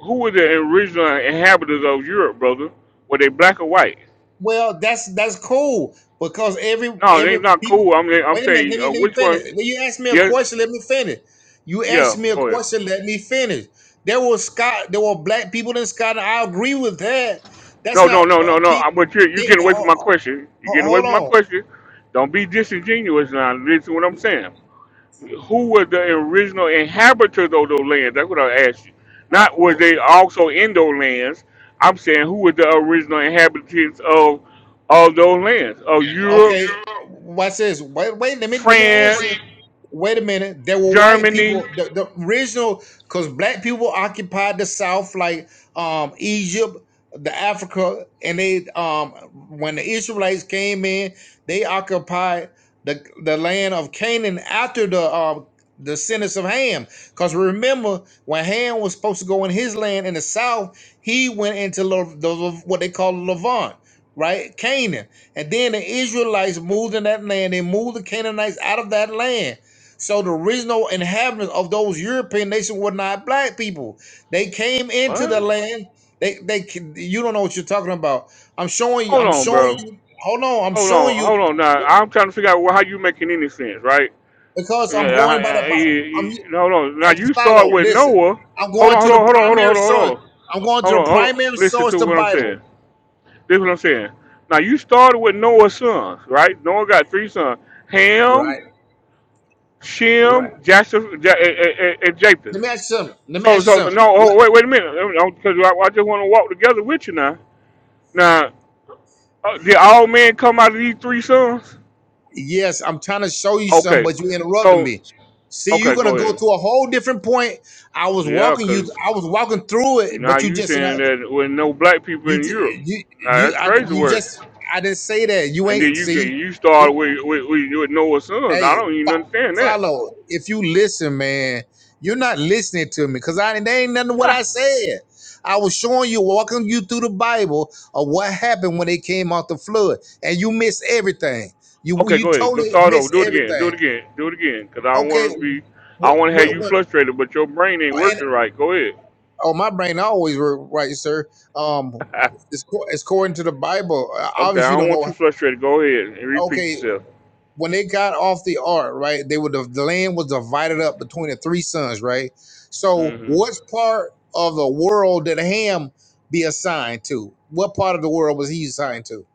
S1: Who were the original inhabitants of Europe, brother? Were they black or white?
S23: Well, that's that's cool because every
S1: No, they
S23: every
S1: not
S23: people.
S1: cool. I'm I'm
S23: Wait a minute.
S1: saying
S23: Let me
S1: uh,
S23: let me
S1: which
S23: finish.
S1: one?
S23: When you asked me a
S1: Yeah,
S23: question, let me finish. You
S1: yeah.
S23: asked me a
S1: Go ahead.
S23: question. Let me finish. There were Scott. There were black people in Scotland. I agree with that. That's
S1: No, no,
S23: not.
S1: no,
S23: but
S1: no, no.
S23: Keep,
S1: I- But you're you're
S23: keep,
S1: getting away from
S23: ho-
S1: my
S23: ho-
S1: question. You're getting away
S23: hold
S1: from my
S23: on.
S1: question. Don't be disingenuous now. Listen to what I'm saying. who were the original inhabitants of those lands? That's what I asked you. Not
S23: Uh,
S1: were they also in those lands. I'm saying who were the original inhabitants of of those lands? Of
S23: Oh,
S1: Europe,
S23: Okay, yeah. watch this. Wait, wait. Let me let me answer.
S1: France,
S23: Wait a minute. There were white people.
S1: Germany.
S23: The, the original, because black people occupied the South, like um Egypt, the Africa, and they um when the Israelites came in, they occupied the the land of Canaan after the um the sentence of Ham. Because remember, when Ham was supposed to go in his land in the South, he went into the, the what they call Levant, right? Canaan. And then the Israelites moved in that land. They moved the Canaanites out of that land. So the original inhabitants of those European nations were not black people. They came into the
S1: What?
S23: land. They they you don't know what you're talking about. I'm showing you.
S1: Hold
S23: I'm
S1: on,
S23: showing
S1: bro.
S23: you. Hold on. I'm
S1: Hold
S23: showing
S1: on,
S23: you
S1: hold on. Now I'm trying to figure out how you making any sense, right?
S23: because I'm
S1: Yeah, I,
S23: going by the
S1: I, you-
S23: Bi- I'm
S1: you-
S23: hey,
S1: hold on. Now you
S23: follow.
S1: start with
S23: Listen.
S1: Noah.
S23: I'm
S1: Hold
S23: going
S1: on,
S23: to
S1: hold
S23: the
S1: on, hold on, hold on,
S23: primary
S1: hold on, hold
S23: source.
S1: on.
S23: I'm going to
S1: Hold
S23: the
S1: on, hold on.
S23: primary
S1: Listen
S23: source,
S1: to
S23: the
S1: what I'm
S23: Bible.
S1: saying. This is what I'm saying. Now you started with Noah's sons, right? Noah got three sons: Ham,
S23: Right. Right.
S1: Shem, Japheth, Ja- and and- and Japheth.
S23: Let me ask you something. Let me ask
S1: So, so
S23: you something.
S1: no.
S23: What?
S1: Oh, wait, wait a minute. Because I, I just want to walk together with you now. Now, uh, did all men come out of these three sons?
S23: Yes, I'm trying to show you something,
S1: Okay.
S23: but you interrupted
S1: So,
S23: me. See, you're
S1: okay,
S23: gonna
S1: go
S23: go
S1: ahead.
S23: to a whole different point. I was
S1: Yeah,
S23: walking you.
S1: because
S23: I was walking through
S1: you
S23: it,
S1: now
S23: but you
S1: you
S23: just you know,
S1: saying that with no black people
S23: you
S1: in Europe.
S23: you
S1: Now,
S23: you
S1: that's
S23: I,
S1: crazy
S23: you
S1: word.
S23: just I didn't say that. You
S1: And then
S23: ain't
S1: you get
S23: see.
S1: you started with with, with with Noah's sons.
S23: Hey,
S1: I don't even
S23: fo-
S1: understand that.
S23: follow. If you listen, man, you're not listening to me because I there ain't nothing what I said. I was showing you, walking you through the Bible of what happened when they came out the flood, and you missed everything. You
S1: Okay,
S23: you
S1: go ahead. Go
S23: totally
S1: start over.
S23: missed
S1: Do it again. Do it
S23: everything.
S1: again. Do it again. Cause I don't
S23: Okay,
S1: want to be. I
S23: what,
S1: want to have
S23: what,
S1: you
S23: what
S1: frustrated, but your brain ain't
S23: and
S1: working right. Go ahead.
S23: oh my brain always work right sir um it's, co- it's according to the bible Uh,
S1: okay, I
S23: obviously you
S1: don't
S23: don't
S1: want
S23: know
S1: you frustrated. Go ahead and repeat
S23: okay
S1: yourself.
S23: when they got off the ark right they were the, land was divided up between the three sons right so
S1: hmm
S23: what part of the world did ham be assigned to what part of the world was he assigned to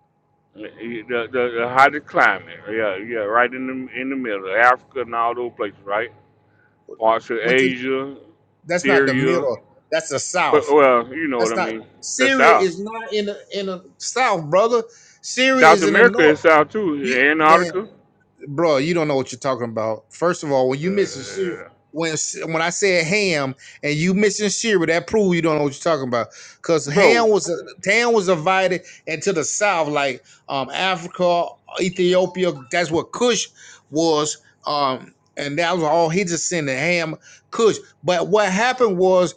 S1: The, the, the hottest climate. Yeah, yeah. Right in the in the middle, Africa and all those places. Right. Parts of
S23: which is
S1: Asia,
S23: that's not the
S1: Syria.
S23: middle that's the
S1: Well,
S23: south
S1: well you know what
S23: that's
S1: I
S23: not
S1: mean. That's
S23: syria
S1: south.
S23: is not in the in the south brother syria
S1: South
S23: is in the
S1: America
S23: north
S1: is south too.
S23: you man
S1: Antarctica.
S23: bro, you don't know what you're talking about. First of all, when you missing cereal,
S1: Uh,
S23: when when I said ham and you missing cereal, that proves you don't know what you're talking about. Cause ham
S1: bro,
S23: was ham was invited into the south, like um Africa, Ethiopia. That's what Kush was. Um, and that was all he just sent the ham Kush. But what happened was.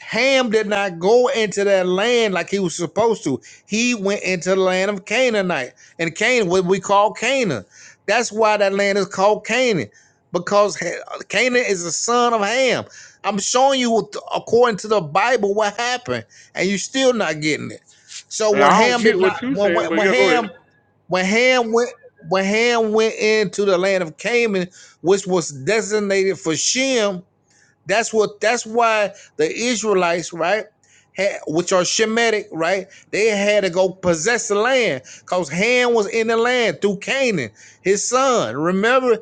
S23: Ham did not go into that land like he was supposed to. He went into the land of Canaanite, and Canaan, what we call Canaan. That's why that land is called Canaan, because Canaan is the son of Ham. I'm showing you, according to the Bible, what happened, and you're still not getting it. So
S1: I
S23: when
S1: don't
S23: Ham
S1: get
S23: did not,
S1: what you saying, but
S23: when, when
S1: yeah, go ahead.
S23: Ham, when Ham went. When Ham went into the land of Canaan, which was designated for Shem, that's what. That's why the Israelites, right, had, which are Shemitic, right, they had to go possess the land because Ham was in the land through Canaan, his son. Remember,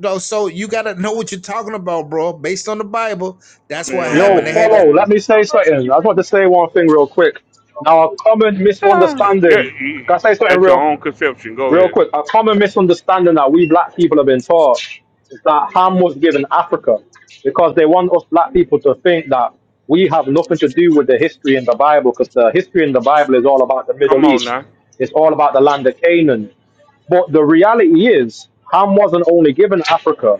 S23: though. So you got to know what you're talking about, bro. Based on the Bible, that's what
S24: Yo,
S23: happened. They had to.
S24: follow. Let
S1: Man,
S24: me say something. I just want to say one thing real quick. Now, a common
S1: Ah,
S24: misunderstanding.
S1: that,
S24: Can I say something
S1: that's your
S24: real,
S1: own conception. Go
S24: real
S1: ahead.
S24: quick? A common misunderstanding that we black people have been taught is that Ham was given Africa because they want us black people to think that we have nothing to do with the history in the Bible because the history in the Bible is all about the
S1: Come
S24: Middle
S1: on
S24: East.
S1: now.
S24: It's all about the land of Canaan. But the reality is, Ham wasn't only given Africa,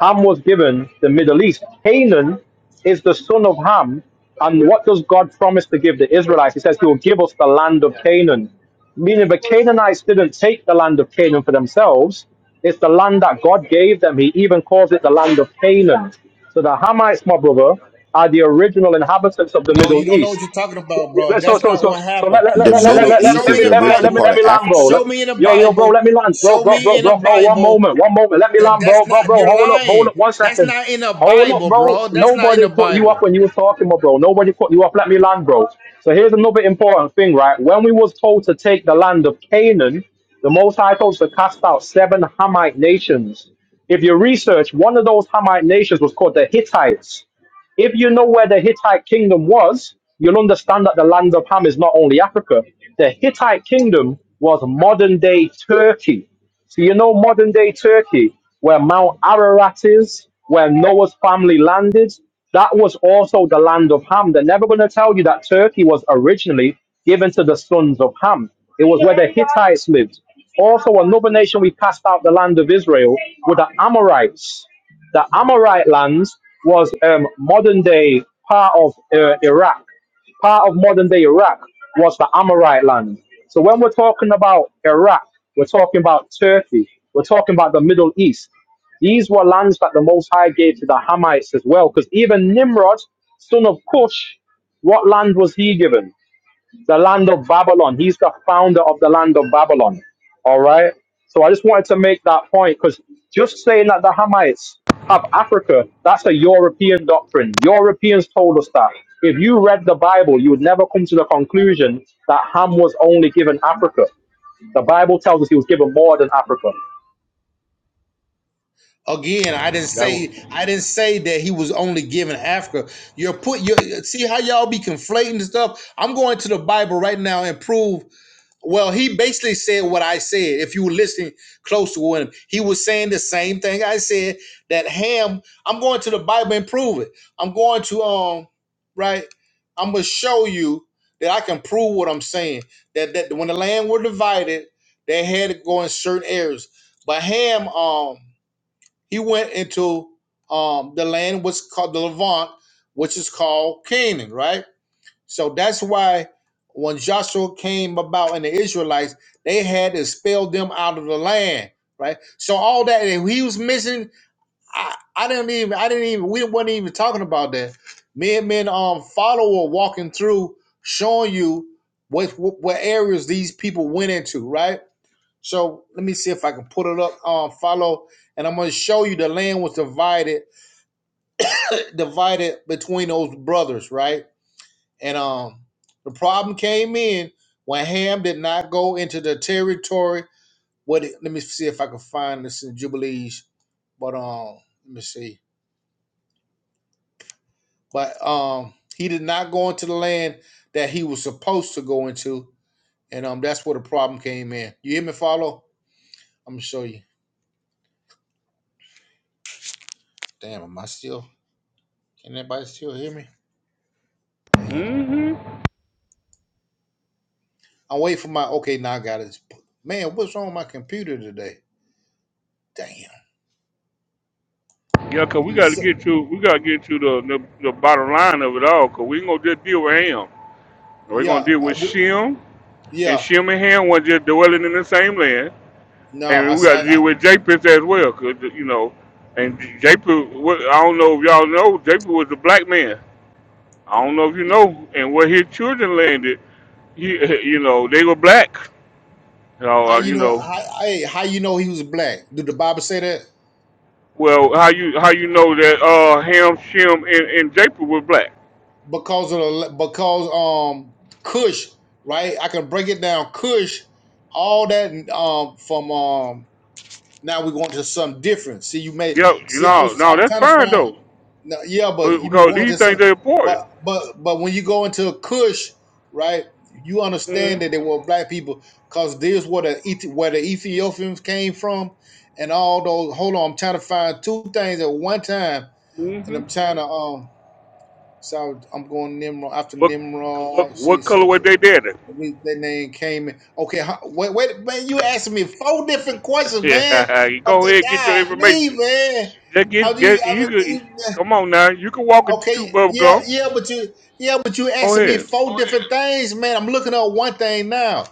S24: Ham was given the Middle East. Canaan is the son of Ham. And what does God promise to give the Israelites? He says, He will give us the land of Canaan. Meaning the Canaanites didn't take the land of Canaan for themselves. It's the land that God gave them. He even calls it the land of Canaan. So the Hamites, my brother, are the original inhabitants of the
S23: No, you
S24: Middle
S23: don't know
S24: East.
S23: what you're talking about, bro.
S24: Let's so
S23: That's
S24: so
S23: not
S24: so
S23: what
S24: so let
S23: happened.
S24: let
S25: The
S24: let let
S23: Show
S24: let
S25: Middle
S23: me.
S24: let, let me
S23: Show
S25: East
S24: let
S23: me
S25: is
S24: me
S23: the
S24: let me
S25: originally
S24: let me
S23: Bible.
S25: part
S24: let
S25: of
S24: me land,
S25: Africa,
S24: bro. Let,
S23: Show
S25: though.
S23: me in the
S24: yo yo, bro,
S23: Bible.
S24: let me land, bro,
S23: Show
S24: bro,
S23: me
S24: bro,
S23: in the
S24: bro, bro. One
S23: Bible
S24: moment, one moment. Let me
S23: that
S24: land, bro,
S23: that's
S24: bro,
S23: not.
S24: bro.
S23: You're
S24: Hold up, hold
S23: lying.
S24: up, one
S23: That's
S24: second.
S23: not in the
S24: Hold up,
S23: Bible,
S24: bro.
S23: bro. That's not in
S24: Nobody
S23: the
S24: cut you
S23: Bible.
S24: up when you was talking, my bro. Nobody cut you up. Let me land, bro. So here's another important thing, right? When we was told to take the land of Canaan, the Most High told us to cast out seven Hamite nations. If you research, one of those Hamite nations was called the Hittites. If you know where the Hittite kingdom was, you'll understand that the land of Ham is not only Africa. The Hittite kingdom was modern day Turkey. So you know modern day Turkey, where Mount Ararat is, where Noah's family landed, that was also the land of Ham. They're never going to tell you that Turkey was originally given to the sons of Ham. It was where the Hittites lived. Also, another nation we cast out the land of Israel were the Amorites. The Amorite lands was um, modern day part of uh, Iraq. Part of modern day Iraq was the Amorite land. So when we're talking about Iraq, we're talking about Turkey, we're talking about the Middle East. These were lands that the Most High gave to the Hamites as well, because even Nimrod, son of Cush, what land was he given? the land of Babylon. He's the founder of the land of Babylon. All right. So I just wanted to make that point because just saying that the Hamites have Africa, that's a European doctrine. Europeans told us that. If you read the Bible, you would never come to the conclusion that Ham was only given Africa. The Bible tells us he was given more than Africa.
S23: Again, I didn't
S1: That was,
S23: say I didn't say that he was only giving Africa. You're put you see how y'all be conflating the stuff. I'm going to the Bible right now and prove. Well, he basically said what I said. If you were listening close to him, he was saying the same thing I said. That Ham. I'm going to the Bible and prove it. I'm going to um right. I'm gonna show you that I can prove what I'm saying. That that when the land were divided, they had to go in certain areas. But Ham um he went into um, the land was called the Levant, which is called Canaan, right? So that's why when Joshua came about and the Israelites, they had to expel them out of the land, right? So all that and he was missing, I, I didn't even, I didn't even, we were not even talking about that. Me and men, um, follower walking through, showing you what, what what areas these people went into, right? So let me see if I can put it up. Um, follow, and I'm going to show you the land was divided, divided between those brothers, right? And um, the problem came in when Ham did not go into the territory. What? Let me see if I can find this in Jubilees. But um, let me see. But um, he did not go into the land that he was supposed to go into, and um, that's where the problem came in. You hear me? Follow. I'm gonna show you. Damn, am I still? Can anybody still hear me? Dang.
S1: mm-hmm.
S23: I'm waiting for my okay. Now I got it. Man, what's wrong with my computer today? Damn.
S1: Yeah, 'cause we
S23: I'm a,
S1: got to get to we got to get to the, the the bottom line of it all. 'Cause we ain't gonna just deal with Ham. We're
S23: yeah,
S1: gonna deal
S23: I
S1: with
S23: w-
S1: Shem, and
S23: yeah.
S1: Shem and Ham were just dwelling in the same land,
S23: No, I,
S1: and
S23: s-
S1: we got
S23: I-
S1: to deal
S23: I-
S1: with Japheth as well. 'Cause you know, and Japheth. wa- I don't know if y'all know Japheth was a black man. I don't know if you know, and where his children landed, he, you know, they were black. Oh,
S23: how
S1: uh,
S23: you
S1: you
S23: know?
S1: know.
S23: How, hey, how you know he was black? Did the Bible say that?
S1: Well, how you how you know that uh Ham, Shem, and and Japheth were black?
S23: Because of the because um Cush, right? I can break it down. Cush, all that um from um. Now we're going to something different. See, you may
S1: Yep. You
S23: see. I
S1: know,
S23: was
S1: no,
S23: I'm
S1: that's
S23: trying to
S1: fine
S23: find.
S1: though,
S23: No, yeah, but you
S1: because
S23: going
S1: these
S23: to some,
S1: things are
S23: but
S1: important.
S23: but but when you go into a Kush, right? You understand that they were black people because this where the Ethi- where the Ethiopians came from, and all those. Hold on, I'm trying to find two things at one time, and I'm trying to um. So I'm going Nimrod after
S1: What what
S23: Nimrod. See,
S1: what color
S23: so,
S1: were
S23: so-
S1: they dead in?
S23: at least that name came in. Okay, huh, wait, wait, man, you asking me four different questions, man.
S1: Yeah, you
S23: I'm
S1: go
S23: like,
S1: ahead and get your
S23: God, leave,
S1: information.
S23: man.
S1: Just
S23: How
S1: get
S23: do you,
S1: get
S23: I
S1: you can,
S23: mean,
S1: come on now. You can walk and chew
S23: Okay,
S1: bubble
S23: yeah,
S1: gum.
S23: yeah, but you, yeah, but you
S1: Go
S23: asking me
S1: ahead.
S23: four different things, man. I'm looking up one thing now.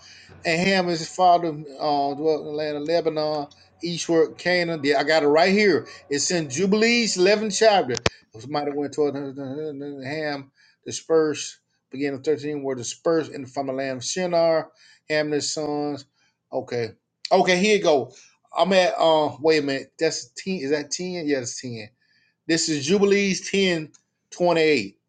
S23: And Ham is his father uh, dwelt in the land of Lebanon, eastward Canaan. Yeah, I got it right here. It's in Jubilees, 11th chapter. Somebody went toward Ham, dispersed, beginning of 13, were dispersed in from the land of Shinar, Ham and his sons. Okay, okay, here you go. I'm at, uh, wait a minute, that's 10, is that 10? Yeah, it's 10. This is Jubilees 10 28,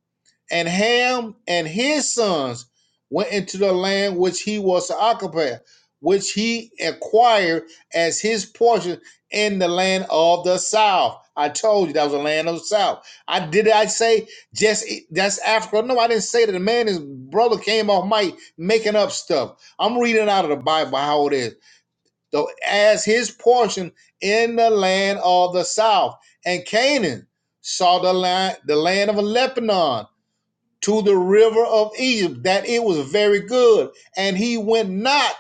S23: And Ham and his sons went into the land which he was to occupy, which he acquired as his portion in the land of the south. I told you that was the land of the south. I did I say just that's Africa? No, I didn't say that. The man, his brother came off mic making up stuff. I'm reading out of the Bible how it is though as his portion in the land of the south. And Canaan saw the land, the land of Lebanon to the river of Egypt, that it was very good. And he went not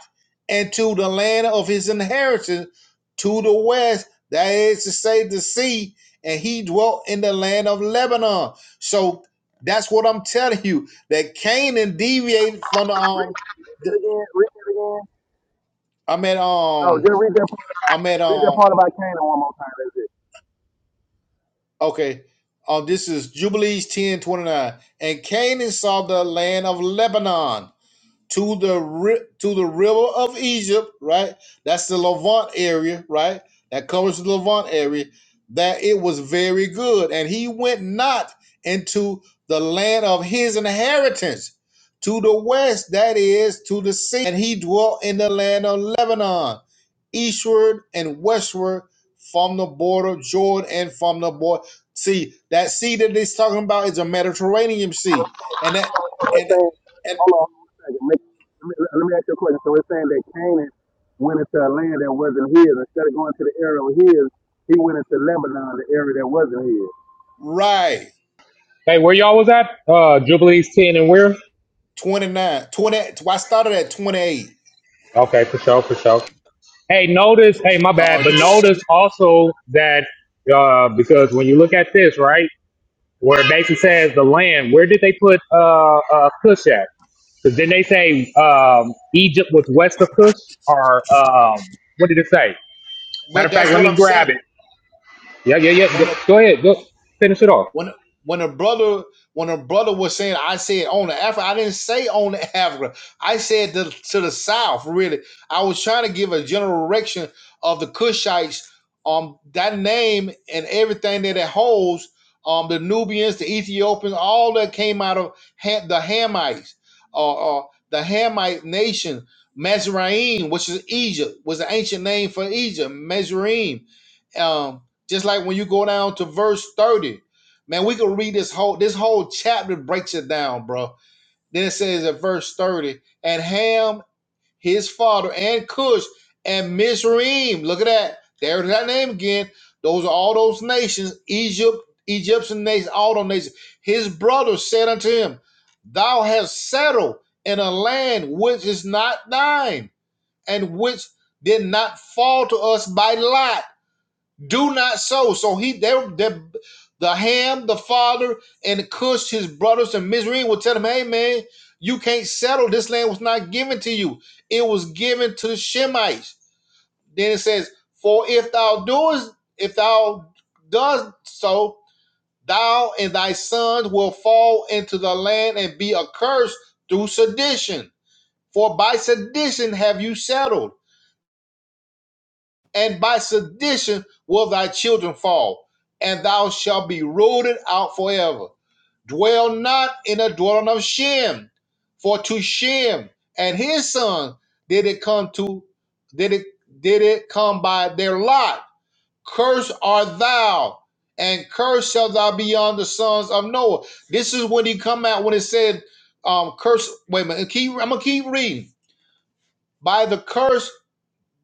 S23: into the land of his inheritance to the west, that is to say, the sea, and he dwelt in the land of Lebanon. So that's what I'm telling you. That Canaan deviated from the
S22: Read, read
S23: um the,
S22: that again. Read that again.
S23: I'm at
S22: No,
S23: um
S22: just read that. part-
S23: I'm at
S22: Read
S23: um
S22: that part about Canaan one more time.
S23: Okay. Um, this is Jubilees ten twenty nine. And Canaan saw the land of Lebanon, to the ri- to the river of Egypt, right? That's the Levant area, right? That covers the Levant area. That it was very good, and he went not into the land of his inheritance to the west, that is to the sea, and he dwelt in the land of Lebanon, eastward and westward from the border of Jordan and from the border. See that sea that he's talking about is a Mediterranean Sea, and that
S22: So it's
S23: and
S22: saying,
S23: and
S22: hold on one second. Make, let, me, let me ask you a question. So it's saying that Canaan went into a land that wasn't his. Instead of going to the area of his, he went into Lebanon, the area that wasn't his.
S23: right
S26: Hey, where y'all was at? Uh, Jubilees 10 and where?
S23: 29, 20. Well, I started at 28.
S26: Okay, for sure, for sure. Hey, notice, hey, my bad,
S23: Uh, you,
S26: but notice also that, uh, because when you look at this, right, where it basically says the land, where did they put, uh, uh, Cush at? Because then they say, um, Egypt was west of Cush or, um, what did it say? Matter
S23: but
S26: of fact,
S23: that's
S26: let
S23: what
S26: me
S23: I'm saying.
S26: grab it. Yeah, yeah, yeah. Go,
S23: When a
S26: go ahead. Go finish it off.
S23: when when a brother when a brother was saying I said on the Africa, I didn't say on the Africa. I said to, to the south, really. I was trying to give a general direction of the Kushites, um, that name and everything that it holds, um, the Nubians, the Ethiopians, all that came out of Ham, the Hamites, uh, uh, the Hamite nation, Mizraim, which is Egypt, was an ancient name for Egypt, Mizraim. Um, just like when you go down to verse 30 Man, we could read this whole this whole chapter breaks it down, bro. Then it says at verse 30, and Ham, his father, and Cush, and Mizraim. Look at that. There's that name again. Those are all those nations, Egypt, Egyptian nations, all those nations. His brothers said unto him, Thou hast settled in a land which is not thine, and which did not fall to us by lot do not sow. So he they the the Ham, the father, and Cush, his brothers and Mizraim will tell him, Hey man, you can't settle. This land was not given to you. It was given to the Shemites. Then it says, For if thou doest, if thou does so, thou and thy sons will fall into the land and be accursed through sedition. For by sedition have you settled. and by sedition will thy children fall, and thou shalt be rooted out forever. Dwell not in the dwelling of Shem, for to Shem and his son did it come to did it did it come by their lot. Cursed art thou, and cursed shalt thou be on the sons of Noah. This is when he come out when it said, um, curse. Wait a minute, keep, I'm gonna keep reading. By the curse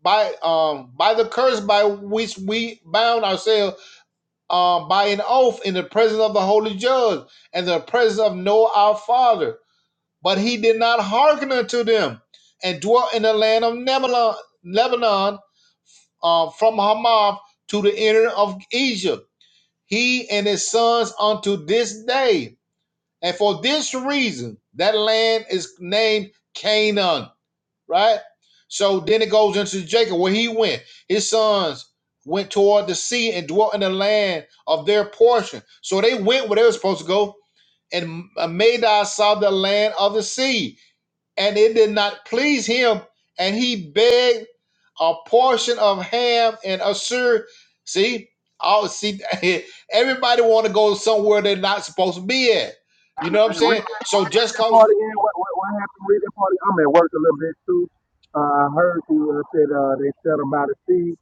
S23: by um by the curse by which we bound ourselves um by an oath in the presence of the holy judge and the presence of Noah our father. But he did not hearken unto them, and dwelt in the land of Lebanon, Lebanon um, from Hamath to the inner of Egypt, he and his sons unto this day. And for this reason, that land is named Canaan right? So then it goes into Jacob where he went. His sons went toward the sea and dwelt in the land of their portion. So they went where they were supposed to go. And Madai saw the land of the sea, and it did not please him. And he begged a portion of Ham and Assur. See, all see, everybody want to go somewhere they're not supposed to be at. You know what I'm
S22: Hey,
S23: saying?
S22: read, that, read,
S23: So
S22: read
S23: just
S22: that
S23: cause,
S22: part again. What, what, what happened? Read that part. again. I'm at work a little bit too. Uh, I heard you uh, said uh, they settled by the sea.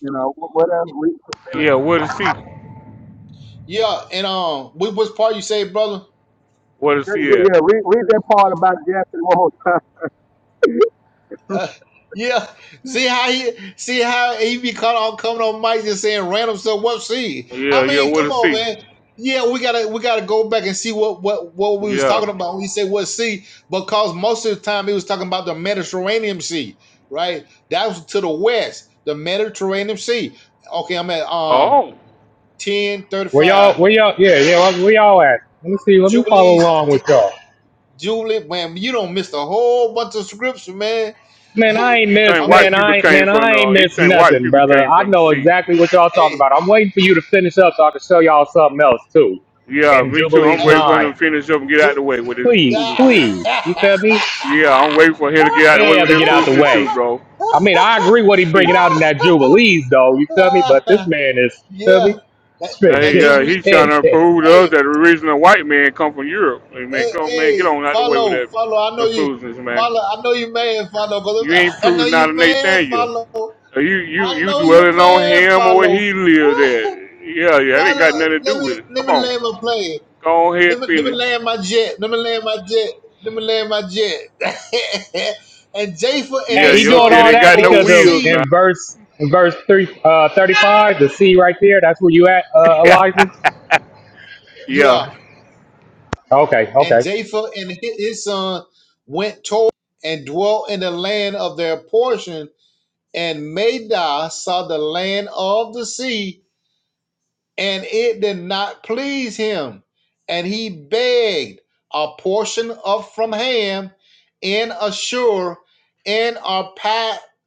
S22: You know, what, what else? Read,
S1: Yeah, where to see?
S23: yeah. And um, what was part you say, brother?
S1: Where to see at?
S22: yeah, read, read that part about Jackson one more time. hey,
S23: Uh, yeah. See how he see how he be caught on coming on mic just saying random stuff. What see?
S1: Yeah,
S23: I
S1: yeah,
S23: mean,
S1: where
S23: come
S1: to
S23: on,
S1: see?
S23: man. Yeah, we gotta we gotta go back and see what what what we was
S1: Yeah.
S23: talking about when we said what sea, because most of the time he was talking about the Mediterranean Sea, right? That was to the west, the Mediterranean Sea. Okay, I'm at um
S1: Oh,
S23: ten thirty
S26: Where y'all,
S23: five
S26: where y'all, yeah, yeah, where y'all at? Let me see. Let me follow
S23: Jubilees.
S26: along
S23: T-
S26: with y'all.
S23: Jubilee, man, you don't miss a whole bunch of scripture, man.
S26: Man, I ain't
S1: he
S26: miss.
S1: think
S23: I'm at
S1: white
S26: Man,
S1: people
S26: I ain't.
S1: came
S26: Man,
S1: from.
S26: I ain't
S1: the. he
S26: miss
S1: think white
S26: nothing,
S1: people
S26: brother.
S1: came
S26: I
S1: from the
S26: know
S1: sea.
S26: exactly what y'all talking
S23: hey
S26: about. I'm waiting for you to finish up so I can show y'all something else too.
S1: Yeah,
S26: And
S1: me too. I'm
S26: Jubilees
S1: waiting for
S23: hey.
S1: him
S26: nine,
S1: to finish up and get out of the way with his
S26: please,
S23: yeah,
S1: foolishness.
S26: please. You feel me?
S1: Yeah, I'm waiting for him to get out of the
S26: Yeah,
S1: way with
S26: to
S1: his
S26: get out the
S1: foolishness too,
S26: way.
S1: bro.
S26: I mean, I agree what he
S1: he,
S26: bringing out in that Jubilees though. You feel me? But this man is. You feel
S23: Yeah,
S26: me?
S23: that,
S1: uh,
S26: Straight.
S23: that
S1: he, uh,
S23: jubilee.
S1: he
S26: Yeah.
S1: trying to prove to
S23: Hey,
S1: us that the reason a white man come from Europe. Hey, man,
S23: hey,
S1: come man,
S23: hey,
S1: get on out the way with
S23: follow,
S1: that,
S23: follow. I know
S1: that
S23: you,
S1: foolishness, man.
S23: follow. I know you man, follow. 'cause
S1: You
S23: I'm-
S1: ain't
S23: I know
S1: proving not
S23: you
S1: a
S23: man,
S1: Nathaniel.
S23: follow.
S1: Uh, You you
S23: I
S1: you
S23: know you
S1: dwelling on
S23: man,
S1: him or where
S23: follow.
S1: he lived at. Yeah, yeah, that ain't
S23: follow.
S1: got nothing to do
S23: Let me
S1: with it.
S23: let
S1: Come
S23: me
S1: on,
S23: let him play.
S1: go on ahead,
S23: Let me, let me
S1: finish.
S23: land my jet. Let me land my jet. Let me land my jet. and Japheth and
S26: hey,
S1: Yeah,
S23: his
S26: he
S1: your
S26: doing
S23: son
S1: jet
S26: all
S1: ain't
S23: went
S26: that
S1: got no
S23: toward the
S26: because of
S1: wheels now.
S23: sea.
S26: in verse in verse three uh, thirty five. The C right there. That's where you at, uh, Elijah.
S1: yeah,
S23: Yeah.
S26: Okay,
S23: And
S26: okay.
S23: Japheth and hi- his son went toward and dwelt in the land of their portion. And Madai saw the land of the sea, and it did not please him. And he begged a portion of from Ham in Ashur in Arpachshad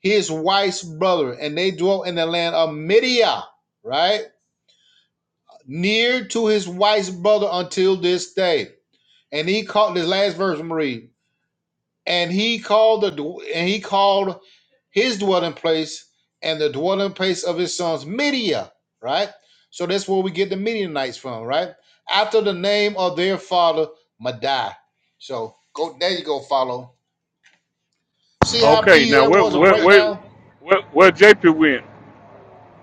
S23: his wife's brother, and they dwelt in the land of Midia, right? Near to his wife's brother until this day. And he called this last verse, Marie. And he called the and he called his dwelling place and the dwelling place of his sons Midia, right? So that's where we get the Midianites from, right? After the name of their father, Madai. So go there you go, follow. See how
S1: Okay,
S23: easy
S1: now
S23: that
S1: where
S23: was to
S1: where
S23: break Okay.
S1: where
S23: down?
S1: where, where JP went?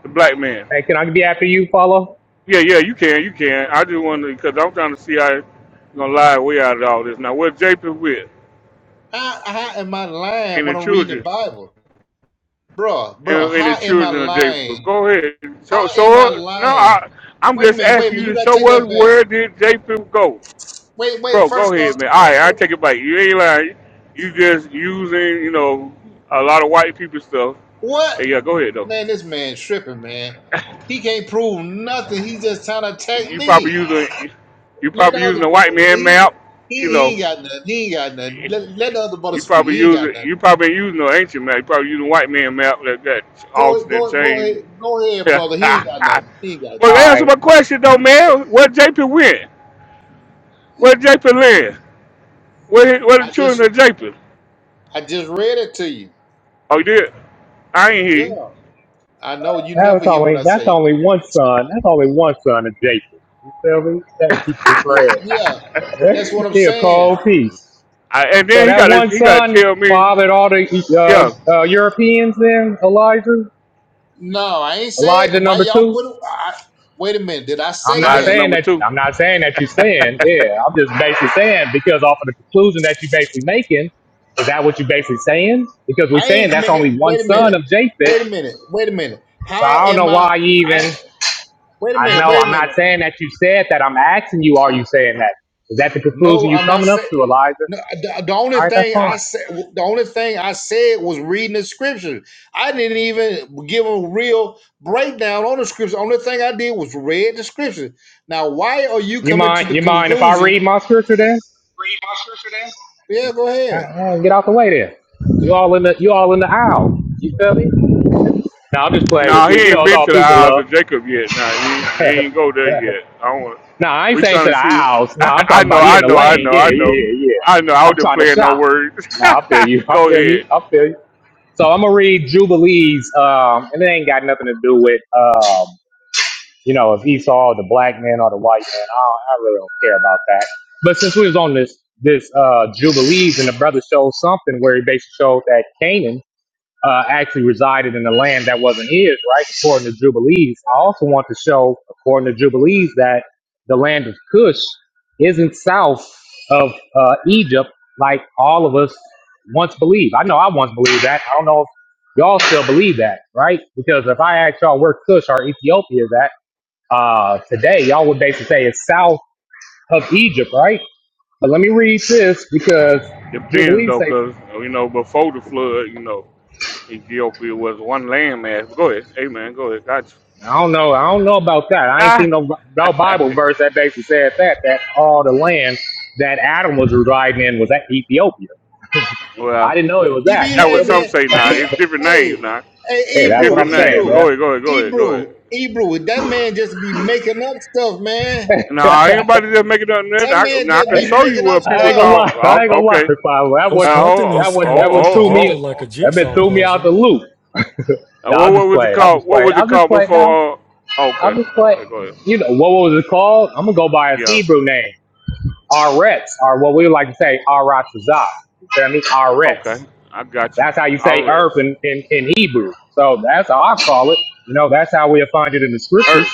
S1: The black man.
S26: Hey, can I be after you, follow?
S1: Yeah, yeah, you can, you can. I just wanted because I'm trying to see how you gonna lie way out of all this. Now where JP went
S23: How, how am I lying
S1: and the
S23: when I'm reading the
S1: children
S23: Bible? Bruh,
S1: and,
S23: bruh,
S1: and
S23: how
S1: the
S23: am I
S1: children of JP.
S23: lying?
S1: Go ahead. So
S23: How
S1: so
S23: am I
S1: no,
S23: lying?
S1: I I'm
S23: Wait a
S1: just
S23: minute, wait a
S1: asking
S23: minute.
S1: you
S23: You
S1: to
S23: gotta take
S1: show us
S23: that back.
S1: where did JP go,
S23: Wait, wait.
S1: bro? Go
S23: First of all,
S1: ahead, man. All
S23: first-
S1: right, I take
S23: first-
S1: it back. You ain't lying. You just using you know a lot of white people stuff.
S23: what?
S1: Hey, yeah, go ahead though.
S23: Man, this man tripping, man. He can't prove nothing. He just trying to
S1: You
S23: attack
S1: you probably
S23: me.
S1: using you
S23: Let the
S1: probably using
S23: other
S1: a
S23: brother.
S1: white man
S23: He
S1: map.
S23: he,
S1: You
S23: he
S1: know,
S23: ain't got nothing. He ain't got nothing. Let,
S1: you
S23: let the other brother speak.
S1: probably
S23: He ain't got
S1: using
S23: nothing.
S1: you probably ain't using no ancient map. You probably using a white man map that that
S23: Go
S1: altered and
S23: go go
S1: changed.
S23: ahead, go ahead, brother. He ain't got nothing. He ain't got
S26: All
S1: well,
S23: nothing.
S1: answer
S26: right,
S1: my question though, man. Where JP went? Where JP land? Where where the
S23: I
S1: children
S23: just
S1: of JP?
S23: I just read it to you.
S1: Oh, you did. I ain't hear
S23: Yeah,
S1: you.
S23: I know you
S26: That was
S23: never hear what
S26: only
S23: I
S26: that's
S23: say.
S26: only one son. That's only one son of Jacob. You feel me? That he just
S1: I-
S23: Yeah,
S26: read.
S23: yeah. That's what I'm
S26: he a
S23: saying.
S26: cold piece.
S1: and
S26: So
S1: then he
S26: that
S1: got
S26: one
S1: he got to
S26: son
S1: tell me,
S26: fathered all the
S1: yeah,
S26: uh, uh, Europeans. Then Elijah,
S23: No, I ain't said that.
S26: Elijah
S23: why
S26: number
S23: y'all
S26: two.
S23: put. it? I, wait a minute. Did I
S26: I'm
S23: say
S26: not
S1: lies
S23: that?
S26: saying
S1: number
S26: that.
S1: two.
S26: I'm not saying that you're saying. Yeah, I'm just basically saying because off of the conclusion that you're basically making. Is that what you're basically saying? Because we're
S23: I
S26: saying
S23: ain't
S26: that's
S23: making.
S26: only one
S23: Wait a
S26: son
S23: minute.
S26: of Japheth.
S23: Wait a minute. Wait a minute.
S26: So
S23: How
S26: I don't know
S23: am I?
S26: why you even.
S23: I wait a
S26: I
S23: minute.
S26: know
S23: Wait a
S26: I'm
S23: minute.
S26: not saying that you said that. I'm asking you, are you saying that? Is that the conclusion
S23: No,
S26: you
S23: I'm not
S26: coming up
S23: saying.
S26: to, Elijah?
S23: No, the, the only
S26: All right, that's
S23: thing I
S26: fine.
S23: said, the only thing I said was reading the scripture. I didn't even give a real breakdown on the scripture. Only thing I did was read the scripture. Now, why are you
S26: You
S23: coming to
S26: mind?
S23: the
S26: You mind if I
S23: conclusion?
S26: read my scripture then?
S23: Read my scripture, then. Yeah, go
S26: Uh,
S23: ahead.
S26: uh, get out the way then. You all in the you all in the aisle. You feel me? Now I'm just playing with
S1: Nah, he
S26: you. You
S1: ain't
S26: know it's
S1: been
S26: all
S1: to the
S26: peace and
S1: Isles
S26: love.
S1: of Jacob yet. Nah, he, ain't- he ain't go there yet. I want.
S26: no, I ain't
S1: We
S26: saying
S1: trying
S26: to
S1: to
S26: the
S1: see. What,
S26: aisles. No,
S1: I,
S26: I'm
S1: I
S26: talking
S1: know.
S26: about he
S1: I
S26: in the
S1: know. I
S26: lane.
S1: know.
S26: Yeah,
S1: I
S26: yeah,
S1: know.
S26: yeah,
S1: I know.
S26: yeah.
S1: I
S26: I'm
S1: wasn't
S26: trying to
S1: playing no
S26: shop.
S1: words.
S26: No, I feel you. I
S1: go
S26: feel you.
S1: ahead.
S26: I feel you. So I'm gonna read Jubilees, um, and it ain't got nothing to do with. um, you know, if Esau, the black man, or the white man, I, don't, I really don't care about that. But since we was on this this uh, Jubilees, and the brother showed something where he basically showed that Canaan uh, actually resided in the land that wasn't his, right? According to Jubilees, I also want to show, according to Jubilees, that the land of Cush isn't south of uh, Egypt, like all of us once believed. I know I once believed that. I don't know if y'all still believe that, right? Because if I ask y'all where Cush or Ethiopia is at uh, today, y'all would basically say it's south of Egypt, right? But let me read this because
S1: Depends
S26: Jubilee
S1: though,
S26: say,
S1: cause you know before the flood, you know Ethiopia was one landmass. But go ahead. Amen. Go ahead. Gotcha.
S26: I don't know, I don't know about that. I ain't
S1: Ah.
S26: seen no, no Bible verse that basically said that, that all the land that Adam was residing in was at Ethiopia.
S1: well,
S26: I didn't know it was
S23: He be,
S26: that. You
S1: that
S23: a
S1: was
S26: feel me?
S1: some
S23: man,
S1: say now.
S23: he,
S1: It's different
S23: hey,
S1: names now.
S23: hey,
S26: Hey,
S1: It's
S26: that's what
S23: Ebrew,
S26: I'm
S1: different
S26: saying,
S1: names. But
S23: Ebrew,
S1: go
S26: man.
S1: ahead. Go ahead. Go ahead. Go ahead.
S23: Ebrew, Ebrew. That man just be making up stuff, man.
S1: Now, anybody that make it up, then
S23: That
S1: I,
S23: man
S1: now I
S23: just
S1: can
S23: be
S1: show you
S23: making up
S1: what
S26: I
S1: people
S26: ain't gonna
S23: stuff.
S1: call.
S26: lie. I ain't
S1: oh,
S26: gonna lie,
S1: Okay.
S26: Bible. That one,
S3: Those
S1: Uh, oh,
S26: that
S3: continents
S1: oh,
S26: one,
S3: kind
S26: that
S3: of
S26: one
S3: fit
S26: threw
S1: oh,
S3: together
S26: me.
S1: oh.
S3: like a
S1: oh.
S26: That been
S3: jigsaw
S26: threw me out the
S3: puzzle.
S26: loop.
S1: Uh,
S26: Nah,
S1: what,
S26: I'm
S1: what
S26: just
S1: was it
S26: playing. I'm
S1: called?
S26: just
S1: What
S26: playing.
S1: was
S26: I'm
S1: it
S26: just
S1: called
S26: playing. Nah.
S1: before? Uh,
S26: I
S1: okay.
S26: was like,
S1: Okay, go ahead.
S26: you know, what was it called? I'm gonna go by its
S1: Yeah.
S26: Hebrew name, Aretz, or what we like to say, Arachazah. That means Aretz.
S1: Okay. I got you.
S26: That's how you
S1: i
S26: say earth
S1: rest.
S26: in, in, in Hebrew. So that's how I call it. You know, that's how we'll find it in the scriptures.
S1: Earth.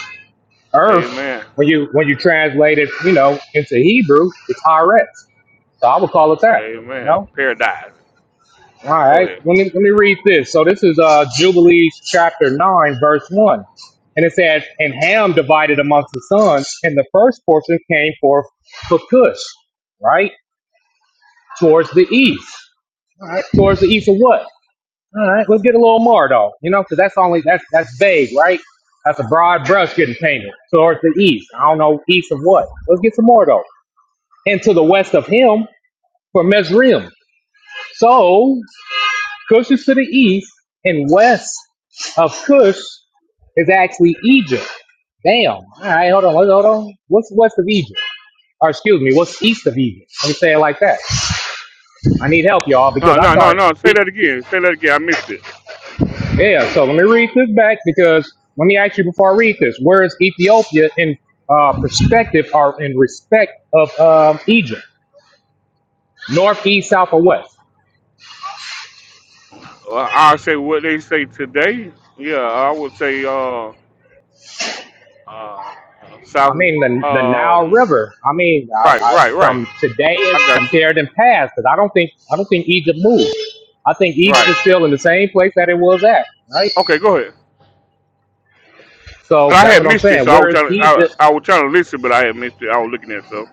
S26: Earth,
S1: Amen.
S26: when you when you translate it, you know, into Hebrew, it's Aretz. So I would call it that. You
S1: Amen.
S26: know.
S1: Paradise.
S26: All
S1: Go
S26: right,
S1: ahead.
S26: let me, let me read this. So this is uh, Jubilees chapter 9, verse 1. And it says, And Ham divided amongst the sons, and the first portion came forth for Cush, right? Towards the east. All right, towards the east of what? All right, let's get a little more though, you know, because that's only, that's, that's vague, right? That's a broad brush getting painted. Towards the east. I don't know, east of what? Let's get some more though. And to the west of him for Mesrim. So Cush is to the east, and west of Cush is actually Egypt. Damn. All right, hold on, hold on. hold on. What's west of Egypt? Or excuse me, what's east of Egypt? Let me say it like that. I need help, y'all,
S1: No,
S26: because I
S1: no, no,
S26: start.
S1: no. Say that again. Say that again. I missed it.
S26: Yeah. So let me read this back because let me ask you before I read this. Where is Ethiopia in uh, perspective or in respect of um, Egypt? North, east, south, or west?
S1: Well, I'll say what they say today. Yeah, I would say, uh, uh,
S26: I
S1: South,
S26: mean the the Nile
S1: um,
S26: River. I mean, I,
S1: Right,
S26: I,
S1: right,
S26: from
S1: right.
S26: today is
S1: I got
S26: compared
S1: you.
S26: in past because I don't think I don't think Egypt moved. I think Egypt is
S1: Right.
S26: still in the same place that it was at, right?
S1: Okay, go ahead.
S26: So
S1: But I
S26: that's
S1: had
S26: what I'm
S1: missed it,
S26: saying.
S1: so I was
S26: Where is
S1: trying to I,
S26: Egypt?
S1: I was trying to listen, but I had missed it. I was looking at stuff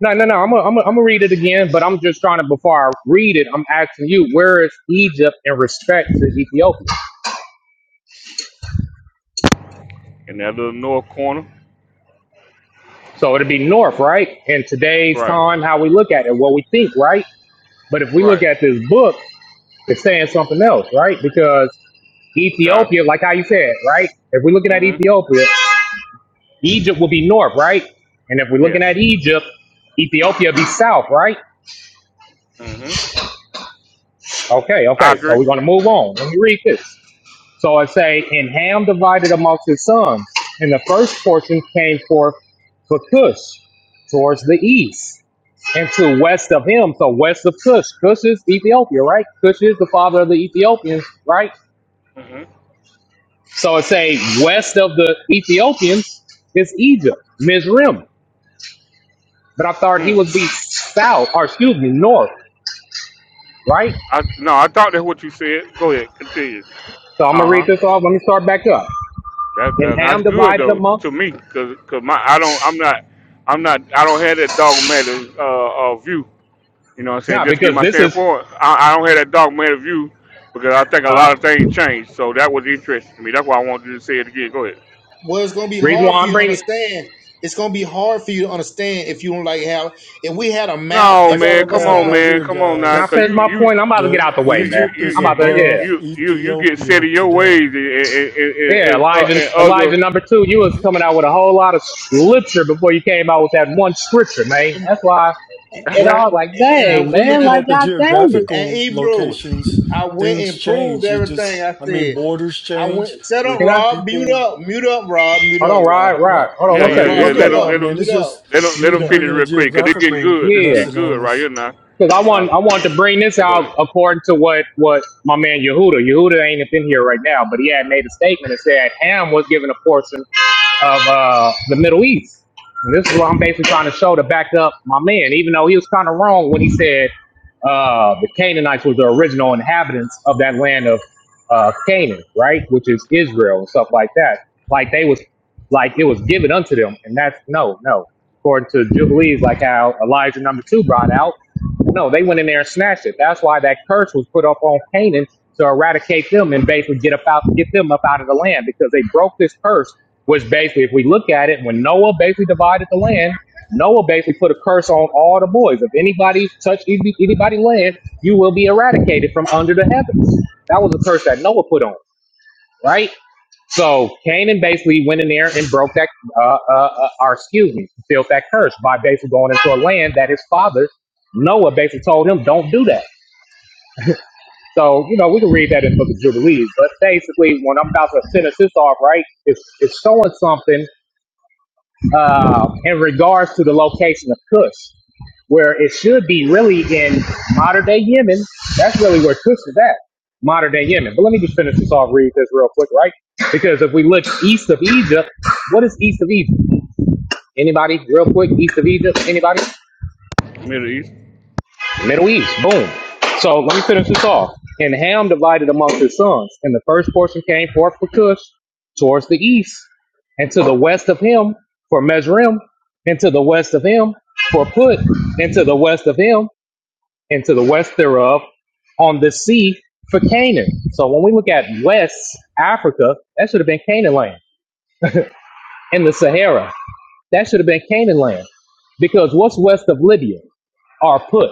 S26: No, no, no. I'm gonna I'm gonna I'm gonna read it again, but I'm just trying to before I read it, I'm asking you where is Egypt in respect to Ethiopia?
S1: in that little north corner.
S26: So it'd be north, right? In today's
S1: Right.
S26: time, how we look at it, what we think, right? But if we look
S1: Right.
S26: at this book, it's saying something else, right? Because
S1: Which I.
S26: Ethiopia, like how you said, right? If we're looking at
S1: Mm-hmm.
S26: Ethiopia, Egypt will be north, right? And if we're looking at
S1: Yes.
S26: Egypt, Ethiopia be south, right?
S1: Mm-hmm.
S26: Okay,
S1: I
S26: okay. So
S1: agree.
S26: we're gonna move on. Let me read this. So I say, and Ham divided amongst his sons, and the first portion came forth for Cush towards the east, and to west of him. So west of Cush, Cush is Ethiopia, right? Cush is the father of the Ethiopians, right?
S1: Mm-hmm.
S26: So it say west of the Ethiopians is Egypt, Mizrim. But I thought he
S1: Mm.
S26: would be south, or excuse me, north, right?
S1: I no, I thought that's what you said. Go ahead, continue.
S26: So I'm
S1: Uh
S26: gonna read
S1: huh.
S26: this off. Let me start back up.
S1: That,
S26: And
S1: that that's
S26: Ham
S1: good
S26: divided
S1: though
S26: amongst.
S1: to me, cause 'cause my I don't I'm not I'm not I don't have that dogmatic uh, uh view You know what I'm saying?
S26: Now,
S1: Just to give
S26: because
S1: my
S26: this is
S1: standpoint, I, I don't have that dogmatic view because I think a
S26: uh
S1: lot of things change. So that was interesting to me. That's why I wanted you to say it again. Go ahead.
S23: Well, it's gonna be
S26: reason
S23: hard
S26: why
S23: for
S26: I'm
S23: you to
S26: bringing.
S23: understand. It's gonna be hard for you to understand if you don't like how. If we had a map
S1: No,
S3: I
S23: in
S3: got
S23: front
S1: man,
S3: a
S23: of
S1: come
S23: us
S3: map
S1: on,
S23: now,
S3: right
S1: man,
S3: here,
S1: come on now,
S26: Can I
S1: cause
S3: guys.
S26: finish
S1: you
S26: my
S1: you
S26: point? I'm about to get
S3: The
S26: out the
S1: you
S26: way,
S1: you
S26: man.
S3: Egypt
S1: you
S3: is
S26: I'm
S1: you
S26: about to
S1: you
S26: yeah,
S3: above
S1: you you get set
S3: Ethiopia
S1: in your ways
S3: today.
S1: and and and,
S26: yeah.
S1: and, uh,
S26: Elijah,
S1: and
S26: Elijah
S1: other.
S26: number two. You was coming out with a whole lot of scripture before you came out with that one scripture, man.
S23: and
S26: That's why. And I was
S3: Well,
S26: like,
S23: and
S3: well,
S23: I
S26: dang,
S3: we're
S23: and
S26: man,
S3: looking
S23: I
S26: like
S3: at the
S26: God dang it.
S23: and
S3: geographical
S23: Ebrew,
S3: locations.
S23: I went
S3: Things
S23: and proved
S3: change. It just,
S23: everything I
S3: I mean,
S23: said.
S3: borders
S23: I
S3: change
S23: went set up,
S3: with
S26: You know?
S23: Rob. Mute
S3: people.
S23: up, mute up, Rob. Mute
S26: Hold on,
S23: up, Rob.
S26: right, right.
S3: Well,
S26: Hold on,
S1: yeah,
S3: all
S26: one
S3: right,
S1: yeah,
S26: second,
S23: Rob,
S3: it's
S26: one
S1: yeah.
S3: no
S23: mute
S1: Let
S26: second.
S1: them
S3: problem,
S1: let
S23: up,
S3: man.
S1: them
S23: mute
S3: It's
S23: up,
S3: just
S1: let them
S3: you,
S1: let them
S23: mute
S3: you
S23: up.
S1: finish
S3: bringing a
S1: real quick, cause it's getting
S3: geographical
S1: good. It's
S26: Yeah,
S1: getting
S3: lesson
S1: good
S3: on
S1: right
S3: us.
S1: here now.
S26: because I
S1: Uh,
S26: want I want to bring this
S1: okay, go
S26: out
S1: ahead.
S26: according to what what my man Yehuda. Yehuda ain't up in here right now, but he had made a statement and said Ham was given a portion of uh, the Middle East. And this is what I'm basically trying to show to back up my man, even though he was kind of wrong when he said uh, the Canaanites was the original inhabitants of that land of uh, Canaan, right? Which is Israel and stuff like that. Like they was, like it was given unto them. And that's no, no. According to Jubilees, like how Elijah number two brought out. No, they went in there and snatched it. That's why that curse was put up on Canaan to eradicate them and basically get up out, get them up out of the land because they broke this curse. Which basically, if we look at it, when Noah basically divided the land, Noah basically put a curse on all the boys. If anybody touch anybody land, you will be eradicated from under the heavens. That was a curse that Noah put on right? So Canaan basically went in there and broke that, uh, uh, uh, or excuse me, fulfilled that curse by basically going into a land that his father Noah basically told him, "Don't do that." So you know we can read that in the Book of Jubilees, but basically when I'm about to finish this off, right, it's it's showing something uh, in regards to the location of Cush, where it should be really in modern day Yemen. That's really where Cush is at, modern day Yemen. But let me just finish this off, read this real quick, right? Because if we look east of Egypt, what is east of Egypt? Anybody, real quick, east of Egypt? Anybody?
S1: Middle East,
S26: Middle East, boom. So let me finish this off. And Ham divided amongst his sons, and the first portion came forth for Cush towards the east, and to the west of him for Mesrim, and to the west of him for Put, and to the west of him, and to the west thereof on the sea for Canaan. So when we look at West Africa, that should have been Canaan land. And the Sahara, that should have been Canaan land. Because what's west of Libya? Or Put,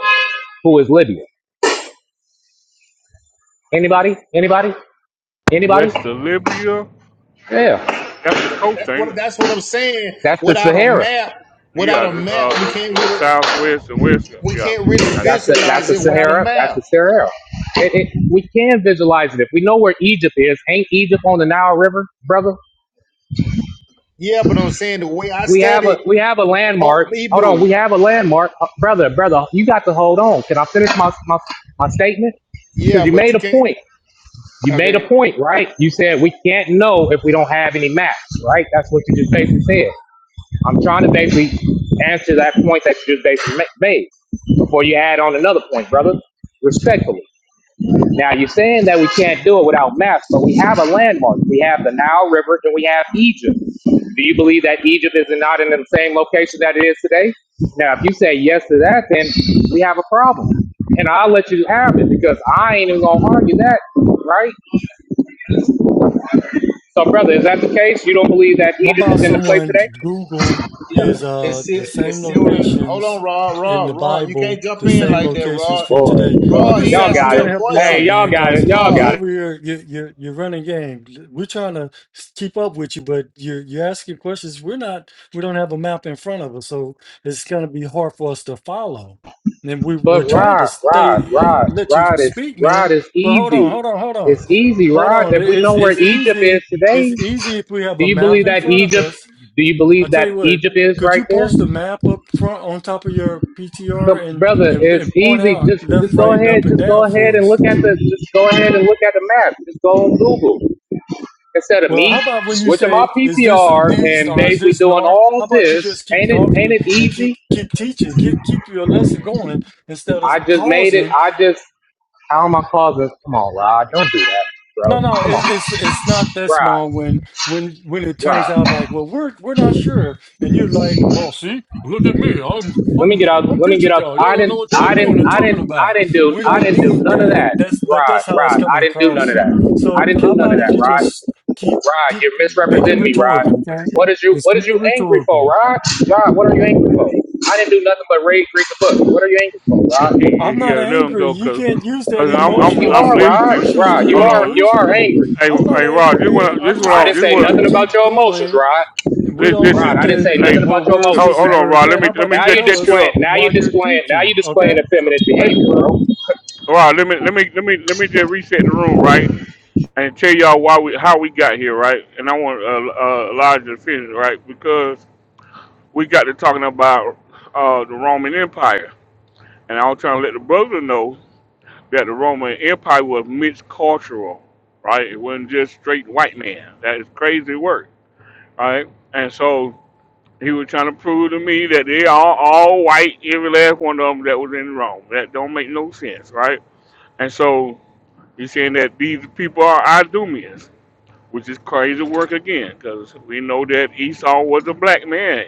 S26: who is Libya? Anybody? Anybody? Anybody?
S1: West of Libya.
S26: Yeah,
S1: That's the coast,
S23: That's
S1: ain't
S23: what
S1: it?
S23: that's what I'm saying.
S26: that's the
S23: Without a
S26: Sahara.
S23: map, without
S1: Yeah,
S23: a
S1: got uh,
S23: map, we can't
S1: the, uh,
S23: really
S1: southwest and west.
S23: we
S1: Yeah,
S23: can't
S1: I
S23: really
S1: got
S26: That's
S1: you.
S26: the that's
S23: visualize
S26: the
S23: it without a
S26: Sahara. That's
S23: map.
S26: the Sahara. It, it, we can visualize it if we know where Egypt is. Ain't Egypt on the Nile River, brother?
S23: Yeah, but I'm saying the way I
S26: We have
S23: study
S26: a we have a
S23: oh,
S26: landmark. Hold on,
S23: Hebrew,
S26: we have a landmark, Uh, brother, brother. You got to hold on. Can I finish my my, my statement? Because
S23: yeah,
S26: you
S23: but
S26: made
S23: you
S26: a
S23: can't.
S26: point. You made a point, right? You said we can't know if we don't have any maps, right? That's what you just basically said. I'm trying to basically answer that point that you just basically made before you add on another point, brother. Respectfully. Now you're saying that we can't do it without maps, but we have a landmark. We have the Nile River and we have Egypt. Do you believe that Egypt is not in the same location that it is today? Now, if you say yes to that, then we have a problem. And I'll let you have it because I ain't even gonna argue that, right? So, brother, is that the case? You don't believe that
S3: How
S26: Egypt is
S3: about
S26: in the place
S3: someone
S26: today?
S3: Google
S23: Yeah,
S3: is
S23: it's
S3: uh
S23: still
S3: the same
S23: it's still in. Hold on,
S3: locations
S23: Rod, Rod,
S3: in the
S23: Rod. You can't
S3: Bible,
S23: jump
S3: the
S23: in
S3: same
S23: like that,
S3: locations
S23: Rod.
S3: for today? I'm
S23: Rod,
S3: just
S23: he
S26: Y'all
S3: trying,
S23: asked
S3: I'm
S23: me
S26: got
S3: trying
S23: a
S26: it.
S3: to help you
S26: Hey,
S3: out,
S23: question.
S3: man,
S26: y'all got
S3: because
S26: it. Y'all
S3: you're
S23: Rod,
S26: got it.
S3: over here, you you're you're running game. We're trying to s- keep up with you, but you're you're asking questions. We're not, we don't have a map in front of us, so it's gonna be hard for us to follow. And we we're
S26: But
S3: trying to
S26: Rod, Rod,
S3: stay, uh,
S26: Rod,
S3: let you
S26: Rod is
S3: speak,
S26: Rod
S3: man.
S26: is
S3: But hold on,
S26: easy.
S3: hold on, hold on,
S26: It's easy,
S3: hold
S26: Rod.
S3: on.
S26: If
S3: It-
S26: we
S3: It's
S26: know where
S3: it's
S26: Egypt
S3: easy
S26: is
S3: it's
S26: today,
S3: easy if we have
S26: do
S3: a
S26: you
S3: map
S26: believe
S3: in
S26: that
S3: front of
S26: Egypt?
S3: us.
S26: Do you
S3: I
S26: believe
S3: tell
S26: that
S3: you what,
S26: Egypt is
S3: could
S26: right
S3: you
S26: there,
S3: post a map up front on top of your
S26: Come,
S3: PTR and,
S26: brother?
S3: and,
S26: It's
S3: and point
S26: easy.
S3: out
S26: Just
S3: left,
S26: just go
S3: right, and
S26: ahead.
S3: up and
S26: Just go
S3: down
S26: ahead
S3: for
S26: and
S3: us?
S26: look at the. Just go ahead and look at the map. Just go on Google instead of
S3: Well,
S26: me
S3: how about when you
S26: switching my
S3: say, is this
S26: PTR
S3: east
S26: and
S3: or is
S26: basically
S3: this
S26: doing
S3: north?
S26: all of
S3: How about you
S26: this.
S3: just keep
S26: Ain't it? Ain't
S3: talking
S26: it
S3: and
S26: easy?
S3: keep keep teaching, get, keep your lesson going instead of
S26: I just made it.
S3: pausing
S26: I just. How am I causing? Come on, Rod. Don't do that,
S3: No,
S26: bro.
S3: no, it,
S26: Come on.
S3: it's it's not that small
S26: Right,
S3: when when when it turns
S26: right.
S3: out like, well, we're we're not sure, and you're like, well, see, look at me, I'm
S26: Let me
S3: I'm
S26: get out.
S3: I'm
S26: Let me get
S3: teaching
S26: out.
S3: y'all. Y'all
S26: I
S3: don't know
S26: didn't.
S3: what y'all
S26: I
S3: doing
S26: didn't.
S3: and
S26: I
S3: talking
S26: didn't. I
S3: about.
S26: didn't do.
S3: We
S26: I
S3: don't
S26: didn't do
S3: need
S26: none of
S3: that.
S26: that.
S3: That's but
S26: Right,
S3: that's how it's
S26: right. I
S3: coming
S26: didn't do none of
S3: across.
S26: that. I
S3: So
S26: didn't do
S3: how
S26: none
S3: about
S26: of that.
S3: if you
S26: Right,
S3: just keep
S26: right.
S3: keep
S26: You're
S3: make it
S26: misrepresenting me, Rod.
S3: rhetorical, okay?
S26: What is you?
S3: Just
S26: What is
S3: keep it
S26: you angry for,
S3: rhetorical.
S26: Rod? Rod, what are you angry for? I didn't do nothing but read, read the book. What are you angry for, Rod?
S1: yeah,
S3: I'm
S1: yeah,
S3: not
S1: let them
S3: angry.
S1: go,
S3: You
S1: cause,
S3: can't use that
S1: cause I'm I'm
S26: You
S3: emotional.
S1: I'm
S26: are,
S3: The
S26: Rod.
S1: listening.
S3: Christians
S26: Rod,
S3: get
S26: you
S1: Hold
S26: are.
S1: on,
S26: You are
S3: emotional.
S26: angry.
S1: hey
S3: I'm not
S1: hey
S3: angry,
S1: Rod, this what
S3: man.
S1: I-
S3: I'm
S1: this what
S3: just
S26: I
S1: I,
S26: didn't
S1: this
S26: say
S3: asking you
S1: what
S3: to
S26: nothing
S3: keep
S26: about your emotions,
S3: going
S26: Rod.
S3: And we
S1: li-
S3: don't
S26: Rod,
S3: need
S1: listen.
S26: I didn't
S3: to,
S26: say
S1: Hey,
S26: nothing about
S3: well,
S26: your
S3: where's
S26: emotions,
S3: this
S1: hold,
S3: and
S1: hold
S26: man.
S1: on,
S3: where's
S1: Rod. Let
S3: that?
S1: me
S3: How
S1: let
S3: about
S1: me
S3: you
S26: Now you
S1: just
S3: tell
S1: catch
S3: us
S1: you
S26: displaying.
S1: up.
S26: Now you
S3: while you're
S26: displaying. Now you
S3: teaching,
S26: displaying
S3: okay?
S26: effeminate
S3: Thank you,
S26: behavior,
S3: brother.
S26: bro.
S1: Rod, let me let me let me let me just reset the room right and tell y'all why we how we got here right. And I want uh, uh, Elijah to finish right because we got to talking about uh, the Roman Empire, and I was trying to let the brother know. that the Roman Empire was mixed cultural, right? It wasn't just straight white man. That is crazy work, right? And so he was trying to prove to me that they are all white, every last one of them that was in Rome. That don't make no sense, right? And so he's saying that these people are Idumeans, which is crazy work again, because we know that Esau was a black man.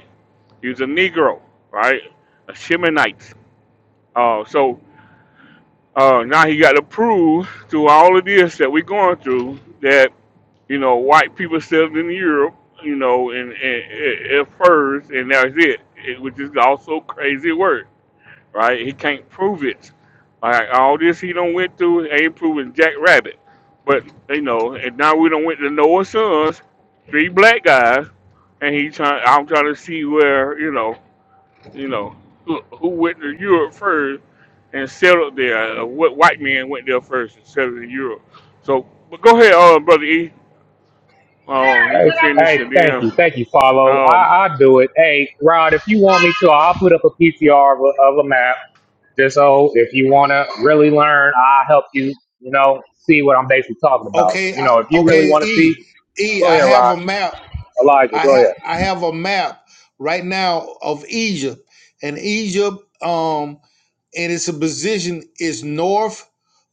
S1: He was a Negro, right? A Shemanite. Uh, so Uh, now he got to prove through all of this that we're going through that you know white people settled in Europe, you know, and, and, and first, and that's it. it, which is also crazy work, right? He can't prove it. Like all this he don't went through ain't proving Jack Rabbit, but you know, and now we don't went to Noah's sons, three black guys, and he trying. I'm trying to see where you know you know, who, who went to Europe first and settled there? Uh, what white man went there first and settled in Europe? So, but go ahead, uh, brother E. Um, you
S26: Hey,
S1: can finish
S26: hey,
S1: and
S26: thank
S1: then,
S26: you, thank you, follow.
S1: um,
S26: I I do it. Hey, Rod, if you want me to, I'll put up a PTR of a, of a map. Just so if you want to really learn, I'll help you. You know, see what I'm basically talking about.
S23: okay,
S26: You
S23: I,
S26: know, if you really
S23: okay,
S26: want to see,
S23: E, E,
S26: go
S23: I
S26: ahead,
S23: have a
S26: Rod.
S23: map.
S26: Elijah,
S23: I
S26: go
S23: have
S26: ahead.
S23: I have a map right now of Egypt, and Egypt um and its position is north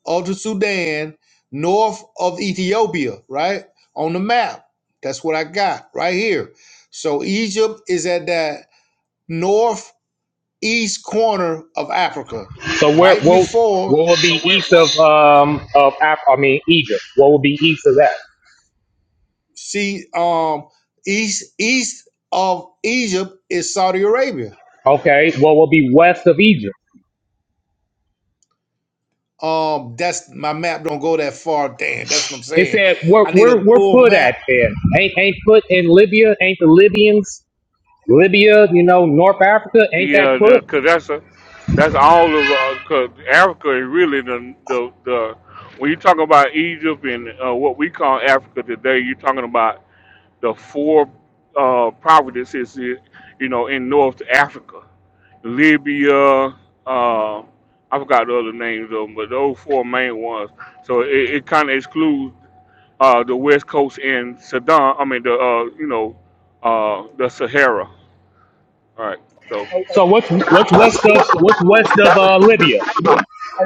S23: of the Sudan, north of Ethiopia, right on the map. That's what I got right here. So Egypt is at that northeast corner of Africa,
S26: So where
S23: right
S26: what
S23: before.
S26: what would
S23: So
S26: be
S23: where?
S26: east
S23: Well,
S26: of um of Af- I mean Egypt? What would be east of that?
S23: see, um, east east of Egypt is Saudi Arabia.
S26: Okay, what will be west of Egypt?
S23: Um, that's my map don't go that far. Damn, that's what I'm
S26: It
S23: saying.
S26: said we're
S23: I need a
S26: we're we're
S23: full
S26: put
S23: map.
S26: at there. Ain't ain't put in Libya. Ain't the Libyans Libya? You know North Africa. Ain't that
S1: yeah,
S26: put?
S1: because that's a, that's all of because Africa is really the the the when you talk about Egypt and uh, what we call Africa today, you're talking about the four uh, provinces, eh, you know, in North Africa, Libya. Uh, I forgot the other names of them, but those four main ones. So it, it kind of excludes uh, the West Coast and Sudan. I mean, the uh, you know, uh, the Sahara. All right. So
S26: So what's what's west of what's west of uh, Libya?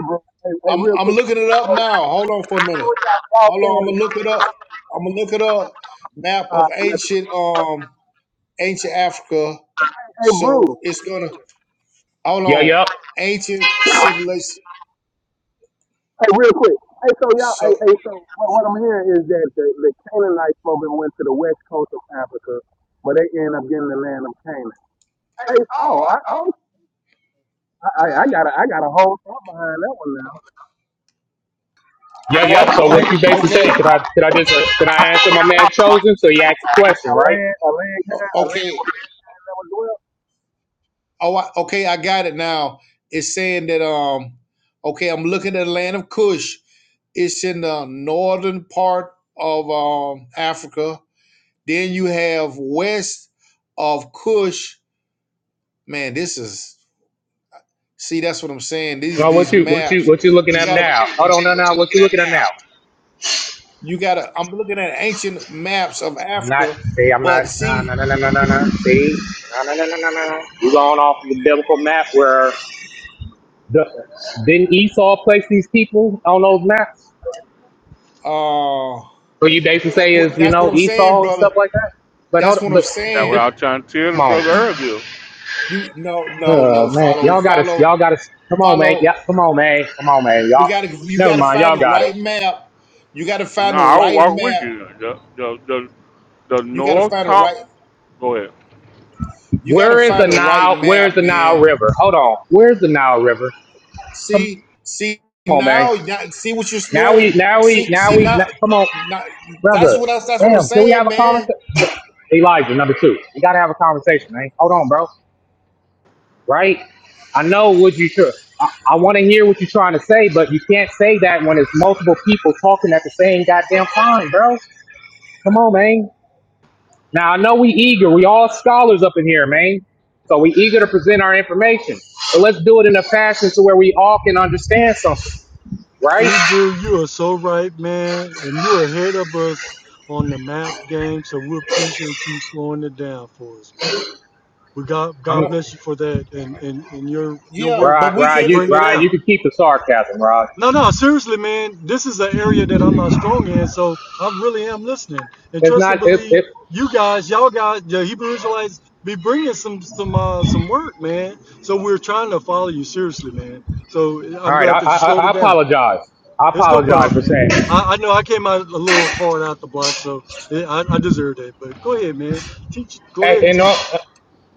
S22: bro. Hey, hey,
S23: I'm
S22: real
S23: I'm
S22: quick.
S23: looking it up now. Hold on for a minute.
S22: Y'all
S23: Hold on,
S22: saying
S23: I'm gonna look it up. I'm gonna look it up. Map of
S22: that uh,
S23: ancient um ancient Africa.
S22: Hey, Bruce.
S23: So it's gonna hold
S26: Yeah,
S23: on.
S26: yep,
S23: Ancient civilization.
S22: Hey, real quick. Hey, so y'all.
S23: So
S22: Hey, hey so what, what I'm hearing is that the, the Canaanites probably went to the west coast of Africa, but they end up getting the land of Canaan.
S23: Hey,
S22: Hey,
S23: oh,
S22: oh,
S23: I,
S22: I,
S23: oh,
S22: oh, I, I I got a, I got a whole thought behind that one now.
S26: yeah,
S22: That's
S26: yep.
S22: a
S26: So
S22: land,
S26: what you basically
S22: a
S26: saying?
S23: okay,
S26: Can I can I just uh, can I answer my man chosen? So he asked a question, right?
S22: land, a land,
S23: o-
S22: a land
S23: okay.
S22: that was dwelt.
S23: Oh, I, okay, I got it now. It's saying that um, okay, I'm looking at the land of Cush. It's in the northern part of um Africa. Then you have west of Cush. Man, this is see. That's what I'm saying. These
S26: No,
S23: these
S26: what you what you
S23: maps.
S26: what you looking
S23: You
S26: at
S23: got to. What
S26: now?
S23: you
S26: Hold
S23: what
S26: on,
S23: you
S26: no,
S23: what
S26: no.
S23: you
S26: What
S23: looking
S26: you
S23: at
S26: looking at now?
S23: now? You got to. I'm looking at ancient maps of
S26: I'm not.
S23: Africa,
S26: See, I'm not.
S23: but
S26: No, no,
S23: see,
S26: no, no, no, no. no. See, no, no, no, no, no, no. You going off the biblical map where The, didn't Esau place these people on those maps?
S23: uh,
S26: So you basically
S23: that's
S26: say is
S23: what
S26: you
S23: that's what
S26: know
S23: I'm saying,
S26: Esau and
S23: brother.
S26: stuff like that. But hold,
S23: That's what
S26: on,
S23: I'm
S26: but
S1: that's what
S23: saying.
S1: I
S26: just
S1: was trying to tell the
S26: come on,
S1: brother earlier.
S23: You no no
S26: uh,
S23: no
S26: man.
S23: follow
S26: Y'all got to,
S23: follow
S26: y'all got to. Come on, man.
S23: follow.
S26: Yeah, come on, man. Come on, man. Y'all.
S23: We gotta you
S26: Never
S23: gotta
S26: mind.
S23: find
S26: Y'all
S23: the
S26: got
S23: right
S26: it.
S23: map. You gotta find
S1: No,
S23: the
S1: I'll
S23: right
S1: walk with
S23: map.
S1: you. The the the, the
S23: You gotta
S1: North
S23: find the
S1: top.
S23: right.
S1: Go ahead.
S23: You gotta
S26: Where is the
S23: find the right
S26: Nile?
S23: map,
S26: Where's the Nile
S23: man.
S26: River? Hold on. Where's the Nile River? Come
S23: See see
S26: on, man.
S23: now now- see what you're
S26: Now we,
S23: doing.
S26: now we,
S23: See
S26: now
S23: see
S26: we.
S23: now.
S26: Now, come on,
S23: Not, that's
S26: brother.
S23: what I, that's what I'm
S26: Damn. Can we have
S23: saying,
S26: a
S23: man.
S26: conversation? Elijah, number two. We got to have a conversation, man. Hold on, bro. right? I know what you tr I, I want to hear what you're trying to say, but you can't say that when it's multiple people talking at the same goddamn time, bro. Come on, man. Now I know we eager. We all scholars up in here, man. So we eager to present our information, but let's do it in a fashion to where we all can understand something, right?
S3: Hebrew, you are so right, man, and you're ahead of us on the map game. So we appreciate you slowing it down for us, man. We got
S23: But
S3: God
S26: I'm
S23: uh,
S3: bless you for that, and and and your your
S23: yeah,
S3: work
S23: but
S26: Rod.
S23: we
S3: to
S26: Rod,
S23: can't.
S26: you
S3: bring it
S26: Rod, you
S3: out.
S26: can keep the sarcasm, Rod.
S3: No, no, seriously, man. This is an area that I'm not strong in, so I really am listening and
S26: It's
S3: trust and
S26: not. It,
S3: believe
S26: it,
S3: you guys, y'all guys, the Hebrew Israelites, be bringing some some uh, some work, man. So we're trying to follow you seriously, man. So
S26: all
S3: I'm
S26: right.
S3: glad
S26: I,
S3: that
S26: I
S3: you
S26: I
S3: slowed
S26: I
S3: it down.
S26: apologize. I
S3: There's no
S26: apologize
S3: problem,
S26: for
S3: man.
S26: saying.
S3: I, I know I came out a little hard out the block, so eh, I, I deserve that. But go ahead, man. Teach. Go
S26: Hey,
S3: ahead
S26: you
S3: and teach.
S26: know.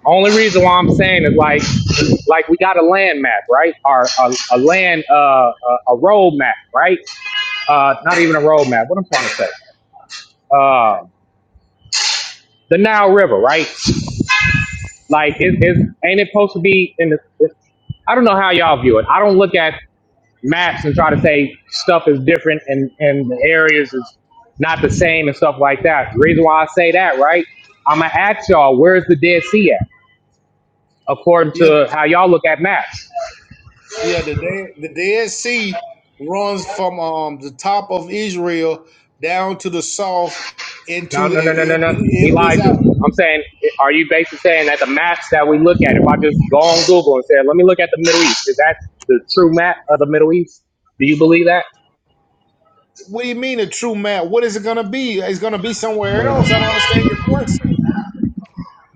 S26: Only reason why I'm saying is like, like we got a land map, right? Or a, a land, uh, a, a road map, right? Uh, not even a road map. What I'm trying to say, uh, the Nile River, right? Like, it, it ain't it supposed to be in the? It's, I don't know how y'all view it. I don't look at maps and try to say stuff is different and and the areas is not the same and stuff like that. The reason why I say that, right? I'm gonna ask y'all, where's the Dead Sea at? According
S23: Yeah,
S26: to how y'all look at maps.
S23: Yeah, the Dead, the Dead Sea runs from um the top of Israel down to the south
S26: No,
S23: into the
S26: no, no,
S23: it,
S26: no, no,
S23: it,
S26: no.
S23: it empties
S26: Elijah,
S23: out.
S26: I'm saying, are you basically saying that the maps that we look at, if I just go on Google and say, let me look at the Middle East, is that the true map of the Middle East? Do you believe that?
S23: What do you mean a true map? What is it gonna be? It's gonna be somewhere else. I don't understand your question.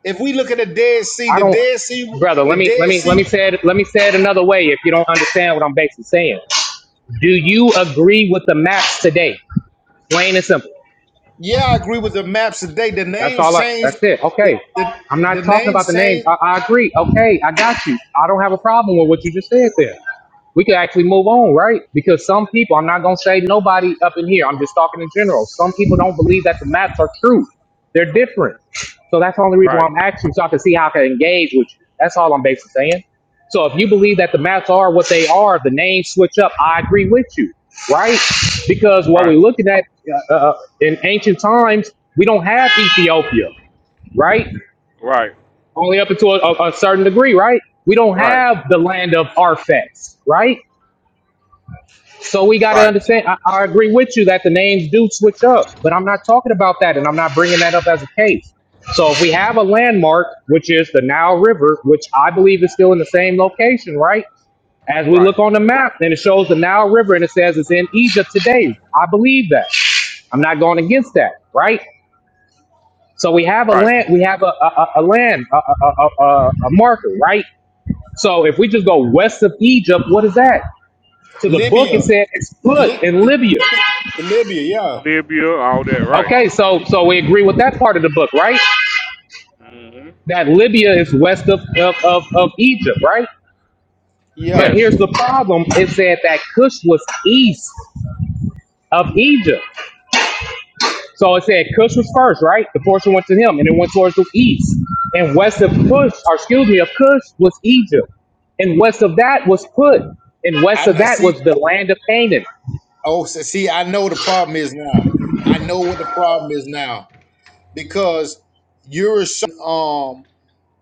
S23: If we look at the Dead Sea,
S26: I
S23: the
S26: don't,
S23: Dead Sea,
S26: brother.
S23: the
S26: Let me, let
S23: Dead
S26: me, let
S23: Sea.
S26: me say it. Let me say it another way. If you don't understand what I'm basically saying, do you agree with the maps today? Plain and simple.
S23: Yeah, I agree with the maps today. The
S26: That's
S23: names
S26: all. I,
S23: changed.
S26: that's it.
S23: The,
S26: Okay.
S23: the,
S26: I'm
S23: the
S26: not talking about
S23: names
S26: the names.
S23: changed.
S26: I, I agree. Okay, I got you. I don't have a problem with what you just said there. we could actually move on, right? Because some people, I'm not going to say nobody up in here, I'm just talking in general. Some people don't believe that the maps are true. They're different. So that's the only reason why
S1: Right.
S26: I'm asking so I can see how I can engage with you. That's all I'm basically saying. So if you believe that the maps are what they are, the names switch up, I agree with you, right? Because what
S1: Right.
S26: we're looking at uh, uh, in ancient times, we don't have Ethiopia, right?
S1: Right.
S26: Only up until a, a certain degree, right? We don't
S1: Right.
S26: have the land of Arphax, right? So we got to
S1: Right.
S26: understand. I, I agree with you that the names do switch up, but I'm not talking about that, and I'm not bringing that up as a case. So if we have a landmark, which is the Nile River, which I believe is still in the same location, right? As we
S1: Right.
S26: look on the map, and it shows the Nile River, and it says it's in Egypt today. I believe that. I'm not going against that, right? So we have a
S1: Right.
S26: land, we have a a, a a land, a, a, a, a, a marker, right? So if we just go west of Egypt, what is that? To the book, it
S23: Libya,
S26: said it's put
S23: Li,
S26: in Libya.
S23: Li- Libya. Yeah,
S1: Libya, all that, right.
S26: Okay, so so we agree with that part of the book, right? That Libya is west of of, of, of Egypt, right? But
S23: yeah.
S1: Yes.
S26: here's the problem: it said that Cush was east of Egypt, so it said Cush was first, right? The portion went to him, and it went towards the east. And west of Cush, or excuse me, of Cush was Egypt, and west of that was Put, and west
S23: I
S26: of
S23: know.
S26: that
S23: See,
S26: was the land of Canaan.
S23: Oh, so- see, I know the problem is now. I know what the problem is now because you're showing,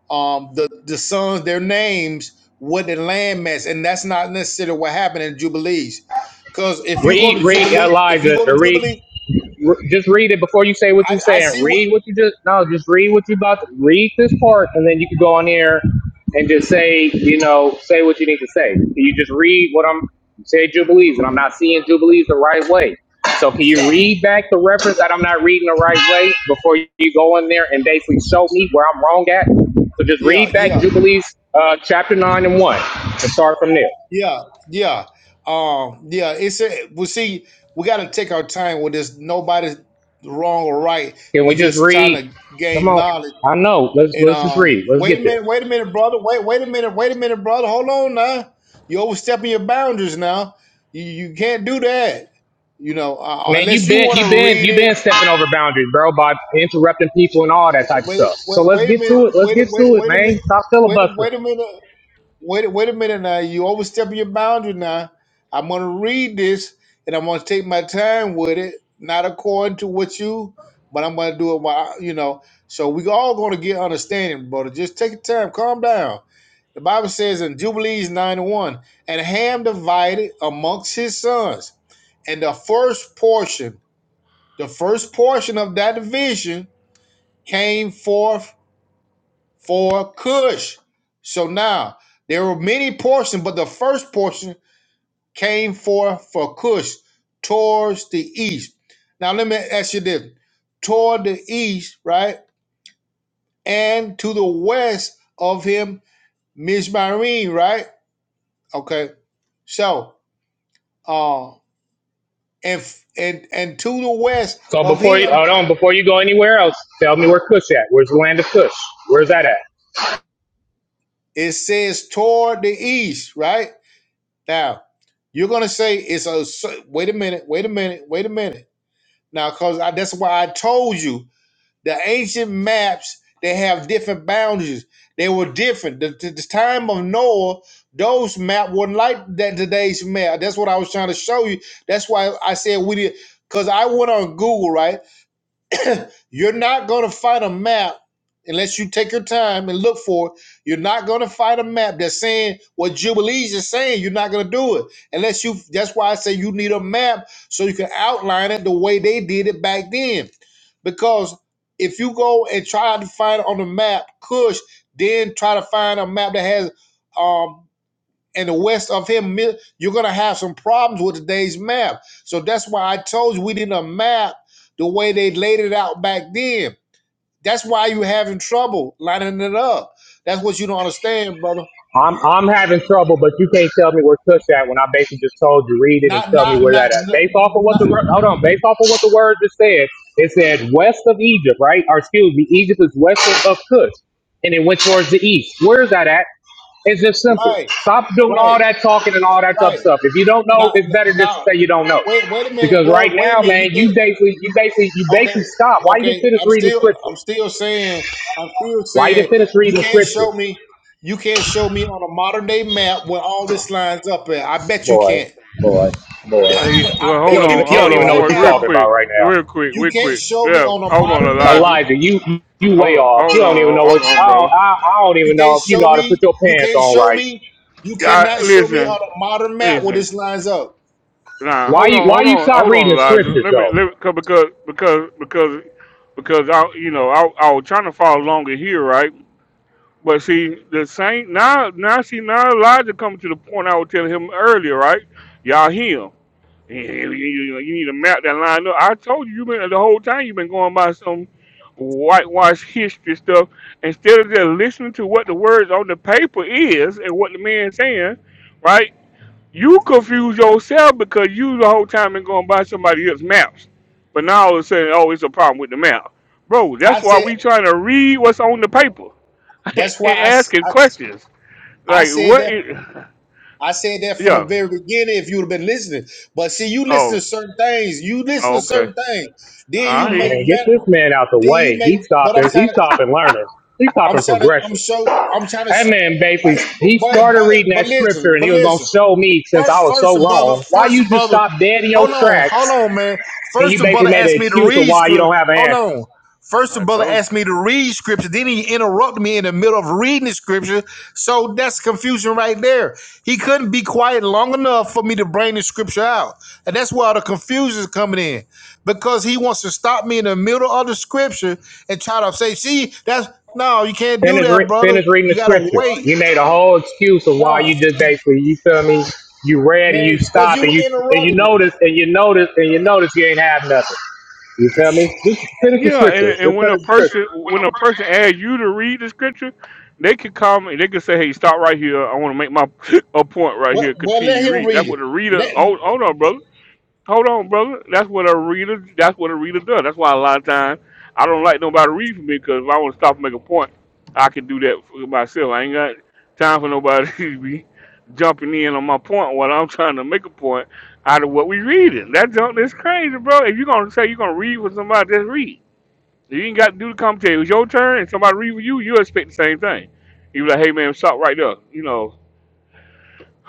S23: um um the the sons their names with the landmass, and that's not necessarily what happened in Jubilees. Because if you go
S26: Read,
S23: to
S26: read,
S23: Jubilee, if you
S26: Elijah,
S23: go to
S26: to read.
S23: Jubilee,
S26: re- Just read it before you say what you're
S23: I, I
S26: saying.
S23: see what.
S26: Read what you just no. Just read what you about. To, read this part, and then you can go on here and just say, you know, say what you need to say. Can you just read what I'm say jubilees, and I'm not seeing jubilees the right way. So can
S23: Yeah,
S26: you read back the reference that I'm not reading the right way before you go in there and basically show me where I'm wrong at? So just read
S23: yeah,
S26: back
S23: yeah,
S26: jubilees, uh, chapter nine and one, and start from there.
S23: yeah, yeah. Um, yeah. It's a, well. See, we got to take our time with this. Nobody's wrong or right.
S26: Can we
S23: We're
S26: just
S23: just trying
S26: read?
S23: to
S26: Come
S23: gain
S26: on.
S23: knowledge
S26: I know. Let's
S23: And
S26: let's just
S23: uh,
S26: read. Let's
S23: wait
S26: get
S23: a
S26: there.
S23: minute, wait a minute, brother. Wait, wait a minute, wait a minute, brother. Hold on now. You're overstepping your boundaries now. You you can't do that. You know, uh, uh,
S26: Man,
S23: unless
S26: you've
S23: you
S26: been
S23: want to
S26: you've been
S23: read
S26: you've
S23: it.
S26: been stepping over boundaries, bro, by interrupting people and all that type of
S23: Wait,
S26: stuff. So
S23: wait,
S26: let's
S23: wait a
S26: get
S23: minute.
S26: to it. Let's
S23: Wait, a-
S26: get
S23: wait,
S26: to it,
S23: wait a minute.
S26: man. Stop
S23: Wait, a-
S26: filibustering.
S23: wait a minute. Wait, wait a minute now. You overstepping your boundary now. I'm gonna read this and I'm gonna take my time with it, not according to what you, but I'm gonna do it while you know. So we all gonna get understanding, brother. Just take your time, calm down. The Bible says in Jubilees 91, and Ham divided amongst his sons. And the first portion, the first portion of that division came forth for Cush. So now there were many portions, but the first portion came forth for Cush towards the east. Now let me ask you this: toward the east, right, and to the west of him, Mizmarim, right? Okay, so uh, and and and to the west
S26: So
S23: of
S26: before you
S23: him,
S26: hold on, before you go anywhere else, tell me where Kush at. Where's the land of Kush? Where's that at?
S23: it says toward the east, right? Now you're gonna say it's a wait a minute, wait a minute, wait a minute. Now, because that's why I told you the ancient maps they have different boundaries. They were different. The, the, the time of Noah, those map wasn't like that today's map. That's what I was trying to show you. That's why I said we did. Because I went on Google, right? You're not going to find a map unless you take your time and look for it. You're not going to find a map that's saying what Jubilees is saying. You're not going to do it unless you. That's why I say you need a map so you can outline it the way they did it back then. Because if you go and try to find it on the map, Kush, then try to find a map that has. Um, and the west of him, you're going to have some problems with today's map. So that's why I told you we didn't map the way they laid it out back then. That's why you are having trouble lining it up. That's what you don't understand, brother.
S26: I'm I'm having trouble, but you can't tell me where Kush at when I basically just told you read it and
S23: Not,
S26: tell me
S23: not,
S26: where
S23: not,
S26: that at.
S23: not,
S26: Based off of what
S23: not
S26: the wor- hold on, based off of what the word just said, it said west of Egypt, right? Or excuse me, Egypt is west of, of Kush, and it went towards the east. Where is that at? It's just simple.
S23: right,
S26: Stop doing
S23: right,
S26: all that talking and all that tough
S23: right.
S26: stuff. If you don't know,
S23: Not,
S26: it's better just
S23: not.
S26: to say you don't know,
S23: Wait, wait a minute,
S26: because right
S23: bro. Wait a
S26: now,
S23: minute.
S26: man,
S23: You can't.
S26: you basically you basically you basically
S23: Okay,
S26: stop. Why you didn't
S23: okay.
S26: finish
S23: I'm
S26: reading the
S23: still, I'm
S26: scripture?
S23: still saying, I'm still
S26: Why you
S23: saying,
S26: didn't finish
S23: you
S26: reading the
S23: can't
S26: scripture,
S23: show me, you can't show me on a modern day map where all this lines up at. I bet you
S26: boy?
S23: can't.
S26: Boy.
S1: Uh, yeah,
S23: I
S1: well,
S26: You
S1: hold
S23: bet
S26: don't
S23: you
S26: even
S1: on,
S26: you
S1: hold
S26: don't
S23: can't
S26: even know
S1: on,
S23: right
S26: what
S1: real,
S26: you're
S1: real
S23: now.
S26: talking about
S1: quick,
S26: right
S1: real
S26: now,
S1: quick,
S23: You
S1: real
S23: can't
S1: quick.
S23: show me
S1: Yeah,
S23: on a
S1: hold on,
S23: modern map.
S1: Elijah.
S26: Elijah. You you
S1: Hold
S26: way
S1: on,
S26: off. You
S1: hold
S26: don't even
S1: on,
S26: know what
S1: hold
S26: I
S1: on,
S26: don't,
S1: bro.
S26: I, I don't
S23: You
S26: even know
S23: can't
S26: if you
S23: show
S26: know how to put
S23: me.
S26: your
S23: You
S26: pants
S23: can't
S26: on
S23: show
S26: right.
S23: me. You
S1: Yeah, I-
S23: cannot show me
S1: listen,
S23: on a modern map where
S1: listen.
S23: this lines up.
S1: Nah,
S26: Why
S1: hold
S26: you
S1: on,
S26: why
S1: hold
S26: you
S1: on,
S26: start
S1: hold on,
S26: reading the
S1: Elijah.
S26: scriptures
S1: Let me,
S26: though?
S1: let me cause, because, because, because, because I, you know, I, I was trying to follow along in here, right? But see, the same now, now see, now Elijah coming to the point I was telling him earlier, right? Y'all him. You, you- you need to map that line up. I told you, you been the whole time you've been going by some whitewash history stuff instead of just listening to what the words on the paper is and what the man's saying, right? You confuse yourself because you the whole time been going by somebody else's maps. But now all of a sudden, oh, it's a problem with the map. Bro,
S23: I
S1: that's why
S23: said
S1: we trying to read what's on the paper and
S23: that's why I s-
S1: asking
S23: I s-
S1: questions.
S23: I
S1: Like,
S23: said
S1: what
S23: that
S1: is,
S23: I said that from the
S1: yeah.
S23: very beginning. If you would have been listening, but see, you listen to
S1: Oh,
S23: certain things. You listen
S1: oh,
S23: to
S1: okay.
S23: certain things. Then you
S1: I hear
S23: make.
S1: you.
S26: Man, get
S23: ra-
S26: this man out the
S23: Then you
S26: way. He's
S23: make. But I'm
S26: stopping. He's
S23: trying to.
S26: stopping learning. He's
S23: I'm
S26: stopping
S23: trying to. I'm
S26: progressing.
S23: so. I'm trying to.
S26: That man
S23: But
S26: basically he
S23: but
S26: started
S23: but
S26: reading
S23: but
S26: that
S23: listen.
S26: scripture and he
S23: But
S26: was gonna
S23: listen.
S26: show me since I
S23: First,
S26: was
S23: first,
S26: so
S23: the brother,
S26: wrong. Why
S23: first, the
S26: you just
S23: brother,
S26: stop dead in your
S23: hold on,
S26: tracks
S23: hold on, man.
S26: and
S23: First,
S26: you
S23: the
S26: basically
S23: brother
S26: made an
S23: asked me to
S26: excuse of
S23: read
S26: why you
S23: scripture.
S26: don't have an
S23: Hold
S26: answer.
S23: on. First, the
S1: I
S23: brother
S1: told you.
S23: asked me to read scripture. Then he interrupted me in the middle of reading the scripture. So that's confusion right there. He couldn't be quiet long enough for me to bring the scripture out. And that's where all the confusion is coming in because he wants to stop me in the middle of the scripture and try to say, see, that's no, you can't do
S26: Finish,
S23: that,
S26: re-
S23: brother.
S26: finish reading
S23: You
S26: the
S23: got to
S26: scripture.
S23: wait.
S26: You made a whole excuse of why
S23: No,
S26: you just basically, you feel me? You read and you
S23: man, because
S26: stop
S23: you
S26: and you and you
S23: interrupted me.
S26: notice and you notice and you notice you ain't have nothing. You feel me? Just finish the
S1: Yeah, and,
S26: scripture.
S1: and
S26: Just
S1: when
S26: finish
S1: a
S26: the
S1: person
S26: scripture.
S23: When
S1: when
S23: a
S1: a
S23: person
S1: person
S23: asks you,
S1: asks you to read the scripture, they can come and they can say, "Hey, stop right here. I want to make my a point right
S23: Well,
S1: here.
S23: well, let
S1: Continue
S23: him
S1: reading."
S23: read
S1: That's
S23: it.
S1: what a reader.
S23: Let
S1: Hold, hold on, brother. Hold on, brother. That's what a reader. That's what a reader does. That's why a lot of times I don't like nobody to read for me because if I want to stop and make a point, I can do that for myself. I ain't got time for nobody to be jumping in on my point while I'm trying to make a point out of what we reading. That junk is crazy, bro. If you're gonna say you're gonna read for somebody, just read. So You ain't got to do the commentary. It was your turn, and somebody read with you, you expect the same thing. You be like, hey man, stop right there. You know,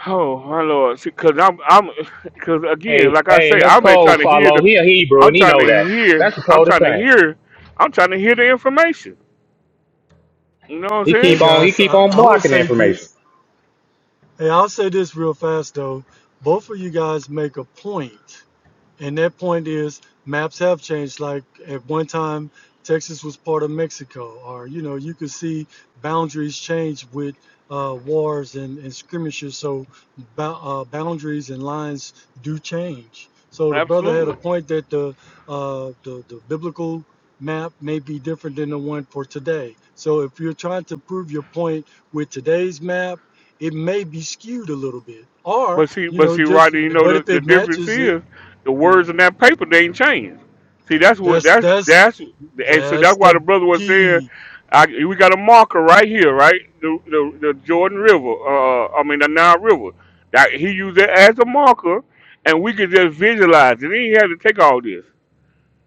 S1: oh my lord, because I'm, I'm, because again,
S26: Hey,
S1: like I
S26: hey,
S1: say,
S26: and that's
S1: I've been trying
S26: cold.
S1: to hear
S26: Follow.
S1: the,
S26: He a Hebrew
S1: I'm
S26: and he
S1: trying
S26: know
S1: to
S26: that. That's
S1: hear,
S26: the
S1: I'm
S26: coldest
S1: trying to
S26: thing.
S1: hear, I'm trying to hear the information. You know what I'm
S26: He
S3: Hey
S26: keep
S1: saying?
S26: on. He
S3: guys,
S26: keep
S3: I,
S26: on
S3: I will
S26: blocking the
S3: say
S26: information.
S3: this. Hey, I'll say this real fast though. Both of you guys make a point And that point is maps have changed. Like at one time, Texas was part of Mexico, or you know, you could see boundaries change with uh, wars and, and skirmishes. So uh, boundaries and lines do change. So the brother had a
S1: Absolutely.
S3: point that the uh, the, the biblical map may be different than the one for today. So if you're trying to prove your point with today's map, it may be skewed a little bit, or
S1: But see,
S3: you
S1: but
S3: know,
S1: see,
S3: just
S1: Rodney, you know
S3: but
S1: the,
S3: if
S1: the
S3: it
S1: difference
S3: matches it
S1: is the words in that paper they ain't changed. See, that's what
S3: that's
S1: that's
S3: that's
S1: that's and so that's
S3: that's
S1: why
S3: the
S1: the brother was saying,
S3: key.
S1: I, we got a marker right here, right? The the, the Jordan River, uh, I mean the Nile River. That he used it as a marker, and we could just visualize it. He ain't had to take all this.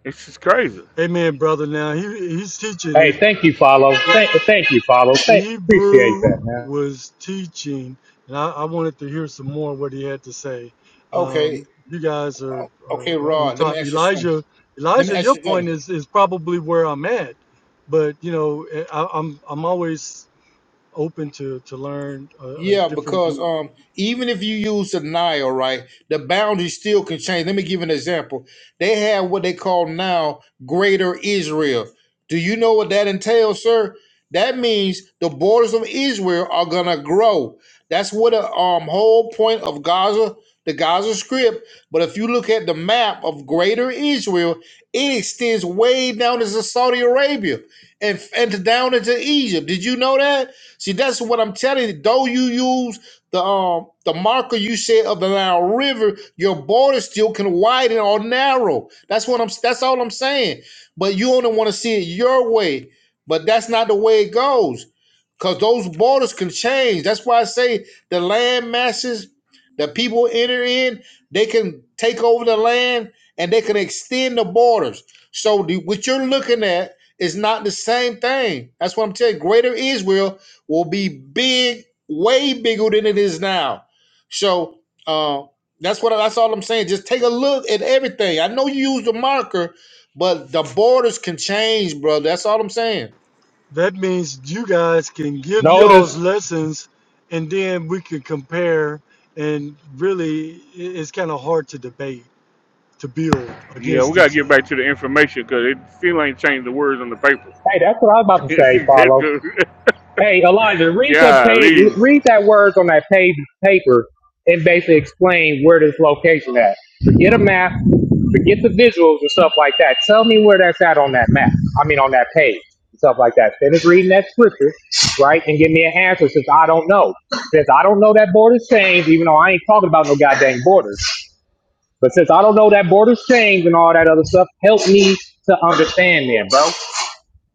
S1: It's just crazy.
S3: Amen, brother. Now he he's teaching
S26: Hey,
S3: it.
S26: thank you, follow. Thank, thank you, follow. Thank, appreciate that,
S3: Hebrew
S26: man.
S3: was teaching, and I, I wanted to hear some more of what he had to say.
S23: okay,
S3: Um, you guys are, are,
S23: okay,
S3: are on
S23: Rod. Let me
S3: top.
S23: ask you something.
S3: Elijah,
S23: Let me
S3: Elijah,
S23: ask
S3: your
S23: you something.
S3: point is is probably where I'm at, but you know eh, I, I'm I'm always open to to learn a, a
S23: Yeah,
S3: different
S23: because
S3: view.
S23: um, even if you use denial, right, the boundaries still can change. Let me give you an example. They have what they call now Greater Israel. Do you know what that entails, sir? That means the borders of Israel are gonna grow. That's what the um whole point of Gaza, the Gaza Strip. But if you look at the map of Greater Israel, it extends way down into Saudi Arabia and and down into Egypt. Did you know that? See, that's what I'm telling you. Though you use the um the marker you said of the Nile River, your border still can widen or narrow. That's what I'm. That's all I'm saying. But you only want to see it your way. But that's not the way it goes, because those borders can change. That's why I say the land masses, that people enter in, they can take over the land and they can extend the borders. So the, what you're looking at is not the same thing. That's what I'm telling you. Greater Israel will be big, way bigger than it is now. So uh, that's what that's all I'm saying. Just take a look at everything. I know you use the marker, but the borders can change, bro. That's all I'm saying.
S3: That means you guys can give y'all's
S26: Notice.
S3: lessons and then we can compare. And really, i- it's kind of hard to debate, to build
S1: Yeah, we
S3: against
S1: gotta
S3: each other.
S1: get back to the information because it still ain't changed the words on the paper.
S26: Hey, that's what I was about to
S1: It's
S26: say, follow.
S1: just-
S26: Hey, Elijah, read the page,
S1: Golly.
S26: read that words on that page paper and basically explain where this location at. Forget a map, forget the visuals and stuff like that. Tell me where that's at on that map. I mean, on that page and stuff like that. Finish reading that scripture, right, and give me an answer since I don't know. Since I don't know that border's changed, even though I ain't talking about no goddamn borders. But since I don't know that border's changed and all that other stuff, help me to understand then, bro.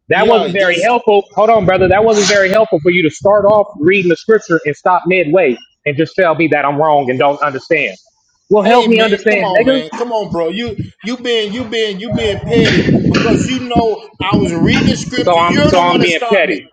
S26: That wasn't
S23: Yeah,
S26: very
S23: that's
S26: helpful. Hold on, brother. That wasn't very helpful for you to start off reading the scripture and stop midway and just tell me that I'm wrong and don't understand. Well, help
S23: hey
S26: me
S23: man, come
S26: understand,
S23: on,
S26: nigga.
S23: man. Come on, bro. You you been you been you been petty because you know I was reading the
S26: So
S23: scripture.
S26: I'm
S23: You're
S26: so
S23: the one
S26: I'm
S23: that
S26: being
S23: stopped
S26: petty.
S23: me.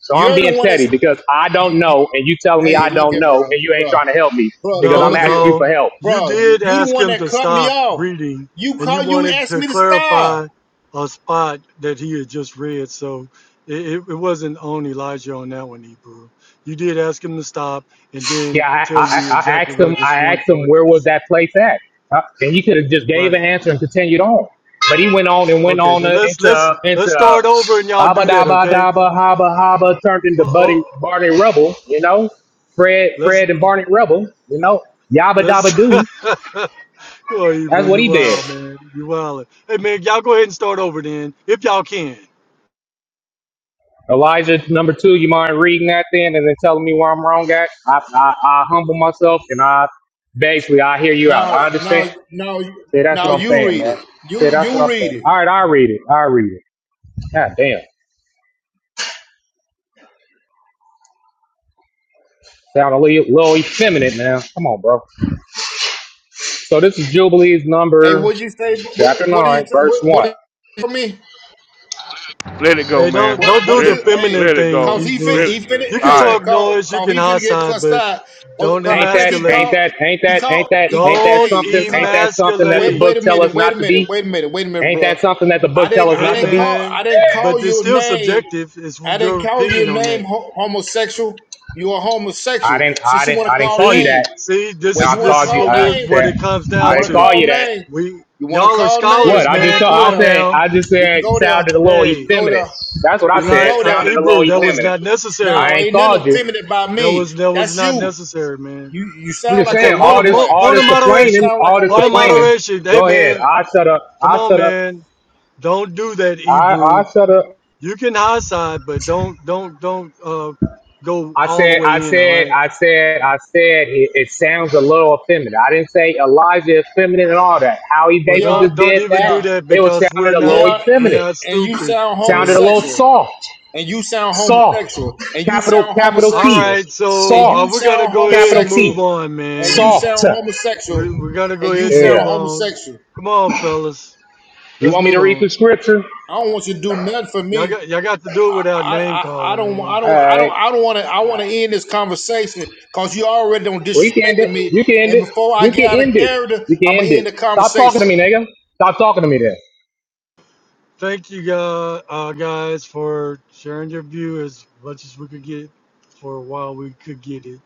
S26: So I'm
S23: You're the
S26: being
S23: one
S26: petty
S23: that's
S26: because I
S23: you,
S26: don't
S23: you-
S26: know, and you telling me
S23: hey,
S26: I
S23: look
S26: don't
S23: at
S26: know,
S23: bro,
S26: and you ain't
S23: bro.
S26: trying to help me
S23: Bro,
S26: because
S23: but
S3: No,
S26: I'm
S23: look
S26: asking
S23: here,
S26: you for
S3: no,
S26: help.
S3: you
S23: bro.
S3: did
S23: You the
S3: ask
S23: one
S3: him
S23: that
S3: to
S23: cut me
S3: stop
S23: off.
S3: reading
S23: You
S3: and
S23: call.
S3: you
S23: You
S3: wanted
S23: asked
S3: to
S23: me to stop.
S3: clarify a spot that he had just read. So it, it it wasn't on Elijah on that one, Hebrew. You did ask him to stop and then
S26: Yeah, I,
S3: tell
S26: I,
S3: you
S26: I I
S3: exactly
S26: asked
S3: where
S26: him.
S3: this
S26: I
S3: one
S26: asked him
S3: part
S26: where was
S3: is.
S26: that place at, uh, and he could have just gave an
S3: Right.
S26: answer and continued on. But he went on and went
S3: Okay,
S26: on
S3: then
S26: uh,
S3: let's
S26: into
S3: let's
S26: uh,
S3: let's
S26: into uh,
S3: start over and y'all
S26: abba
S3: do that,
S26: dabba
S3: okay?
S26: dabba haba haba turned into Buddy
S3: Oh,
S26: Barney Rubble. You know, Fred
S3: let's
S26: Fred and Barney Rubble. You know, yabba
S3: let's.
S26: dabba
S3: Come
S26: doo.
S3: on,
S26: That's
S3: Hebrew,
S26: what
S3: you
S26: he did.
S3: wild man, you wild. Hey man, y'all go ahead and start over then, if y'all can.
S26: Elijah number two. You mind reading that then and then telling me where I'm wrong at? I I, I humble myself and I basically I hear you out.
S23: Now,
S26: I
S23: now,
S26: understand.
S23: now,
S26: See, that's
S23: now.
S26: what I'm
S23: You
S26: saying,
S23: read
S26: man.
S23: it.
S26: See,
S23: You
S26: that's what
S23: you
S26: I'm saying.
S23: read it.
S26: All right, I'll read it. I'll read it. God damn. Sound a little, little effeminate now. Come on, bro. So this is Jubilees
S23: Hey,
S26: number
S23: what'd you say? What
S26: chapter
S23: what
S26: nine,
S23: did you
S26: verse
S23: what, what
S26: one.
S23: did you say for me?
S1: Let it go,
S3: Hey, don't
S1: man.
S23: What
S3: don't
S23: what
S3: do
S23: did
S3: the
S1: Let
S23: you? Hey,
S3: feminine
S1: let it
S3: thing,
S23: cause
S1: go.
S23: he fin
S3: Hebrew.
S1: Let it.
S23: he finna
S3: You can
S23: hey
S1: all
S23: no
S3: talk
S1: right.
S23: call
S3: noise, you
S23: call
S3: can
S23: he finna
S3: hot
S23: get
S3: side,
S23: cussed
S3: but
S23: out. Well,
S3: don't
S23: 'cause I
S26: Ain't
S23: think
S26: that,
S23: he
S3: emasculate.
S26: ain't
S23: called
S26: that, ain't
S23: he
S26: that, ain't
S23: called
S26: that,
S23: he
S26: ain't that
S3: Don't
S23: hey he
S26: something? Ain't
S23: called.
S26: that something that the
S23: Wait
S3: emasculate.
S26: book
S23: wait a
S26: tell us
S23: minute wait
S26: not
S23: a
S26: to
S23: minute
S26: be?
S23: wait a minute wait a minute,
S26: Ain't
S23: bro.
S26: that something that the
S23: I
S26: book tell
S23: didn't
S26: us
S23: I
S3: Hey
S26: not to
S23: didn't
S26: be?
S23: call
S3: man,
S23: I didn't call
S3: but it's
S23: your
S3: still
S23: name
S3: subjective. It's
S23: I didn't
S3: your
S23: call you a
S3: opinion on
S23: name
S3: that.
S23: ho- homosexual. You are
S26: I
S23: homosexual.
S26: didn't, I
S23: Since you
S26: didn't,
S23: want to
S26: I didn't
S23: call
S26: call you
S3: See,
S23: name,
S26: that.
S3: see, this
S26: And
S23: well, you
S26: I
S3: is
S23: want to
S3: this
S26: called
S3: is
S26: you,
S23: call
S3: what
S26: I
S3: we're
S23: name.
S3: what
S26: said,
S3: it comes
S23: You
S26: I
S3: down
S23: want
S26: didn't
S23: to
S3: to
S26: call
S23: call
S26: you that.
S23: name.
S3: We
S23: You want to
S3: y'all are
S23: call name.
S26: What?
S3: scholars,
S26: I
S23: We
S26: just
S3: man.
S23: can
S26: told,
S3: Come
S23: go
S26: I
S3: on
S23: there.
S26: said,
S3: now.
S26: I just
S23: We can
S26: said
S23: go there.
S26: sounded a little
S23: We can
S3: Hey,
S23: go there.
S26: effeminate. That's what I
S23: We can
S3: Eli
S26: said.
S23: go
S3: uh
S23: there.
S26: Sounded a little
S3: Ebru, that
S23: Well,
S3: was
S26: effeminate.
S3: not
S26: I
S23: no,
S3: necessary.
S26: ain't
S23: ain't nothing
S26: called you.
S23: effeminate by
S3: That
S23: me.
S3: was that was
S23: That's
S3: not
S23: you.
S3: necessary, man.
S23: You you
S26: I'm
S23: sound
S26: just
S3: I
S23: like a
S26: saying
S3: tell point
S23: white
S26: all
S3: of
S26: this,
S23: boy.
S3: mo-
S26: all
S3: point
S26: this
S3: of
S23: You
S26: complaining,
S3: moderation.
S23: sound like a
S26: all this
S3: Point of
S23: white boy.
S26: complaining.
S3: moderation. Hey
S26: Go ahead.
S3: man,
S26: I shut up.
S3: come
S26: I
S3: on
S26: shut up.
S3: man. Don't do that,
S26: I
S3: Ebru.
S26: I shut up.
S3: You can high side, but don't don't don't uh go
S26: I
S3: all the
S26: said, I
S3: way in, all
S26: said,
S3: right?
S26: I said, I said. It, it sounds a little effeminate. I didn't say Elijah is feminine and all that. How he
S3: Well
S26: basically
S23: Yeah,
S26: just
S3: don't don't
S26: did
S3: even
S26: that,
S3: do
S23: yeah,
S3: that
S26: it was
S3: because we're
S26: sounded a little
S3: not
S23: yeah.
S3: we're
S26: effeminate.
S3: not
S23: And you
S3: stupid.
S23: sound
S26: Sounded a
S3: So
S26: little
S23: homosexual.
S26: soft.
S23: and you sound
S26: Soft.
S23: homosexual, and you
S26: Capital
S23: sound
S26: capital
S3: all
S26: T.
S23: homosexual,
S3: right,
S23: and
S3: so
S26: Soft.
S3: uh,
S23: you
S3: we're gonna
S23: sound
S3: go ahead
S26: Capital
S3: and
S23: homosexual,
S26: T.
S3: move on,
S23: and you
S3: man.
S26: Soft.
S23: sound homosexual,
S3: We we're to go
S23: and you
S3: ahead and
S26: Yeah.
S23: sound
S3: move on.
S23: homosexual.
S3: Come on, fellas.
S26: You
S3: Let's
S26: want me to
S3: move
S26: read
S3: on.
S26: the scripture?
S23: I don't want you to do nothing for
S3: Y'all
S23: me.
S3: got y'all got to do it without
S23: I,
S3: name
S23: I, I
S3: calling,
S23: don't
S3: man.
S23: I
S26: All
S23: don't I
S26: right.
S23: don't I don't want to I want to end this conversation because you already don't
S26: We can end
S23: disrespecting
S26: it.
S23: me.
S26: You can end
S23: And
S26: it.
S23: before I
S26: You
S23: get
S26: can
S23: out of
S26: end it.
S23: character,
S26: You can
S23: I'm gonna
S26: end it.
S23: end the
S26: Stop talking
S23: conversation.
S26: to me, nigga. Stop talking to me then.
S3: Thank you guys, uh, guys for sharing your view as much as we could get for a while we could get it.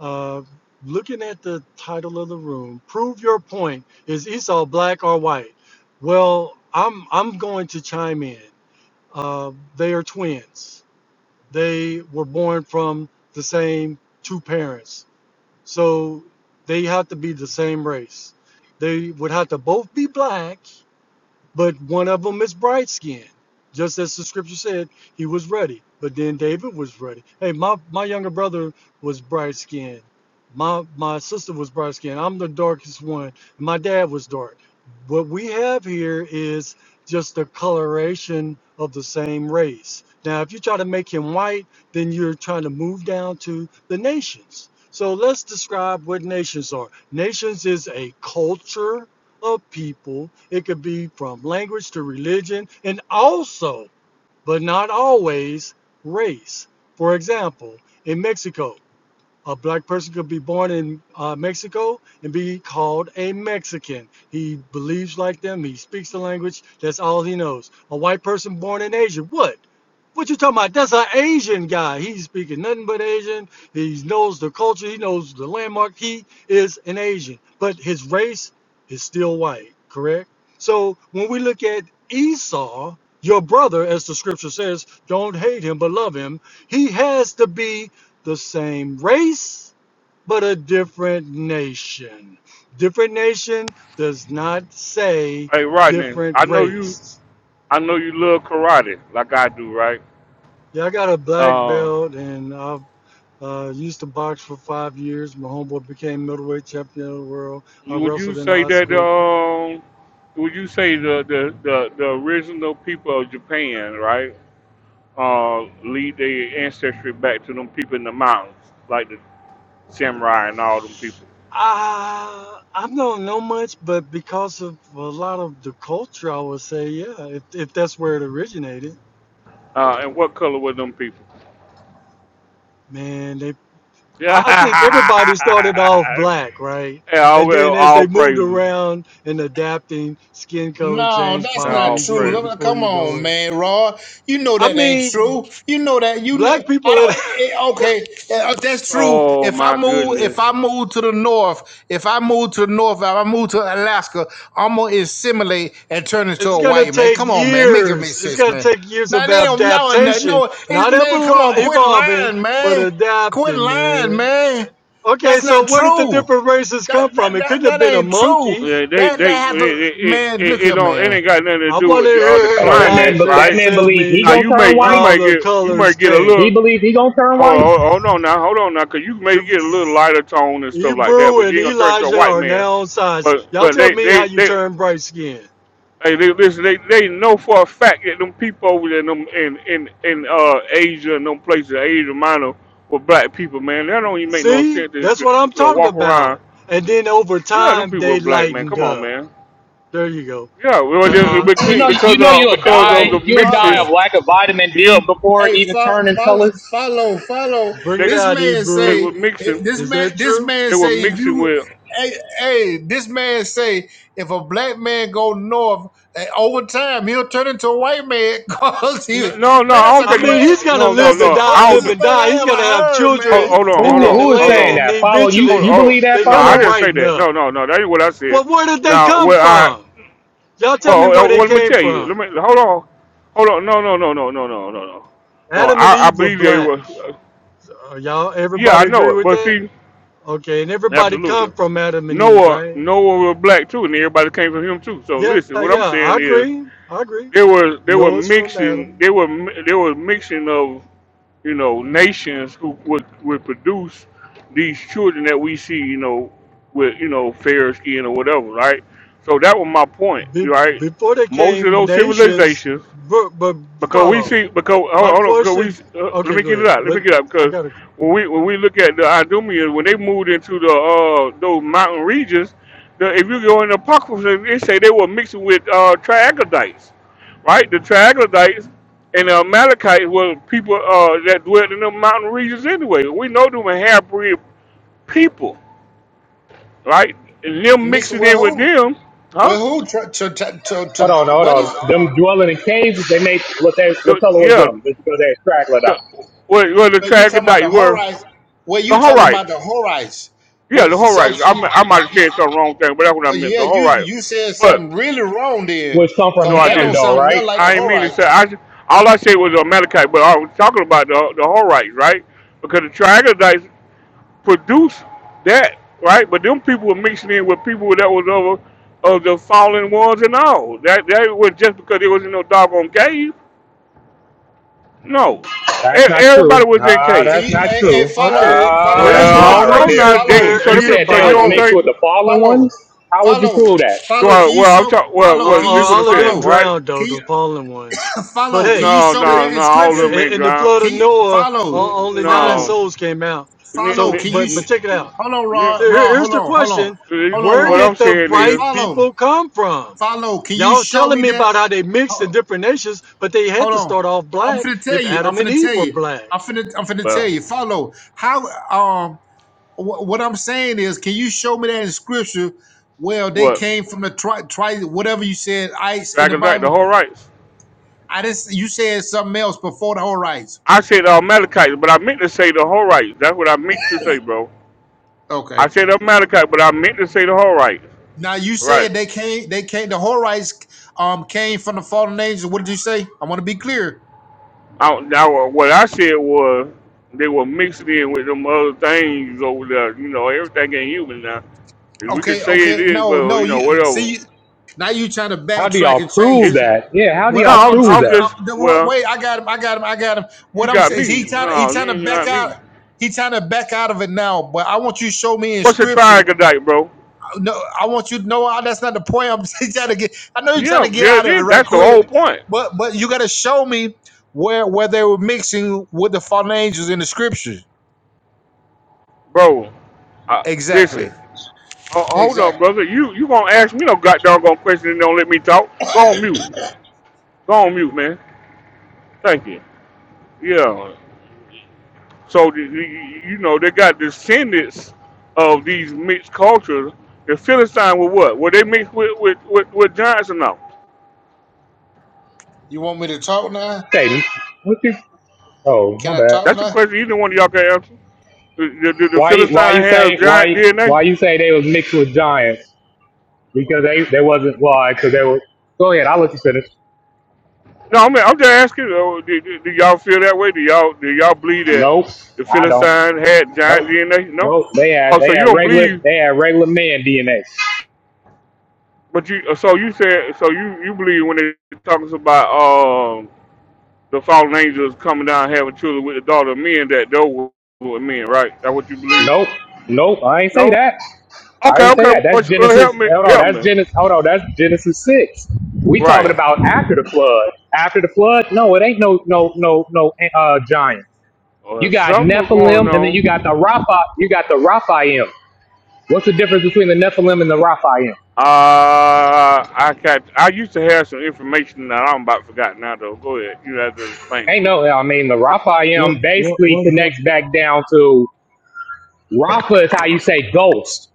S3: Uh, looking at the title of the room, prove your point. Is Esau black or white? Well, I'm I'm going to chime in. Uh, they are twins. They were born from the same two parents So they have to be the same race. They would have to both be black, but one of them is bright skinned. Just as the scripture said, he was ready. But then David was ready. Hey, my, my younger brother was bright skinned. My my sister was bright skinned. I'm the darkest one. My dad was dark. What we have here is just the coloration of the same race. Now, if you try to make him white, then you're trying to move down to the nations. So let's describe what nations are. Nations is a culture of people. It could be from language to religion and also, but not always, race. For example, in Mexico, a black person could be born in uh, Mexico and be called a Mexican. He believes like them. He speaks the language. That's all he knows. A white person born in Asia, what? What you talking about? That's an Asian guy. He's speaking nothing but Asian. He knows the culture. He knows the landmark. He is an Asian, but his race is still white. Correct. So when we look at Esau, your brother, as the scripture says, don't hate him but love him. He has to be the same race, but a different nation. Different nation does not say
S1: Hey, Rodney.
S3: different
S1: I know you.
S3: race.
S1: I know you love karate like I do, right?
S3: Yeah, I got a black
S1: Uh,
S3: belt and I've uh, used to box for five years. My homeboy became middleweight champion of the world. I
S1: would you
S3: wrestled in
S1: say
S3: high
S1: that?
S3: school.
S1: Um, would you say the the, the, the original people of Japan, right? Uh, lead their ancestry back to them people in the mountains, like the samurai and all them people.
S3: I, I don't know much, but because of a lot of the culture, I would say, yeah, if, if that's where it originated,
S1: Uh, and what color were them people?
S3: man, they. I,
S1: Yeah,
S3: I think everybody started off black, right? And
S1: all,
S3: then as
S1: all
S3: they moved
S1: praises.
S3: around and adapting, skin color
S23: No,
S3: changed
S23: that's
S3: by
S23: not
S1: All
S3: region,
S23: true.
S3: and
S1: praises.
S23: Look,
S3: before
S23: come
S3: you know
S23: on,
S3: it,
S23: man, Raw. You know
S3: I
S23: that ain't
S3: mean,
S23: true. You know that. You know.
S3: black people.
S23: I don't.
S3: It,
S23: eh, eh, okay, eh, if that's true.
S1: Oh
S23: If I
S1: my
S23: move, if
S1: goodness.
S23: I move to the north, if I move to the north, if I move to Alaska, I'm gonna assimilate and turn into
S3: it's
S23: a
S3: gonna
S23: white man.
S3: take
S23: Come on, man, make it make
S3: years. It's
S23: sense,
S3: gonna
S23: man.
S3: take years
S23: Now
S3: of
S23: they don't. No, no,
S3: adaptation,
S23: no. It's
S3: not
S23: man. Come
S3: evol-
S23: on, quit
S3: evolving,
S23: lying,
S3: but
S23: man. Quit
S3: adapting,
S23: lying,
S3: man.
S23: man.
S3: Okay,
S23: That's not
S3: so where did the
S23: true.
S3: different races
S23: That,
S3: come
S23: that,
S3: from? It
S23: that,
S3: couldn't have
S23: that
S3: been a
S23: ain't true.
S3: monkey.
S1: Yeah, they
S23: That
S1: they it
S23: that have to
S1: it,
S23: man.
S1: it,
S23: Look
S1: it
S23: here,
S1: don't it
S23: man.
S1: ain't got nothing to
S3: I
S1: do
S3: want to
S1: with uh, the
S3: hear
S26: No, that man
S1: climate,
S3: Elijah
S26: that
S1: right?
S26: man
S3: tell
S26: believe he
S1: Now
S3: me
S26: gonna
S1: you may
S26: turn
S1: you
S26: white.
S3: how
S1: may
S3: the
S1: get you may
S3: colors
S1: get a
S3: came
S26: He
S1: little
S26: believe he gonna turn
S1: hold
S26: white.
S1: on, hold on now hold on now because you may get a little lighter tone and stuff like that,
S3: Hebrew
S1: but
S3: and
S1: you ain't gonna turn into a
S3: Elijah
S1: white
S3: are
S1: man.
S3: now on sides.
S1: But
S3: Y'all
S1: but
S3: tell
S1: they
S3: me how
S1: they
S3: you
S1: they.
S3: turn bright skin.
S1: Hey, they, listen, they, they know for a fact that them people over there in them, in, in, in uh, Asia and them places, Asia Minor, with black people, man, that don't even make no
S3: See,
S1: sense to,
S3: that's
S1: to,
S3: what I'm
S1: to
S3: talking
S1: walk around
S3: about. And then over
S1: Yeah, them
S3: time,
S1: people are
S3: they
S1: black, man.
S3: lightened
S1: Come on,
S3: up.
S1: man.
S3: There you go.
S1: Yeah, well,
S3: Uh,
S1: they-
S3: uh,
S26: You
S1: becau-
S26: know
S23: Hey,
S1: because
S26: you know
S1: of
S26: you'll
S1: because
S26: die.
S1: of
S23: follow,
S1: the
S26: You'll die
S1: mixes,
S23: follow.
S26: of lack of vitamin
S1: yeah,
S26: D before it
S23: Hey,
S26: even
S23: fo-
S26: turning
S23: follow,
S26: colors.
S23: follow, follow.
S3: bring
S1: they
S3: it
S23: This
S3: out,
S23: man
S1: they
S3: Hebrew.
S23: say.
S1: were mixing.
S23: This
S3: Is
S23: man.
S3: that
S23: This
S3: true?
S23: man
S1: They were
S23: say. If
S1: mixing
S23: you.
S1: with.
S23: Hey, hey. This man say. If a black man go north, eh, over time he'll turn into a white man. Cause he.
S1: n- No, no,
S23: Man,
S1: I
S23: that's
S1: don't
S23: a
S3: I
S1: think.
S3: mean,
S1: You,
S23: crazy.
S3: he's gonna
S1: no, no,
S23: That's
S3: live and
S23: the
S1: no.
S3: die,
S1: I don't.
S3: live
S23: craziest
S1: Think,
S3: and
S23: thing
S3: die.
S23: I
S3: He's
S23: ever
S3: gonna have
S23: heard,
S1: hold,
S3: children,
S23: man.
S1: hold on,
S3: and
S1: hold
S26: Who
S3: then the
S26: who
S1: on,
S26: is
S1: hold
S3: land,
S26: saying
S3: and
S1: on.
S26: that? Follow you
S1: Hold,
S26: you
S3: eventually
S1: oh,
S26: believe that
S3: they're
S1: no,
S3: gonna
S1: I
S26: follow?
S1: didn't say
S3: brighten
S1: that.
S3: up.
S1: No, no, no. That ain't what I said.
S3: Well, where did they
S1: Now,
S3: come
S1: what I
S3: from? Y'all tell me
S1: well, uh,
S3: where
S1: well,
S3: they
S1: let me
S3: came
S1: tell you.
S3: from.
S1: Let me hold on, hold on. No, no, no, no, no, no, no, no. No,
S3: Adam and
S1: I, I
S3: Eve were
S1: believe they
S3: black.
S1: were.
S3: Uh, y'all,
S1: Yeah,
S3: everybody
S1: I know
S3: agree
S1: it,
S3: with
S1: but
S3: that?
S1: see.
S3: Okay, and everybody come
S1: Absolutely.
S3: from Adam and Eve,
S1: Noah
S3: right?
S1: Noah was black too, and everybody came from him too. So
S3: Yeah,
S1: listen, what I'm
S3: yeah, I
S1: saying is
S3: agree. I agree.
S1: they were they were
S3: Noah's from
S1: mixing
S3: Adam.
S1: they were mi- they were mixing of you know nations who would would produce these children that we see you know with you know fair skin or whatever, right? So that was my point,
S3: Be-
S1: right?
S3: before they
S1: Most of
S3: came
S1: those
S3: nations,
S1: civilizations
S3: but, but
S1: because we
S3: follow.
S1: see because hold,
S3: My
S1: hold on, because we
S3: question,
S1: s- uh, let
S3: okay,
S1: me
S3: go
S1: get it
S3: ahead.
S1: out. Let
S3: But
S1: me get it out
S3: I
S1: because
S3: got a.
S1: when we when we look at the Idumeans, when they moved into the uh those mountain regions, the, if you go in the Apocrypha, they say they were mixing with uh triaglodites, right? The triaglodites and the Amalekites were people uh that dwelt in the mountain regions anyway. We know them were half-breed people, right? And them
S23: Mister,
S1: mixing
S23: well
S1: in with
S23: who?
S1: them, huh?
S23: Well who? To, to, to, to,
S26: Hold on, hold
S23: what
S26: on. Them dwelling
S23: is?
S26: in caves, they make what they what
S1: The,
S26: color was
S1: yeah,
S26: them? Just because they're troglodyte.
S1: the, well, well, the
S23: So you talking about
S1: troglodytes
S23: the
S1: were
S23: horites? Well,
S1: the
S23: you talking about the
S1: Horites
S23: horites?
S1: Yeah,
S23: What?
S1: the whole
S23: So, Yeah, the
S1: rights. I mi- I might have
S23: Horites. I'm, I'm,
S1: said some wrong thing, but that's what I
S23: uh,
S1: meant.
S23: yeah,
S1: The whole
S23: you
S1: rights.
S23: you said
S1: But
S23: something really wrong there,
S26: Which come from
S1: no,
S23: cause
S1: I
S23: that
S26: Ham
S23: don't
S1: didn't.
S26: though,
S23: sound
S26: right?
S23: nothing like the
S1: I ain't mean to
S23: horites.
S1: say. I ju- all I said was Amalekite, but I was talking about the the whole rights, right? Because the Triaglodites produced that, right? But them people were mixing in with people that was over of the fallen ones and all. That that was just because there was no doggone cave. No,
S26: That's
S1: E-
S26: not true.
S1: everybody was in
S26: Nah,
S23: Can
S1: cave.
S26: that's
S23: you?
S26: not
S23: Hey, hey
S26: true.
S23: follow,
S3: okay,
S23: follow,
S26: Nah, that's
S3: here's
S26: a
S23: keep,
S1: Well,
S3: my
S1: I
S23: keep,
S26: lie
S1: don't
S26: right
S1: know
S26: there.
S1: now.
S3: question
S1: They,
S3: for
S23: follow,
S1: so
S26: You
S1: you
S26: said
S1: so
S26: they
S1: you
S26: was
S1: don't
S3: everybody.
S23: follow,
S26: mixed with
S1: think?
S26: the fallen ones?
S23: follow,
S26: How would you
S23: follow,
S26: prove that?
S23: follow.
S1: Well,
S23: Can you
S1: well, I'm
S23: show?
S1: talking. Well,
S3: Uh,
S23: Follow.
S1: well,
S23: Can you
S1: this
S3: uh,
S1: is what
S23: s-
S1: I'm
S3: all of them
S1: saying,
S23: follow?
S1: right?
S3: drowned,
S23: Can
S3: though,
S23: you
S3: the fallen ones.
S23: uh,
S3: But
S23: follow? Can
S3: hey,
S23: you
S1: No,
S23: show me
S3: here-
S1: no,
S23: that
S1: no. All
S3: yeah,
S1: of
S23: inscription?
S1: them
S3: in,
S1: ain't
S3: in the
S1: drowned.
S3: flood of
S23: Can you
S3: Noah,
S23: follow?
S3: o-
S1: N-
S3: only nine
S23: Follow.
S1: No.
S3: souls came out.
S1: N- n-
S23: Follow,
S3: So,
S23: can you
S3: but but
S23: sh-
S1: n-
S3: check it out
S23: hold on,
S1: n-
S23: Rod?
S3: So
S23: Rod,
S3: here- here's
S23: hold
S3: the
S23: on, hold on,
S3: question:
S23: hold on,
S1: n-
S3: Where
S1: What
S23: Rod.
S1: I'm
S3: did the
S1: saying
S23: Hey,
S3: bright
S1: is,
S23: follow,
S3: people come from?
S23: follow, can you
S3: Y'all
S23: show
S3: telling
S23: me
S3: me
S23: that?
S3: about how they mixed in
S23: Ho-
S3: different nations, but they had
S23: Hold
S3: to
S23: on,
S3: start off
S23: I'm
S3: black
S23: finna tell
S3: if
S23: you, I'm
S3: Adam and
S23: finna tell
S3: Eve were
S23: you,
S3: black.
S23: I'm finna, I'm finna tell
S1: well,
S23: you, follow. How, um, wh- what I'm saying is, can you show me that in scripture? Well, they
S1: what?
S23: came from the tri, tri whatever you said, ice in the
S1: Dragonite, the
S23: Bible.
S1: Horites.
S23: I didn't, s- you said something else before the whole rights.
S1: I said the Amalekites, but I meant to say the Horites. That's what I meant to say, bro.
S23: Okay.
S1: I said the Amalekites, but I meant to say the Horites.
S23: Now you said
S1: Right.
S23: they came. They came. The Horites um came from the fallen angels. What did you say? I want to be clear.
S1: I, now, what I said was they were mixed in with them other things over there. You know, everything ain't human now. If we could
S23: Okay.
S1: say it
S23: Okay.
S1: is,
S23: No.
S1: well,
S23: No.
S1: you know,
S23: You
S1: whatever.
S23: see. Now you trying to
S26: How do
S23: backtrack
S26: y'all
S23: and change
S26: prove
S1: It's
S23: it.
S1: no,
S26: that? Yeah, how do
S23: What,
S26: y'all
S23: what
S1: I'm,
S23: I'm
S26: prove
S23: trying
S1: I'm
S26: that?
S23: to um,
S1: just
S23: the,
S1: well.
S23: wait. I got him. I got him. I got him. What
S1: You
S23: I'm
S1: got
S23: saying is
S1: me.
S23: he trying. He
S1: No, you
S23: trying to
S1: ain't
S23: back
S1: got
S23: out.
S1: me.
S23: He trying to back out of it now. But I want you to show me in
S1: What's a
S23: scripture
S1: triagonite, bro?
S23: no, I want you to know all that's not the point. I'm trying to get. I know you're trying
S1: Yeah,
S23: to get
S1: yeah,
S23: out
S1: it
S23: of it
S1: is.
S23: right
S1: That's the
S23: quick,
S1: whole point,
S23: but but you got to show me where where they were mixing with the fallen angels in the scriptures.
S1: bro. Uh, listen,
S23: Exactly,
S1: uh, hold on,
S23: exactly.
S1: brother. You you gonna ask me no goddamn gonna question and don't let me talk? Go on mute. Go on mute, man. Thank you. Yeah. So the, the- you know they got descendants of these mixed cultures. The Philistine were what? Were they mixed with with with, with giants or no?
S23: You want me to talk now?
S26: Say, what you? Oh,
S23: Can
S26: my
S23: I
S26: bad.
S23: talk
S1: That's a
S23: now?
S1: question either one of y'all can answer. Do, do the
S26: Why? Why
S1: Philistine
S26: you
S1: have
S26: say? Why?
S1: giant DNA?
S26: Why you say they was mixed with giants? Because they they wasn't. Why? Because they were. Go ahead. I'll let you finish.
S1: No, I mean, I'm just asking. uh, Do, do, do y'all feel that way? Do y'all do y'all believe that
S26: Nope.
S1: the
S26: I don't.
S1: Philistine had
S26: Nope.
S1: giant DNA? No.
S26: Nope. They had
S1: Oh,
S26: they
S1: so you
S26: had
S1: don't
S26: regular
S1: believe?
S26: they had regular man DNA.
S1: But you uh, so you said so you you believe when it talks about um the fallen angels coming down having children with the daughter of men that those were were men, right? That what you believe?
S26: Nope. Nope. I ain't say
S1: No.
S26: that. I
S1: Okay,
S26: ain't say
S1: okay.
S26: that. That's
S1: Well, sh- well,
S26: Genesis.
S1: help me,
S26: Hold on.
S1: help
S26: That's
S1: me.
S26: Genesis. Hold on. That's Genesis six. We talking
S1: Right.
S26: about after the flood. After the flood? No, it ain't no no no no uh, giant. You
S1: Uh,
S26: got
S1: something was going
S26: Nephilim, and then
S1: on.
S26: you got the Rapha. You got the Raphaim. What's the difference between the Nephilim and the Raphaim?
S1: Uh, I got. I used to have some information that I'm about to forgot now, though. Go ahead. You have to explain
S26: Ain't
S1: to.
S26: no. I mean, the
S21: What,
S26: Raphaim
S21: what,
S26: basically
S21: was,
S26: connects
S21: Go-
S26: back down to Rapha is how you say ghost.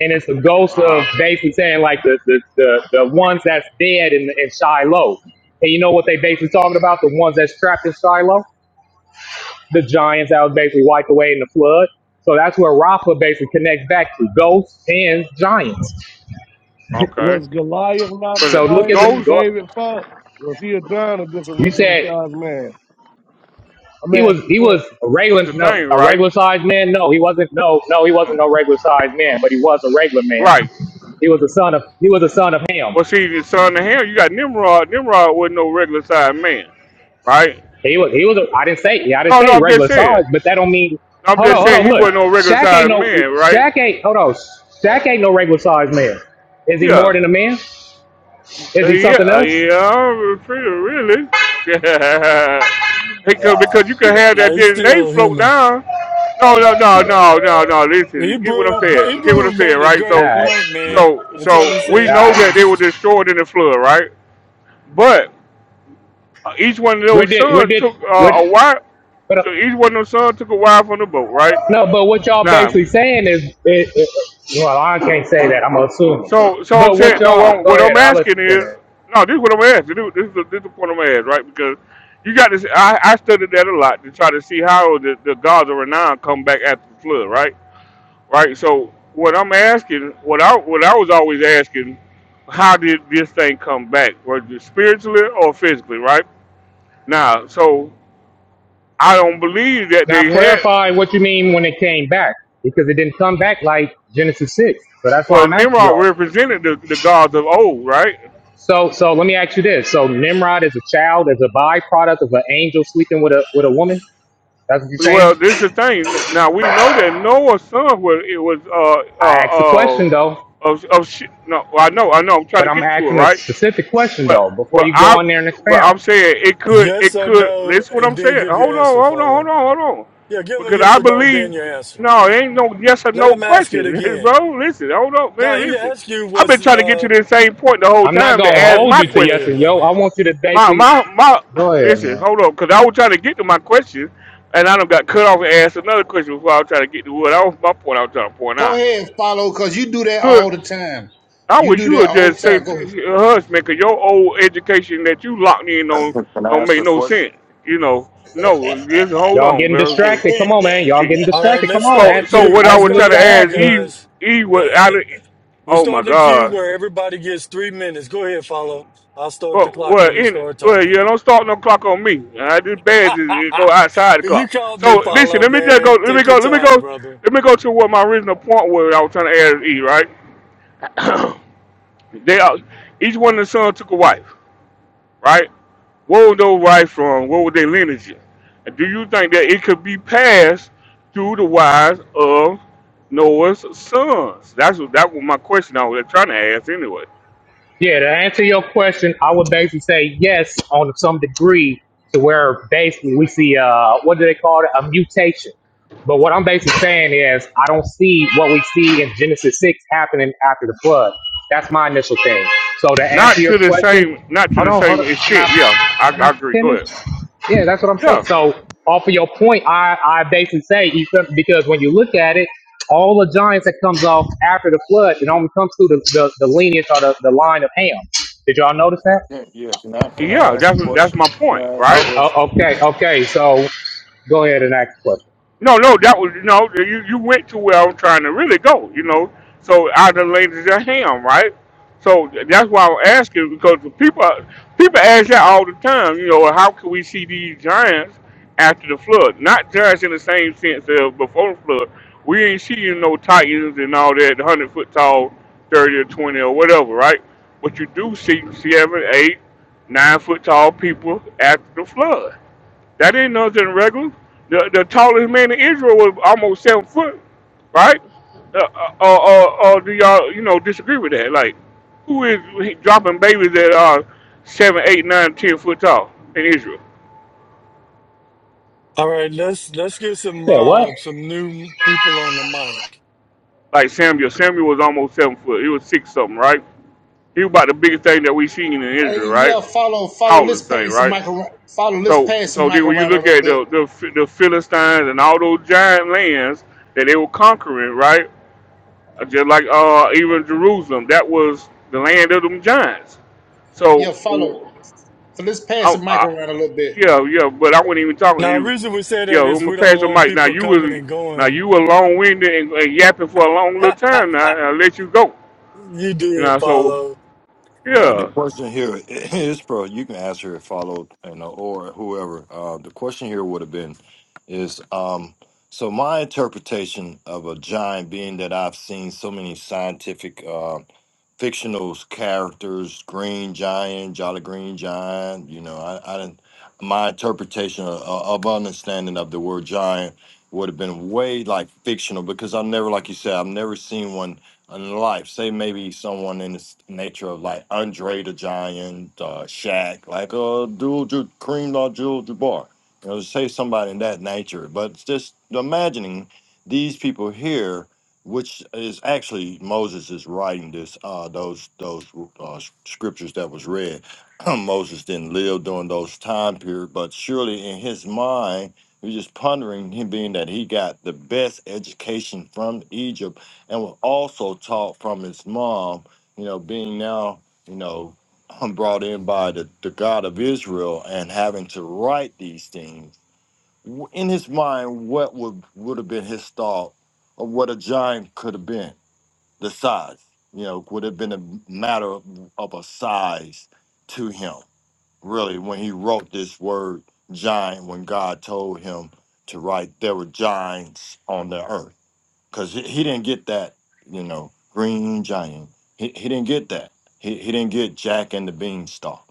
S26: and it's a ghost of
S1: Uh huh.
S26: basically saying like the the the, the ones that's dead in, in Shiloh. And you know what they basically talking about? The ones that's trapped in Shiloh, the giants that was basically wiped away in the flood. So that's where Rafa basically connects back to ghosts and giants.
S1: Okay.
S21: was Goliath not a
S1: Well, it
S26: So look
S21: giant
S26: at
S21: who
S26: the
S1: goes
S26: go.
S21: David fought? Was he a giant or just a
S26: You
S21: regular
S26: said
S21: sized man? I'm
S26: he was
S21: asking
S26: he was
S21: questions.
S26: a regular
S1: the
S26: no
S1: thing,
S26: a
S1: right?
S26: regular sized man. No, he wasn't. No, no, he wasn't no regular sized man, but he was a regular man.
S1: Right.
S26: He was a son of he was a son of Ham.
S1: Well, see, the son of Ham, you got Nimrod. Nimrod wasn't no regular sized man, right?
S26: He was he was a, I didn't say yeah, I didn't
S1: No, no,
S26: say
S1: I'm
S26: regular
S1: just
S26: size,
S1: saying.
S26: but that don't mean
S1: I'm
S26: hold on,
S1: just
S26: hold
S1: saying
S26: on,
S1: he
S26: look.
S1: wasn't no regular
S26: Shaq ain't
S1: sized
S26: no
S1: man, right?
S26: Shaq ain't hold on. Shaq ain't no regular size man. Is he more
S1: Yeah.
S26: than a man? Is
S1: Uh,
S26: he
S1: yeah,
S26: something
S1: uh,
S26: else?
S1: yeah, I'm pretty really. because because you can have
S3: No,
S1: that
S3: he's
S1: DNA
S3: still
S1: float
S3: human.
S1: down. No, no, no, no, no, no. Listen, you get what I'm
S3: Hebrew,
S1: saying. You get what I'm
S3: Hebrew
S1: saying,
S3: made a
S1: right?
S3: great
S1: So,
S26: Alright.
S3: point, man,
S1: so,
S3: until he
S1: so we
S3: said
S1: know
S26: Alright.
S1: that they were
S3: ghost.
S1: destroyed in the flood, right? But uh, each one of
S26: We're
S1: those
S26: did we're
S1: sons
S26: did
S1: took
S26: we're
S1: uh, a wife.
S26: but uh,
S1: So each one of those sons took a wife on the boat, right?
S26: no, but what y'all
S1: Now.
S26: basically saying is it, it, well, I can't say that, I'm assuming.
S1: So, so I'm
S26: But what
S1: saying, no,
S26: y'all
S1: well,
S26: go
S1: what I'm
S26: ahead, I'll let you
S1: asking is,
S26: finish.
S1: no, this is what I'm asking. This, this, is, the, this is the point I'm asking, right? Because you got this, I, I studied that a lot to try to see how the, the gods of renown come back after the flood, right? Right? So, what I'm asking, what I, what I was always asking, how did this thing come back? Was it spiritually or physically, right? Now, so I don't believe that
S26: Now
S1: they had,
S26: clarify what you mean when it came back, because it didn't come back like Genesis six. So that's why
S1: well,
S26: I'm asking
S1: Nimrod
S26: y'all.
S1: represented the, the gods of old, right?
S26: So, so let me ask you this: So, Nimrod is a child, is a byproduct of an angel sleeping with a with a woman. That's what you're saying.
S1: Well, this is the thing. Now we know that Noah's son was it was uh
S26: I asked a question though,
S1: uh uh of of sh- no I know I know I'm trying
S26: but
S1: to
S26: I'm
S1: get to it
S26: asking a
S1: right,
S26: specific question
S1: but
S26: though. Before
S1: well
S26: you
S1: I
S26: go in there and
S1: well
S26: expound,
S1: I'm saying it could
S3: Yes
S1: it
S3: or
S1: could
S3: no,
S1: listen what
S3: and
S1: I'm
S3: then
S1: saying.
S3: give your
S1: Hold on
S3: answer,
S1: hold on hold
S3: follow.
S1: on hold on,
S3: Yeah, give him a
S1: because
S3: yes
S1: I
S3: or no, then
S1: believe
S3: your answer.
S1: no it ain't no yes or
S3: Let
S1: no
S3: him ask it
S1: question,
S3: again.
S1: bro. Listen hold on
S3: No,
S1: man
S3: he
S1: listen.
S3: asked you
S1: I've been
S3: was,
S1: trying to get to
S3: uh,
S1: this same point the whole
S26: I'm not
S1: time to
S26: gonna
S3: all
S1: ask
S3: right,
S26: hold
S1: my
S26: you
S3: man,
S26: to
S3: go
S26: yes
S3: ahead,
S1: question.
S26: and yo.
S3: brother.
S26: I want you to
S1: My
S26: basically
S1: my my.
S26: go. ahead.
S1: Listen, hold on, cause I was trying to get to my question, and I done got cut off and asked another question before I was trying to get to what that was my point. I was trying to point
S23: Go
S1: out.
S23: ahead, follow, cause you do that
S1: Could
S23: all the time.
S1: I
S23: You
S1: wish
S23: do
S1: you
S23: that
S1: would
S23: all the
S1: just say
S23: time. Go.
S1: to
S23: ahead.
S1: your husband, cause your old education that you locked in on
S27: Can I
S1: don't
S27: ask
S1: make
S27: a
S1: no
S27: question?
S1: sense. You know, no, just hold
S26: Y'all
S1: on,
S26: getting
S1: bro.
S26: distracted? Come on, man. Y'all
S1: See,
S26: getting
S3: All right,
S26: distracted? Come
S3: let's
S26: on.
S3: start a
S1: so
S26: Ask me
S1: so
S26: to
S3: queue.
S1: what I
S26: ask
S3: Let's
S1: was
S26: me what
S3: start
S26: you
S1: trying
S3: a
S1: to
S26: gotta
S3: queue,
S26: ask
S1: ask
S26: me.
S1: Eve,
S3: guys.
S1: Eve
S3: Uh,
S1: was
S3: uh,
S1: out of.
S3: we're
S1: Oh my
S3: starting a queue
S1: God.
S3: where everybody gets three minutes. Go ahead, follow. I'll start the
S1: Well,
S3: clock
S1: well,
S3: when you
S1: in,
S3: start
S1: well, you
S3: talking.
S1: don't start no clock on me. I do bad is it go outside the
S3: you
S1: clock.
S3: called me,
S1: So listen,
S3: follow,
S1: let me just go.
S3: man.
S1: Let me
S3: Take your
S1: go. Let me
S3: time,
S1: go.
S3: brother.
S1: Let me go to what my original point was. I was trying to add E right. they are, each one of the sons took a wife, right? What were those wives from? What were their lineage? And do you think that it could be passed through the wives of Noah's sons? That's what that was my question I was trying to ask anyway.
S26: Yeah, to answer your question, I would basically say yes on some degree to where basically we see uh what do they call it a mutation But what I'm basically saying is, I don't see what we see in Genesis 6 happening after the flood. That's my initial thing. So to answer
S1: Not
S26: your
S1: to the
S26: question,
S1: same, not to
S26: hold
S1: the
S26: on, hold
S1: same
S26: on. Can
S1: extent.
S26: I,
S1: Yeah, I,
S26: can I
S1: I agree. Go
S26: finish?
S1: ahead.
S26: Yeah, that's what I'm saying.
S1: Yeah,
S26: So off of your point, I, I basically say, you could- because when you look at it, all the giants that comes off after the flood, it only comes through the, the, the lineage or the, the line of Ham. Did y'all notice that?
S27: Yeah, yeah. Can I can I
S1: yeah.
S27: ask a
S1: That's what- that's
S27: question?
S1: my
S27: Can
S1: point,
S27: I ask a
S1: right?
S26: Oh,
S27: question?
S26: oh, okay, okay. So go ahead and ask the question.
S1: No, no, that was no. You you went to where I'm trying to really go. You know, so I done laid it at him, right? So that's why I'm asking because the people people ask that all the time. You know, how can we see these giants after the flood? Not giants in the same sense of before the flood. We ain't seeing no titans and all that, hundred foot tall, thirty or twenty or whatever, right? But you do see seven, eight, nine foot tall people after the flood that ain't nothing regular. The, the tallest man in Israel was almost seven foot, right? Uh, uh, uh, uh, uh, do y'all, you know, disagree with that? Like, who is dropping babies that are seven, eight, nine, ten foot tall in Israel?
S3: All right, let's let's get some
S26: Yeah, what?
S3: uh, some new people on the mic.
S1: Like Samuel. Samuel was almost seven foot. He was six something, right? He was about the biggest thing that we seen in
S23: Hey,
S1: Israel, right?
S23: yeah, follow, follow. Let's
S1: Tallest thing,
S23: pass the
S1: right?
S23: mic around. Follow. Let's
S1: So,
S23: pass the
S1: so
S23: mic
S1: then when you
S23: around a
S1: look
S23: little
S1: at
S23: bit.
S1: the the, the Philistines and all those giant lands that they were conquering, right? Uh, just like uh, even Jerusalem, that was the land of them giants.
S23: Yeah,
S1: So,
S23: follow. So let's pass the
S1: I,
S23: mic
S1: I,
S23: around a little bit.
S1: yeah, yeah, but I wasn't even talking to
S3: Now, the
S1: you.
S3: reason we say
S1: Yeah,
S3: that
S1: I'm
S3: is
S1: gonna
S3: we don't
S1: pass the
S3: want
S1: mic now.
S3: people
S1: You
S3: coming
S1: was
S3: and
S1: now
S3: going.
S1: you were long winded and, and yapping for a long little time. Now I let you go.
S3: you
S1: You
S3: did,
S1: know, so
S3: follow.
S27: Right. The
S1: yeah.
S27: question here is, bro. You can answer it, followed, you know, or whoever. Uh, the question here would have been, is um. So my interpretation of a giant being that I've seen so many scientific uh, fictional characters, Green Giant, Jolly Green Giant. You know, I, I didn't. My interpretation of, of understanding of the word giant would have been way like fictional because I've never, like you said, I've never seen one in life. Say maybe someone in the s- nature of like Andre the Giant, uh, Shaq, like uh, Dual Ju- Kareem Abdul Jabbar. You know, say somebody in that nature, but it's just imagining these people here which is actually Moses is writing this uh those those uh, scriptures that was read. Moses didn't live during those time period, but surely in his mind, he was just pondering him being that he got the best education from Egypt and was also taught from his mom. You know, being now you know brought in by the, the God of Israel and having to write these things w- in his mind what would would have been his thought of what a giant could have been the size you know would have been a matter of, of a size to him really when he wrote this word giant when god told him to write there were giants on the earth because he, he didn't get that, you know, Green Giant. He, he didn't get that. He, he didn't get Jack and the Beanstalk.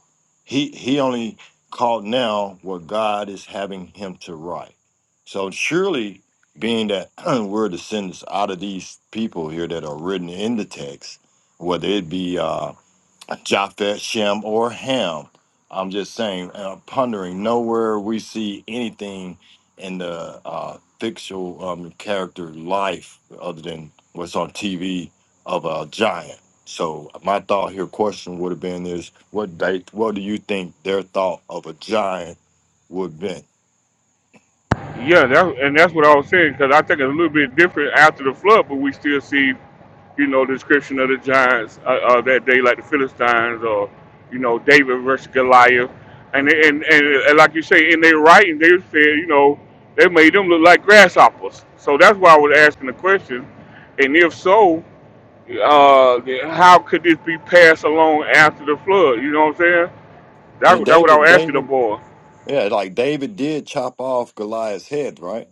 S27: He he only caught now what God is having him to write. So surely, being that we're descendants out of these people here that are written in the text, whether it be uh, Japheth, Shem, or Ham. I'm just saying, uh, pondering, nowhere we see anything in the uh, fictional um, character life other than what's on TV of a giant. So my thought here, question would have been is, what they, what do you think their thought of a giant would have been?
S1: Yeah, that, and that's what I was saying because I think it's a little bit different after the flood, but we still see, you know, the description of the giants uh, uh, that day, like the Philistines or, you know, David versus Goliath, and and and, and like you say, in their writing, they said, you know, they made them look like grasshoppers. So that's why I was asking the question, and if so, uh, how could this be passed along after the flood? You know what I'm saying? That
S27: Well,
S1: that's what I
S27: David,
S1: was asking the
S27: David,
S1: boy.
S27: yeah, like David did chop off Goliath's head, right?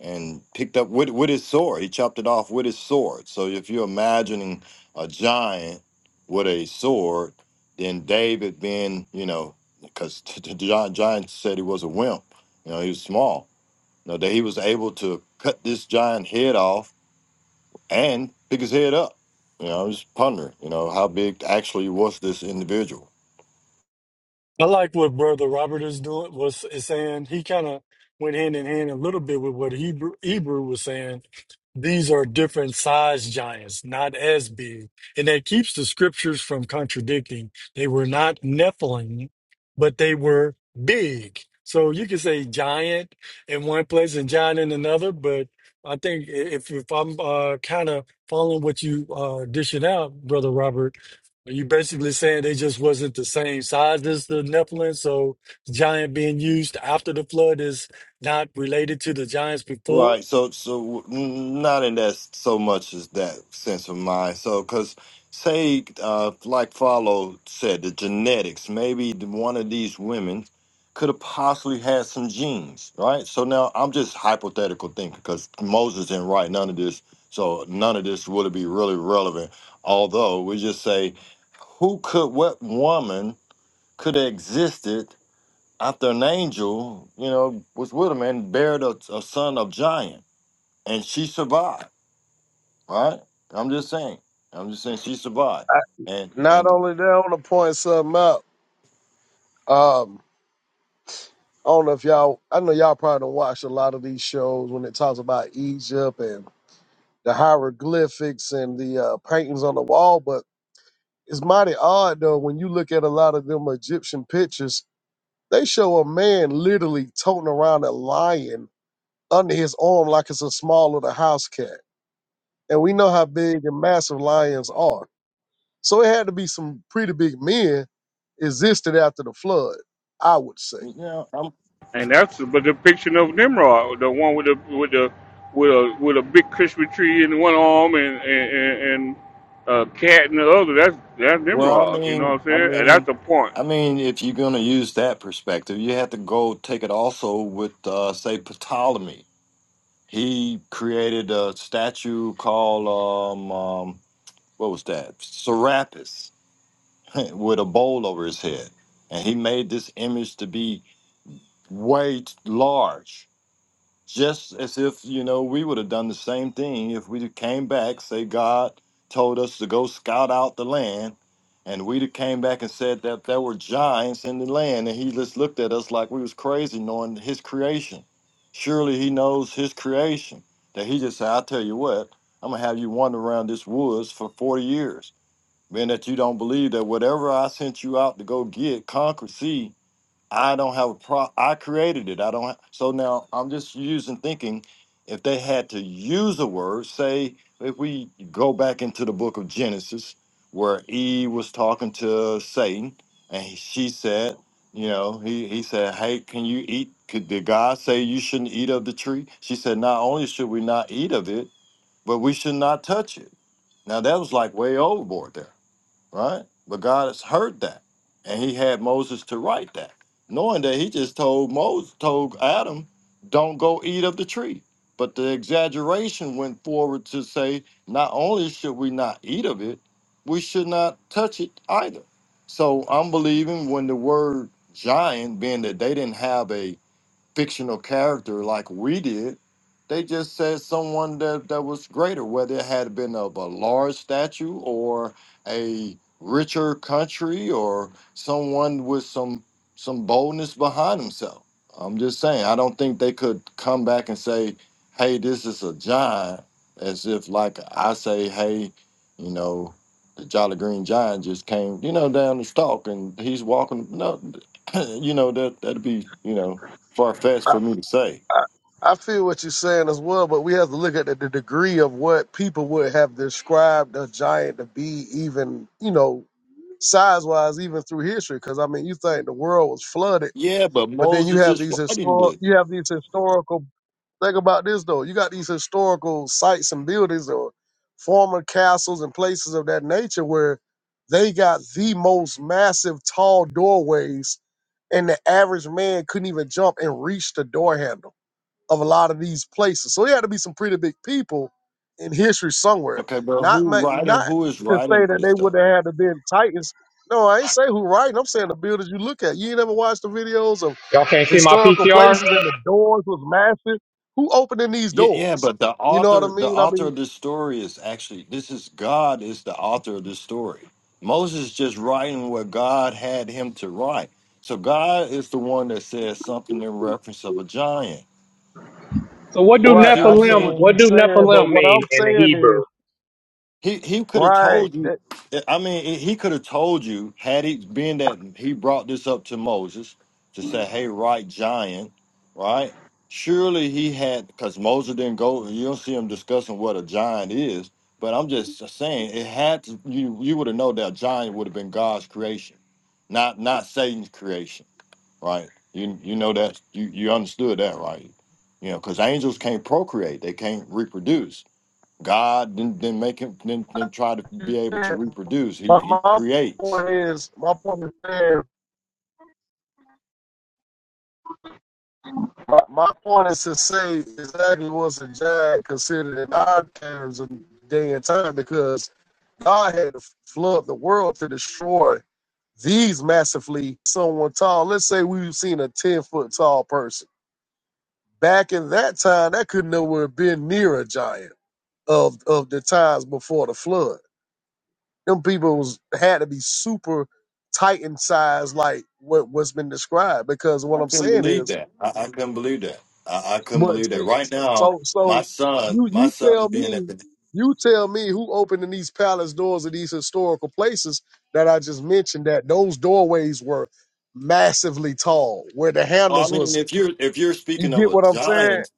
S27: and picked up with with his sword. He chopped it off with his sword. So if you're imagining a giant with a sword, then David being, you know, because the gi- giant said he was a wimp, you know, he was small. You know, that he was able to cut this giant head off and pick his head up. You know, I'm just pondering, you know, how big actually was this individual?
S3: I like what Brother Robert is doing was is saying. He kind of went hand in hand a little bit with what Hebrew Hebrew was saying. These are different size giants, not as big. And that keeps the scriptures from contradicting. They were not Nephilim, but they were big. So you can say giant in one place and giant in another, but I think i- if, if I'm uh, kind of following what you uh, dishing out, Brother Robert, are you basically saying they just wasn't the same size as the Nephilim? So the giant being used after the flood is not related to the giants before?
S27: Right. So, so not in that so much as that sense of mind. So, because say, uh, like Follow said, the genetics, maybe the- one of these women could have possibly had some genes, right? So now I'm just hypothetical thinking because Moses didn't write none of this. So none of this would be really relevant. Although we just say, who could, what woman could have existed after an angel, you know, was with him and buried a, a son of giant? and she survived, right? I'm just saying. I'm just saying she survived,
S21: I,
S27: and
S21: not
S27: and
S21: only that, I want to point something out. Um, I don't know if y'all, I know y'all probably don't watch a lot of these shows when it talks about Egypt and the hieroglyphics and the uh, paintings on the wall, but it's mighty odd though when you look at a lot of them Egyptian pictures, they show a man literally toting around a lion under his arm like it's a small little house cat. And we know how big and massive lions are. So it had to be some pretty big men existed after the flood, I would
S27: you
S21: say.
S27: know, I'm,
S1: And that's the but depiction of Nimrod, the one with the with the with a with a big Christmas tree in one arm and and, and, and a cat in the other. That's that's
S27: well, I
S1: Nimrod. You know
S27: mean,
S1: what I'm
S27: I
S1: saying? And that's
S27: mean,
S1: the point.
S27: I mean, if you're gonna use that perspective, you have to go take it also with, uh, say, Ptolemy. He created a statue called um, um what was that? Serapis with a bowl over his head, and he made this image to be way large just as if you know we would have done the same thing if we came back say god told us to go scout out the land and we would have came back and said that there were giants in the land and he just looked at us like we was crazy knowing his creation surely he knows his creation that he just said i tell you what i'm gonna have you wander around this woods for 40 years being that you don't believe that whatever i sent you out to go get conquer see I don't have a pro. I created it. I don't. ha- so now I'm just using thinking. If they had to use a word, say if we go back into the book of Genesis, where Eve was talking to Satan, and he, she said, you know, he he said, "Hey, can you eat? Could did God say you shouldn't eat of the tree?" She said, "Not only should we not eat of it, but we should not touch it." Now that was like way overboard there right? But God has heard that, and He had Moses to write that, knowing that He just told Moses, told Adam, "Don't go eat of the tree." But the exaggeration went forward to say, not only should we not eat of it, we should not touch it either. So I'm believing when the word giant, being that they didn't have a fictional character like we did. They just said someone that, that was greater, whether it had been of a large statue or a richer country or someone with some some boldness behind himself. I'm just saying, I don't think they could come back and say, hey, this is a giant, as if like I say, hey, you know, the Jolly Green Giant just came, you know, down the stalk and he's walking. No, you know, that that'd be, you know, far fetched for me to say.
S21: I I feel what you're saying as well, but we have to look at the, the degree of what people would have described a giant to be, even you know, size wise, even through history. Because I mean, you think the world was flooded,
S27: Yeah, but
S21: but then you
S27: Moses
S21: have
S27: is
S21: these
S27: writing
S21: historic,
S27: this.
S21: you have these historical. Think about this though. You got these historical sites and buildings or former castles and places of that nature where they got the most massive tall doorways, and the average man couldn't even jump and reach the door handle of a lot of these places. So it had to be some pretty big people in history somewhere.
S27: Okay, but
S21: Not
S27: who
S21: ma-
S27: writing?
S21: not
S27: Who is
S21: to say
S27: writing
S21: that
S27: this
S21: they would
S27: stuff?
S21: have had to been titans. No, I ain't saying who right. I'm saying the buildings you look at. You ain't ever watched the videos of
S26: Y'all can't see my
S21: historical
S26: PTR?
S21: places and the doors was massive. Who opening these
S27: Yeah, yeah,
S21: doors?
S27: but the
S21: You know what I
S27: author, the
S21: mean? I
S27: author
S21: mean,
S27: of this story is actually this is God is the author of this story. Moses just writing what God had him to write. So God is the one that says something in reference of a giant.
S26: So what do
S27: You
S21: right.
S27: see what
S21: I
S27: I'm
S21: get
S26: Nephilim
S21: what
S27: saying?
S21: you're
S26: what do
S21: saying, but
S26: Nephilim
S21: what
S26: mean
S21: I'm
S26: in the
S21: saying is
S26: Hebrew?
S27: He he could have
S21: right.
S27: told you.
S21: That
S27: I mean, he he could have told you had he been that he brought this up to Moses to say, "Hey, right giant, right." Surely he had because Moses didn't go. You don't see him discussing what a giant is. But I'm just saying it had to. You you would have known that giant would have been God's creation, not not Satan's creation, right? You you know that you you understood that, right? You know, because angels can't procreate; they can't reproduce. God didn't, didn't make him didn't, didn't try to be able to reproduce. He
S21: my,
S27: he
S21: my
S27: creates.
S21: point is my point is saying My, my point is to say exactly what's a giant considered in our terms of day and time because God had to flood the world to destroy these massively someone tall. Let's say we've seen a 10 foot tall person. Back in that time, that could nowhere have been near a giant of, of the times before the flood. Them people was, had to be super titan sized, like what, what's been described. Because what
S27: I
S21: I'm
S27: couldn't
S21: saying is,
S27: believe that. I, I couldn't believe that. I, I couldn't
S21: But
S27: believe that.
S21: see,
S27: Right now,
S21: so
S27: my
S21: so
S27: son,
S21: you
S27: my
S21: you
S27: son
S21: tell
S27: being at
S21: me
S27: the
S21: you tell me who opening these palace doors of these historical places that I just mentioned that those doorways were massively tall where the
S27: I
S21: handles
S27: mean,
S21: was
S27: if you're if you're
S21: you
S27: speaking of
S21: get
S27: a
S21: what I'm saying?
S27: giant,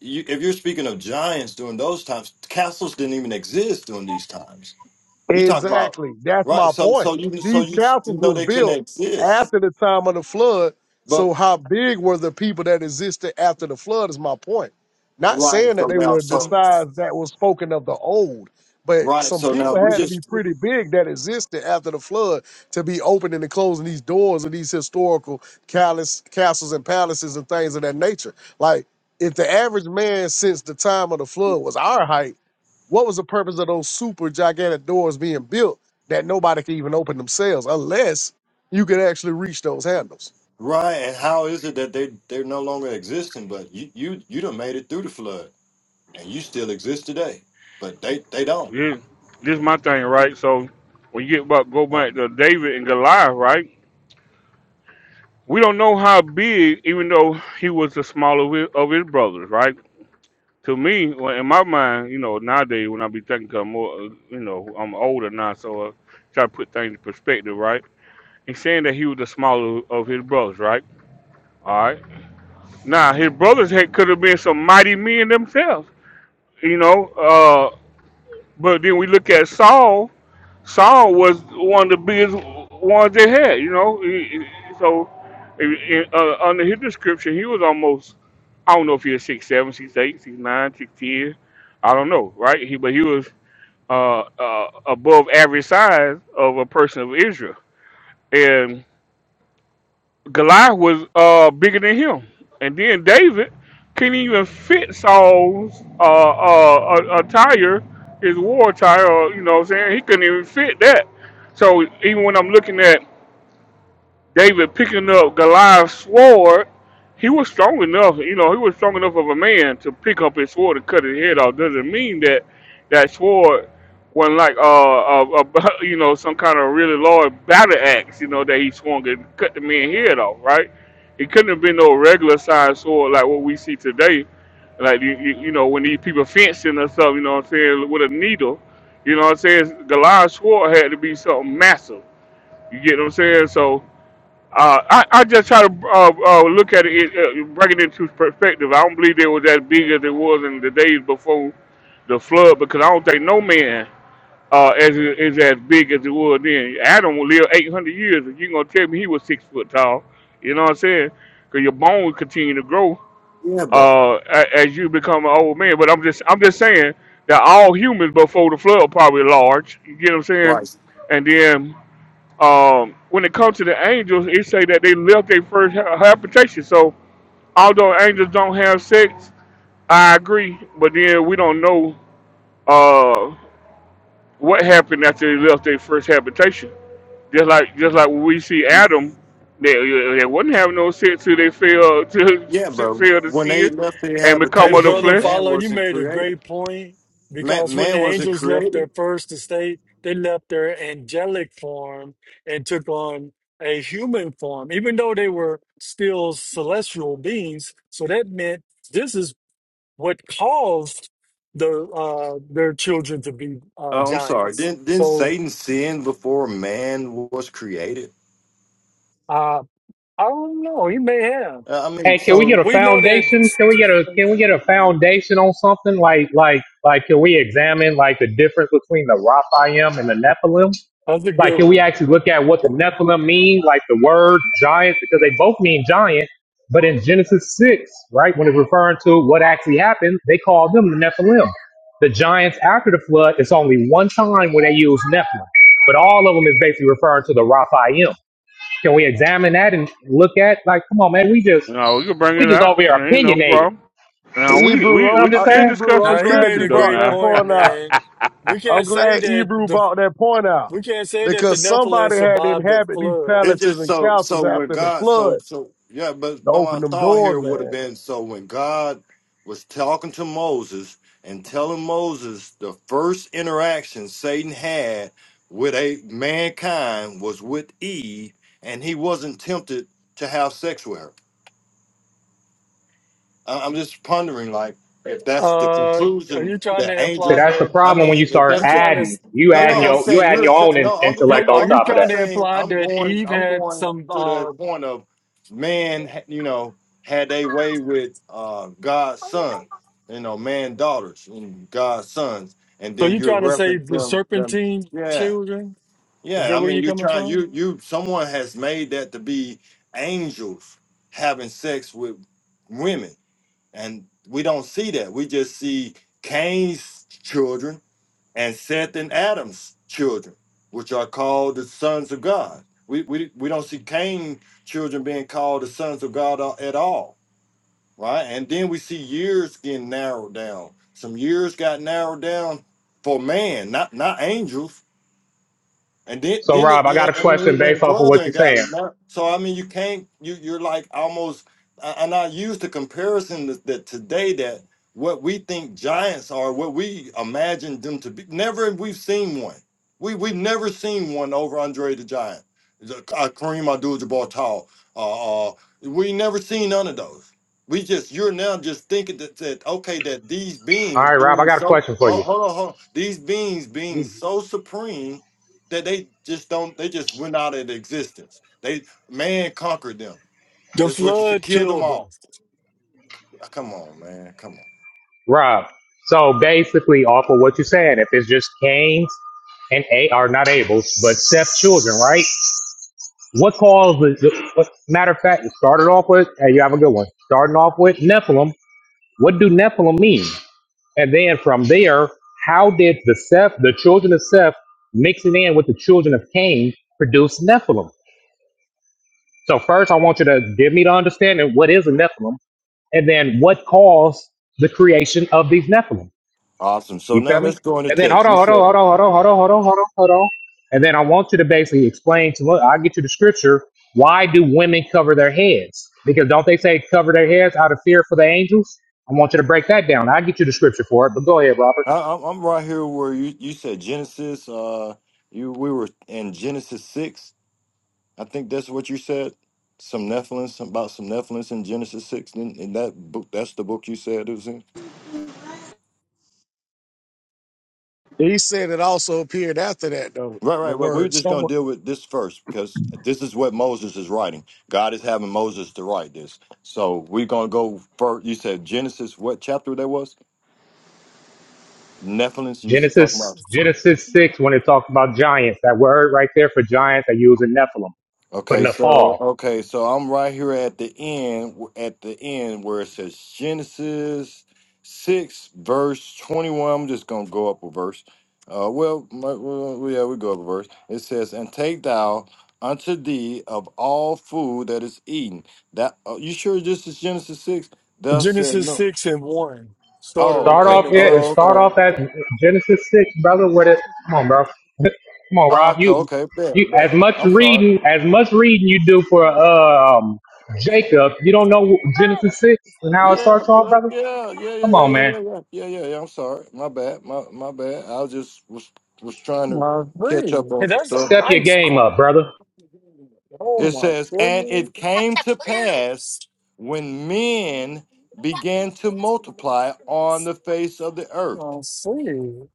S27: you, if you're speaking of giants during those times, castles didn't even exist during these times. You talk about
S21: Exactly. That's
S27: right,
S21: my
S27: so
S21: point.
S27: so you so
S21: These
S27: you, you
S21: castles
S27: know
S21: was
S27: they couldn't
S21: built
S27: exist.
S21: after the time of the flood.
S27: But
S21: So how big were the people that existed after the flood is my point. Not
S27: right,
S21: saying
S27: so
S21: that they
S27: now
S21: were the
S27: so
S21: size that was spoken of the old, but
S27: right,
S21: some
S27: so now
S21: people
S27: we
S21: had to
S27: just
S21: be pretty big that existed after the flood to be opening and closing these doors of these historical callous- castles and palaces and things of that nature. Like if the average man since the time of the flood was our height what was the purpose of those super gigantic doors being built that nobody could even open themselves unless you could actually reach those handles?
S27: Right, and how is it that they they're no longer existing? But you you you done made it through the flood, and you still exist today. But they they don't.
S1: This this is my thing, right? So when you get back, go
S27: Oh,
S1: back to David and Goliath, right? We don't know how big, even though he was the smaller of his, of his brothers, right? To me, well, in my mind, you know, nowadays when I be thinking, 'cause I'm more, uh, you know, I'm older now, so I try to put things in perspective, right? He's saying that he was the smaller of his brothers, right? All right. Now his brothers had, could have been some mighty men themselves, you know. Uh, but then we look at Saul. Saul was one of the biggest ones they had, you know. He- he- So in, uh, under his description, he was almost I don't know if he was six seven, six eight, six nine, six ten. I don't know, right? He but he was uh, uh, above average size of a person of Israel, Goliath was uh bigger than him, and then David couldn't even fit Saul's uh uh uh, attire, his war attire. Or, you know, what I'm saying he couldn't even fit that. So even when I'm looking at David picking up Goliath's sword, he was strong enough, you know, he was strong enough of a man to pick up his sword and cut his head off. Doesn't mean that that sword wasn't like, uh, a, a, you know, some kind of really large battle axe, you know, that he swung and cut the man's head off, right? It couldn't have been no regular sized sword like what we see today. Like, you, you, you know, when these people fencing or something, you know what I'm saying, with a needle, you know what I'm saying? Goliath's sword had to be something massive. You get what I'm saying? So, uh, I, I just try to uh, uh, look at it, uh, bring it into perspective. I don't believe it was as big as it was in the days before the flood because I don't think no man uh, is, is as big as it was then. Adam lived 800 years. and you're going to tell me he was six foot tall, you know what I'm saying? Because your bones continue to grow
S27: yeah, but
S1: uh, a- as you become an old man. But I'm just I'm just saying that all humans before the flood are probably large. You get what I'm saying?
S27: right.
S1: And then. Um, when it comes to the angels, it say that they left their first ha- habitation. So although angels don't have sex, I agree. But then we don't know uh, what happened after they left their first habitation. Just like just like when we see
S27: Y-
S1: Adam, they, they wouldn't have no sex till they fell to
S27: Yeah, but
S1: fell to
S27: when
S1: sin
S27: they left their
S1: and
S3: Hey,
S1: become of the
S3: brother,
S27: habitation,
S1: flesh.
S27: man
S3: follow, you
S27: wasn't
S3: made a
S27: created.
S3: great point
S27: Man,
S3: because when
S27: man
S3: the
S27: wasn't
S3: angels left
S27: created.
S3: their first estate, they left their angelic form and took on a human form, even though they were still celestial beings. So that meant this is what caused the uh, their children to be uh,
S27: Oh, I'm sorry.
S3: giants.
S27: Didn't didn't
S3: So
S27: Satan sin before man was created?
S3: Uh, I don't know. He may have.
S27: Uh, I mean,
S26: Hey, can
S3: Uh,
S26: we get a
S27: so.
S3: We know that
S26: foundation? Can we get a can we get a foundation on something like like like can we examine like the difference between the Raphaim and the Nephilim?
S3: that's a
S26: Like
S3: good
S26: can we
S3: one.
S26: actually look at what the Nephilim mean, like the word giant, because they both mean giant, but in Genesis six, right, when it's referring to what actually happened, they call them the Nephilim. The giants after the flood, it's only one time when they use Nephilim. But all of them is basically referring to the Raphaim. Can we examine that and look at like, come on, man, we just
S1: No, we can bring
S26: we
S1: it
S26: just
S1: up.
S26: over here
S1: Ain't no
S26: opinionated.
S1: problem. Now we
S21: Hebrew,
S1: we
S26: You know what
S21: I'm,
S26: I'm
S1: we
S26: just
S21: uh,
S1: still
S26: saying?
S21: Hebrew, I'm
S1: discussing
S3: Now he
S21: glad
S3: made
S1: scriptures
S21: you
S3: a
S1: though
S21: brought
S3: great
S21: that
S1: now.
S3: point,
S21: point out.
S3: man. We
S21: I'm
S3: can't say
S21: glad
S3: that
S21: Hebrew
S3: the
S21: brought that point out
S3: we can't say that the
S21: because
S3: Nephilim
S21: somebody had to
S3: survived the
S21: inhabit these
S3: flood.
S27: It's
S21: palaces
S27: just
S21: and
S27: so
S21: castles
S27: so when
S21: after the
S27: God so
S21: flood
S27: so yeah, but
S21: to
S27: but
S21: open
S27: my
S21: them
S27: thought
S21: doors,
S27: here would have
S21: man.
S27: been so when God was talking to Moses and telling Moses the first interaction Satan had with a mankind was with Eve, and he wasn't tempted to have sex with her. I- I'm just pondering like if that's the
S3: Uh, are
S27: conclusion
S3: you trying
S27: that
S3: to
S26: See,
S3: imply
S27: angels.
S26: that's the
S3: that
S27: I
S26: problem when you
S27: mean, if
S26: start
S3: you
S27: that's the
S3: trying to
S26: adding.
S3: s-
S26: You
S27: no,
S3: yeah?
S26: adding
S27: no, I'm
S26: your
S3: Because
S26: you
S27: saying
S26: adding
S27: you're
S26: your
S27: sa-
S26: own in,
S27: no, I'm
S26: intellect
S27: I'm
S26: on
S3: are
S27: I'm
S3: you
S26: top of
S27: I'm
S26: that.
S3: trying to
S27: saying
S3: imply
S27: I'm
S3: that
S27: going
S3: Eve
S27: I'm
S3: had
S27: going
S3: some?
S27: to the
S3: Uh,
S27: point of man, ha- you know, had they way with uh God's son, you know, man daughters and God's sons, and
S3: so
S27: then
S3: you
S27: you're
S3: trying to say
S27: referencing
S3: the
S27: them, them
S3: serpentine
S27: yeah,
S3: children? Is
S27: yeah.
S3: that
S27: I
S3: where
S27: mean
S3: you're
S27: you're
S3: coming
S27: trying
S3: from?
S27: you you someone has made that to be angels having sex with women, and we don't see that. We just see Cain's children and Seth and Adam's children, which are called the sons of God. We, we, we don't see Cain's children being called the sons of God a- at all, right? And then we see years getting narrowed down. Some years got narrowed down for man, not not angels. And then,
S26: So
S27: then it,
S26: Rob, I got
S27: yeah,
S26: a
S27: I mean,
S26: question
S27: it
S26: based
S27: went
S26: off of what
S27: further
S26: you're
S27: and
S26: saying.
S27: got nar- so. I mean, you can't. You you're like almost. I- And I use the comparison that, that today that what we think giants are, what we imagine them to be. Never have we've seen one. We we've never seen one over Andre the Giant, The- uh, Kareem Abdul-Jabbar Tall. Uh, uh, we never seen none of those. We just you're now just thinking that, that okay that these
S26: All
S27: beings
S26: right, Rob, I
S27: being
S26: got a
S27: so
S26: question for you.
S27: hold, hold on hold on these beings being so supreme that they just don't they just went out of existence. They man conquered them.
S3: The
S27: That's what you said.
S3: flood
S27: Kill them
S3: killed them.
S27: all. Come on, man. Come on.
S26: Rob, so basically off of what you're saying, if it's just Cain's and A are not Abel's but Seth's children, right? What caused the, the what, matter of fact, it started off with, hey, you have a good one. Starting off with Nephilim. What do Nephilim mean? And then from there, how did the Seth, the children of Seth, mixing in with the children of Cain, produce Nephilim? So first, I want you to give me the understanding what is a Nephilim, and then what caused the creation of these Nephilim.
S27: Awesome. So
S26: You
S27: now
S26: feel me?
S27: let's go into
S26: And then hold
S27: text.
S26: on,
S27: You
S26: hold on,
S27: said
S26: hold on, hold on, hold on, hold on, hold on, hold on. And then I want you to basically explain to me: I'll get you the scripture. Why do women cover their heads? Because don't they say cover their heads out of fear for the angels? I want you to break that down. I'll get you the scripture for it, but go ahead, Robert.
S27: I, I'm I'm right here where you you said Genesis. Uh, you we were in Genesis six. I think that's what you said. Some Nephilim, some, about some Nephilim in Genesis six. In, in that book, that's the book you said it was in.
S21: He said it also appeared after that, though,
S27: Right,
S21: the
S27: right, right. We're
S21: word
S27: just going
S21: someone.
S27: to deal with this first because this is what Moses is writing. God is having Moses to write this. So we're going to go first. You said Genesis, what chapter that was? Nephilim, you was talking about?
S26: Genesis Genesis six when it talks about giants, that word right there for giants, I use in Nephilim for
S27: Okay, so
S26: Nephal.
S27: okay, so I'm right here at the end, at the end where it says Genesis six verse twenty one. I'm just gonna go up a verse. Uh, well, my, well, yeah, we go up a verse. It says, "And take thou unto thee of all food that is eaten." That uh, you sure this is Genesis six? Thus said
S3: Genesis
S27: no.
S3: 6 and 1
S27: Oh,
S3: started
S26: Start
S27: okay.
S3: in
S26: off
S3: the
S26: here and
S27: Oh,
S3: first
S26: start
S27: okay.
S3: five.
S26: off at Genesis six, brother. With it, come on, bro. Come on,
S27: Ah,
S26: Rob.
S27: Okay,
S26: You
S27: okay.
S26: you
S27: Bet,
S26: as
S27: bet.
S26: much
S27: I'm sorry.
S26: reading as much reading you do for um Jacob. You don't know Genesis six and how it
S27: Yeah,
S26: starts off,
S27: bro.
S26: brother.
S27: Yeah, yeah, yeah,
S26: Come
S27: yeah,
S26: on,
S27: yeah, yeah,
S26: man.
S27: yeah, yeah, yeah. yeah, I'm sorry. My bad. My my bad. I was just was was trying to catch up
S3: Lovely. Hey,
S27: on some
S3: that's a
S27: stuff.
S26: Step your
S3: nice
S26: game up,
S3: car.
S26: brother.
S3: Oh
S27: It
S3: my
S27: says, and
S3: goodness.
S27: it
S3: I
S27: came to pass
S3: see.
S27: when men began to
S3: That is a
S27: multiply on the face of the earth,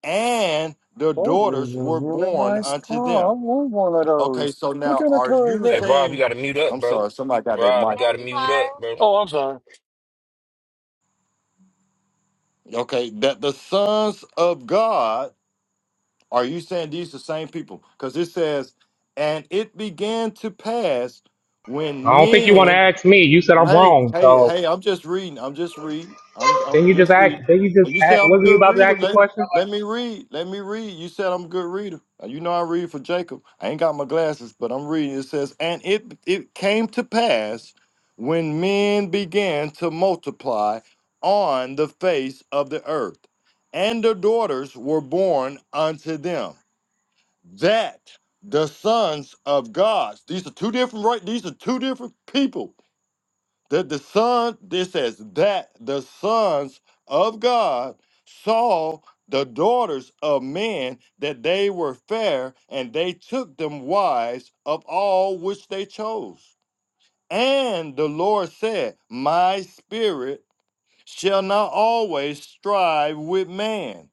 S27: and their daughters were
S3: really
S27: born
S3: nice
S27: unto
S3: car.
S27: them.
S3: I want one of
S27: Okay,
S3: those.
S27: so
S3: What
S27: now
S3: kind of
S27: are
S3: car is
S27: you
S10: Hey
S3: that?
S10: Rob, you
S27: saying?
S10: gotta mute up,
S27: I'm
S10: bro.
S27: sorry. Somebody got their
S10: Rob, you
S27: mic.
S10: gotta mute up, bro.
S3: Oh, I'm sorry.
S27: Okay, that the sons of God Are you saying these the same people? Because it says, and it began to pass
S26: I
S27: when
S26: don't think you want to
S27: men.
S26: ask me. You said
S27: Well,
S26: I'm
S27: hey,
S26: wrong,
S27: hey,
S26: so
S27: hey! I'm just reading. I'm just reading. I'm I'm
S26: then you just
S27: just reading.
S26: act. Then you
S27: Oh,
S26: just
S27: You say
S26: act.
S27: I'm a
S26: Wasn't you
S27: good
S26: about to
S27: reader.
S26: ask a
S27: Let
S26: question?
S27: let me read. Let me read. You said I'm a good reader. Uh, You know I read for Jacob. I ain't got my glasses, but I'm reading. It says, and it it came to pass when men began to multiply on the face of the earth, and their daughters were born unto them that the sons of God, these are two different right, these are two different people. That the son, this says that the sons of God saw the daughters of men that they were fair, and they took them wives of all which they chose. And the Lord said, My spirit shall not always strive with man,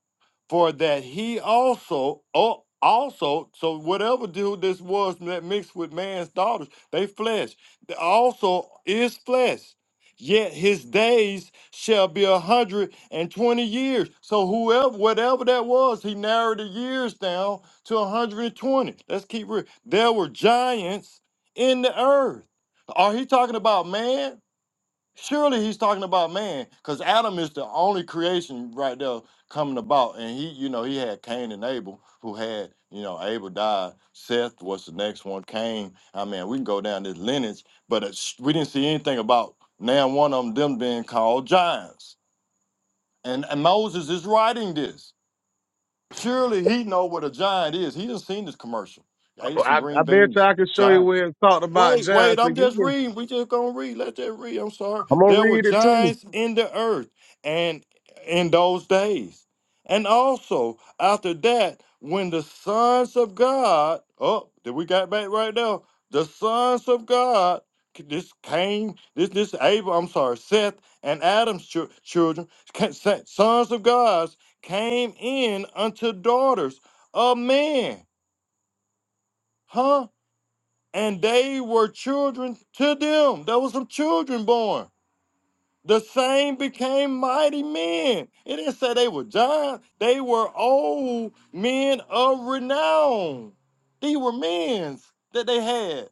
S27: for that he also oh, also so whatever dude this was that mixed with man's daughters, they flesh th- also is flesh. Yet his days shall be a hundred and twenty years. So whoever, whatever that was, he narrowed the years down to a hundred and twenty. Let's keep real. There were giants in the earth. Are he talking about man? Surely he's talking about man, because Adam is the only creation right there coming about. And he, you know, he had Cain and Abel, who had, you know, Abel died. Seth was the next one. Cain. I mean, we can go down this lineage, but it's, we didn't see anything about now one of them, them being called giants. And, and Moses is writing this. Surely he know what a giant is. He done seen this commercial. Ate some
S21: I, I
S27: green
S21: bet you
S27: beans.
S21: I can show you where it's talked about
S27: Wait, wait,
S21: giants
S27: I'm just
S21: again.
S27: reading. We just gonna read. Let's just read. I'm sorry.
S21: I'm gonna
S27: There were
S21: read it too.
S27: giants in the earth and in those days. And also after that, when the sons of God, oh, did we got back right now? The sons of God, this came, this this Abel, I'm sorry, Seth and Adam's chil- children, ca- sa- sons of God's came in unto daughters of men. Huh? and they were children to them. There was some children born. The same became mighty men. It didn't say they were giants. They were old men of renown. These were men that they had.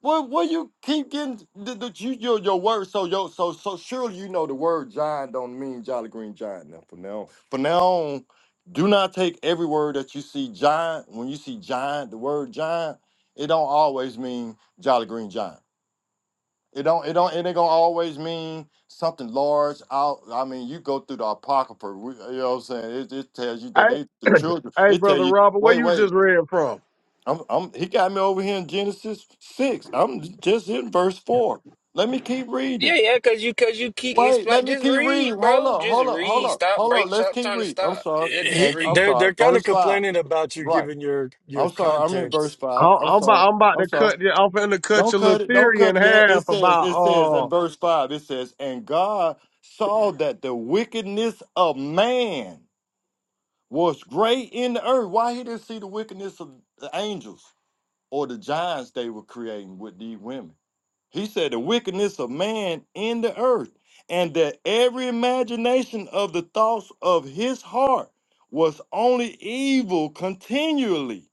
S27: Well, well, you keep getting the, the you your your word. So yo, so so surely you know the word giant don't mean Jolly Green Giant. Now from now, from now on, do not take every word that you see giant. When you see giant, the word giant, it don't always mean Jolly Green Giant. It don't it don't it ain't gonna always mean something large. Out. I mean, you go through the apocrypha. we- You know what I'm saying? It, it tells you that they
S21: Hey,
S27: the children.
S21: hey,
S27: It tell
S21: brother
S27: you
S21: Robert, where
S27: wait
S21: you
S27: wait
S21: just read from?
S27: I'm, I'm, he got me over here in Genesis 6. I'm just in verse 4. Let me keep
S10: Yeah,
S27: reading.
S10: yeah, cause you cause you keep
S27: Wait, let
S10: explain
S27: me
S10: just
S27: keep reading.
S10: read,
S27: Hold
S10: bro.
S27: up,
S10: Just
S27: hold up, hold
S10: read.
S27: up,
S10: Stop
S27: hold up.
S10: break
S27: Let's
S10: stop
S27: keep
S10: trying to
S27: reading. I'm
S10: stop.
S27: sorry.
S10: Yeah, just
S3: He,
S27: And I'm
S3: they're
S10: read.
S27: sorry.
S3: they're kind of
S27: Verse 5.
S3: complaining about you
S27: Right.
S3: giving your your
S27: I'm sorry. I'm in verse
S3: context.
S21: I-
S27: 5. I'm
S21: I'm
S27: sorry.
S21: about, I'm about
S27: I'm
S21: to
S27: sorry.
S21: cut you. I'm finna cut
S27: Don't
S21: your
S27: cut
S21: little
S27: it. Don't
S21: theory
S27: cut
S21: in
S27: it yet. It
S21: half
S27: says, it says in
S21: about uh.
S27: verse 5, it says, And God saw that the wickedness of man was great in the earth. Why he didn't see the wickedness of the angels? or the giants they were creating with these women. He said the wickedness of man in the earth, and that every imagination of the thoughts of his heart was only evil continually.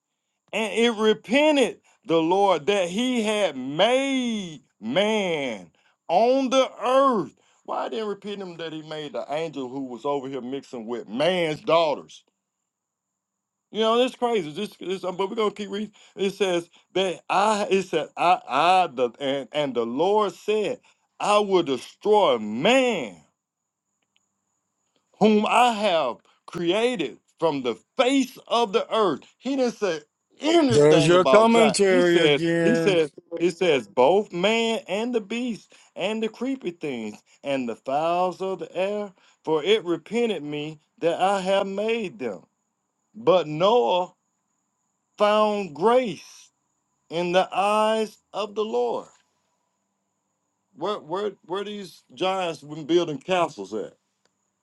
S27: And it repented the Lord that he had made man on the earth. Why didn't repent him that he made the angel who was over here mixing with man's daughters? You know, that's crazy. This, this, um, but we're gonna keep reading. It says that I, it said I, I, the and and the Lord said, I will destroy man whom I have created from the face of the earth. He didn't say
S3: There's
S27: anything
S3: your
S27: about John. He
S3: commentary
S27: says, he
S3: again.
S27: says, it says both man and the beast and the creepy things and the fowls of the air, for it repented me that I have made them. But Noah found grace in the eyes of the Lord. Where where where these giants been building castles at?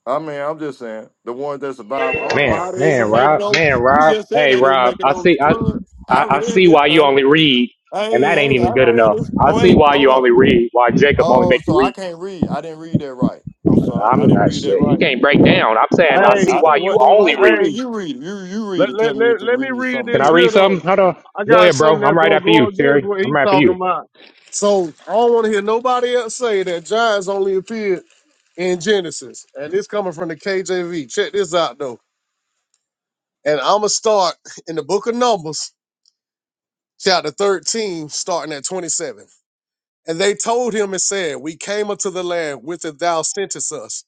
S27: I mean, I'm just saying the ones that survived. I don't know
S26: Man,
S27: how they
S26: man,
S27: even made it
S26: Rob,
S27: over.
S26: man,
S27: You
S26: Rob.
S27: just said
S26: Hey,
S27: they didn't
S26: Rob,
S27: make it
S26: I
S27: over the
S26: see, I,
S27: flood. I
S26: I, I
S27: read
S26: see
S27: this
S26: why you
S27: thing.
S26: only read, and
S27: Hey,
S26: that ain't
S27: hey,
S26: even
S27: I
S26: good
S27: read
S26: enough.
S27: this.
S26: I
S27: Oh,
S26: see
S27: wait,
S26: why
S27: hold
S26: you only
S27: up.
S26: read, why Jacob only
S27: Oh,
S26: make
S27: so
S26: you
S27: I
S26: read.
S27: can't read. I didn't read that right. I'm sorry. I
S26: I'm
S27: didn't
S26: not
S27: read that
S26: shit. You
S27: right.
S26: can't break down. I'm saying I
S27: Go.
S21: Hey,
S26: see
S27: I
S26: why
S27: didn't
S26: you
S21: what?
S27: read that
S26: only
S27: right. Go
S26: read.
S27: ahead.
S21: Hey,
S27: You read it. You you read
S21: let
S27: it.
S21: let
S27: Tell me if
S21: let,
S27: you
S21: let me
S27: read
S21: read
S27: something
S26: Can I
S21: this
S27: different.
S26: read
S21: here
S26: something?
S21: though.
S26: Hold on.
S21: I
S26: Go
S21: got
S26: ahead, bro.
S21: something
S26: I'm
S21: that's
S26: right
S21: gonna
S26: after you,
S21: go against
S26: Terry.
S21: what
S26: I'm
S21: he's
S26: right after you.
S21: talking about. So I don't want to hear nobody else say that giants only appeared in Genesis, and this coming from the KJV. Check this out though, and I'm gonna start in the Book of Numbers, chapter 13, starting at 27. And they told him and said, We came unto the land whither thou sentest us,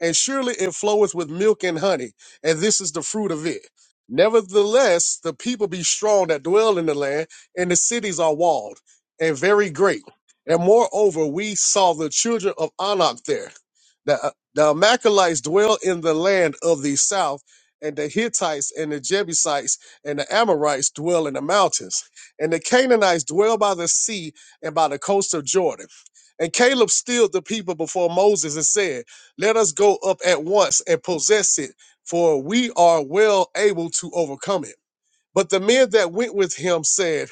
S21: and surely it floweth with milk and honey, and this is the fruit of it. Nevertheless, the people be strong that dwell in the land, and the cities are walled and very great. And moreover, we saw the children of Anak there. The, uh, the Amalekites dwell in the land of the south, and the Hittites and the Jebusites and the Amorites dwell in the mountains, and the Canaanites dwell by the sea and by the coast of Jordan. And Caleb stilled the people before Moses and said, Let us go up at once and possess it, for we are well able to overcome it. But the men that went with him said,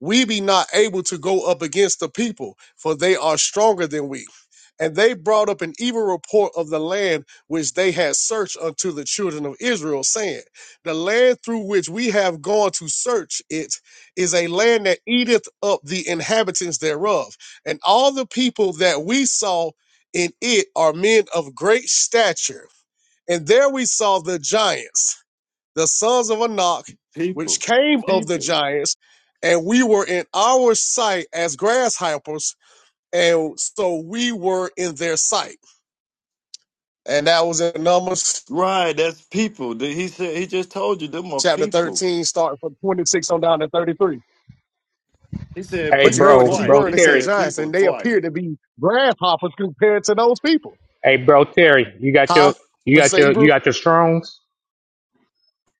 S21: we be not able to go up against the people, for they are stronger than we. And they brought up an evil report of the land which they had searched unto the children of Israel, saying, The land through which we have gone to search it is a land that eateth up the inhabitants thereof. And all the people that we saw in it are men of great stature. And there we saw the giants the sons of Anak, which
S27: People.
S21: came of the
S27: People.
S21: giants, and we were in our sight as grasshoppers, and so we were in their sight. And that was in Numbers
S27: Right, that's people. The- He said he just told you them are
S21: chapter
S27: people.
S21: 13, starting from 26 on down to 33.
S27: He said
S26: Hey,
S21: But you
S27: people
S21: heard what the
S26: bro,
S21: key
S27: twice.
S26: bro,
S21: word
S27: He
S21: they said
S26: Terry.
S27: said
S21: giants,
S27: people
S21: and they
S27: twice.
S21: appear to be grasshoppers compared to those people.
S26: Hey, bro, Terry. You got
S21: Huh?
S26: your, you
S21: Would you
S26: got
S21: say
S26: your, you
S21: Hebrew?
S26: got your strongs.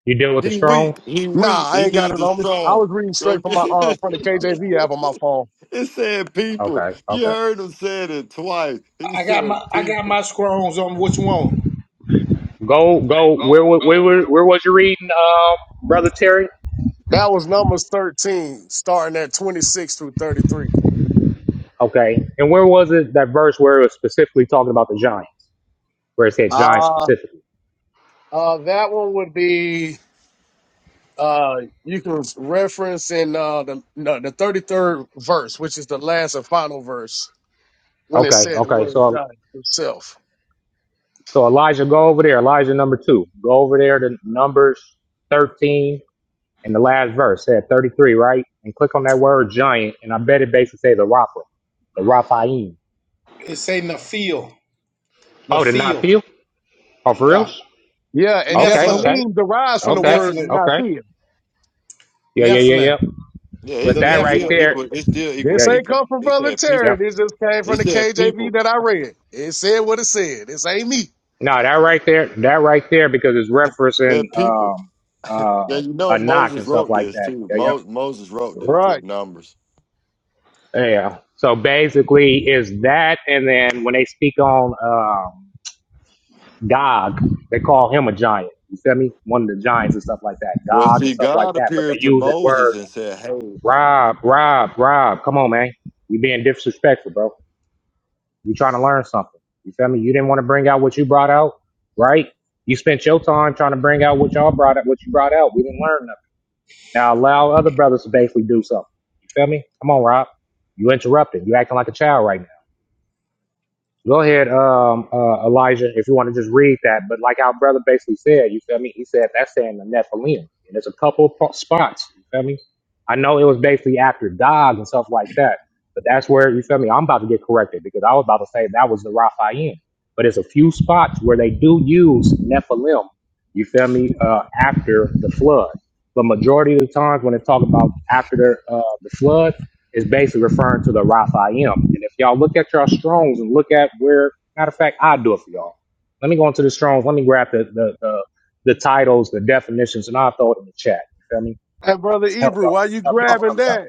S26: You dealing with the
S27: He
S26: strongs?
S27: weak. He
S21: Nah,
S27: weak.
S21: I
S27: He
S21: ain't got it
S27: needs the
S21: on me. I
S27: strong.
S21: was reading straight from my
S27: Okay.
S21: uh from the
S26: Okay.
S21: KJV app
S27: it
S21: on my phone.
S27: said people.
S26: Okay.
S27: You
S26: okay.
S27: heard him said it twice. He
S23: I I got
S27: said
S23: my I got
S27: people.
S23: my scrolls on. What you want?
S26: Go, go. Where,
S23: Go,
S26: wa-
S23: go.
S26: where, were-
S23: Where, where,
S26: where was you
S23: where?
S26: reading, um, brother Terry?
S21: That was Numbers 13, starting at 26 through 33.
S26: Okay, and where was it that verse where it was specifically talking about the giants, where it said giants
S21: Uh,
S26: specifically?
S21: uh, that one would be uh, you can reference in uh, the no, the thirty third verse, which is the last and final verse, when it
S26: Okay,
S21: said the
S26: okay.
S21: word of
S26: So,
S21: God Himself.
S26: so Elijah, go over there. Elijah number two, go over there to Numbers thirteen and the last verse said thirty three, right? And click on that word giant, and I bet it basically says the Rapha, the Raphaim.
S23: It say Nephil.
S26: Oh, did not
S23: Nephil.
S26: feel? Oh, for real?
S23: Yeah.
S21: Yeah, and
S26: Okay,
S23: Nephilim.
S26: okay,
S21: Nephilim derives from the
S26: okay,
S21: word
S23: Nephilim.
S26: okay.
S21: Nephil.
S26: Yeah, yeah, yeah,
S23: Nephilim.
S26: yeah.
S27: Yeah,
S26: But
S27: it's,
S23: The
S26: that
S27: it's
S26: right
S27: still
S23: Nephilim.
S26: there,
S27: equal. It's still equal
S21: This
S26: yeah,
S21: ain't
S27: people.
S21: come from
S27: It
S21: Brother
S27: said
S26: yep.
S21: Terry.
S27: people.
S21: This just came from
S27: It
S21: the
S27: said
S21: KJV
S27: people.
S21: that I read. It said what it said. This ain't me.
S26: No, that right there, that right there, because it's referencing
S27: That people.
S26: um,
S27: Now
S26: uh,
S27: you know
S26: a knock and
S27: Moses
S26: stuff
S27: wrote
S26: like
S27: this
S26: that.
S27: too.
S26: Yeah, yep.
S27: Mo- Moses wrote this too.
S21: Right.
S27: Numbers.
S26: yeah. So basically, is that, and then when they speak on um, Gog, they call him a giant. You feel me? One of the giants and stuff like that,
S27: Well,
S26: Gog and
S27: see,
S26: stuff like
S27: God
S26: that. But they
S27: appeared to
S26: use that
S27: Moses
S26: word,
S27: and said, "Hey."
S26: Rob, Rob, Rob. Come on, man, you being disrespectful, bro. You trying to learn something? You feel me? You didn't want to bring out what you brought out, right? You spent your time trying to bring out what y'all brought up, what you brought out. We didn't learn nothing. Now allow other brothers to basically do something. You feel me? Come on, Rob. You interrupting. You acting like a child right now. Go ahead, um, uh, Elijah, if you want to just read that. But like our brother basically said, you feel me? He said that's saying the Nephilim. And there's a couple po- spots, you feel me? I know it was basically after Dog and stuff like that. But that's where, you feel me? I'm about to get corrected because I was about to say that was the Raphaim. But it's a few spots where they do use Nephilim, you feel me, uh, after the flood. But majority of the times when they talk about after the, uh, the flood, is basically referring to the Raphaim. And if y'all look at your Strongs and look at where, matter of fact, I'll do it for y'all. Let me go into the Strongs. Let me grab the, the, the, the titles, the definitions, and I'll throw it in the chat. You feel me?
S21: And Brother
S26: Help
S21: Ebrew,
S26: y'all,
S21: why you
S26: help y'all
S21: grabbing
S26: brothers
S21: that?
S26: out.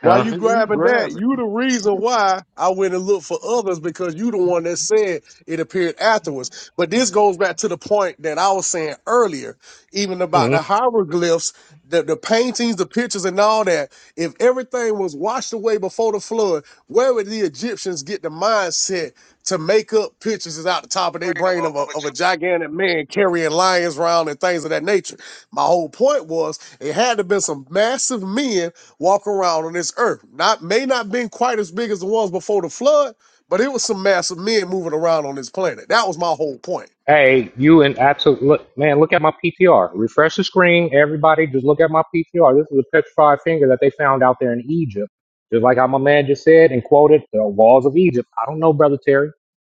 S21: Why
S26: Huh?
S21: you
S27: He
S21: grabbing that?
S27: grabbed it.
S21: You the reason why I went and looked for others because you the one that said it appeared afterwards. But this goes back to the point that I was saying earlier even
S26: Hmm.
S21: about the hieroglyphs, the, the paintings, the pictures, and all that. If everything was washed away before the flood, where would the Egyptians get the mindset to make up pictures is out the top of their
S23: Afraid of
S21: brain of
S23: a,
S21: a,
S23: of a
S21: of a gigantic man carrying lions around and things of that nature? My whole point was it had to have been some massive men walking around on this earth. Not may not been quite as big as the ones before the flood, but it was some massive men moving around on this planet. That was my whole point.
S26: Hey, you and absolute look, man. Look at my PTR. Refresh the screen, everybody. Just look at my PTR. This is a petrified finger that they found out there in Egypt. Just like how my man just said and quoted the walls of Egypt. I don't know, brother Terry.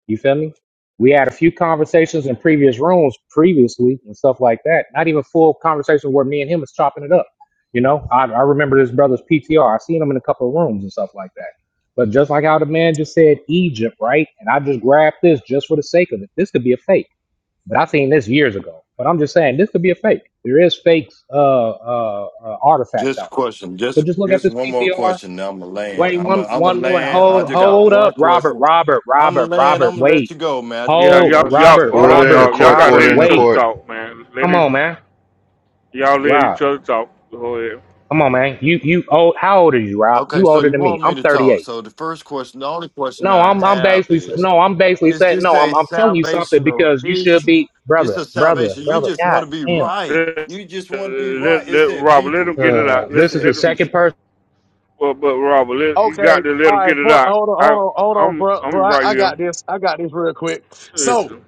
S26: You feel me? We had a few conversations in previous rooms previously and stuff like that. Not even full conversation where me and him was chopping it up. You know, I, I remember this brother's PTR. I seen him in a couple of rooms and stuff like that. But just like how the man just said Egypt, right? And I just grabbed this just for the sake of it. This could be a fake. But I seen this years ago. But I'm just saying this could be a fake. There is fakes, uh, uh, uh artifacts
S27: Just a
S26: out there.
S27: question. Just
S26: But just look at
S27: just
S26: this
S27: one more
S26: PTR.
S27: question. Now I'm a land.
S26: Wait,
S27: I'm a
S26: one,
S27: I'm a
S26: one, one.
S27: land. I
S26: Hold,
S27: just got
S26: hold
S27: one
S26: up, Robert,
S27: question.
S26: Robert,
S27: I'm a
S26: Robert,
S27: land.
S26: Robert.
S27: I'm gonna let
S26: Wait,
S27: you go, man. I just
S1: Yeah,
S27: got
S26: hold,
S27: one
S1: y'all, y'all,
S27: question.
S26: Robert,
S1: hold
S4: Order
S1: on,
S4: in the
S1: y'all.
S26: Robert,
S1: Y'all
S4: court,
S1: gotta let
S26: Robert.
S4: order in the
S1: each other
S26: Wait,
S4: court.
S1: talk, man. Let
S26: come
S1: it,
S26: on, man,
S1: y'all let
S26: Rob.
S1: each other talk. Go ahead.
S26: Come on, man. You, you old? How old are you, Rob?
S27: Okay,
S26: You
S27: so
S26: older
S27: you
S26: than me.
S27: want
S26: I'm
S27: me to talk?
S26: 38.
S27: So the first question, the only question
S26: No,
S27: I
S26: I'm, I'm
S27: have
S26: basically,
S27: is:
S26: no, I'm basically
S27: Is
S26: saying,
S27: this
S26: no,
S27: a
S26: I'm, I'm telling you something
S27: salvational
S26: because you should
S27: issue?
S26: be,
S27: This
S26: brother,
S27: a
S26: brother,
S27: salvation? You
S26: brother.
S27: just
S26: God
S27: want to be
S26: damn.
S27: right.
S1: Let,
S27: You just want to be right.
S1: let,
S27: It
S1: let
S27: said
S1: Robert, let
S27: people.
S1: him get it
S26: Uh,
S1: out.
S27: It
S1: Let,
S26: this is the
S27: said
S1: let him,
S26: second
S27: people.
S26: person.
S1: but, but Robert, let, you got
S21: Okay.
S1: to let
S21: All
S1: him get
S21: right.
S1: it
S21: Point.
S1: out.
S21: Hold on. Hold
S1: I,
S21: on. Hold on,
S1: I'm,
S21: bro. Bro,
S1: I'm
S21: I,
S1: right
S21: I got
S1: here.
S21: this. I got this real quick. So
S1: Listen,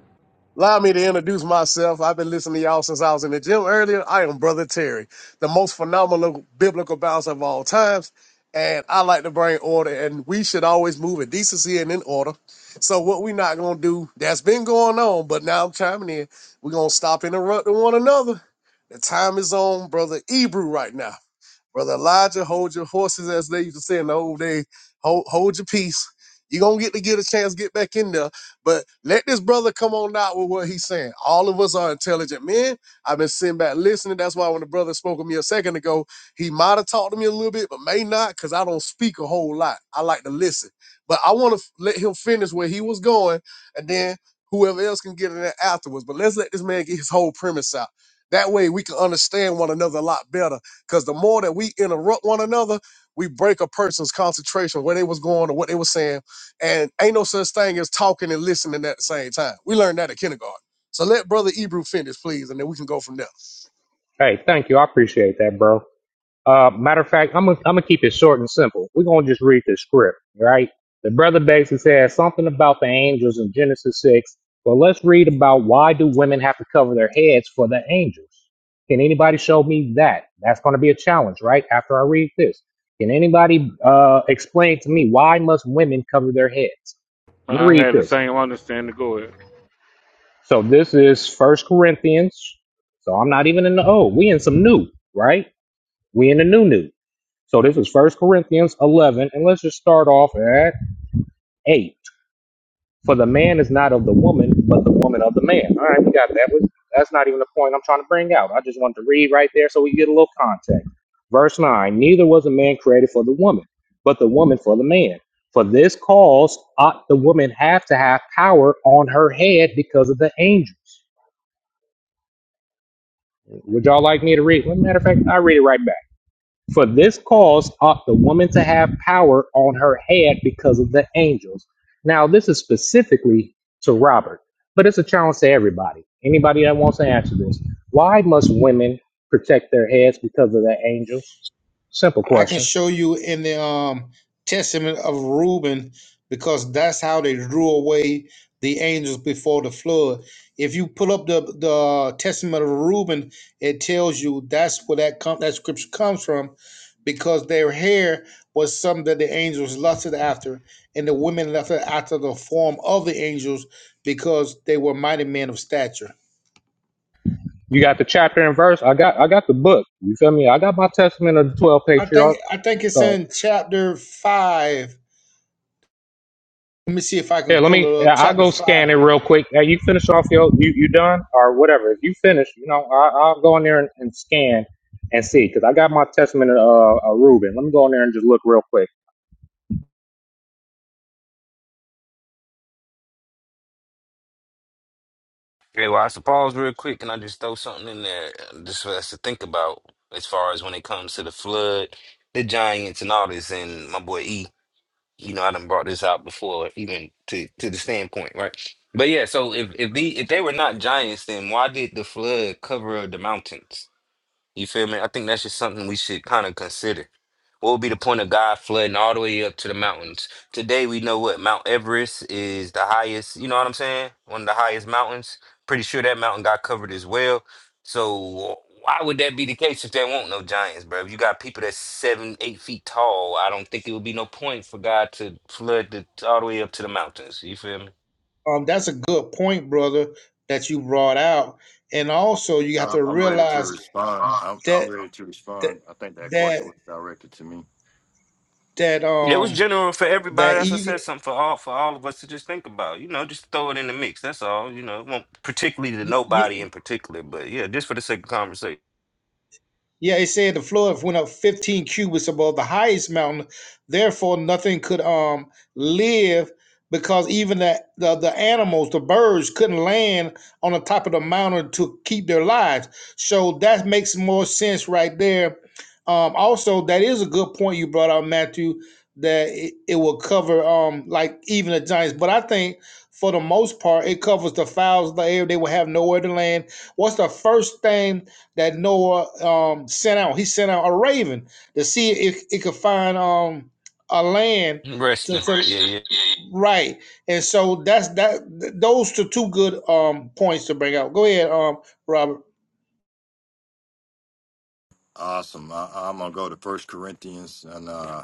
S21: allow me to introduce myself. I've been listening to y'all since I was in the gym earlier. I am Brother Terry, the most phenomenal biblical bouncer of all times. And I like to bring order, and we should always move in decency and in order. So what we not gonna do? That's been going on, but now I'm chiming in. We're gonna stop interrupting one another. The time is on, brother Ebrew, right now. Brother Elijah, hold your horses, as they used to say in the old days. Hold, hold your peace. You're going to get to get a chance, get back in there. But let this brother come on out with what he's saying. All of us are intelligent men. I've been sitting back listening. That's why when the brother spoke to me a second ago, he might have talked to me a little bit, but may not because I don't speak a whole lot. I like to listen. But I want to let him finish where he was going, and then whoever else can get in there afterwards. But let's let this man get his whole premise out. That way we can understand one another a lot better because the more that we interrupt one another, we break a person's concentration where they was going or what they was saying. And ain't no such thing as talking and listening at the same time. We learned that at kindergarten. So let Brother Ebrew finish, please, and then we can go from there.
S26: Hey, thank you. I appreciate that, bro. Uh, matter of fact, I'm gonna I'm gonna keep it short and simple. We're gonna just read the script, right? The brother basically says something about the angels in Genesis six. Well, let's read about why do women have to cover their heads for the angels? Can anybody show me that? That's gonna be a challenge, right? After I read this, can anybody uh, explain to me why must women cover their heads? I'm gonna
S1: I
S26: read
S1: had the
S26: this.
S1: same understanding. Go ahead.
S26: So this is First Corinthians. So I'm not even in the old. We in some new, right? We in the new new. So this is First Corinthians 11, and let's just start off at 8. For the man is not of the woman, but the woman of the man. All right, we got that. We- That's not even the point I'm trying to bring out. I just wanted to read right there so we get a little context. Verse 9 Neither was a man created for the woman, but the woman for the man. For this cause ought the woman have to have power on her head because of the angels. Would y'all like me to read? Well, matter of fact, I'll read it right back. For this cause ought the woman to have power on her head because of the angels. Now, this is specifically to Robert, but it's a challenge to everybody. Anybody that wants to answer this. Why must women protect their heads because of the angels? Simple
S23: I can
S26: question.
S23: show you in the um, testament of Reuben because that's how they drew away the angels before the flood. If you pull up the the testament of Reuben, it tells you that's where that com- that scripture comes from, because their hair was something that the angels lusted after, and the women lusted after the form of the angels because they were mighty men of stature.
S26: You got the chapter and verse. I got I got the book. You feel me? I got my testament of the twelve
S23: I think I
S26: patriarchs.
S23: think it's
S26: So.
S23: in chapter five. Let me see if I
S26: Yeah,
S23: can
S26: let
S23: pull
S26: me.
S23: it up.
S26: yeah, I'll
S23: Chapter
S26: go
S23: five.
S26: scan it real quick. Uh, you finish off your. You, you done or whatever. If you finish, you know, I, I'll go in there and, and scan and see because I got my testament of uh, uh, Reuben. Let me go in there and just look real quick.
S10: Yeah, well I suppose real quick, and I just throw something in there uh, just for us to think about as far as when it comes to the flood, the giants and all this and my boy E. You know, I done brought this out before, even to to the standpoint, right? But yeah, so if if the if they were not giants, then why did the flood cover up the mountains? You feel me? I think that's just something we should kind of consider. What would be the point of God flooding all the way up to the mountains? Today we know what Mount Everest is the highest, you know what I'm saying? One of the highest mountains. Pretty sure that mountain got covered as well. So why would that be the case if there won't no giants, bro? If you got people that's seven, eight feet tall, I don't think it would be no point for God to flood the all the way up to the mountains. You feel me?
S23: Um, that's a good point, brother, that you brought out. And also, you have
S27: I'm,
S23: to
S27: I'm ready to
S23: realize
S27: respond. I'm, I'm
S23: that
S27: ready to
S23: that
S27: respond. I think that
S23: that
S27: question was directed to me.
S23: that
S10: It was
S23: um
S10: general for
S23: that
S10: everybody. That's I
S23: even
S10: said something for all for all of us to just think about. You know, just throw it in the mix. That's all. You know, it won't particularly to
S23: y- y-
S10: nobody in particular, but yeah, just for the sake of conversation.
S23: Yeah, it said the flood went up 15 cubits above the highest mountain. Therefore, nothing could um live because even the, the, the animals, the birds, couldn't land on the top of the mountain to keep their lives. So that makes more sense right there. Um, also, that is a good point you brought out, Matthew, that it, it will cover um like even the giants. But I think for the most part, it covers the fowls of the air. They will have nowhere to land. What's the first thing? that Noah um, sent out. He sent out a raven to see if it could find um, a land to,
S10: Resting.
S23: to
S10: Yeah, yeah.
S23: right. And so that's that. Those are two good um, points to bring out. Go ahead, um, Robert.
S27: Awesome. I, I'm gonna go to First Corinthians and uh,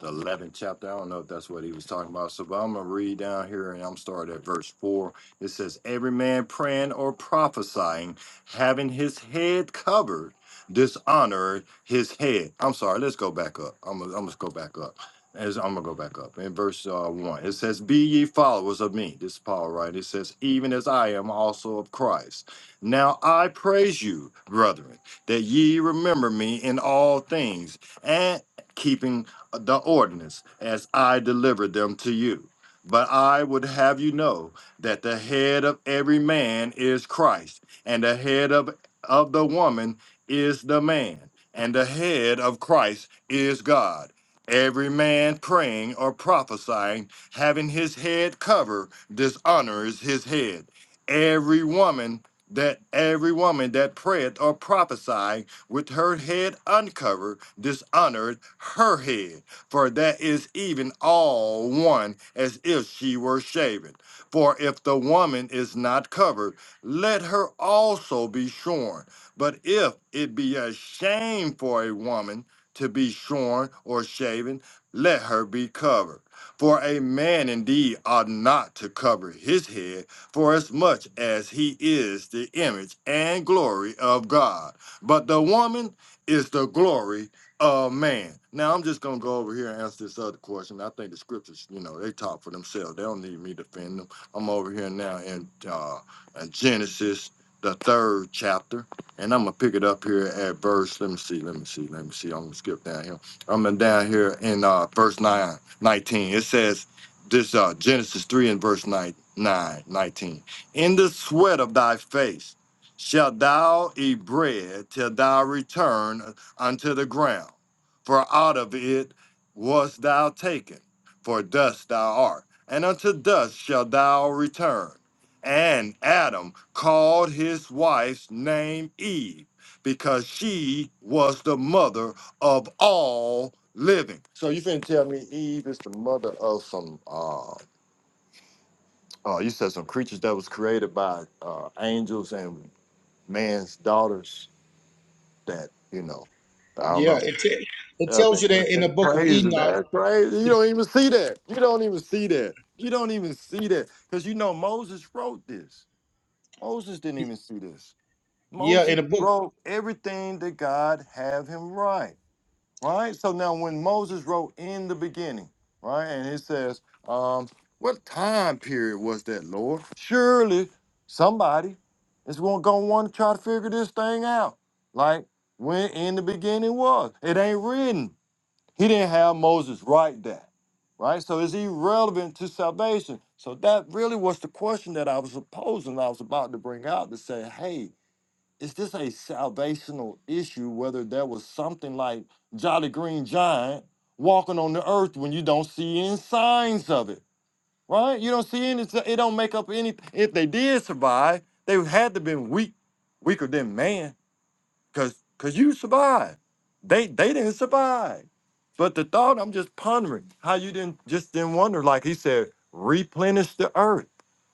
S27: the 11th chapter. I don't know if that's what he was talking about. So, but I'm gonna read down here, and I'm starting at verse four. It says, "Every man praying or prophesying, having his head covered, dishonor his head." I'm sorry. Let's go back up. I'm gonna, I'm gonna go back up. As I'm gonna go back up in verse uh, one, it says, "Be ye followers of me." This is Paul, right? It says, "Even as I am also of Christ." Now I praise you, brethren that ye remember me in all things, and keeping the ordinance as I delivered them to you. But I would have you know that the head of every man is Christ, and the head of, of the woman is the man, and the head of Christ is God. Every man praying or prophesying, having his head covered, dishonors his head. Every woman that every woman that prayeth or prophesieth with her head uncovered dishonored her head, for that is even all one as if she were shaven. For if the woman is not covered, let her also be shorn. But if it be a shame for a woman to be shorn or shaven, let her be covered. For a man indeed ought not to cover his head for as much as he is the image and glory of God. But the woman is the glory of man. Now I'm just gonna go over here and answer this other question. I think the scriptures, you know, they talk for themselves. They don't need me to defend them. I'm over here now in uh in Genesis, the third chapter, and I'm gonna pick it up here at verse. Let me see, let me see, let me see. I'm gonna skip down here. I'm in- down here in uh verse 9, 19. It says this uh, Genesis 3 and verse 9, 9, nineteen. In the sweat of thy face shalt thou eat bread till thou return unto the ground, for out of it wast thou taken, for dust thou art, and unto dust shalt thou return. And Adam called his wife's name Eve, because she was the mother of all living. So you finna tell me Eve is the mother of some uh uh you said some creatures that was created by uh angels and man's daughters that, you know, I don't
S23: Yeah,
S27: know.
S23: it te- it
S27: I
S23: tells
S27: think
S23: you
S27: That's
S23: that in the
S27: that's
S23: book of
S27: crazy.
S23: Enoch.
S27: That's crazy. You
S23: The,
S27: don't even see that. You don't even see that. You don't even see that. Because you know Moses wrote this. Moses didn't even see this.
S23: yeah, in
S27: Moses
S23: the book.
S27: wrote everything that God have him write. right? So now when Moses wrote in the beginning, right, and it says, um, what time period was that, Lord? Surely somebody is going to want to try to figure this thing out. Like when in the beginning was. It ain't written. He didn't have Moses write that, right? So it's irrelevant to salvation. So that really was the question that I was posing. I was about to bring out to say, hey, is this a salvational issue whether there was something like Jolly Green Giant walking on the earth when you don't see any signs of it, right? You don't see any, it don't make up any, if they did survive, they had to been weak, weaker than man Cause cause you survived. They they didn't survive. But the thought I'm just pondering how you didn't just didn't wonder, like he said, replenish the earth.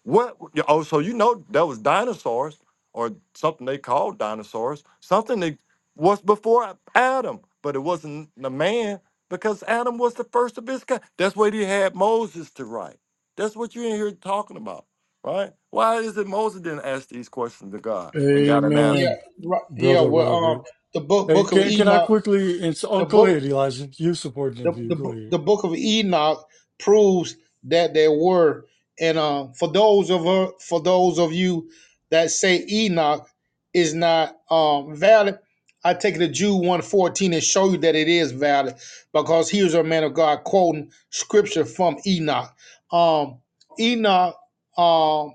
S27: What oh, so you know that was dinosaurs or something they called dinosaurs, something that was before Adam, but it wasn't the man because Adam was the first of his kind. That's what he had Moses to write. That's what you're in here talking about, right? Why is it Moses didn't ask these questions to God and got an
S23: Yeah,
S27: answer?
S3: Amen,
S23: right, yeah.
S3: brother
S23: Well, um,
S3: Robert.
S23: the book
S3: Hey,
S23: book of
S3: can can I
S23: Enoch.
S3: quickly? And so, oh,
S23: The
S3: go
S23: book
S3: ahead, Elijah. you supporting the
S23: the,
S3: view.
S23: the
S3: Go
S23: bo-
S3: ahead.
S23: the book of Enoch proves that there were. And uh, for those of uh, for those of you that say Enoch is not um, valid, I take the Jude one fourteen and show you that it is valid because here's a man of God quoting scripture from Enoch. Um, Enoch, um,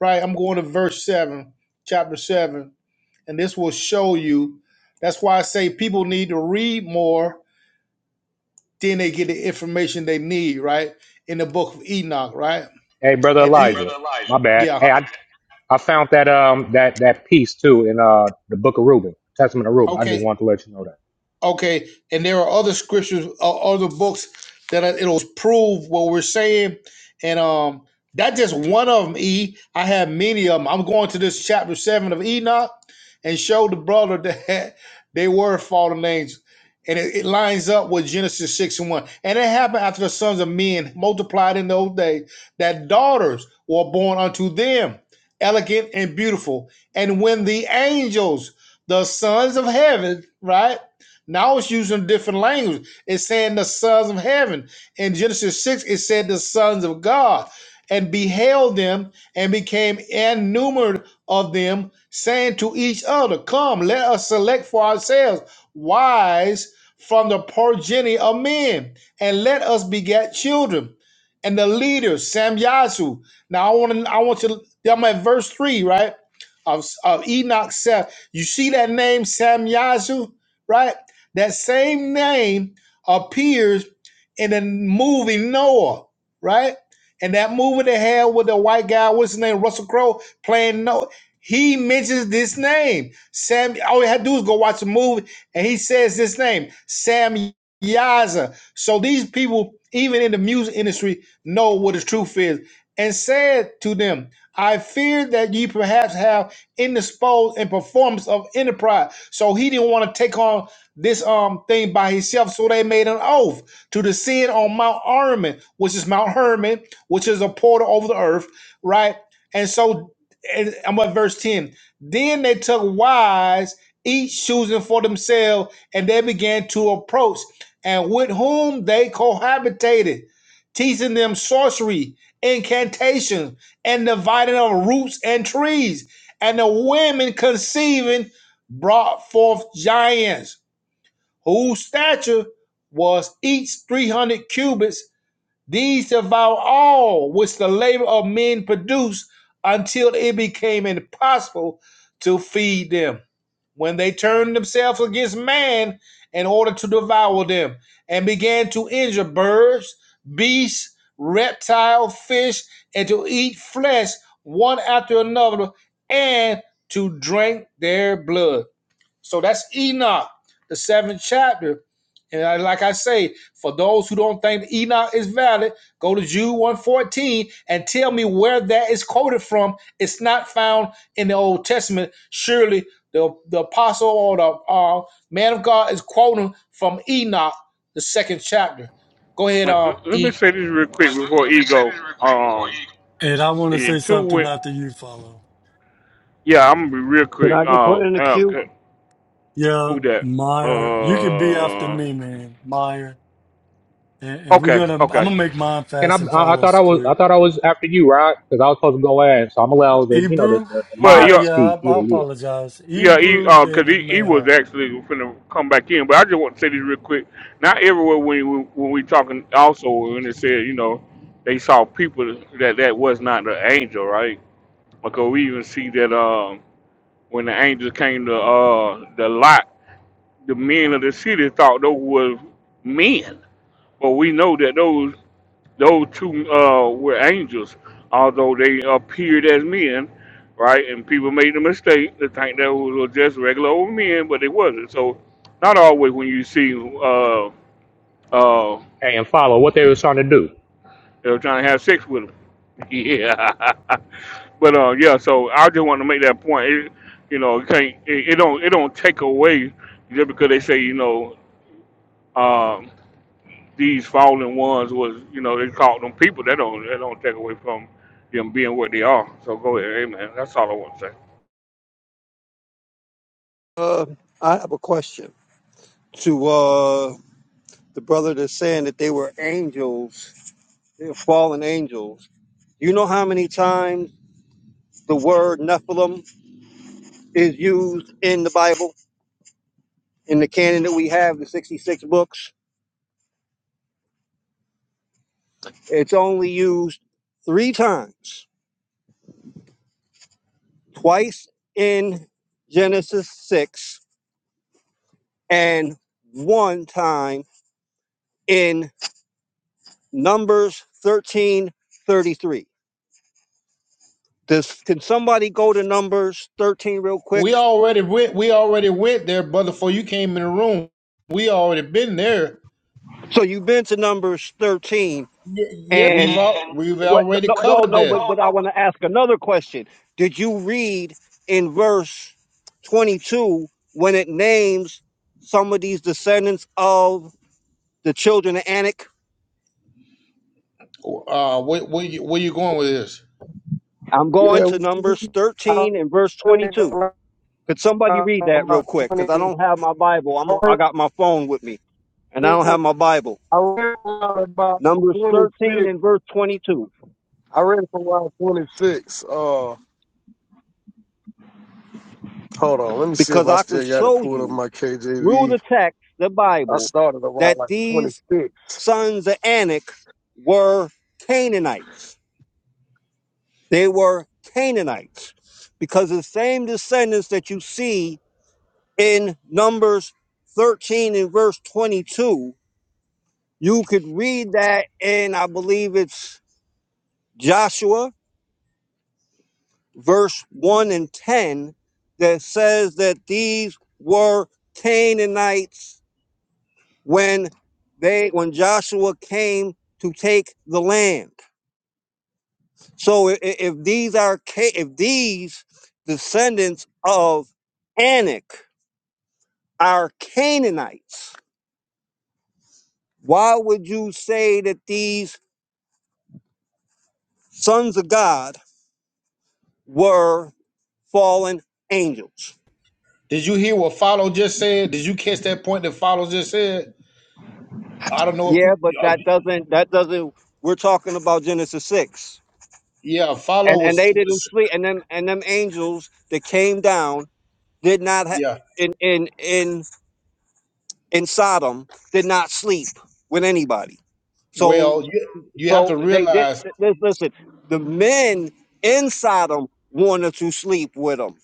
S23: right? I'm going to verse seven, chapter seven, and this will show you. That's why I say people need to read more then they get the information they need, right? In the book of Enoch, right?
S26: Hey, brother
S23: And Hey, e-
S26: Elijah,
S23: brother Elijah,
S26: my bad.
S23: yeah. my
S26: Hey,
S23: bad.
S26: I I found that um that that piece too in uh the book of Reuben, Testament of Reuben. I
S23: Okay,
S26: just wanted to let you know that.
S23: Okay, and there are other scriptures, uh, other books that are, it'll prove what we're saying, and um, that's just one of them. E, I have many of them. I'm going to this chapter seven of Enoch, and show the brother that they were fallen angels, and it, it lines up with Genesis six and one. And it happened after the sons of men multiplied in those days that daughters were born unto them, elegant and beautiful. And when the angels, the sons of heaven, right? Now it's using different language. It's saying the sons of heaven. In Genesis 6, it said the sons of God and beheld them and became innumerable of them, saying to each other, Come, let us select for ourselves wives from the progeny of men, and let us beget children. And the leader, Samyazu. Now I want to I want to I'm at verse 3, right? Of, of Enoch Seth. You see that name, Samyazu, right? That same name appears in the movie Noah, right? And that movie they had with the white guy, what's his name, Russell Crowe, playing Noah. He mentions this name. Sam, all you had to do is go watch the movie, and he says this name, Sam Yaza. So these people, even in the music industry, know what the truth is. And said to them, I fear that ye perhaps have indisposed in performance of enterprise. So he didn't want to take on this um thing by himself. So they made an oath to descend on Mount Armin, which is Mount Hermon, which is a portal over the earth, right? And so and I'm at verse 10. Then they took wives, each choosing for themselves, and they began to approach, and with whom they cohabitated, teaching them sorcery, incantations, and dividing of roots and trees. And the women conceiving brought forth giants whose stature was each 300 cubits, these devour all which the labor of men produced until it became impossible to feed them. When they turned themselves against man in order to devour them and began to injure birds, beasts, reptile, fish, and to eat flesh one after another and to drink their blood. So that's Enoch, the seventh chapter. And I, like I say, for those who don't think Enoch is valid, go to Jude 114 and tell me where that is quoted from. It's not found in the Old Testament. Surely the, the apostle or the uh, man of God is quoting from Enoch, the second chapter. Go ahead,
S1: Let,
S23: um,
S1: let me
S23: E.
S1: say this real quick
S23: Like,
S1: before
S23: let me say
S1: ego.
S23: this real quick before
S1: Um,
S23: E.
S3: And I want to say
S1: and two
S3: something
S1: went.
S3: not that you follow.
S1: Yeah, I'm gonna be real
S28: Can
S1: quick.
S28: I get
S1: Uh,
S28: put in the
S1: uh
S28: queue?
S3: Yeah,
S1: who that?
S3: Meyer, you can be after
S1: Uh,
S3: me, man, Meyer. And, and we're
S1: okay,
S3: gonna. I'm gonna
S1: okay.
S3: make mine
S26: Can I?
S3: fast and
S26: I, I thought
S3: follows
S26: I was. I
S3: quick.
S26: thought I was after you, right? Because I was supposed to go in, so I'm
S3: Uh,
S26: allowed the you know the
S3: Hebrew.
S26: the, the
S1: Well,
S3: Yeah,
S26: mods to
S1: yeah.
S3: yeah. I,
S26: speak.
S3: I
S26: Yeah, yeah.
S3: apologize.
S1: Yeah, he
S3: Hebrew,
S1: uh 'cause
S3: then
S1: he, he was
S3: Mayhaw.
S1: actually finna come back in, but I just want to say this real quick. Not everywhere when we, when we talking also when it said you know they saw people that that was not the angel, right? Because we even see that um when the angels came to uh the lot, the men of the city thought those was men, but we know that those those two uh, were angels, although they appeared as men, right? And people made the mistake to think that was just regular old men, but it wasn't. So, not always when you see uh, uh,
S26: Hey, and follow what they was trying to do.
S1: they're trying to have sex with them. Yeah, but uh, yeah. So I just want to make that point. It, you know, it can't it, it don't it don't take away just because they say you know. um these fallen ones was, you know, they called them people. That don't that don't take away from them being what they are. So go ahead, amen. That's all I want to say.
S28: Uh, I have a question to uh, the brother that's saying that they were angels, they were fallen angels. You know how many times the word Nephilim is used in the Bible, in the canon that we have, the 66 books? It's only used three times, twice in Genesis 6 and one time in Numbers 13:33. Does can somebody go to Numbers 13 real
S23: We
S28: quick?
S23: already went. We already went there, brother. Before you came in the room, we already been there.
S28: So you've been to Numbers 13,
S23: Yeah, yeah, we've
S28: and
S23: all, And we've
S28: what? No,
S23: already wait,
S28: no, no.
S23: covered no,
S28: no,
S23: that.
S28: But
S23: no,
S28: but I
S23: no.
S28: want
S23: But,
S28: to ask another question. Did you read in verse 22 when it names some of these descendants of the children of Anak?
S23: Uh, where, where you where you going with this?
S28: I'm going
S21: Yeah,
S28: to Numbers
S21: I
S28: 13 and verse
S21: read
S28: 22.
S21: around
S28: Could somebody read that real
S21: about
S28: quick? Because I
S21: 20.
S28: don't have my Bible. I'm
S21: I
S28: I
S21: read,
S28: got my phone with me, and I don't have my Bible.
S21: I read around about
S28: Numbers 13
S21: 26.
S28: and verse 22.
S21: I read from around 26. Uh, hold on. Let me see if
S28: because
S21: I
S28: I can
S21: still got it
S28: show
S21: pulled up
S28: you
S21: my
S28: through
S21: KJV.
S28: the text, the
S21: I
S28: Bible,
S21: started around
S28: that
S21: like
S28: these
S21: 26.
S28: sons of Anak were Canaanites. They were Canaanites because the same descendants that you see in Numbers 13 and verse 22, you could read that in, I believe it's Joshua, verse 1 and 10, that says that these were Canaanites when they when Joshua came to take the land. So if, if these are Ca- if these descendants of Anak are Canaanites, why would you say that these sons of God were fallen angels?
S23: Did you hear what Follow just said? Did you catch that point that Follow just said? I don't know if
S28: Yeah,
S23: you,
S28: but
S23: if
S28: that
S23: you-
S28: doesn't that doesn't we're talking about Genesis 6.
S23: yeah, Follow
S28: And and
S23: was,
S28: they didn't
S23: was
S28: sleep and them and them angels that came down did not have
S23: yeah.
S28: in in in in Sodom did not sleep with anybody.
S23: Well,
S28: So,
S23: you you have
S28: so
S23: to
S28: they did.
S23: realize
S28: li- li- Listen, the men in Sodom wanted to sleep with them,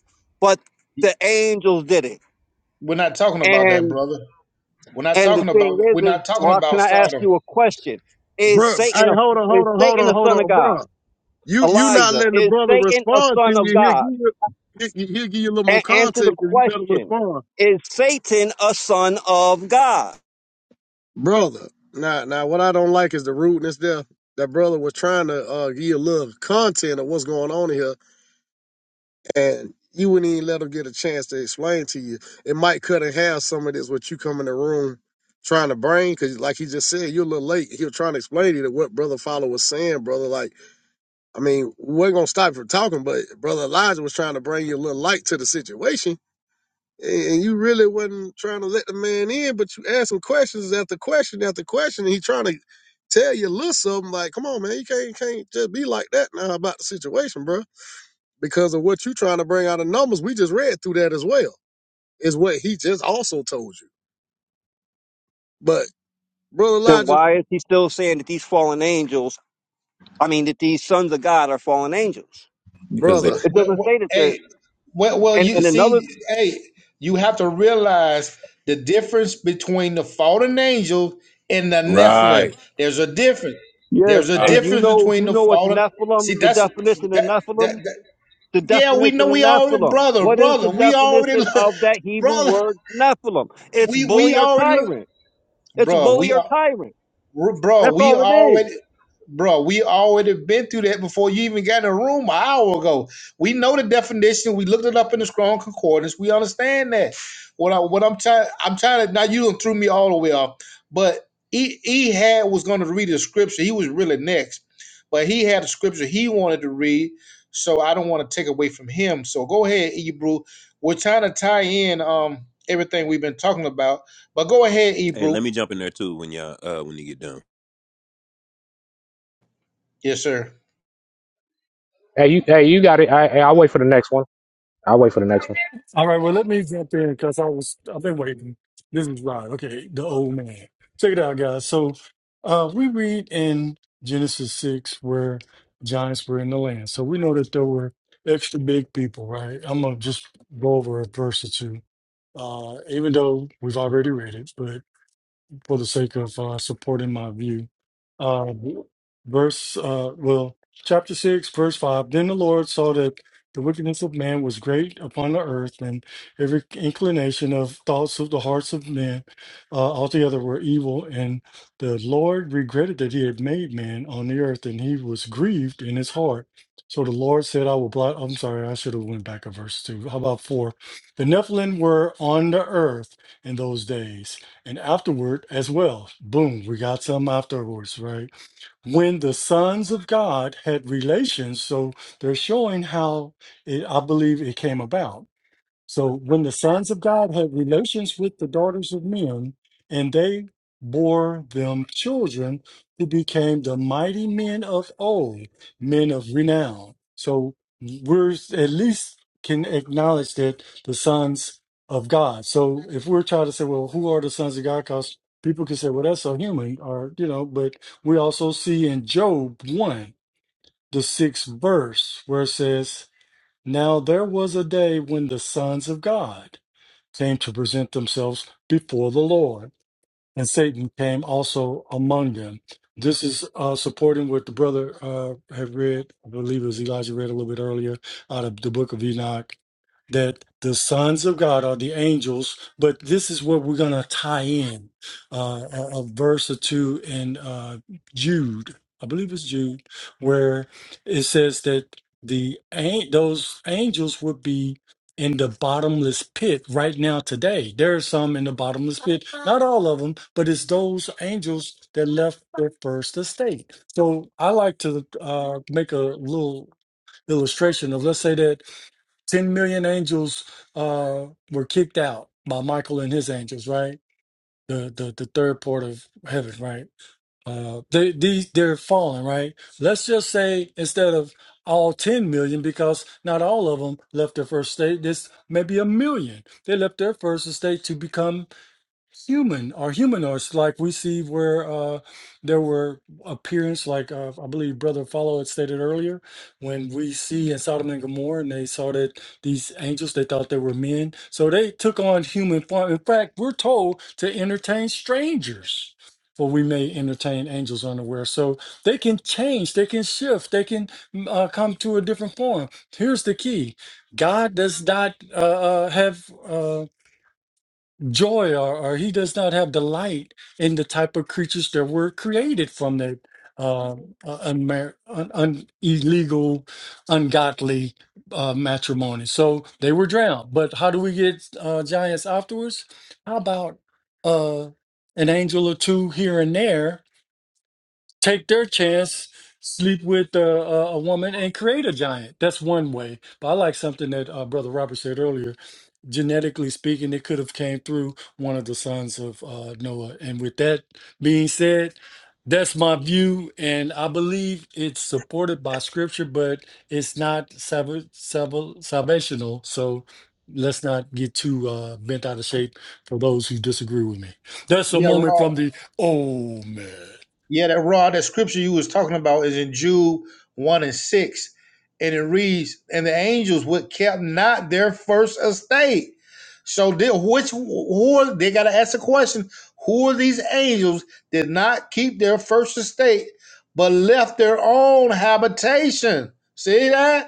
S28: but the angels did it.
S23: we're not talking about that,
S28: And
S23: brother. We're not
S28: and the
S23: talking
S28: thing
S23: about
S28: is,
S23: we're
S28: is
S23: not talking
S28: well, can
S23: about
S28: I ask
S23: Sodom.
S28: you a question? Is
S21: bro. hey,
S28: Satan a
S21: hold on,
S28: is
S21: hold on, hold
S28: Satan
S21: on,
S28: a
S21: hold
S28: son of
S21: on,
S28: God?
S21: bro. You you not
S28: Elijah,
S21: letting the
S28: is
S21: brother
S28: Satan a
S21: respond to
S28: son of
S21: you. He'll give
S28: God?
S21: you he- he- will give you a little more
S28: And answer the
S21: context if you better
S28: question:
S21: respond.
S28: Is Satan a son of God?
S21: Brother. Now now what I don't like is the rudeness there. That brother was trying to uh give you a little content of what's going on here and you wouldn't even let him get a chance to explain to you. It might cut in half some of this what you come in the room trying to bring, cause like he just said, you're a little late. He was trying to explain to you what brother follow was saying, brother. Like I mean, we're gonna stop you from talking, but brother Elijah was trying to bring you a little light to the situation, and and you really wasn't trying to let the man in. But you asked him questions after question after question, and he trying to tell you a little something. Like, come on, man, you can't can't just be like that now about the situation, bro. Because of what you trying to bring out of numbers, we just read through that as well. Is what he just also told you. But brother
S28: Then
S21: Elijah,
S28: why is he still saying that these fallen angels? I mean, that these sons of God are fallen angels.
S29: because they
S21: brother
S23: Wh-
S28: It
S23: wh-
S28: doesn't
S23: wh-
S28: say that
S23: hey,
S28: they're.
S23: Well, well,
S28: And,
S23: you
S28: and another,
S23: see, hey, you have to realize the difference between the fallen angels and the
S29: right,
S23: Nephilim. There's a difference.
S28: Yes.
S23: There's a
S28: and
S29: right.
S28: you
S23: difference
S28: know,
S23: between
S28: you
S23: the
S28: know what the
S23: fallen. See,
S28: Nephilim, the
S23: that's
S28: definition of
S23: that that.
S28: Nephilim,
S23: that
S28: the
S23: yeah, we know
S28: definition of
S23: we already,
S28: Nephilim.
S23: brother,
S28: What is the
S23: brother. We already,
S28: definition
S23: look,
S28: of that Hebrew
S23: brother.
S28: word Nephilim? It's
S23: We we
S28: bully or
S23: already look,
S28: tyrant. It's
S23: bro. We
S28: bully or
S23: are.
S28: tyrant.
S23: R- Bro,
S28: That's
S23: we
S28: all it is.
S23: already, bro, we already been through that before you even got in the room an hour ago. We know the definition. We looked it up in the Strong Concordance. We understand that. What I, what I'm trying, I'm trying to. Now you done threw me all the way off. But he, he had was going to read the scripture. He was really next, but he had a scripture he wanted to read. So I don't want to take away from him. So go ahead, Ebru. We're trying to tie in um everything we've been talking about. But go ahead,
S29: Hey,
S23: Ebru.
S29: let me jump in there too when y'all uh, when you get done.
S23: Yes, sir.
S26: Hey, you, hey, you got it. I, hey, I'll wait for the next one. I'll wait for the next one.
S3: All right, well, let me jump in because I was I've been waiting. This is Rod, okay, the old man. Check it out, guys. So uh we read in Genesis six where giants were in the land. So we know that there were extra big people, right? I'm gonna just go over a verse or two. Uh, even though we've already read it, but for the sake of uh, supporting my view, uh, verse, uh, well, chapter 6, verse 5. Then the Lord saw that the wickedness of man was great upon the earth, and every inclination of thoughts of the hearts of men uh, altogether were evil. And the Lord regretted that he had made man on the earth, and he was grieved in his heart. So the Lord said, I will blot. I'm sorry, I should have went back a verse two. How about four? The Nephilim were on the earth in those days and afterward as well. Boom, we got some afterwards, right? When the sons of God had relations, so they're showing how it, I believe it came about so when the sons of God had relations with the daughters of men, and they bore them children who became the mighty men of old, men of renown. So we're at least can acknowledge that the sons of God. So if we're trying to say, well, who are the sons of God? Because people can say, well, that's so human, or you know, but we also see in Job one, the sixth verse, where it says, Now there was a day when the sons of God came to present themselves before the Lord, and Satan came also among them. This is uh, supporting what the brother uh, had read. I believe it was Elijah read a little bit earlier out of the book of Enoch that the sons of God are the angels, but this is where we're going to tie in uh, a, a verse or two in uh, Jude, I believe it's Jude, where it says that the an- those angels would be in the bottomless pit right now today. There are some in the bottomless pit, not all of them, but it's those angels that left their first estate. So I like to uh, make a little illustration of let's say that 10 million angels uh were kicked out by michael and his angels right the the, the third port of heaven right uh they these they're fallen right let's just say instead of all 10 million because not all of them left their first state this maybe a million they left their first estate to become human or humanoids like we see where uh there were appearance like uh, i believe brother follow had stated earlier when we see in sodom and gomorrah and they saw that these angels they thought they were men so they took on human form in fact we're told to entertain strangers for we may entertain angels unaware so they can change they can shift they can mm, uh, come to a different form here's the key god does not uh, uh, have uh, joy or, or he does not have delight in the type of creatures that were created from the um, uh, unmar- un, un, illegal, ungodly uh, matrimony. So they were drowned. But how do we get uh, giants afterwards? How about uh, an angel or two here and there take their chance, sleep with uh, a, a woman, and create a giant? That's one way. But I like something that uh, Brother Robert said earlier genetically speaking, it could have came through one of the sons of uh, Noah. And with that being said, that's my view, and I believe it's supported by scripture, but it's not salv salv salvational. So let's not get too uh, bent out of shape for those who disagree with me. That's a
S23: Yeah, Rob.
S3: moment from the Oh man.
S23: Yeah, that raw that scripture you was talking about is in Jude one and six, and it reads, "And the angels would kept not their first estate." So, they, which who are they got to ask the question? Who are these angels did not keep their first estate, but left their own habitation? See that?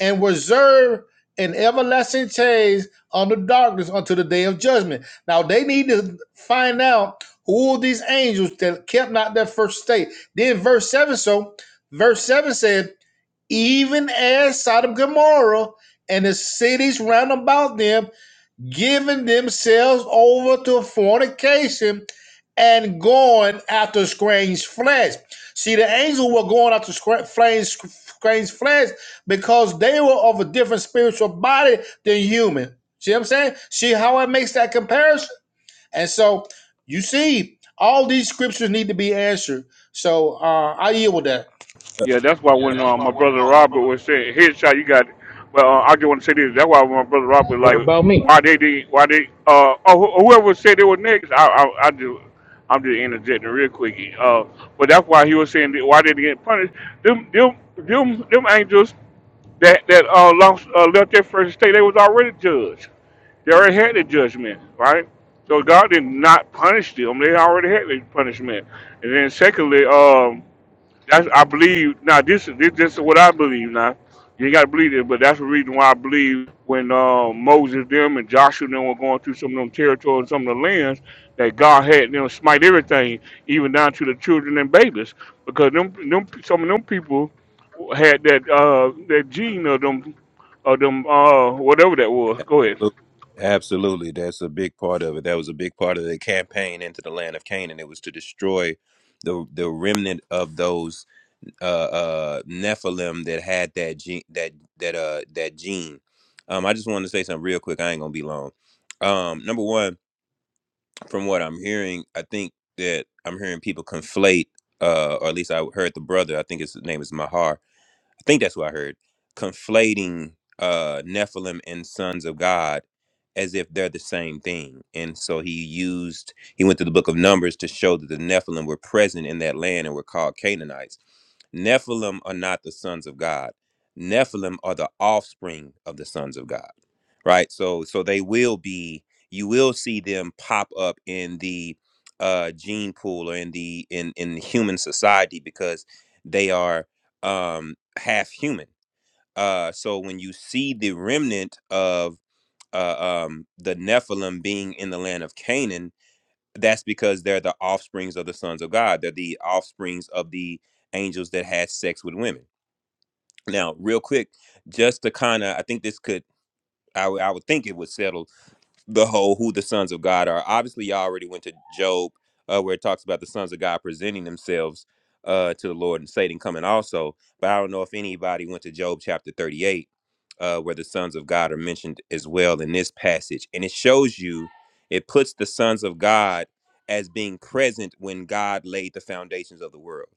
S23: and reserved an everlasting change under darkness until the day of judgment. Now they need to find out who these angels that kept not their first state. Then verse 7 so verse 7 said, even as Sodom and Gomorrah and the cities round about them giving themselves over to fornication and going after strange flesh. See, the angels were going after strange flesh because they were of a different spiritual body than human. See what I'm saying? See how it makes that comparison? And so you see, all these scriptures need to be answered. So uh, I yield with that.
S29: Uh,
S1: Yeah, that's why
S23: Yeah,
S1: when
S23: that's
S1: uh,
S23: why
S1: my
S23: when uh,
S1: brother
S23: my
S1: Robert
S23: brother
S1: was saying headshot, you got. Well, uh, I just want to say this. That's why when my brother Robert was
S26: What
S1: like,
S26: about me?
S1: why they did, why they, uh, oh, wh- whoever said they were niggas, I, I, I do. I'm just interjecting real quick. Uh, but that's why he was saying that why they didn't get punished. Them, them, them, them angels. that that uh, lost, uh, left their first state, they was already judged. They already had the judgment, right? So God did not punish them; they already had the punishment. And then secondly, um, that's I believe. Now this is this, this is what I believe. Now you ain't got to believe it, but that's the reason why I believe when uh, Moses them and Joshua them were going through some of them territories, and some of the lands that God had them smite everything, even down to the children and babies, because them them some of them people had that uh that gene of them of them uh whatever that was. Go ahead.
S29: Absolutely. Absolutely, that's a big part of it. That was a big part of the campaign into the land of Canaan. It was to destroy the the remnant of those uh, uh, Nephilim that had that gene that that uh that gene. Um, I just wanted to say something real quick. I ain't gonna be long. Um, number one, from what I'm hearing, I think that I'm hearing people conflate, uh, or at least I heard the brother. I think his name is Mahar I think that's what I heard, conflating uh, Nephilim and sons of God as if they're the same thing. And so he used, he went to the book of Numbers to show that the Nephilim were present in that land and were called Canaanites. Nephilim are not the sons of God. Nephilim are the offspring of the sons of God. Right? So so they will be you will see them pop up in the uh gene pool or in the in in human society because they are um half human. Uh so when you see the remnant of uh, um, the Nephilim being in the land of Canaan, that's because they're the offsprings of the sons of God. They're the offsprings of the angels that had sex with women. Now, real quick, just to kind of, I think this could, I would I would think it would settle the whole who the sons of God are. Obviously, y'all already went to Job, uh, where it talks about the sons of God presenting themselves uh, to the Lord and Satan coming also. But I don't know if anybody went to Job chapter 38, uh, where the sons of God are mentioned as well in this passage. And it shows you, it puts the sons of God as being present when God laid the foundations of the world.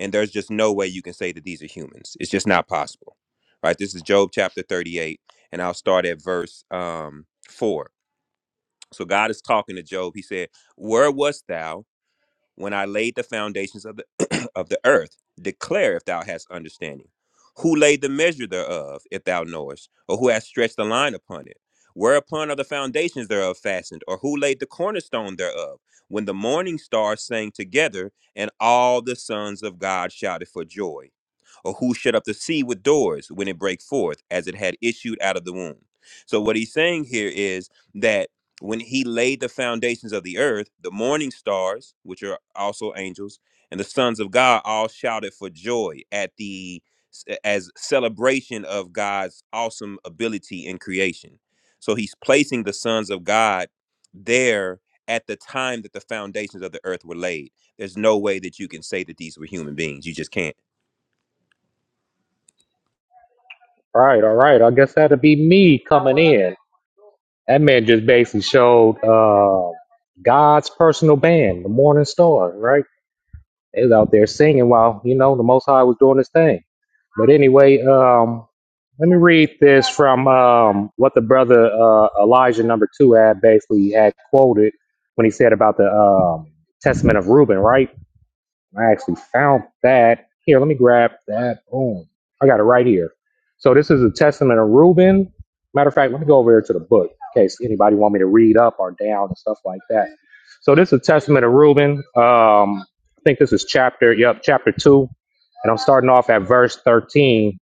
S29: And there's just no way you can say that these are humans. It's just not possible. Right? This is Job chapter 38, and I'll start at verse um, 4 so God is talking to Job. He said, "Where wast thou when I laid the foundations of the of the earth? Declare if thou hast understanding. Who laid the measure thereof, if thou knowest, or who hath stretched the line upon it? Whereupon are the foundations thereof fastened, or who laid the cornerstone thereof? When the morning stars sang together, and all the sons of God shouted for joy, or who shut up the sea with doors when it brake forth, as it had issued out of the womb?" So what he's saying here is that when he laid the foundations of the earth, the morning stars, which are also angels, and the sons of God all shouted for joy at the as celebration of God's awesome ability in creation. So he's placing the sons of God there at the time that the foundations of the earth were laid. There's no way that you can say that these were human beings. You just can't.
S26: All right, all right. I guess that'll be me coming in. That man just basically showed uh, God's personal band, the Morning Star, right? They was out there singing while, you know, the Most High was doing his thing. But anyway, um, let me read this from um, what the brother uh, Elijah number two had basically had quoted when he said about the um, Testament of Reuben, right? I actually found that. Here, let me grab that. Boom. I got it right here. So this is a testament of Reuben. Matter of fact, let me go over here to the book in case anybody want me to read up or down and stuff like that. So this is a testament of Reuben. Um, I think this is chapter, yep, chapter two. And I'm starting off at verse 13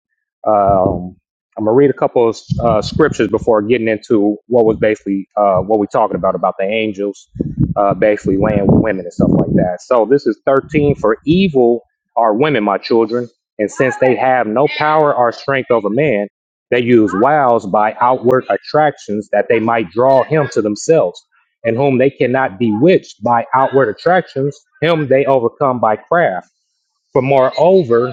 S26: um, I'm gonna read a couple of uh, scriptures before getting into what was basically uh, what we're talking about about the angels, uh, basically laying with women and stuff like that. So this is 13 for evil are women, my children, and since they have no power or strength over man, they use wiles by outward attractions that they might draw him to themselves, and whom they cannot bewitch by outward attractions, him they overcome by craft. For moreover,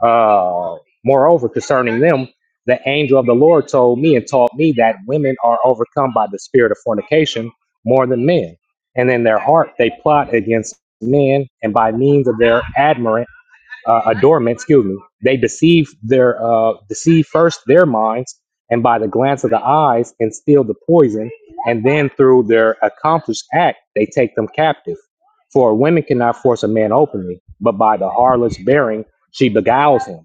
S26: uh, moreover, concerning them, the angel of the Lord told me and taught me that women are overcome by the spirit of fornication more than men. And in their heart, they plot against men, and by means of their admirant, uh, adornment, excuse me, they deceive their uh, deceive first their minds, and by the glance of the eyes, instill the poison, and then through their accomplished act, they take them captive. For a woman cannot force a man openly, but by the harlot's bearing, she beguiles him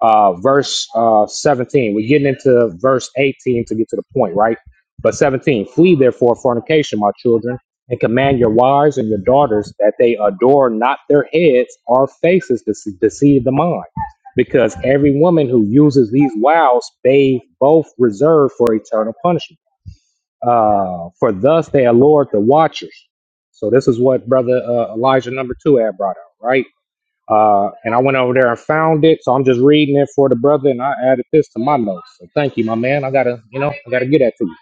S26: uh, verse uh, 17. We're getting into verse 18 to get to the point, right? But 17, flee therefore fornication, my children, and command your wives and your daughters that they adore not their heads or faces to se- deceive the mind. Because every woman who uses these wiles, they both reserve for eternal punishment. Uh, for thus they allure the watchers. So this is what brother uh, Elijah number two had brought out, right? Uh, and I went over there and found it, so I'm just reading it for the brother, and I added this to my notes. So thank you, my man. I gotta, you know, I gotta get that to you.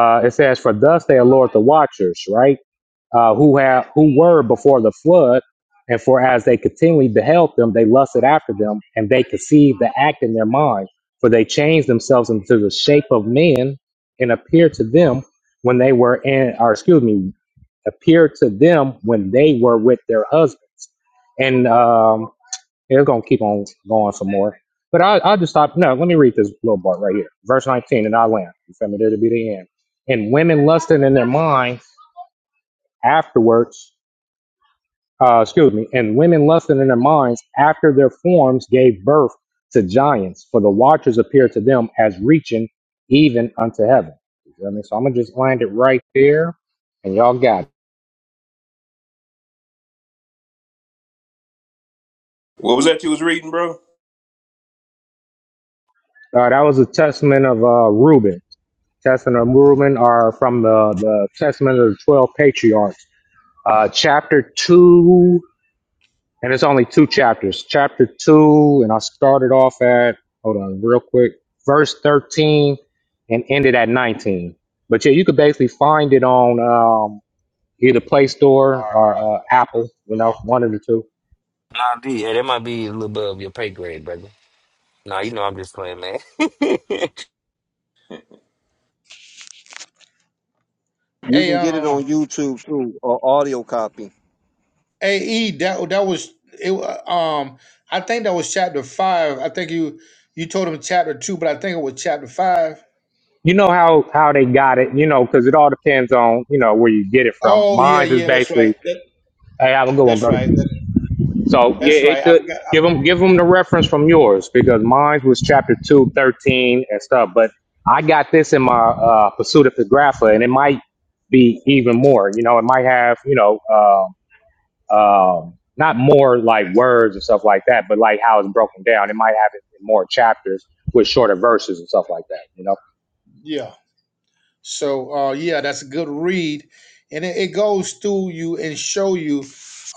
S26: Uh, it says, "For thus they allure the watchers, right? Uh, who have who were before the flood, and for as they continually beheld them, they lusted after them, and they conceived the act in their mind, for they changed themselves into the shape of men, and appeared to them when they were in, or excuse me, appeared to them when they were with their husbands." and um, it's going to keep on going some more. But I, I'll just stop. No, let me read this little part right here. Verse 19, and I land. You feel me? That'll be the end. And women lusting in their minds afterwards, uh, excuse me, and women lusting in their minds after their forms gave birth to giants, for the watchers appeared to them as reaching even unto heaven. You feel me? So I'm going to just land it right there, and y'all got it.
S29: What was that you was reading, bro?
S26: Uh, that was a testament of uh, Reuben. Testament of Movement are from the, the Testament of the 12 Patriarchs. Uh, chapter 2, and it's only two chapters. Chapter 2, and I started off at, hold on real quick, verse 13 and ended at 19. But yeah, you could basically find it on um, either Play Store or uh,
S23: uh, Apple,
S26: Apple, you
S23: you know,
S26: know, one of the two.
S10: Nah, D, yeah, that might be a little above your pay grade, brother. Nah, you know I'm just playing, man. yeah,
S28: You
S23: Hey,
S28: can get it
S23: uh,
S28: on YouTube through uh, audio copy.
S23: AE that that was it um I think that was chapter 5. I think you you told him chapter 2, but I think it was chapter 5.
S26: You know how, how they got it, you know, because it all depends on, you know, where you get it from.
S23: Oh yeah,
S26: Mine is
S23: yeah, that's
S26: basically,
S23: right. That,
S26: hey, have a good one,
S23: that's
S26: brother.
S23: right. That,
S26: So yeah,
S23: that's
S26: it
S23: right. I
S26: could
S23: forgot. I,
S26: give them give them the reference from yours because mine was chapter two, thirteen, and stuff. But I got this in my uh, Pursuit of Pographa, and it might be even more. You know, it might have you know uh, um, not more like words and stuff like that, but like how it's broken down. It might have it in more chapters with shorter verses and stuff like that. You know.
S23: yeah. So uh, yeah, that's a good read, and it, it goes through you and show you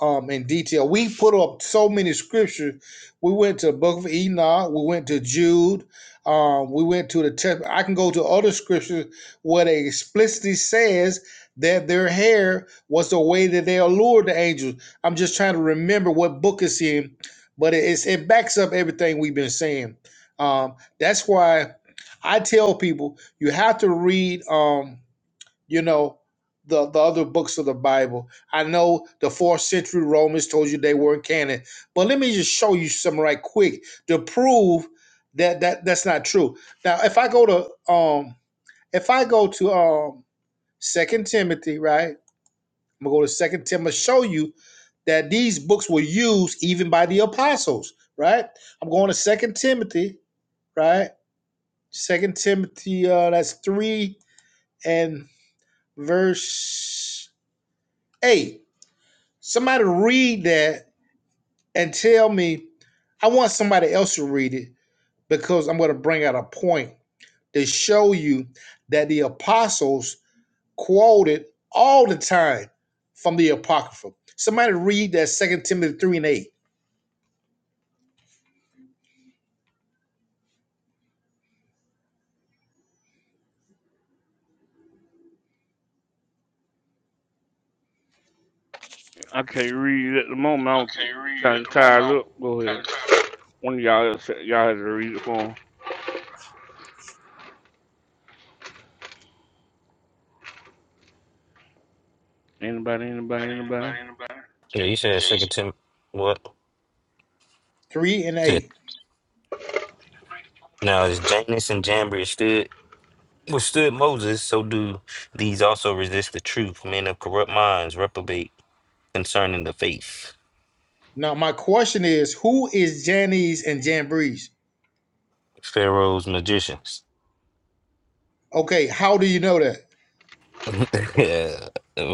S23: um, in detail. We put up so many scriptures. We went to the Book of Enoch. We went to Jude. Um, we went to the test. I can go to other scriptures where they explicitly says that their hair was the way that they allured the angels. I'm just trying to remember what book it's in, but it, it's, it backs up everything we've been saying. Um, that's why I tell people you have to read, um, you know, the, the other books of the Bible. I know the fourth century Romans told you they weren't canon, but let me just show you some right quick to prove that that that's not true. Now, if I go to um, if I go to um, Second Timothy, right? I'm gonna go to Second Timothy. Show you that these books were used even by the apostles, right? I'm going to Second Timothy, right? Second Timothy, uh, that's three and verse 8. Somebody read that and tell me. I want somebody else to read it because I'm going to bring out a point to show you that the apostles quoted all the time from the Apocrypha. Somebody read that Second Timothy 3 and 8.
S1: I can't read it at the
S23: I
S1: moment. I'm
S23: can't read it
S1: kind
S23: at
S1: of
S23: the moment.
S1: tired
S23: I'm
S1: up. Go
S23: kind
S1: ahead.
S23: of tired.
S1: One of y'all else- y'all has to read it for 'em. Anybody?
S23: About
S1: Anybody? Anybody?
S23: anybody, anybody?
S10: you said
S23: Yeah, you-
S10: second Tim what?
S23: 3 and
S10: Shit.
S23: 8.
S10: Now as Janus and Jambres stood well stood Moses, so do these also resist the truth. Men of corrupt minds reprobate concerning the faith.
S23: Now, my question is who is Janice and Jambres?
S10: Pharaoh's magicians.
S23: Okay, how do you know that?
S10: Yeah,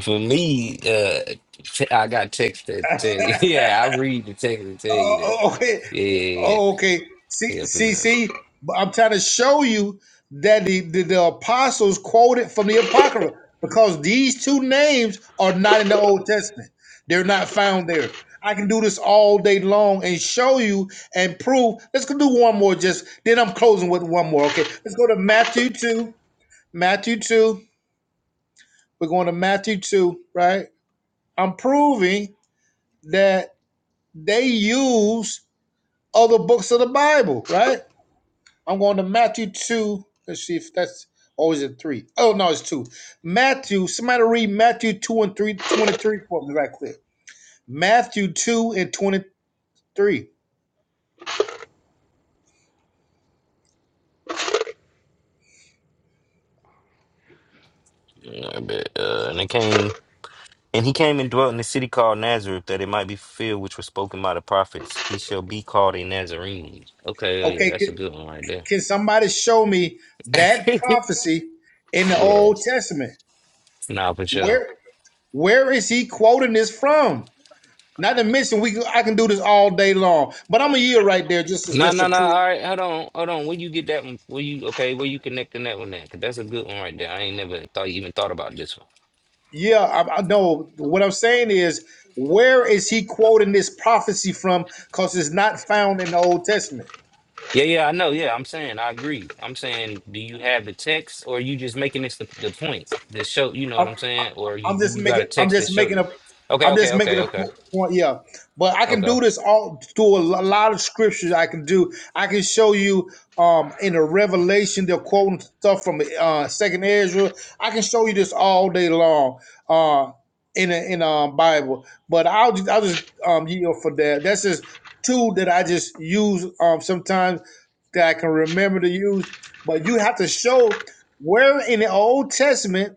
S10: for me, uh, t- I got text that tell you. Yeah, I read the text and tell
S23: Oh,
S10: you that.
S23: oh, okay.
S10: Yeah,
S23: Oh, okay. See,
S10: yeah, for
S23: see,
S10: sure.
S23: see. But I'm trying to show you that the, the, the apostles quoted from the Apocrypha because these two names are not in the Old Testament. They're not found there. I can do this all day long and show you and prove. Let's go do one more just then I'm closing with one more. Okay. Let's go to Matthew 2. Matthew 2. We're going to Matthew 2, right? I'm proving that they use other books of the Bible, right? I'm going to Matthew 2. Let's see if that's, or is it 3? Oh, no, it's 2. Matthew, somebody read Matthew 2 and 3 23 for me right quick. Matthew 2 and 23.
S10: yeah. But, uh, and it came, and he came and dwelt in the city called Nazareth, that it might be fulfilled which was spoken by the prophets. He shall be called a Nazarene. Okay, oh yeah,
S23: Okay,
S10: that's a
S23: can,
S10: good one right there.
S23: can somebody show me that prophecy in the
S10: yeah,
S23: Old Testament?
S10: nah, for sure.
S23: Where Where is he quoting this from? Not to mention, we can- I can do this all day long, but I'm a year right there just to,
S10: No,
S23: just to
S10: no, no.
S23: prove.
S10: All right, hold on, hold on. Where you get that one? Where you okay? Where you connecting that one at? 'Cause that's a good one right there. I ain't never thought you even thought about this one.
S23: Yeah, I, I know. What I'm saying is, where is he quoting this prophecy from? Because it's not found in the Old Testament.
S10: Yeah, yeah, I know. Yeah, I'm saying I agree. I'm saying, do you have the text, or are you just making this the, the point that show? You know what I'm saying? Or you
S23: I'm
S10: do
S23: just
S10: you got
S23: making
S10: a
S23: I'm
S10: text that
S23: just
S10: show
S23: making
S10: this?
S23: a
S10: Okay,
S23: I'm
S10: okay,
S23: just making
S10: okay,
S23: a
S10: okay,
S23: po- point, yeah. But I can
S10: okay.
S23: do this all through a lo- lot of scriptures. I can do. I can show you um in the Revelation they're quoting stuff from uh Second Ezra. I can show you this all day long uh in a, in um Bible. But I'll just I'll just um yield for that. That's just two that I just use um sometimes that I can remember to use. But you have to show where in the Old Testament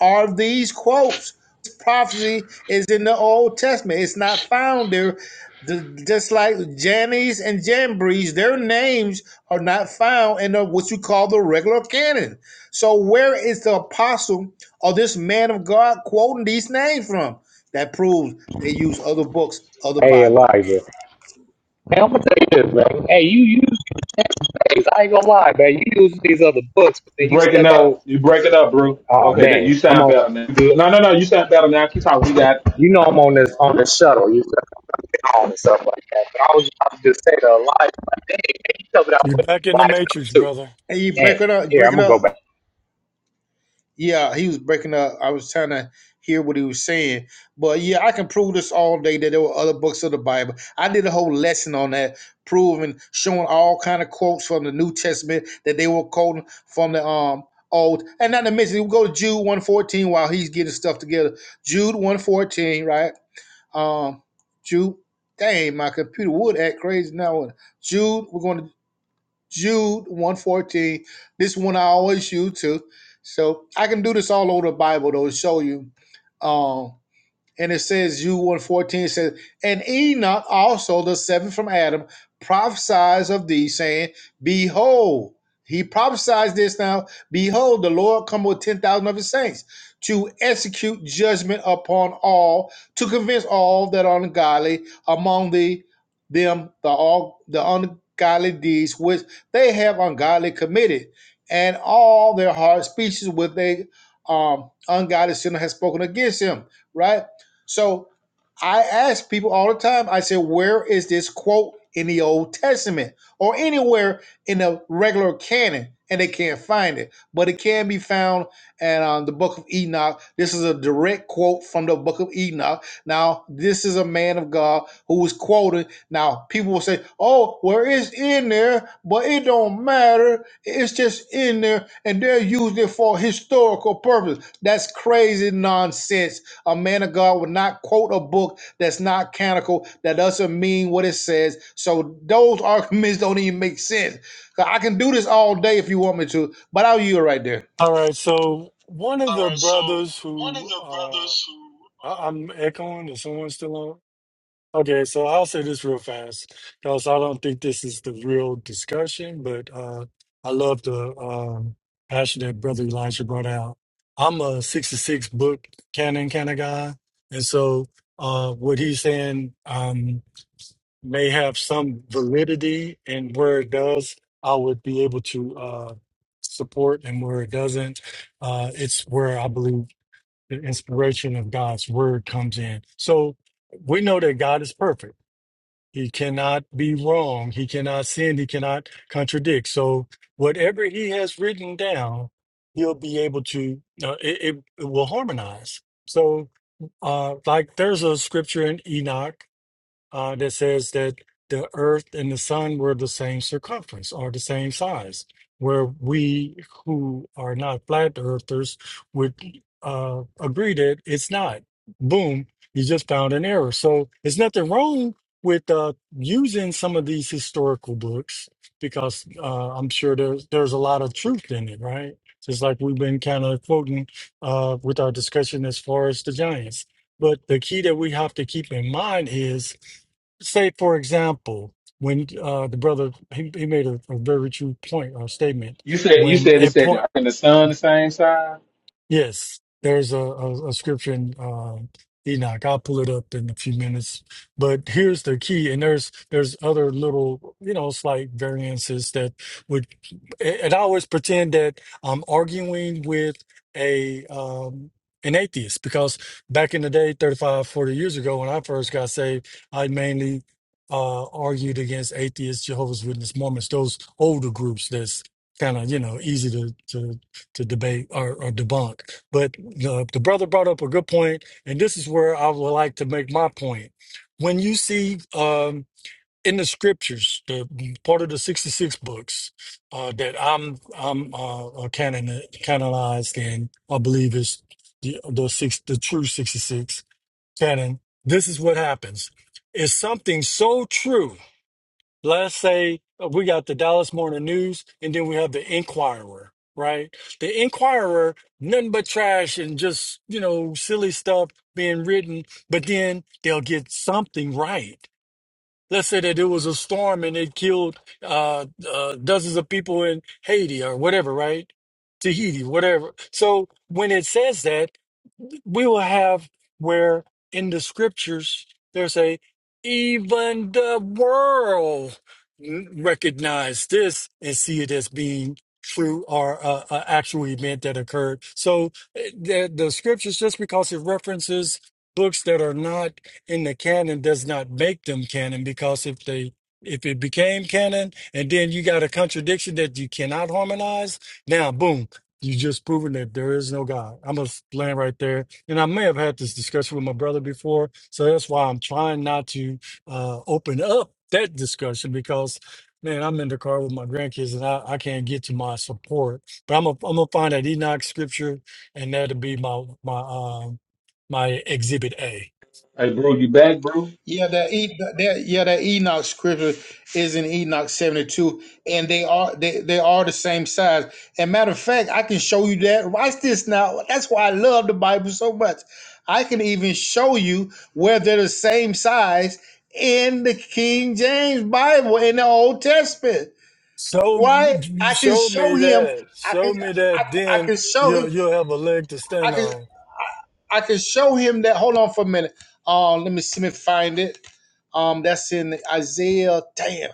S23: are these quotes. prophecy is in the Old Testament. It's not found there. The- just like Jannies and Jambries, their names are not found in the, what you call the regular canon. So where is the apostle or this man of God quoting these names from? That proves they use other books, other
S26: Hey
S23: Bible.
S26: Elijah, hey, I'm gonna tell you this, man. Hey, you use these. I ain't gonna lie, man. You use these other books, but
S22: You
S26: then you
S22: breaking
S26: stuck on.
S22: up. You breaking up, bro.
S26: Oh
S22: Okay, that
S26: dang!
S22: you
S26: I'm
S22: sound
S26: on.
S22: better now. Good. No, no, no. You sound better now. Keep talking. You got.
S26: You know I'm on this on this shuttle. You said I'm getting on and stuff like that. But I was about to just say to Elijah, like, dang, man, you covered out
S3: You're
S26: with
S3: back in the
S26: Elijah number
S3: matrix,
S26: two.
S3: brother.
S23: And you break
S26: Dang.
S23: it up,
S26: Here, I'm
S23: breaking
S26: gonna
S23: up.
S26: go back.
S23: Yeah, he was breaking up. I was trying to hear what he was saying. But yeah, I can prove this all day that there were other books of the Bible. I did a whole lesson on that, proving, showing all kind of quotes from the New Testament that they were quoting from the um old. And not to mention, we go to Jude 114 while he's getting stuff together. Jude 114, right? Um Jude, dang, my computer would act crazy now. Jude, we're going to Jude 114. This one I always use too. So I can do this all over the Bible though to show you. um, and it says, you 114 says, And Enoch also, the seventh from Adam, prophesies of thee, saying, Behold, he prophesies this now, Behold, the Lord come with 10,000 of his saints to execute judgment upon all, to convince all that are ungodly among the them the all the ungodly deeds which they have ungodly committed, and all their hard speeches which they um ungodly sinner has spoken against him, right? So I ask people all the time, I say, where is this quote in the Old Testament or anywhere in the regular canon? And they can't find it, but it can be found in um, the book of Enoch. This is a direct quote from the book of Enoch. Now, this is a man of God who was quoted. Now, people will say, oh, well, it's in there, but it don't matter. It's just in there, and they're using it for historical purpose. That's crazy nonsense a man of God would not quote a book that's not canonical, that doesn't mean what it says. So those arguments don't even make sense. So I can do this all day if you want me to, but I'll yield right there.
S3: All right, so one of
S23: All
S3: the
S23: right, so
S3: brothers
S23: one of
S3: who
S23: the
S3: uh,
S23: brothers who
S3: I- I'm echoing, is someone still on? Okay, so I'll say this real fast because I don't think this is the real discussion, but uh, I love the um, passion that Brother Elijah brought out. I'm a 66 book canon kind of guy. And so uh, what he's saying um, may have some validity, and where it does, I would be able to uh, support, and where it doesn't, uh, it's where I believe the inspiration of God's word comes in. So we know that God is perfect. He cannot be wrong. He cannot sin. He cannot contradict. So whatever he has written down, he'll be able to. Uh, it, it, it will harmonize. So, uh, like there's a scripture in Enoch uh, that says that the earth and the sun were the same circumference or the same size, where we who are not flat earthers would uh, agree that it's not. Boom, you just found an error. So there's nothing wrong with uh, using some of these historical books because uh, I'm sure there's, there's a lot of truth in it, right? Just like we've been kind of quoting uh, with our discussion as far as the giants. But the key that we have to keep in mind is say for example when uh the brother he, he made a, a very true point or statement
S22: You said you
S3: when
S22: said it
S3: it
S22: said the
S3: point
S22: earth and the sun the same side.
S3: Yes, there's a, a, a scripture in uh, Enoch. I'll pull it up in a few minutes. But here's the key, and there's there's other little you know slight variances that would, and I always pretend that I'm arguing with a um, an atheist because back in the day, 35, 40 years ago, when I first got saved, I mainly uh, argued against atheists, Jehovah's Witness, Mormons, those older groups that's kind of you know easy to to to debate or, or debunk. But the, the brother brought up a good point, and this is where I would like to make my point. When you see um, in the scriptures, the part of the sixty-six books uh, that I'm I'm uh, uh, canon, canonized in, I believe is the the six the true sixty-six canon. This is what happens: is something so true let's say uh, we got the Dallas Morning News and then we have the Inquirer, right? The Inquirer, nothing but trash and just, you know, silly stuff being written, but then they'll get something right. Let's say that it was a storm and it killed uh, uh, dozens of people in Haiti or whatever, right? Tahiti, whatever. So when it says that, we will have where in the scriptures there's a even the world recognize this and see it as being true or uh, an actual event that occurred. So uh, the, the scriptures, just because it references books that are not in the canon, does not make them canon. Because if they if it became canon and then you got a contradiction that you cannot harmonize, now boom, you just proven that there is no God. I'm gonna land right there and I may have had this discussion with my brother before, so that's why I'm trying not to uh, open up that discussion because, man, I'm in the car with my grandkids and I, I can't get to my support. But I'm gonna I'm gonna find that Enoch scripture, and that'll be my my um my exhibit A.
S22: Hey, bro, you back, bro?
S23: Yeah, that, e, that yeah that Enoch scripture is in Enoch seventy two, and they are they, they are the same size. And matter of fact, I can show you that. Watch this now. That's why I love the Bible so much. I can even show you where they're the same size in the King James Bible in the Old Testament.
S3: So
S23: Why? I can
S3: show
S23: show
S3: me
S23: him.
S3: that,
S23: I can
S3: show me
S23: I,
S3: that,
S23: I
S3: then
S23: can show him
S3: you'll you'll have a leg to
S23: I
S3: stand
S23: can
S3: on.
S23: I, I can show him that. Hold on for a minute. Uh, let me see me find it. Um, that's in Isaiah. Damn,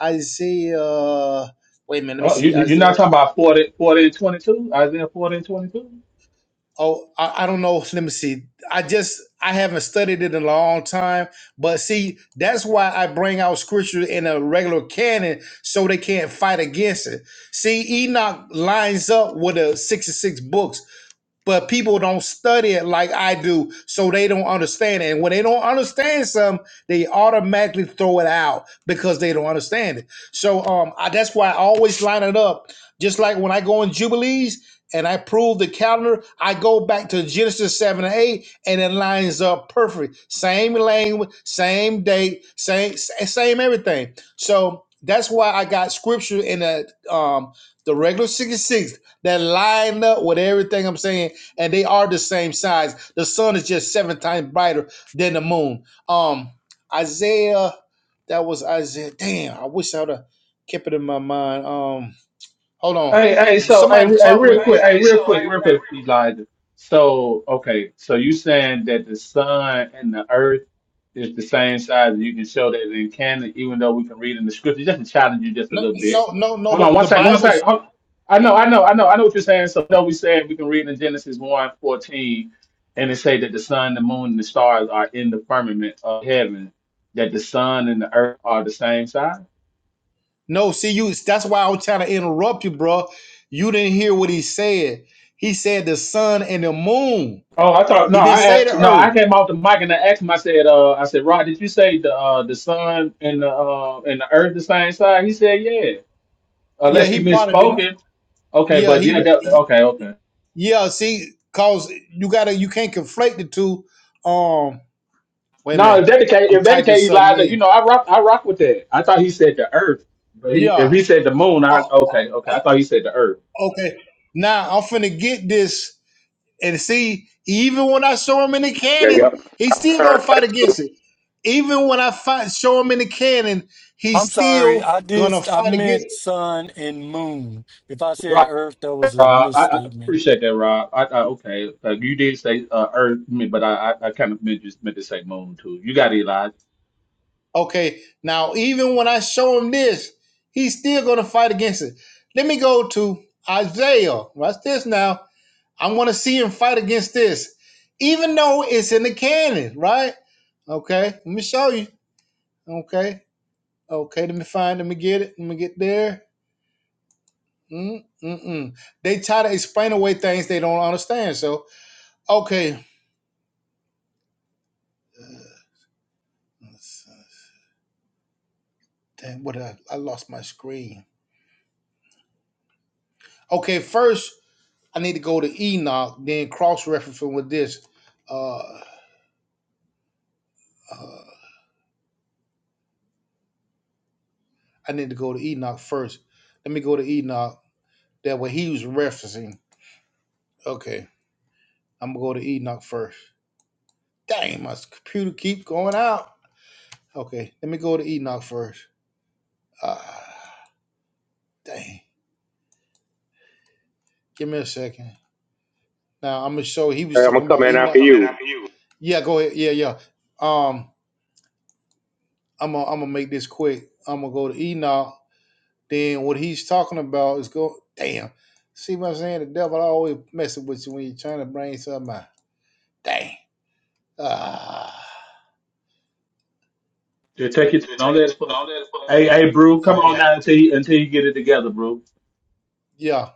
S23: Isaiah. Wait a minute. Let me
S22: Oh, you,
S23: see
S22: you're not
S23: Isaiah.
S22: talking about 40, forty and 22? Isaiah 40 and 22?
S23: Oh, I, I don't know. Let me see. I just I haven't studied it in a long time. But see, that's why I bring out scripture in a regular canon so they can't fight against it. See, Enoch lines up with the sixty-six books but people don't study it like I do, so they don't understand it. And when they don't understand something, they automatically throw it out because they don't understand it. So um, I, that's why I always line it up. Just like when I go in Jubilees and I prove the calendar, I go back to Genesis 7 and 8, and it lines up perfect. Same language, same date, same same everything. So that's why I got scripture in the um, the regular 66 that line up with everything I'm saying and they are the same size. The sun is just seven times brighter than the moon. Um, Isaiah, that was Isaiah. Damn, I wish I would have kept it in my mind. Um, hold on,
S22: Hey, hey, so hey,
S23: somebody
S22: re- hey,
S23: talk real
S22: real quick,
S23: quick. Hey,
S22: hey,
S23: hey, so,
S22: real quick,
S23: hey,
S22: real quick, Elijah. So, okay, so you saying that the sun and the earth is the same size, and you can show that in canon, even though we can read in the scripture. Just to challenge you just a
S23: No,
S22: little bit.
S23: no, no, no.
S22: Hold on,
S23: The,
S22: one
S23: the
S22: second, one
S23: Bible's
S22: second. Hold- I know, I know, I know, I know what you're saying. So, no, we said we can read in Genesis one 14, and it say that the sun, the moon, and the stars are in the firmament of heaven. That the sun and the earth are the same size.
S23: no. See, you. That's why I was trying to interrupt you, bro. You didn't hear what he said. He said the sun and the moon.
S22: Oh, I thought no.
S23: He didn't
S22: I
S23: say
S22: asked
S23: the
S22: no. I
S23: earth.
S22: came off the mic and I asked him. I said, uh, I said, Rod, did you say the uh, the sun and the uh, and the earth the same side? He said, yeah.
S23: Yeah,
S22: Unless
S23: he
S22: he
S23: probably didn't.
S22: misspoken. Okay,
S23: Yeah,
S22: but yeah,
S23: he.
S22: that, okay, okay.
S23: Yeah, see, cause you gotta you can't conflate the two. Um, wait a
S22: No,
S23: minute,
S22: if that the case,
S23: I'm
S22: if that the
S23: typing
S22: case,
S23: something
S22: Elijah,
S23: in.
S22: you know, I rock, I rock with that. I thought he said the earth, but he, if
S23: Yeah.
S22: he said the moon, I
S23: Oh,
S22: okay, okay. I thought he said the earth.
S23: okay. Now I'm finna get this and see. Even when I show him in the
S26: Yeah,
S23: cannon,
S26: yep.
S23: he's
S26: I'm
S23: still
S26: sorry,
S23: gonna fight against it. Even when I fight, show him in the cannon,
S3: I'm
S23: he's
S3: sorry,
S23: still
S3: I did
S23: gonna
S3: I
S23: fight against. It.
S3: meant sun and moon. If I said
S22: Right,
S3: earth, that was a
S22: Rob. I, I
S3: misstatement.
S22: appreciate that, Rob. I, I okay, uh, you did say uh, earth, I mean, but I, I, I kind of meant just meant to say moon too. You got it, Elijah.
S23: Okay. Now even when I show him this, he's still gonna fight against it. Let me go to Isaiah. Watch this now. I want to see him fight against this, even though it's in the canon, right? Okay, let me show you. Okay, okay, let me find, let me get it, let me get there. Mm, Mm-mm. They try to explain away things they don't understand. So, okay, uh, Damn, what I, I lost my screen. Okay, first I need to go to Enoch, then cross referencing with this. Uh, uh, I need to go to Enoch first. Let me go to Enoch. That what he was referencing. Okay. I'm gonna go to Enoch first. Dang, my computer keep going out. Okay, let me go to Enoch first. Ah, dang. Give me a second. Now I'm gonna show. He
S26: I'm
S23: was
S26: gonna
S23: talking
S26: come
S23: about Sam,
S26: in
S23: I'm
S26: after
S23: Enoch. coming
S26: you.
S23: after you. Yeah, go ahead. Yeah, yeah. Um, I'm gonna I'm gonna make this quick. I'm gonna go to Enoch. Then what he's talking about is go. Damn. See what I'm saying? The devil always messing with you when you're trying to bring something out. Dang. Ah.
S22: Yeah, take it.
S23: They
S22: Don't
S23: take you
S22: let
S23: to
S22: it. fly.
S23: all that.
S22: Hey, hey, Brew, come
S23: Okay. Hey,
S22: on
S23: hey,
S22: now until you until you get it together, Brew.
S23: Yeah.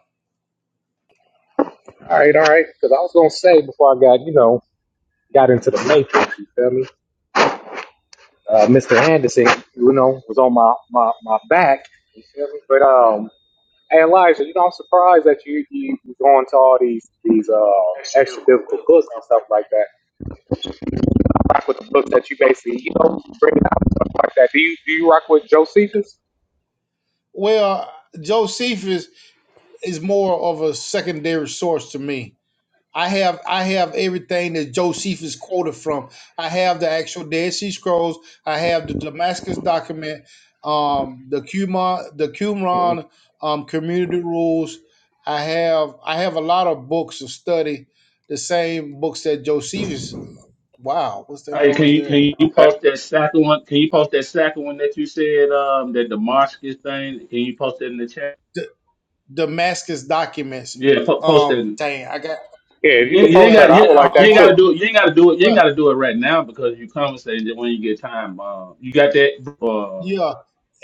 S26: All right, all right. Because I was gonna say before I got, you know, got into the matrix. You feel me? Uh, Mr. Anderson, you know, was on my my my back. You feel me? But um, hey Elijah, you know, I'm surprised that you you you go into all these these uh
S23: extra
S26: extra
S23: biblical
S26: biblical
S23: books and
S26: books
S23: stuff
S26: and stuff
S23: like
S26: like that rock with the books that you basically, you know, bring out and stuff like that. Do you do you rock with Josephus?
S23: Well, Josephus is more of a secondary source to me. I have I have everything that Josephus quoted from. I have the actual Dead Sea Scrolls. I have the Damascus document, um, the Qumran, the
S26: Mm-hmm.
S23: Qumran um, community rules. I have I have a lot of books to study. The same books that Josephus. Wow, what's that
S22: Hey, can
S23: noise
S22: you can
S23: there?
S22: you
S26: Okay.
S22: post that second one? Can you post that second one that you said um that Damascus thing? Can you post it in the chat?
S23: D- Damascus documents.
S22: Yeah, po- post it.
S23: Um,
S22: in-
S23: dang, I got.
S26: Yeah, if you
S22: You, ain't-
S26: could
S22: you ain't
S26: post that,
S23: Well,
S22: got you,
S26: I would
S23: I'm
S26: like
S22: you
S23: I'm
S26: that
S22: ain't got
S26: too.
S22: to do it. You ain't got to do it. You ain't
S23: well.
S22: got to do it right now because you come and that when you get time. Uh, you got that. Uh,
S23: Yeah,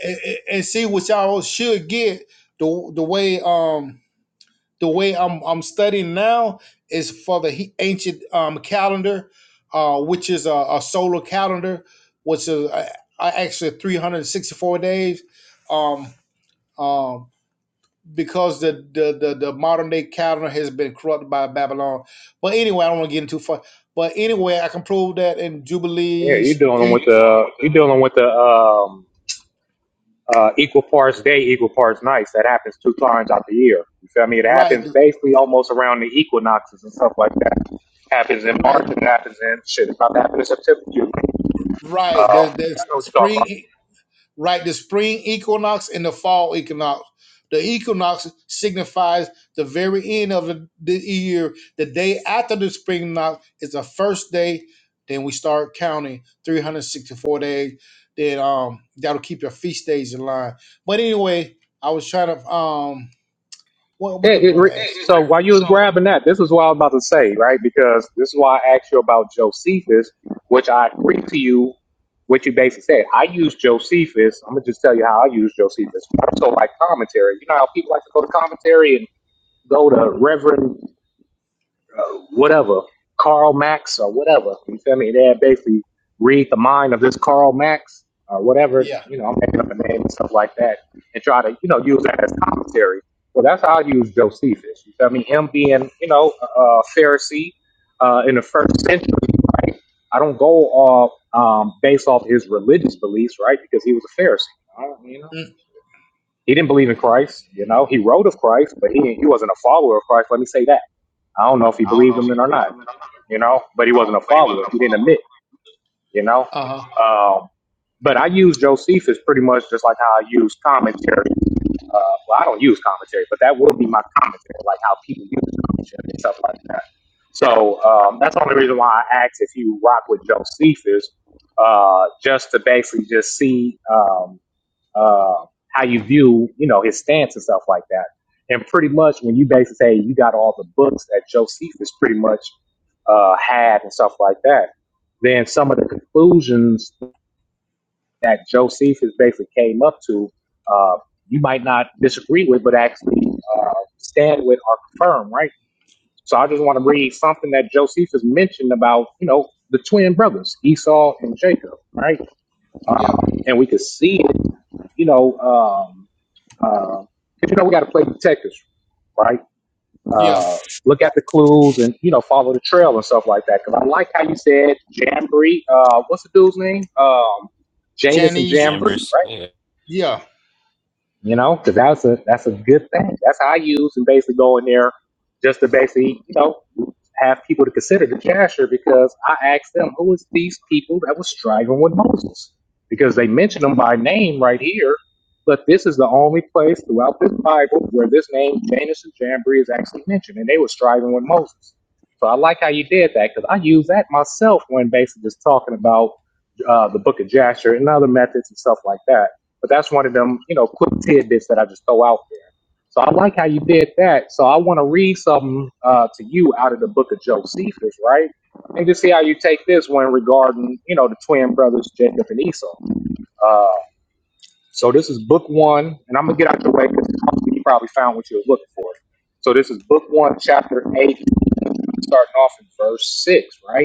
S23: and, and- and see what y'all should get the the way um the way I'm I'm studying now is for the he- ancient um calendar, uh, which is a, a solar calendar, which is uh, uh, actually 364 days, um um because the the the, the modern day calendar has been corrupted by Babylon. But anyway, I don't want to get into far. But anyway, I can prove that in
S26: Yeah, you're
S23: jubilees. Yeah,
S26: dealing
S23: you
S26: with
S23: Eve- doing
S26: the
S23: with that.
S26: you're dealing with the um uh equal parts day, equal parts nights. That happens two times out the year. You feel me? It happens
S23: Right,
S26: basically almost around the equinoxes and stuff like that. Happens in
S23: right.
S26: March and it happens in shit. It's about to happen in September. too. Um,
S23: Right. There, there's
S26: I know what you're talking about.
S23: spring, e- right? The spring equinox and the fall equinox. The equinox signifies the very end of the, the year. The day after the spring equinox is the first day. Then we start counting 364 days. Then um, that'll keep your feast days in line. But anyway, I was trying to um, what what the
S26: It, it
S23: brother
S26: re-
S23: asked. Yeah, asked?
S26: so
S23: re-
S26: while you was
S23: so
S26: grabbing that, this is what I was about to say, right? Because this is why I asked you about Josephus, which I agree to you, what you basically said. I use Josephus. I'm gonna just tell you how I use Josephus. So like commentary, you know how people like to go to commentary and go to Reverend uh, whatever, Karl Marx or whatever. You feel me? They basically read the mind of this Karl Marx or whatever.
S23: yeah.
S26: You know, I'm making up a name and stuff like that, and try to you know use that as commentary. Well, that's how I use Josephus. You feel me? Him being you know a a Pharisee uh, in the first century, right? I don't go off um, based off his religious beliefs, right? Because he was a Pharisee. I don't- you know,
S23: Mm. I Yeah.
S26: he didn't believe in Christ. You know, he wrote of Christ, but he he wasn't a follower of Christ. Let me say that. I don't know if he
S23: don't know
S26: believed
S23: if
S26: him
S23: he
S26: in or
S23: believed
S26: not
S23: him or not,
S26: you know, but he wasn't a
S23: but he wasn't
S26: follower.
S23: a
S26: He didn't admit, you know.
S23: follower. Uh huh.
S26: Um, but I use Josephus pretty much just like how I use commentary. Uh, well, I don't use commentary, but that will be my commentary, like how people use commentary and stuff like that. So um, that's the only reason why I asked if you rock with Josephus, uh, just to basically just see. Um, uh, how you view, you know, his stance and stuff like that. And pretty much when you basically say you got all the books that Josephus pretty much uh, had and stuff like that, then some of the conclusions that Josephus basically came up to, uh, you might not disagree with, but actually uh, stand with or confirm, right? So I just want to read something that Josephus mentioned about, you know, the twin brothers, Esau and Jacob, right?
S23: Yeah.
S26: Um, and we could see you know. um, uh, 'cause, you know, we got to play detectives, right?
S23: Yeah.
S26: Uh, look at the clues and you know follow the trail and stuff like that. Because I like how you said Jamboree. Uh, what's the dude's name? Um, Janus and
S23: Chinese.
S26: Jamboree,
S10: Chambers.
S26: right?
S23: Yeah,
S26: You know, because that's a that's a good thing. That's how I use and basically go in there just to basically you know have people to consider the cashier because I asked them who is these people that was striving with Moses because they mention them by name right here, but this is the only place throughout this Bible where this name Janus and Jambri is actually mentioned, and they were striving with Moses. So I like how you did that because I use that myself when basically just talking about uh, the Book of Jasher and other methods and stuff like that. But that's one of them, you know, quick tidbits that I just throw out there. So I like how you did that. So I want to read something uh, to you out of the book of Josephus, right? And just see how you take this one regarding, you know, the twin brothers Jacob and Esau. Uh, so this is book one, and I'm gonna get out your way because you probably found what you was looking for. So this is book one, chapter eight, starting off in verse six, right?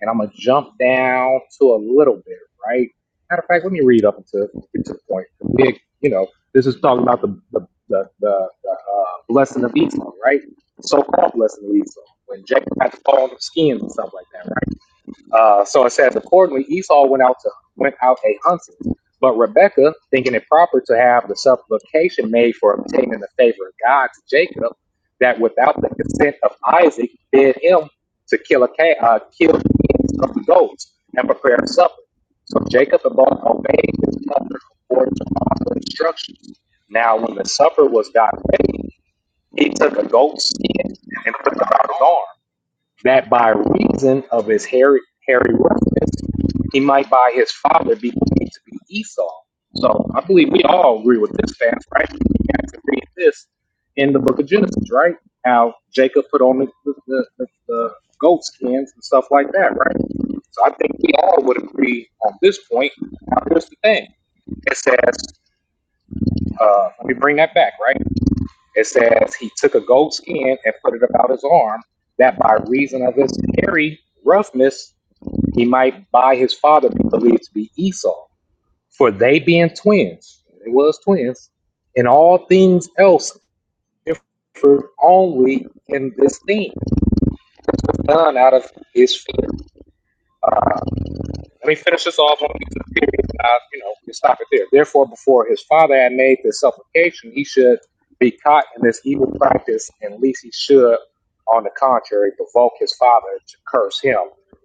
S26: and I'm gonna jump down to a little bit, right? Matter of fact, let me read up until get to the point. big, you know, this is talking about the the the, the, the uh, blessing of Esau, right? So called blessing of Esau, when Jacob had to fall on the skins and stuff like that, right? Uh, so it says, accordingly, Esau went out to went out a hunting, but Rebekah, thinking it proper to have the supplication made for obtaining the favor of God to Jacob, that without the consent of Isaac, bid him to kill a ca- uh, kill kings of the goats and prepare supper. So Jacob and both obeyed his mother according to all her instructions. Now, when the supper was got ready, he took a goat's skin and put it about his arm that by reason of his hairy, hairy roughness, he might by his father be believed to be Esau. So I believe we all agree with this fact, right? We have to read this in the book of Genesis, right? How Jacob put on the, the, the, the, the goat skins and stuff like that, right? So I think we all would agree on this point. Now, here's the thing it says, uh, let me bring that back, right? It says he took a goat skin and put it about his arm, that by reason of his hairy roughness he might by his father be believed to be Esau. For they being twins, they was twins, in all things else differed only in this thing, done out of his fear. Let me finish this off on these materials, and I, you know, we stop it there. Therefore, before his father had made this supplication, he should be caught in this evil practice, and least he should, on the contrary, provoke his father to curse him.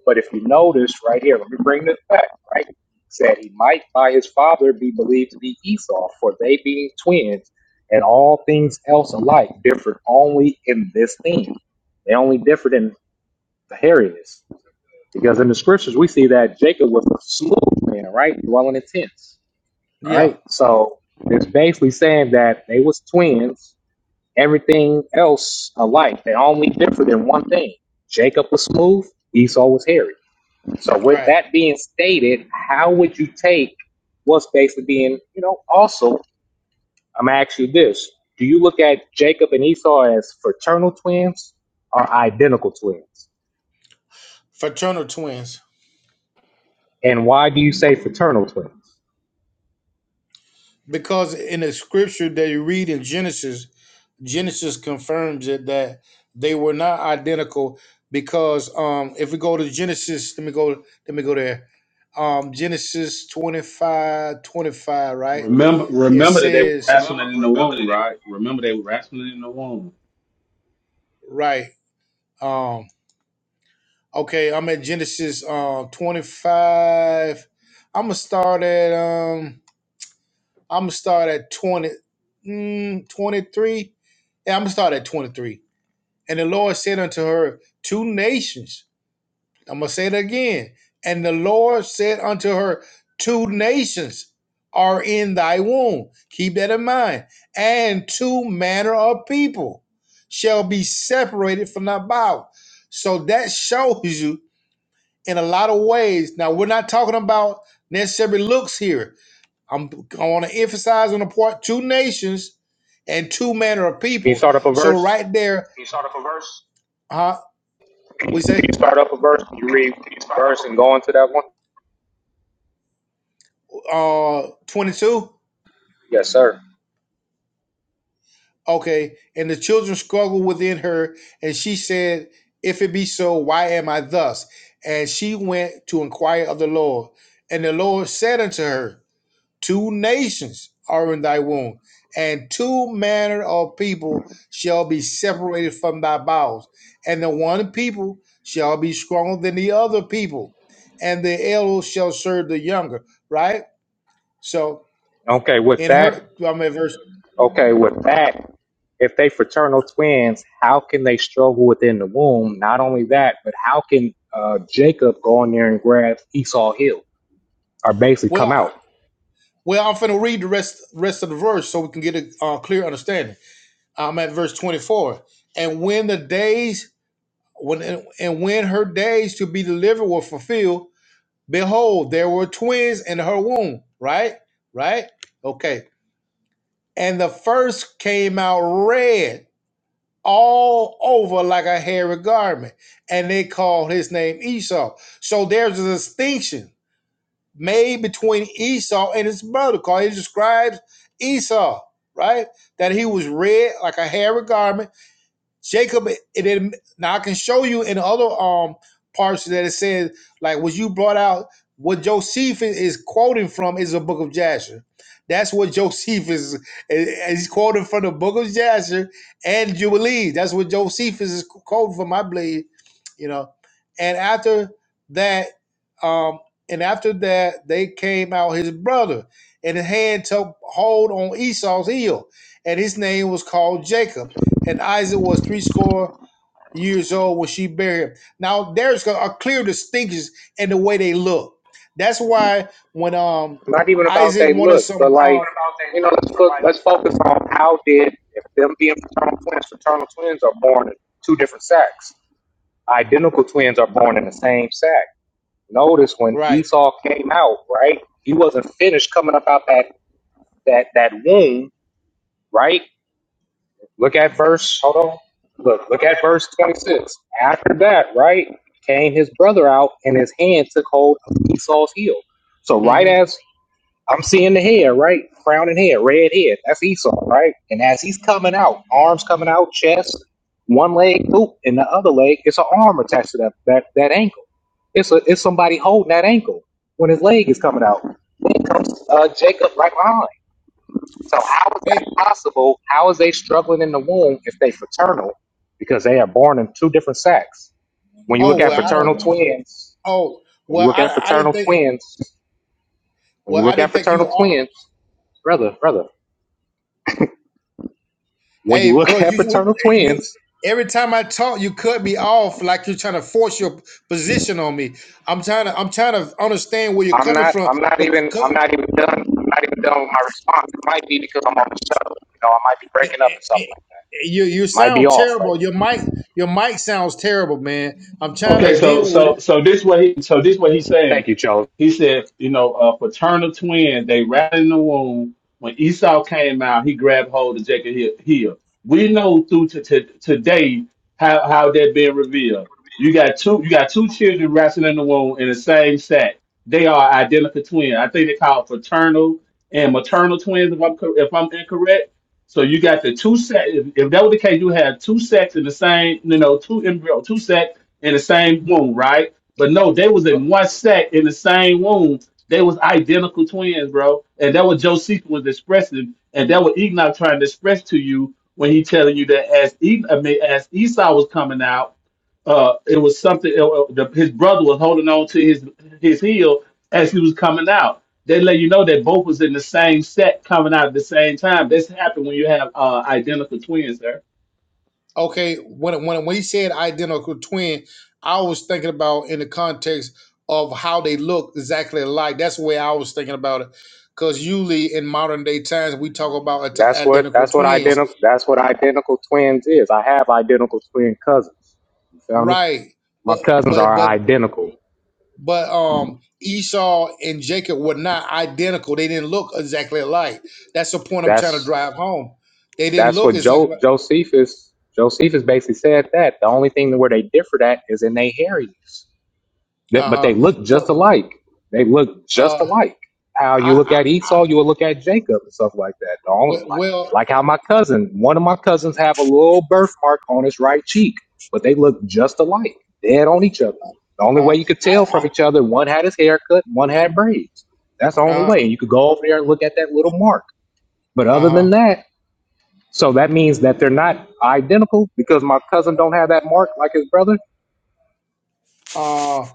S26: But if you notice right here, let me bring this back, right? It Said he might by his father be believed to be Esau, for they being twins, and all things else alike differed only in this thing. They only differed in the hairiness. Because in the scriptures, we see that Jacob was a smooth man, right? Dwelling in tents. All
S23: yeah,
S26: right. So it's basically saying that they was twins, everything else alike. They only differed in one thing. Jacob was smooth, Esau was hairy. So with
S23: right.
S26: that being stated, how would you take what's basically being, you know, also, I'm gonna ask you this. Do you look at Jacob and Esau as fraternal twins or identical twins?
S23: Fraternal twins.
S26: And why do you say fraternal twins?
S23: Because in the scripture that you read in Genesis, Genesis confirms it that they were not identical. Because um, if we go to Genesis, let me go, let me go there. Um, Genesis 25, 25, right?
S22: remember
S23: It
S22: remember that they were
S23: says Remember,
S22: wrestling in the
S23: remember
S22: womb,
S23: that They-
S22: right? Remember they were wrestling in the womb.
S23: right. Um, okay, I'm at Genesis um 25. I'm gonna start at um I'm gonna start at 20, mm, 23. Yeah, I'm gonna start at 23. And the Lord said unto her, Two nations. I'm gonna say it again. And the Lord said unto her, Two nations are in thy womb. Keep that in mind. And two manner of people shall be separated from thy bowels. So that shows you in a lot of ways. Now, we're not talking about necessarily looks here. I'm I want to emphasize on the part two nations and two manner of
S26: Can you
S23: people.
S26: start up a
S23: So
S26: verse?
S23: right there, Can you start up a verse? huh?
S26: Can you,
S23: We
S26: can
S23: say
S26: you start up a verse? Can you
S23: Can you,
S26: read
S23: can you
S26: a
S23: start up a
S26: verse
S23: verse?
S26: and go into that one?
S23: uh 22
S26: Yes, sir.
S23: okay and the children struggled within her and she said if it be so why am i thus and she went to inquire of the lord and the lord said unto her Two nations are in thy womb, and two manner of people shall be separated from thy bowels, and the one people shall be stronger than the other people, and the elder shall serve the younger. Right? So
S26: Okay, with
S23: in
S26: that,
S23: her, I'm at verse.
S26: okay, with that, if they fraternal twins, how can they struggle within the womb? Not only that, but how can uh, Jacob go in there and grab Esau Hill or basically
S23: Well,
S26: come
S23: I-
S26: out?
S23: well, I'm finna read the rest rest of the verse so we can get a uh, clear understanding. I'm at verse 24. And when the days when and when her days to be delivered were fulfilled Behold, there were twins in her womb, right? Right? Okay. And the first came out red all over like a hairy garment, and they called his name Esau. So there's a distinction made between Esau and his brother, because he describes Esau, right? That he was red like a hairy garment Jacob, it, it now I can show you in other um parts that it says like what you brought out. What Josephus is quoting from is the Book of Jasher. That's what Josephus is he's quoting from the Book of Jasher and Jubilees. That's what Josephus is quoting from, I believe. You know, and after that, um, and after that, they came out his brother, and his hand took hold on Esau's heel, and his name was called Jacob and Isaac was three score years old when she buried him. Now there's a clear distinction in the way they look. That's why when um
S26: Not even about
S23: Isaac
S26: they
S23: wanted
S26: look,
S23: some
S26: but
S23: It's uh,
S26: like,
S23: about they
S26: you know,
S23: look,
S26: let's
S23: but
S26: look,
S23: like,
S26: let's focus on how did if them being fraternal twins, fraternal twins are born in two different sacks. Identical twins are born in the same sack Notice when
S23: right.
S26: Esau came out, right? He wasn't finished coming up out that that that womb, right? Look at verse. Hold
S23: hold
S26: on.
S23: on,
S26: Look,
S23: look,
S26: look
S23: look at
S26: at verse twenty-six. After that, right, came his brother out, and his hand took hold of Esau's heel. So right
S23: hmm
S26: as I'm seeing the head, right, crowning head, red head. That's Esau, right? And as he's coming out, arms coming out, chest, one leg, boop, and the other leg, it's an arm attached to that that that ankle. It's a, it's somebody holding that ankle when his leg is coming out. Uh, Jacob right behind. So how is
S23: Hey,
S26: that possible? How is they struggling in the womb if they fraternal? Because they are born in two different sacks. When you look
S23: oh
S26: at
S23: well, I
S26: fraternal
S23: don't.
S26: twins,
S23: Oh
S26: when you
S23: well,
S26: look at
S23: I I didn't
S26: fraternal
S23: think.
S26: twins, when
S23: Well,
S26: you
S23: I
S26: look at
S23: didn't think you.
S26: fraternal
S23: Were,
S26: twins, brother, brother, when you
S23: hey, bro,
S26: look at
S23: you you
S26: fraternal
S23: you-
S26: twins,
S23: Every time I talk, you cut me off like you're trying to force your position on me. I'm trying to. I'm trying to understand where you're
S26: I'm
S23: coming
S26: not
S23: from.
S26: I'm not even
S23: but.
S26: I'm not even done I'm not even done with my response. It might be because I'm on the show. You know, I might be
S23: Eh,
S26: breaking up
S23: eh,
S26: and stuff
S23: eh,
S26: like that.
S23: You you
S26: Might be
S23: sound
S26: off right
S23: terrible.
S26: now.
S23: Your mic your mic sounds terrible, man. I'm trying
S22: Okay,
S23: to
S22: so
S23: deal with
S22: so
S23: it.
S22: so this what he so this what he's saying.
S26: Thank you, Joe.
S22: He said, you know, uh, fraternal twins. They rattled in the womb. When Esau came out, he grabbed hold of Jacob he- heel. We know through to, to today how how that being revealed. You got two you got two children wrestling in the womb in the same sack. They are identical twins. I think they call it fraternal and maternal twins. If I'm cor- if I'm incorrect. So you got the two sex. If, if that was the case, you have two sets in the same, you know, two embryo, two sets in the same womb, right? But no, they was in one set in the same womb. They was identical twins, bro. And that what Josephus was expressing, and that what Enoch trying to express to you when he telling you that as e- I mean, as Esau was coming out, uh, it was something. uh, uh, the, his brother was holding on to his his heel as he was coming out. They let you know that both was in the same set coming out at the same time. This happened when you have uh, identical twins, sir.
S23: Okay, when when when he said identical twin, I was thinking about in the context of how they look exactly alike. That's the way I was thinking about it. Because usually in modern day times we talk about ati-
S26: That's what
S23: identical
S26: that's what
S23: twins,
S26: identical that's what identical twins is. I have identical twin cousins. You feel me?
S23: right?
S26: My
S23: But
S26: cousins
S23: but
S26: are
S23: but
S26: identical.
S23: but um Esau and Jacob were not identical. They didn't look exactly alike. That's the point I'm trying to
S26: That's
S23: drive home. They didn't
S26: that's
S23: look
S26: what
S23: exactly.
S26: jo- Josephus Josephus basically said that the only thing where they differed at is in their hairiness. That,
S23: Uh
S26: but they
S23: huh.
S26: look just
S23: Well,
S26: alike. They look just
S23: uh,
S26: alike. How you
S23: I,
S26: look
S23: I
S26: at Esau, you will look at Jacob and stuff like that. The only
S23: we-
S26: like
S23: well,
S26: like how my cousin, one of my cousins, have a little birthmark on his right cheek, but they look just alike, dead on each other. The only
S23: uh,
S26: way you could
S23: I,
S26: tell
S23: I
S26: from each other, one had his hair cut, one had braids. That's the only
S23: uh,
S26: way. And you could go over there and look at that little mark. But
S23: uh
S26: other
S23: huh.
S26: than that, so that means that they're not identical because my cousin don't have that mark like his brother
S23: Uh,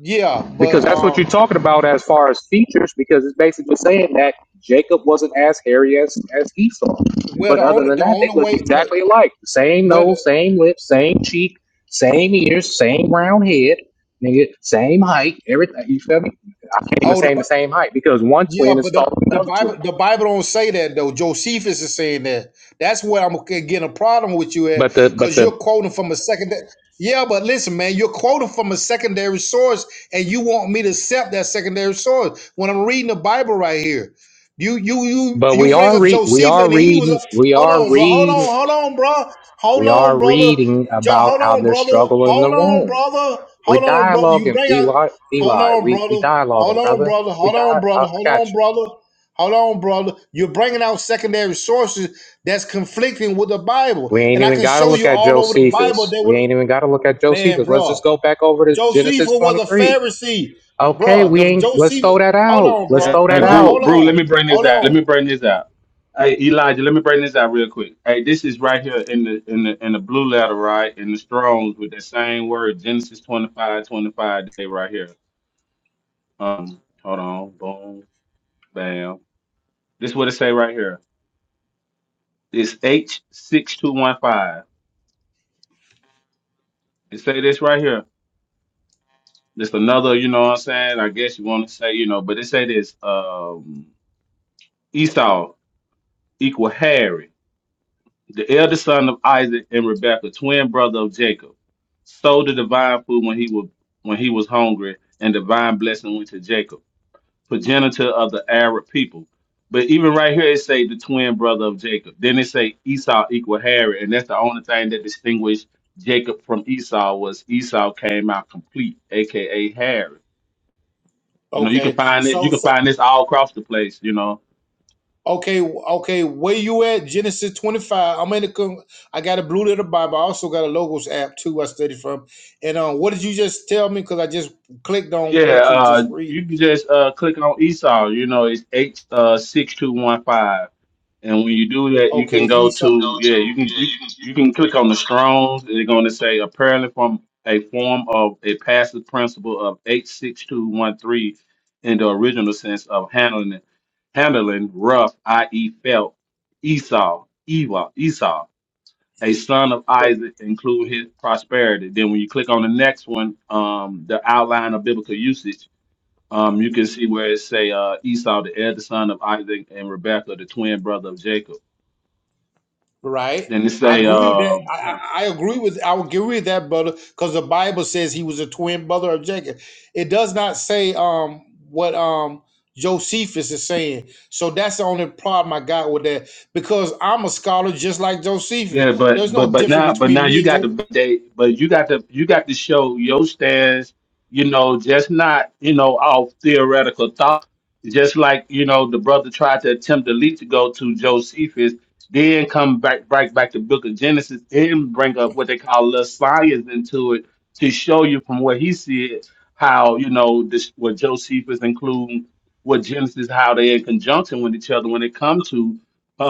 S23: yeah, but
S26: because that's what you're
S23: um,
S26: talking about as far as features, because it's basically saying that Jacob wasn't as hairy as, as Esau.
S23: well,
S26: But
S23: the
S26: other
S23: only
S26: than
S23: the
S26: that, they
S23: only
S26: look
S23: way the
S26: exactly alike. Same
S23: where the
S26: nose, same lips, same cheek, same ears, same round head, nigga, same height, everything. You feel me? I can't even
S23: oh
S26: say
S23: the,
S26: the same height because one
S23: Yeah,
S26: twin is
S23: but
S26: taller
S23: the,
S26: than
S23: the
S26: the other twin.
S23: Bible the Bible don't say that though. Josephus is saying that. That's where I'm g- getting a problem with you at,
S26: But the but
S23: because you're
S26: the
S23: quoting from a secondary. Yeah, but listen, man, you're quoting from a secondary source, and you want me to accept that secondary source when I'm reading the Bible right here. You you you
S26: but
S23: you
S26: we
S23: bring
S26: are
S23: up
S26: re- we
S23: Josephus,
S26: are
S23: and he was a
S26: reading we
S23: hold
S26: are
S23: on, bro, hold
S26: reading
S23: on, hold on, bro, hold
S26: we
S23: on,
S26: are
S23: brother,
S26: reading
S23: jo-
S26: about
S23: hold
S26: how
S23: on,
S26: they're
S23: brother,
S26: struggling in the
S23: hold on,
S26: womb
S23: brother,
S26: We're
S23: hold on, brother. You
S26: dialoguing,
S23: bring out.
S26: Eli.
S23: Hold
S26: Eli,
S23: on,
S26: we we
S23: brother. Hold
S26: dialoguing,
S23: on,
S26: brother.
S23: brother.
S26: We
S23: Hold
S26: di- I,
S23: on,
S26: I
S23: brother. Hold
S26: got
S23: on,
S26: you.
S23: brother. Hold on, brother. You're bringing out secondary sources that's conflicting with the Bible,
S26: We ain't
S23: and I
S26: even
S23: can
S26: got to
S23: show
S26: look
S23: you
S26: at
S23: all over the Bible.
S26: Josephus.
S23: They
S26: We
S23: would,
S26: ain't even got to look at
S23: man,
S26: Josephus. Let's
S23: bro.
S26: just go back over to
S23: Josephus
S26: Genesis
S23: was a
S26: 23.
S23: Pharisee,
S26: Okay,
S23: bro.
S26: we
S23: The
S26: ain't. Let's
S23: Joseph.
S26: throw that
S23: Hold
S26: out.
S23: on,
S26: Let's
S22: Hey,
S23: bro.
S26: throw that
S22: hey,
S23: Bro,
S22: Brew,
S26: out.
S23: hold
S22: Brew, let
S23: on.
S22: me bring this
S23: Hold
S22: out. Let
S23: on.
S22: me bring this out. Hey, Elijah, let me bring this out real quick. Hey, this is right here in the in the in the blue letter, right? In the Strong's with that same word, Genesis twenty-five, twenty-five. 25 day right here. Um, hold on, boom, bam. This what it say right here. It's H six two one five. It say this right here. This another, you know what I'm saying? I guess you want to say, you know, but it say this um Esau equal Harry. the eldest son of Isaac and Rebekah, twin brother of Jacob, sold the divine food when he was when he was hungry, and divine blessing went to Jacob, progenitor of the Arab people. But even right here, it say the twin brother of Jacob. Then it say Esau equal Harry, and that's the only thing that distinguished Jacob from Esau was Esau came out complete, aka Harry. You know, you can
S23: Okay.
S22: find it. You
S23: so.
S22: can find this all across the place. You know,
S23: Okay, okay, where you at? Genesis 25. I'm in the con- I got a blue letter Bible. I also got a logos app too. I study from. And um, what did you just tell me? Because I just clicked on
S22: Yeah,
S23: what you
S22: uh,
S23: just read.
S22: you can just uh, click on Esau. You know, it's H uh, six two one five, and when you do that, you
S23: Okay,
S22: can go
S23: Esau. Go
S22: to
S23: to
S22: yeah, you can
S23: yeah.
S22: you,
S23: You can you,
S22: you can
S23: you
S22: click
S23: can
S22: on the
S23: click
S22: Strong's. And They're going to say apparently from a form of a passive principle of H six two one three in the original sense of handling handling rough, i.e., felt Esau, Eva, Esau, a son of
S23: on it.
S22: Isaac, include his prosperity. Then when you click on the next one, um, the outline of biblical usage um, you can see where it say uh, Esau, the elder son of Isaac, and Rebekah, the twin brother of Jacob.
S23: Right.
S22: Then it
S23: I
S22: say,
S23: agree with
S22: uh,
S23: that. I,
S22: you
S23: I,
S22: know,
S23: I agree with I would agree with that brother because the Bible says he was a twin brother of Jacob. It does not say um what um Josephus is saying. So that's the only problem I got with that because I'm a scholar just like Josephus.
S22: Yeah,
S23: There's
S22: but
S23: no
S22: but but now
S23: difference
S22: but now
S23: between me
S22: you
S23: and
S22: got
S23: Josephus.
S22: to they but you got to you got to show your stance, you know, just not, you know, off theoretical thought. Just like, you know, the brother tried to attempt to lead to go to Josephus, then come back back back to Book of Genesis and bring up what they call little science into it to show you from what he said how, you know, this what Josephus include what Genesis, how they in conjunction with each other when it comes to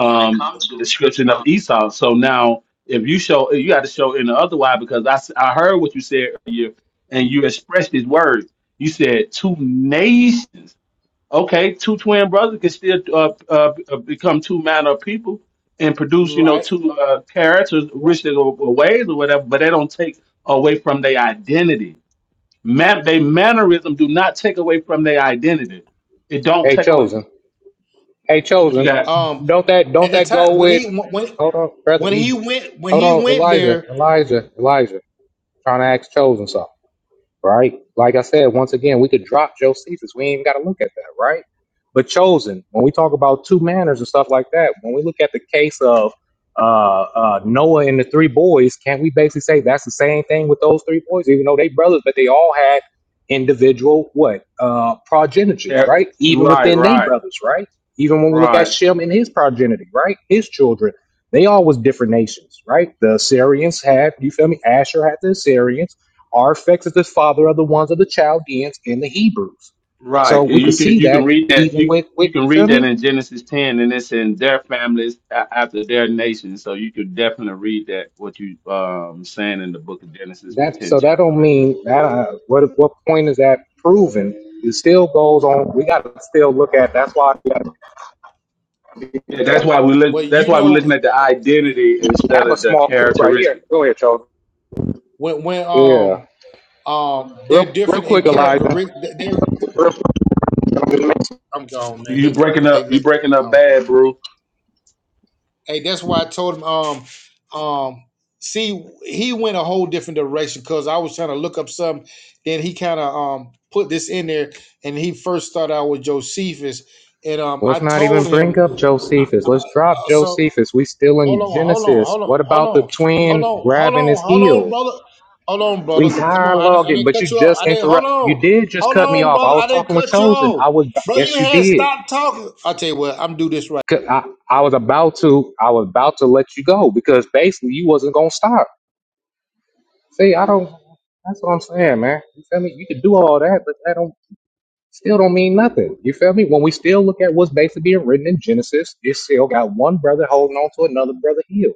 S23: When it comes
S22: the
S23: to
S22: description of Esau. So now, if you show, you got to show in the other way because I, s- I heard what you said earlier and you expressed his words. You said two nations. Okay, two twin brothers can still uh, uh, uh, become two manner of people and produce, you know,
S23: right,
S22: two uh, characters, riches or, or ways or whatever, but they don't take away from their identity. Man, they mannerism do not take away from their identity. It don't
S26: Hey,
S22: take away.
S26: chosen. Hey,
S22: What you
S26: chosen.
S22: got?
S23: um,
S26: Don't that
S23: at
S26: don't
S23: the
S26: that
S23: time
S26: go
S23: when
S26: with?
S23: he when
S26: Hold on, brother.
S23: when he
S26: Eb-
S23: went when
S26: Hold
S23: he
S26: on,
S23: went
S26: Elijah.
S23: there,
S26: Elijah. Elijah. Trying to ask chosen something. right? Like I said, once again, we could drop Josephus. We ain't even got to look at that, right? But chosen, when we talk about two manners and stuff like that, when we look at the case of uh, uh, Noah and the three boys, can't we basically say that's the same thing with those three boys, even though they brothers, but they all had individual what uh, progenitors,
S22: Car-
S26: right? Even
S22: Right,
S26: within they
S22: right.
S26: brothers, right? Even when we look at
S22: Right.
S26: Shem and his progeny, right? His children, they all was different nations, right? The Assyrians had, you feel me? Asher had the Assyrians. Arphaxad is the father of the ones of the Chaldeans and the Hebrews.
S22: Right.
S26: So we could
S22: You can
S26: see
S22: you can
S26: that
S22: read that
S26: even
S22: you
S26: with, with
S22: you
S26: you
S22: can
S26: feel
S22: read that
S26: me?
S22: in Genesis ten, and it's in their families a- after their nation. So you could definitely read that what you um saying in the book of Genesis, the
S26: That so
S22: tenth
S26: that
S22: chapter,
S26: don't
S22: right there.
S26: mean that. Uh, what what point is that proven? It still goes on. We got to still look at. That's why we, gotta,
S22: Yeah, that's why we
S23: but
S22: look. That's
S23: you
S22: why we're
S23: know
S22: looking at the identity
S26: we
S22: instead
S26: have a
S22: of the
S26: small clue right here.
S22: characteristic.
S26: Go ahead, Joe.
S23: when when
S26: Yeah,
S23: um um they're
S26: real real
S23: different in
S26: quick, Elijah.
S23: character.
S26: Real quick.
S23: I'm gone, man.
S22: You
S23: They
S22: breaking
S23: they
S22: up. You
S23: let
S22: breaking up
S23: I'm gone.
S22: bad, bro.
S23: Hey, that's why I told him. Um, um, see, he went a whole different direction because I was trying to look up something. Then he kind of um put this in there, and he first started out with Josephus, and um I
S26: Let's not even
S23: told
S26: bring
S23: him
S26: up Josephus. Let's drop
S23: uh, so.
S26: Josephus. We still in
S23: Hold on, hold on,
S26: Genesis.
S23: hold on,
S26: What
S23: hold
S26: about the
S23: on, hold
S26: twin
S23: on, hold
S26: grabbing
S23: on,
S26: his
S23: hold on,
S26: heel?
S23: brother. Hold on,
S26: We
S23: brother. Come on, I didn't, I
S26: dialoguing,
S23: didn't
S26: but
S23: cut
S26: you
S23: you off. I
S26: just
S23: didn't. Hold
S26: interrupt. You
S23: on,
S26: did just
S23: hold
S26: cut me
S23: on,
S26: off. I
S23: brother. I
S26: was
S23: didn't
S26: talking with
S23: cut you
S26: Chosen.
S23: off,
S26: I was
S23: bro. You
S26: yes, you
S23: had
S26: did.
S23: stopped talking. I will tell you what, I'm do this right.
S26: 'Cause I, I was about to I was about to let you go because basically you wasn't gonna stop. See, I don't. That's what I'm saying, man. You feel me? You could do all that, but that don't still don't mean nothing. You feel me? When we still look at what's basically being written in Genesis, it still got one brother holding on to another brother heel.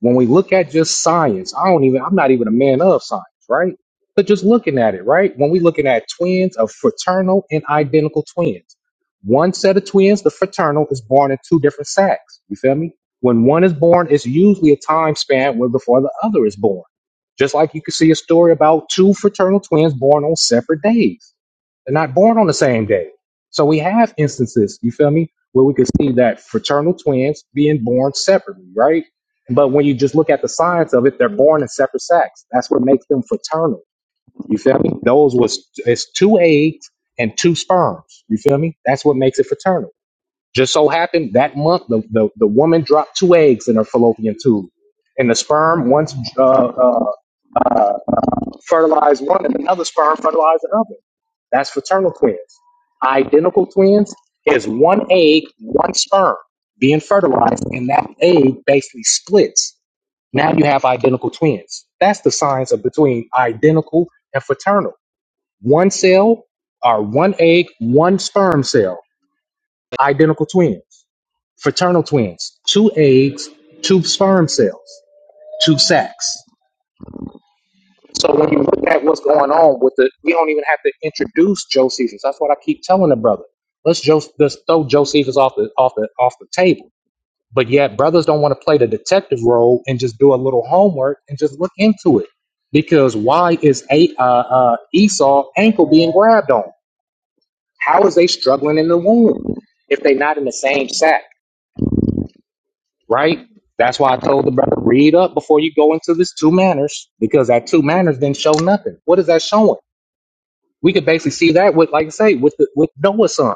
S26: when we look at just science, I don't even, I'm not even a man of science, right? But just looking at it, right? When we looking at twins of fraternal and identical twins, one set of twins, the fraternal, is born in two different sacks. You feel me? When one is born, it's usually a time span where before the other is born. Just like you can see a story about two fraternal twins born on separate days. They're not born on the same day. So we have instances, you feel me, where we could see that fraternal twins being born separately, right? But when you just look at the science of it, they're born in separate sacks. That's what makes them fraternal. You feel me? Those was it's two eggs and two sperms. You feel me? That's what makes it fraternal. Just so happened that month the, the, the woman dropped two eggs in her fallopian tube. And the sperm once uh, uh, uh, fertilized one, and another sperm fertilized another. That's fraternal twins. Identical twins is one egg, one sperm being fertilized, and that egg basically splits now you have identical twins. That's the science of between identical and fraternal. One cell or one egg, one sperm cell, identical twins. Fraternal twins, two eggs, two sperm cells, two sacs. So when you look at what's going on with the, we don't even have to introduce Josephus. That's what I keep telling the brother. Let's just, let's throw Josephus off the off the off the table But yet, brothers don't want to play the detective role and just do a little homework and just look into it. Because why is a, uh, uh, Esau ankle being grabbed on? How is they struggling in the womb if they're not in the same sack, right? That's why I told the brother, read up before you go into this two manners, because that two manners didn't show nothing. What is that showing? We could basically see that with, like I say, with the, with Noah's sons.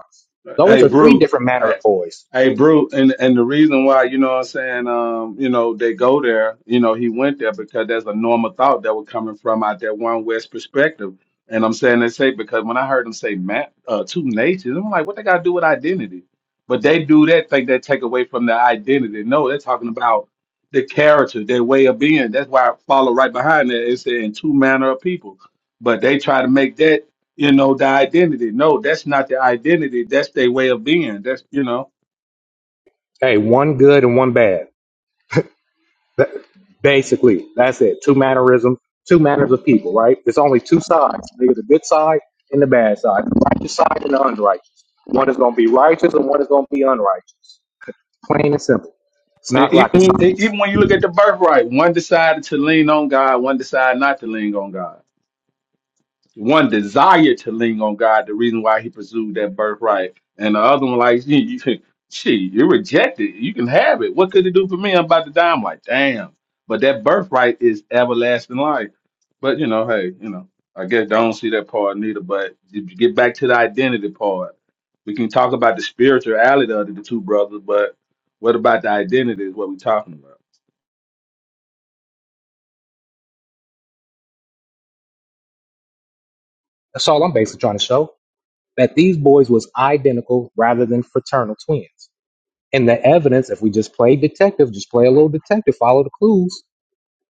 S26: Those
S22: Hey,
S26: are three
S22: Brew.
S26: different manner
S22: Hey,
S26: of boys.
S22: hey, Brew. And and the reason why, you know what I'm saying, um, you know, they go there, you know, he went there because there's a normal thought that was coming from out that one West perspective. And I'm saying they say because when I heard them say man, uh, two natures, I'm like, what they got to do with identity? But they do that, think they take away from their identity. No, they're talking about the character, their way of being. That's why I follow right behind that. It's in two manner of people. But they try to make that you know the identity no that's not the identity that's their way of being that's you know
S26: Hey, one good and one bad. That, basically, that's it. Two mannerisms, two manners of people, right? There's only two sides. There's the good side and the bad side, the righteous side and the unrighteous. One is going to be righteous and one is going to be unrighteous. Plain and simple. It's
S22: and
S26: not rocket
S22: even
S26: science.
S22: even when you look at the birthright one decided to lean on god one decided not to lean on god One desired to lean on God, the reason why he pursued that birthright. And the other one, like, you, you can, shit, you rejected. You can have it. What could it do for me? I'm about to die. I'm like, damn. But that birthright is everlasting life. But, you know, hey, you know, I guess I don't see that part neither. But if you get back to the identity part, we can talk about the spirituality of the two brothers, but what about the identity is what we're talking about.
S26: That's all I'm basically trying to show. That these boys was identical rather than fraternal twins. And the evidence, if we just play detective, just play a little detective, follow the clues.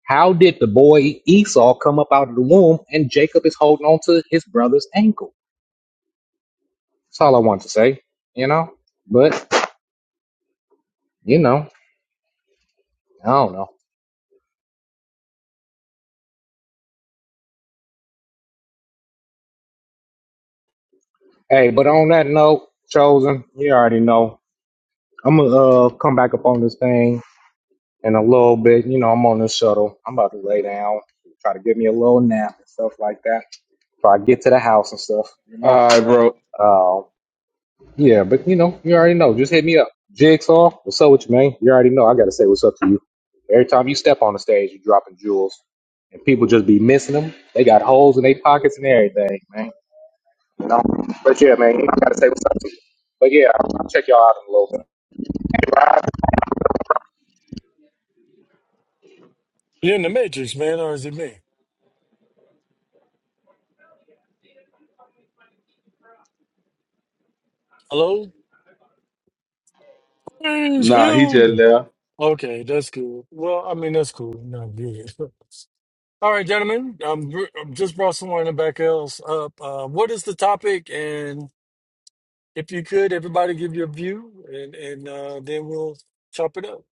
S26: How did the boy Esau come up out of the womb and Jacob is holding on to his brother's ankle? That's all I want to say, you know? But, you know, I don't know. Hey, but on that note, Chosen, you already know. I'm going to uh, come back up on this thing in a little bit. You know, I'm on this shuttle. I'm about to lay down, try to give me a little nap and stuff like that. Try to get to the house and stuff, you know?
S22: All right, bro.
S26: Uh, yeah, but, you know, you already know. Just hit me up. Jigsaw, what's up with you, man? You already know. I got to say what's up to you. Every time you step on the stage, you're dropping jewels. And people just be missing them. They got holes in their pockets and everything, man. You know? But yeah, man, you gotta say what's up to you. But yeah, I'll, I'll check y'all out in a little bit.
S3: You're in the Matrix, man, or is it me? Hello? Praise
S22: Nah, he just
S3: him!
S22: left.
S3: Okay, that's cool. Well, I mean, that's cool. Not good. All right, gentlemen, I'm, br- I'm just brought someone in the back else up. Uh, what is the topic? And if you could, everybody give your view, and, and uh, then we'll chop it up.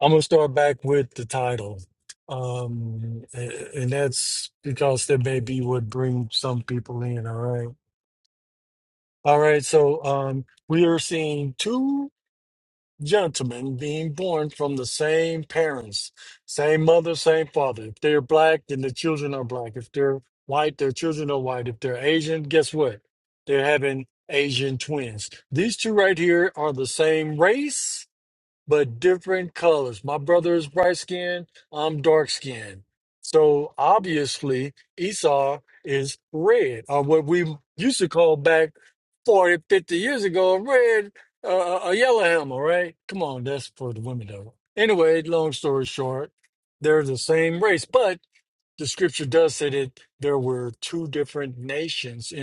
S3: I'm going to start back with the title. Um, and, and that's because that may be what brings some people in, all right? All right, so um, we are seeing two gentlemen being born from the same parents, same mother, same father. If they're black, then the children are black. If they're white, their children are white. If they're Asian, guess what? They're having Asian twins. These two right here are the same race but different colors. My brother is bright skinned, I'm dark skinned. So obviously, Esau is red, or what we used to call back 40, 50 years ago, red, uh, a yellow hammer, right? Come on, that's for the women, though. Anyway, long story short, they're the same race, but the scripture does say that there were two different nations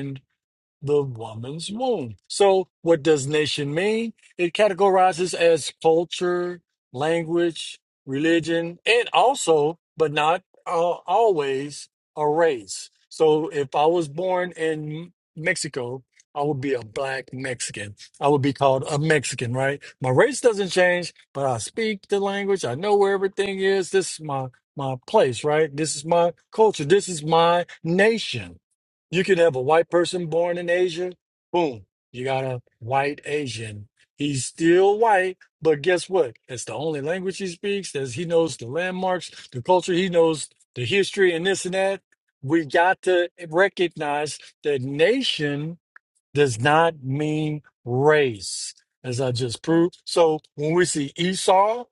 S3: the woman's womb. So, what does nation mean? It categorizes as culture, language, religion, and also, but not uh, always, a race. So, if I was born in Mexico, I would be a black Mexican. I would be called a Mexican, right? My race doesn't change, but I speak the language. I know where everything is. This is my my place, right? This is my culture. This is my nation you could have a white person born in Asia. Boom, you got a white Asian. He's still white, but guess what? That's the only language he speaks. As he knows the landmarks, the culture, he knows the history and this and that. We got to recognize that nation does not mean race, as I just proved. So when we see Esau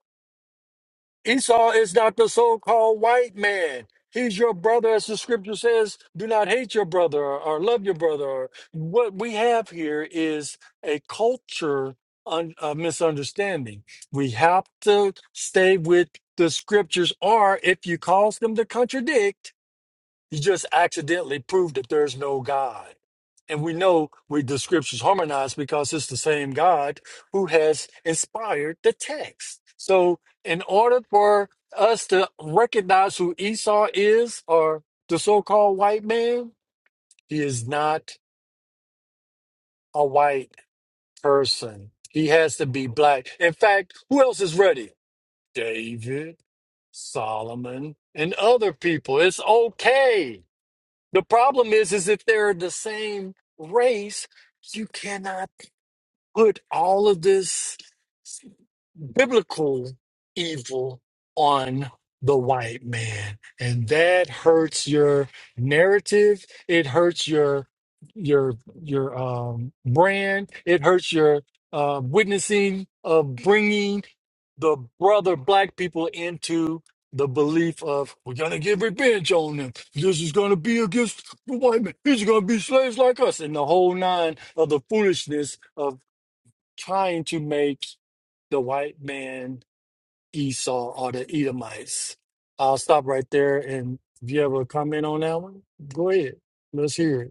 S3: Esau is not the so called white man. He's your brother, as the scripture says, do not hate your brother or, or love your brother. Or, what we have here is a culture un, of misunderstanding. We have to stay with the scriptures, or if you cause them to contradict, you just accidentally proved that there's no God. And we know we the scriptures harmonized because it's the same God who has inspired the text. So in order for us to recognize who Esau is or the so-called white man, he is not a white person. He has to be black. In fact, who else is ready? David, Solomon, and other people. It's okay The problem is, is if they're the same race, you cannot put all of this biblical evil on the white man and that hurts your narrative it hurts your your your um brand it hurts your uh witnessing of bringing the brother black people into the belief of we're gonna get revenge on them this is gonna be against the white man he's gonna be slaves like us and the whole nine of the foolishness trying to make the white man Esau or the Edomites. I'll stop right there. And if you have a comment on that one, go ahead. Let's hear it.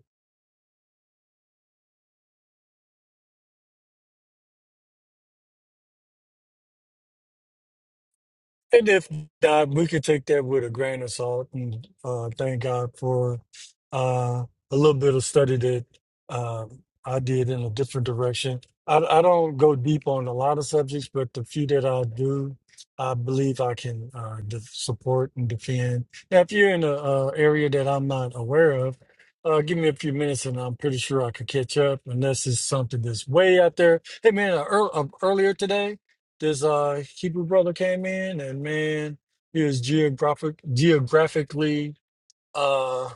S3: And if not, we can take that with a grain of salt and uh, thank God for uh, a little bit of study that uh, I did in a different direction. I, I don't go deep on a lot of subjects, but the few that I do, I believe I can uh, de- support and defend. Now, if you're in an uh, area that I'm not aware of, uh, give me a few minutes and I'm pretty sure I could catch up unless it's something that's way out there. Hey, man, uh, ear- uh, earlier today, this uh Hebrew brother came in and man, he was geographic geographically uh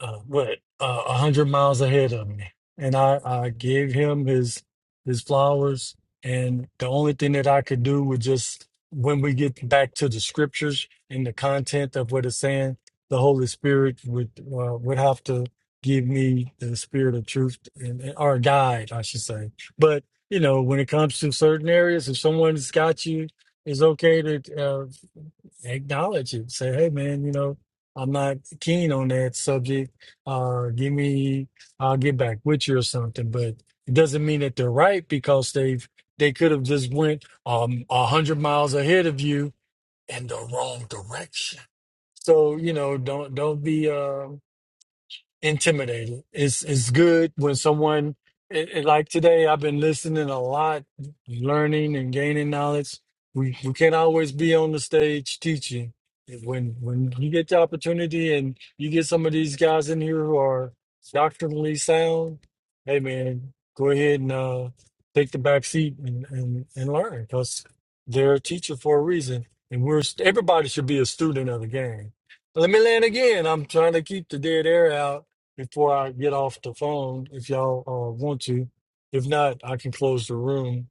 S3: uh, what uh, a hundred miles ahead of me, and I, I gave him his his flowers. And the only thing that I could do was just when we get back to the scriptures and the content of what it's saying, the Holy Spirit would uh, would have to give me the spirit of truth and or guide, I should say. But you know, when it comes to certain areas, if someone's got you, it's okay to. uh, acknowledge it. Say, hey man, you know, I'm not keen on that subject. Uh give me I'll get back with you or something. But it doesn't mean that they're right because they've they could have just went um a hundred miles ahead of you in the wrong direction. So, you know, don't don't be um intimidated. It's it's good when someone it, it- like today. I've been listening a lot, learning and gaining knowledge. We we can't always be on the stage teaching. When when you get the opportunity and you get some of these guys in here who are doctrinally sound, hey man, go ahead and uh, take the back seat and and, and learn because they're a teacher for a reason. And we're everybody should be a student of the game. Let me land again. I'm trying to keep the dead air out before I get off the phone if y'all uh, want to. If not, I can close the room.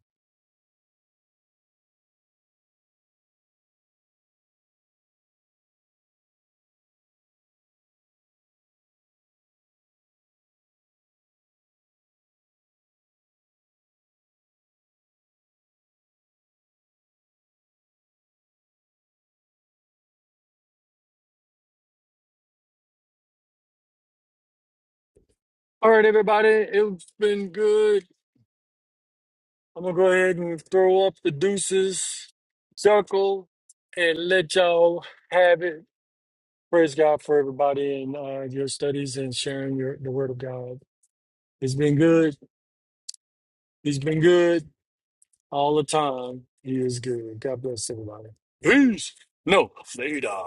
S3: All right, everybody. It's been good. I'm going to go ahead and throw up the deuces, circle, and let y'all have it. Praise God for everybody and uh, your studies and sharing your, the word of God. It's been good. He's been good all the time. He is good. God bless everybody. Peace. No, later.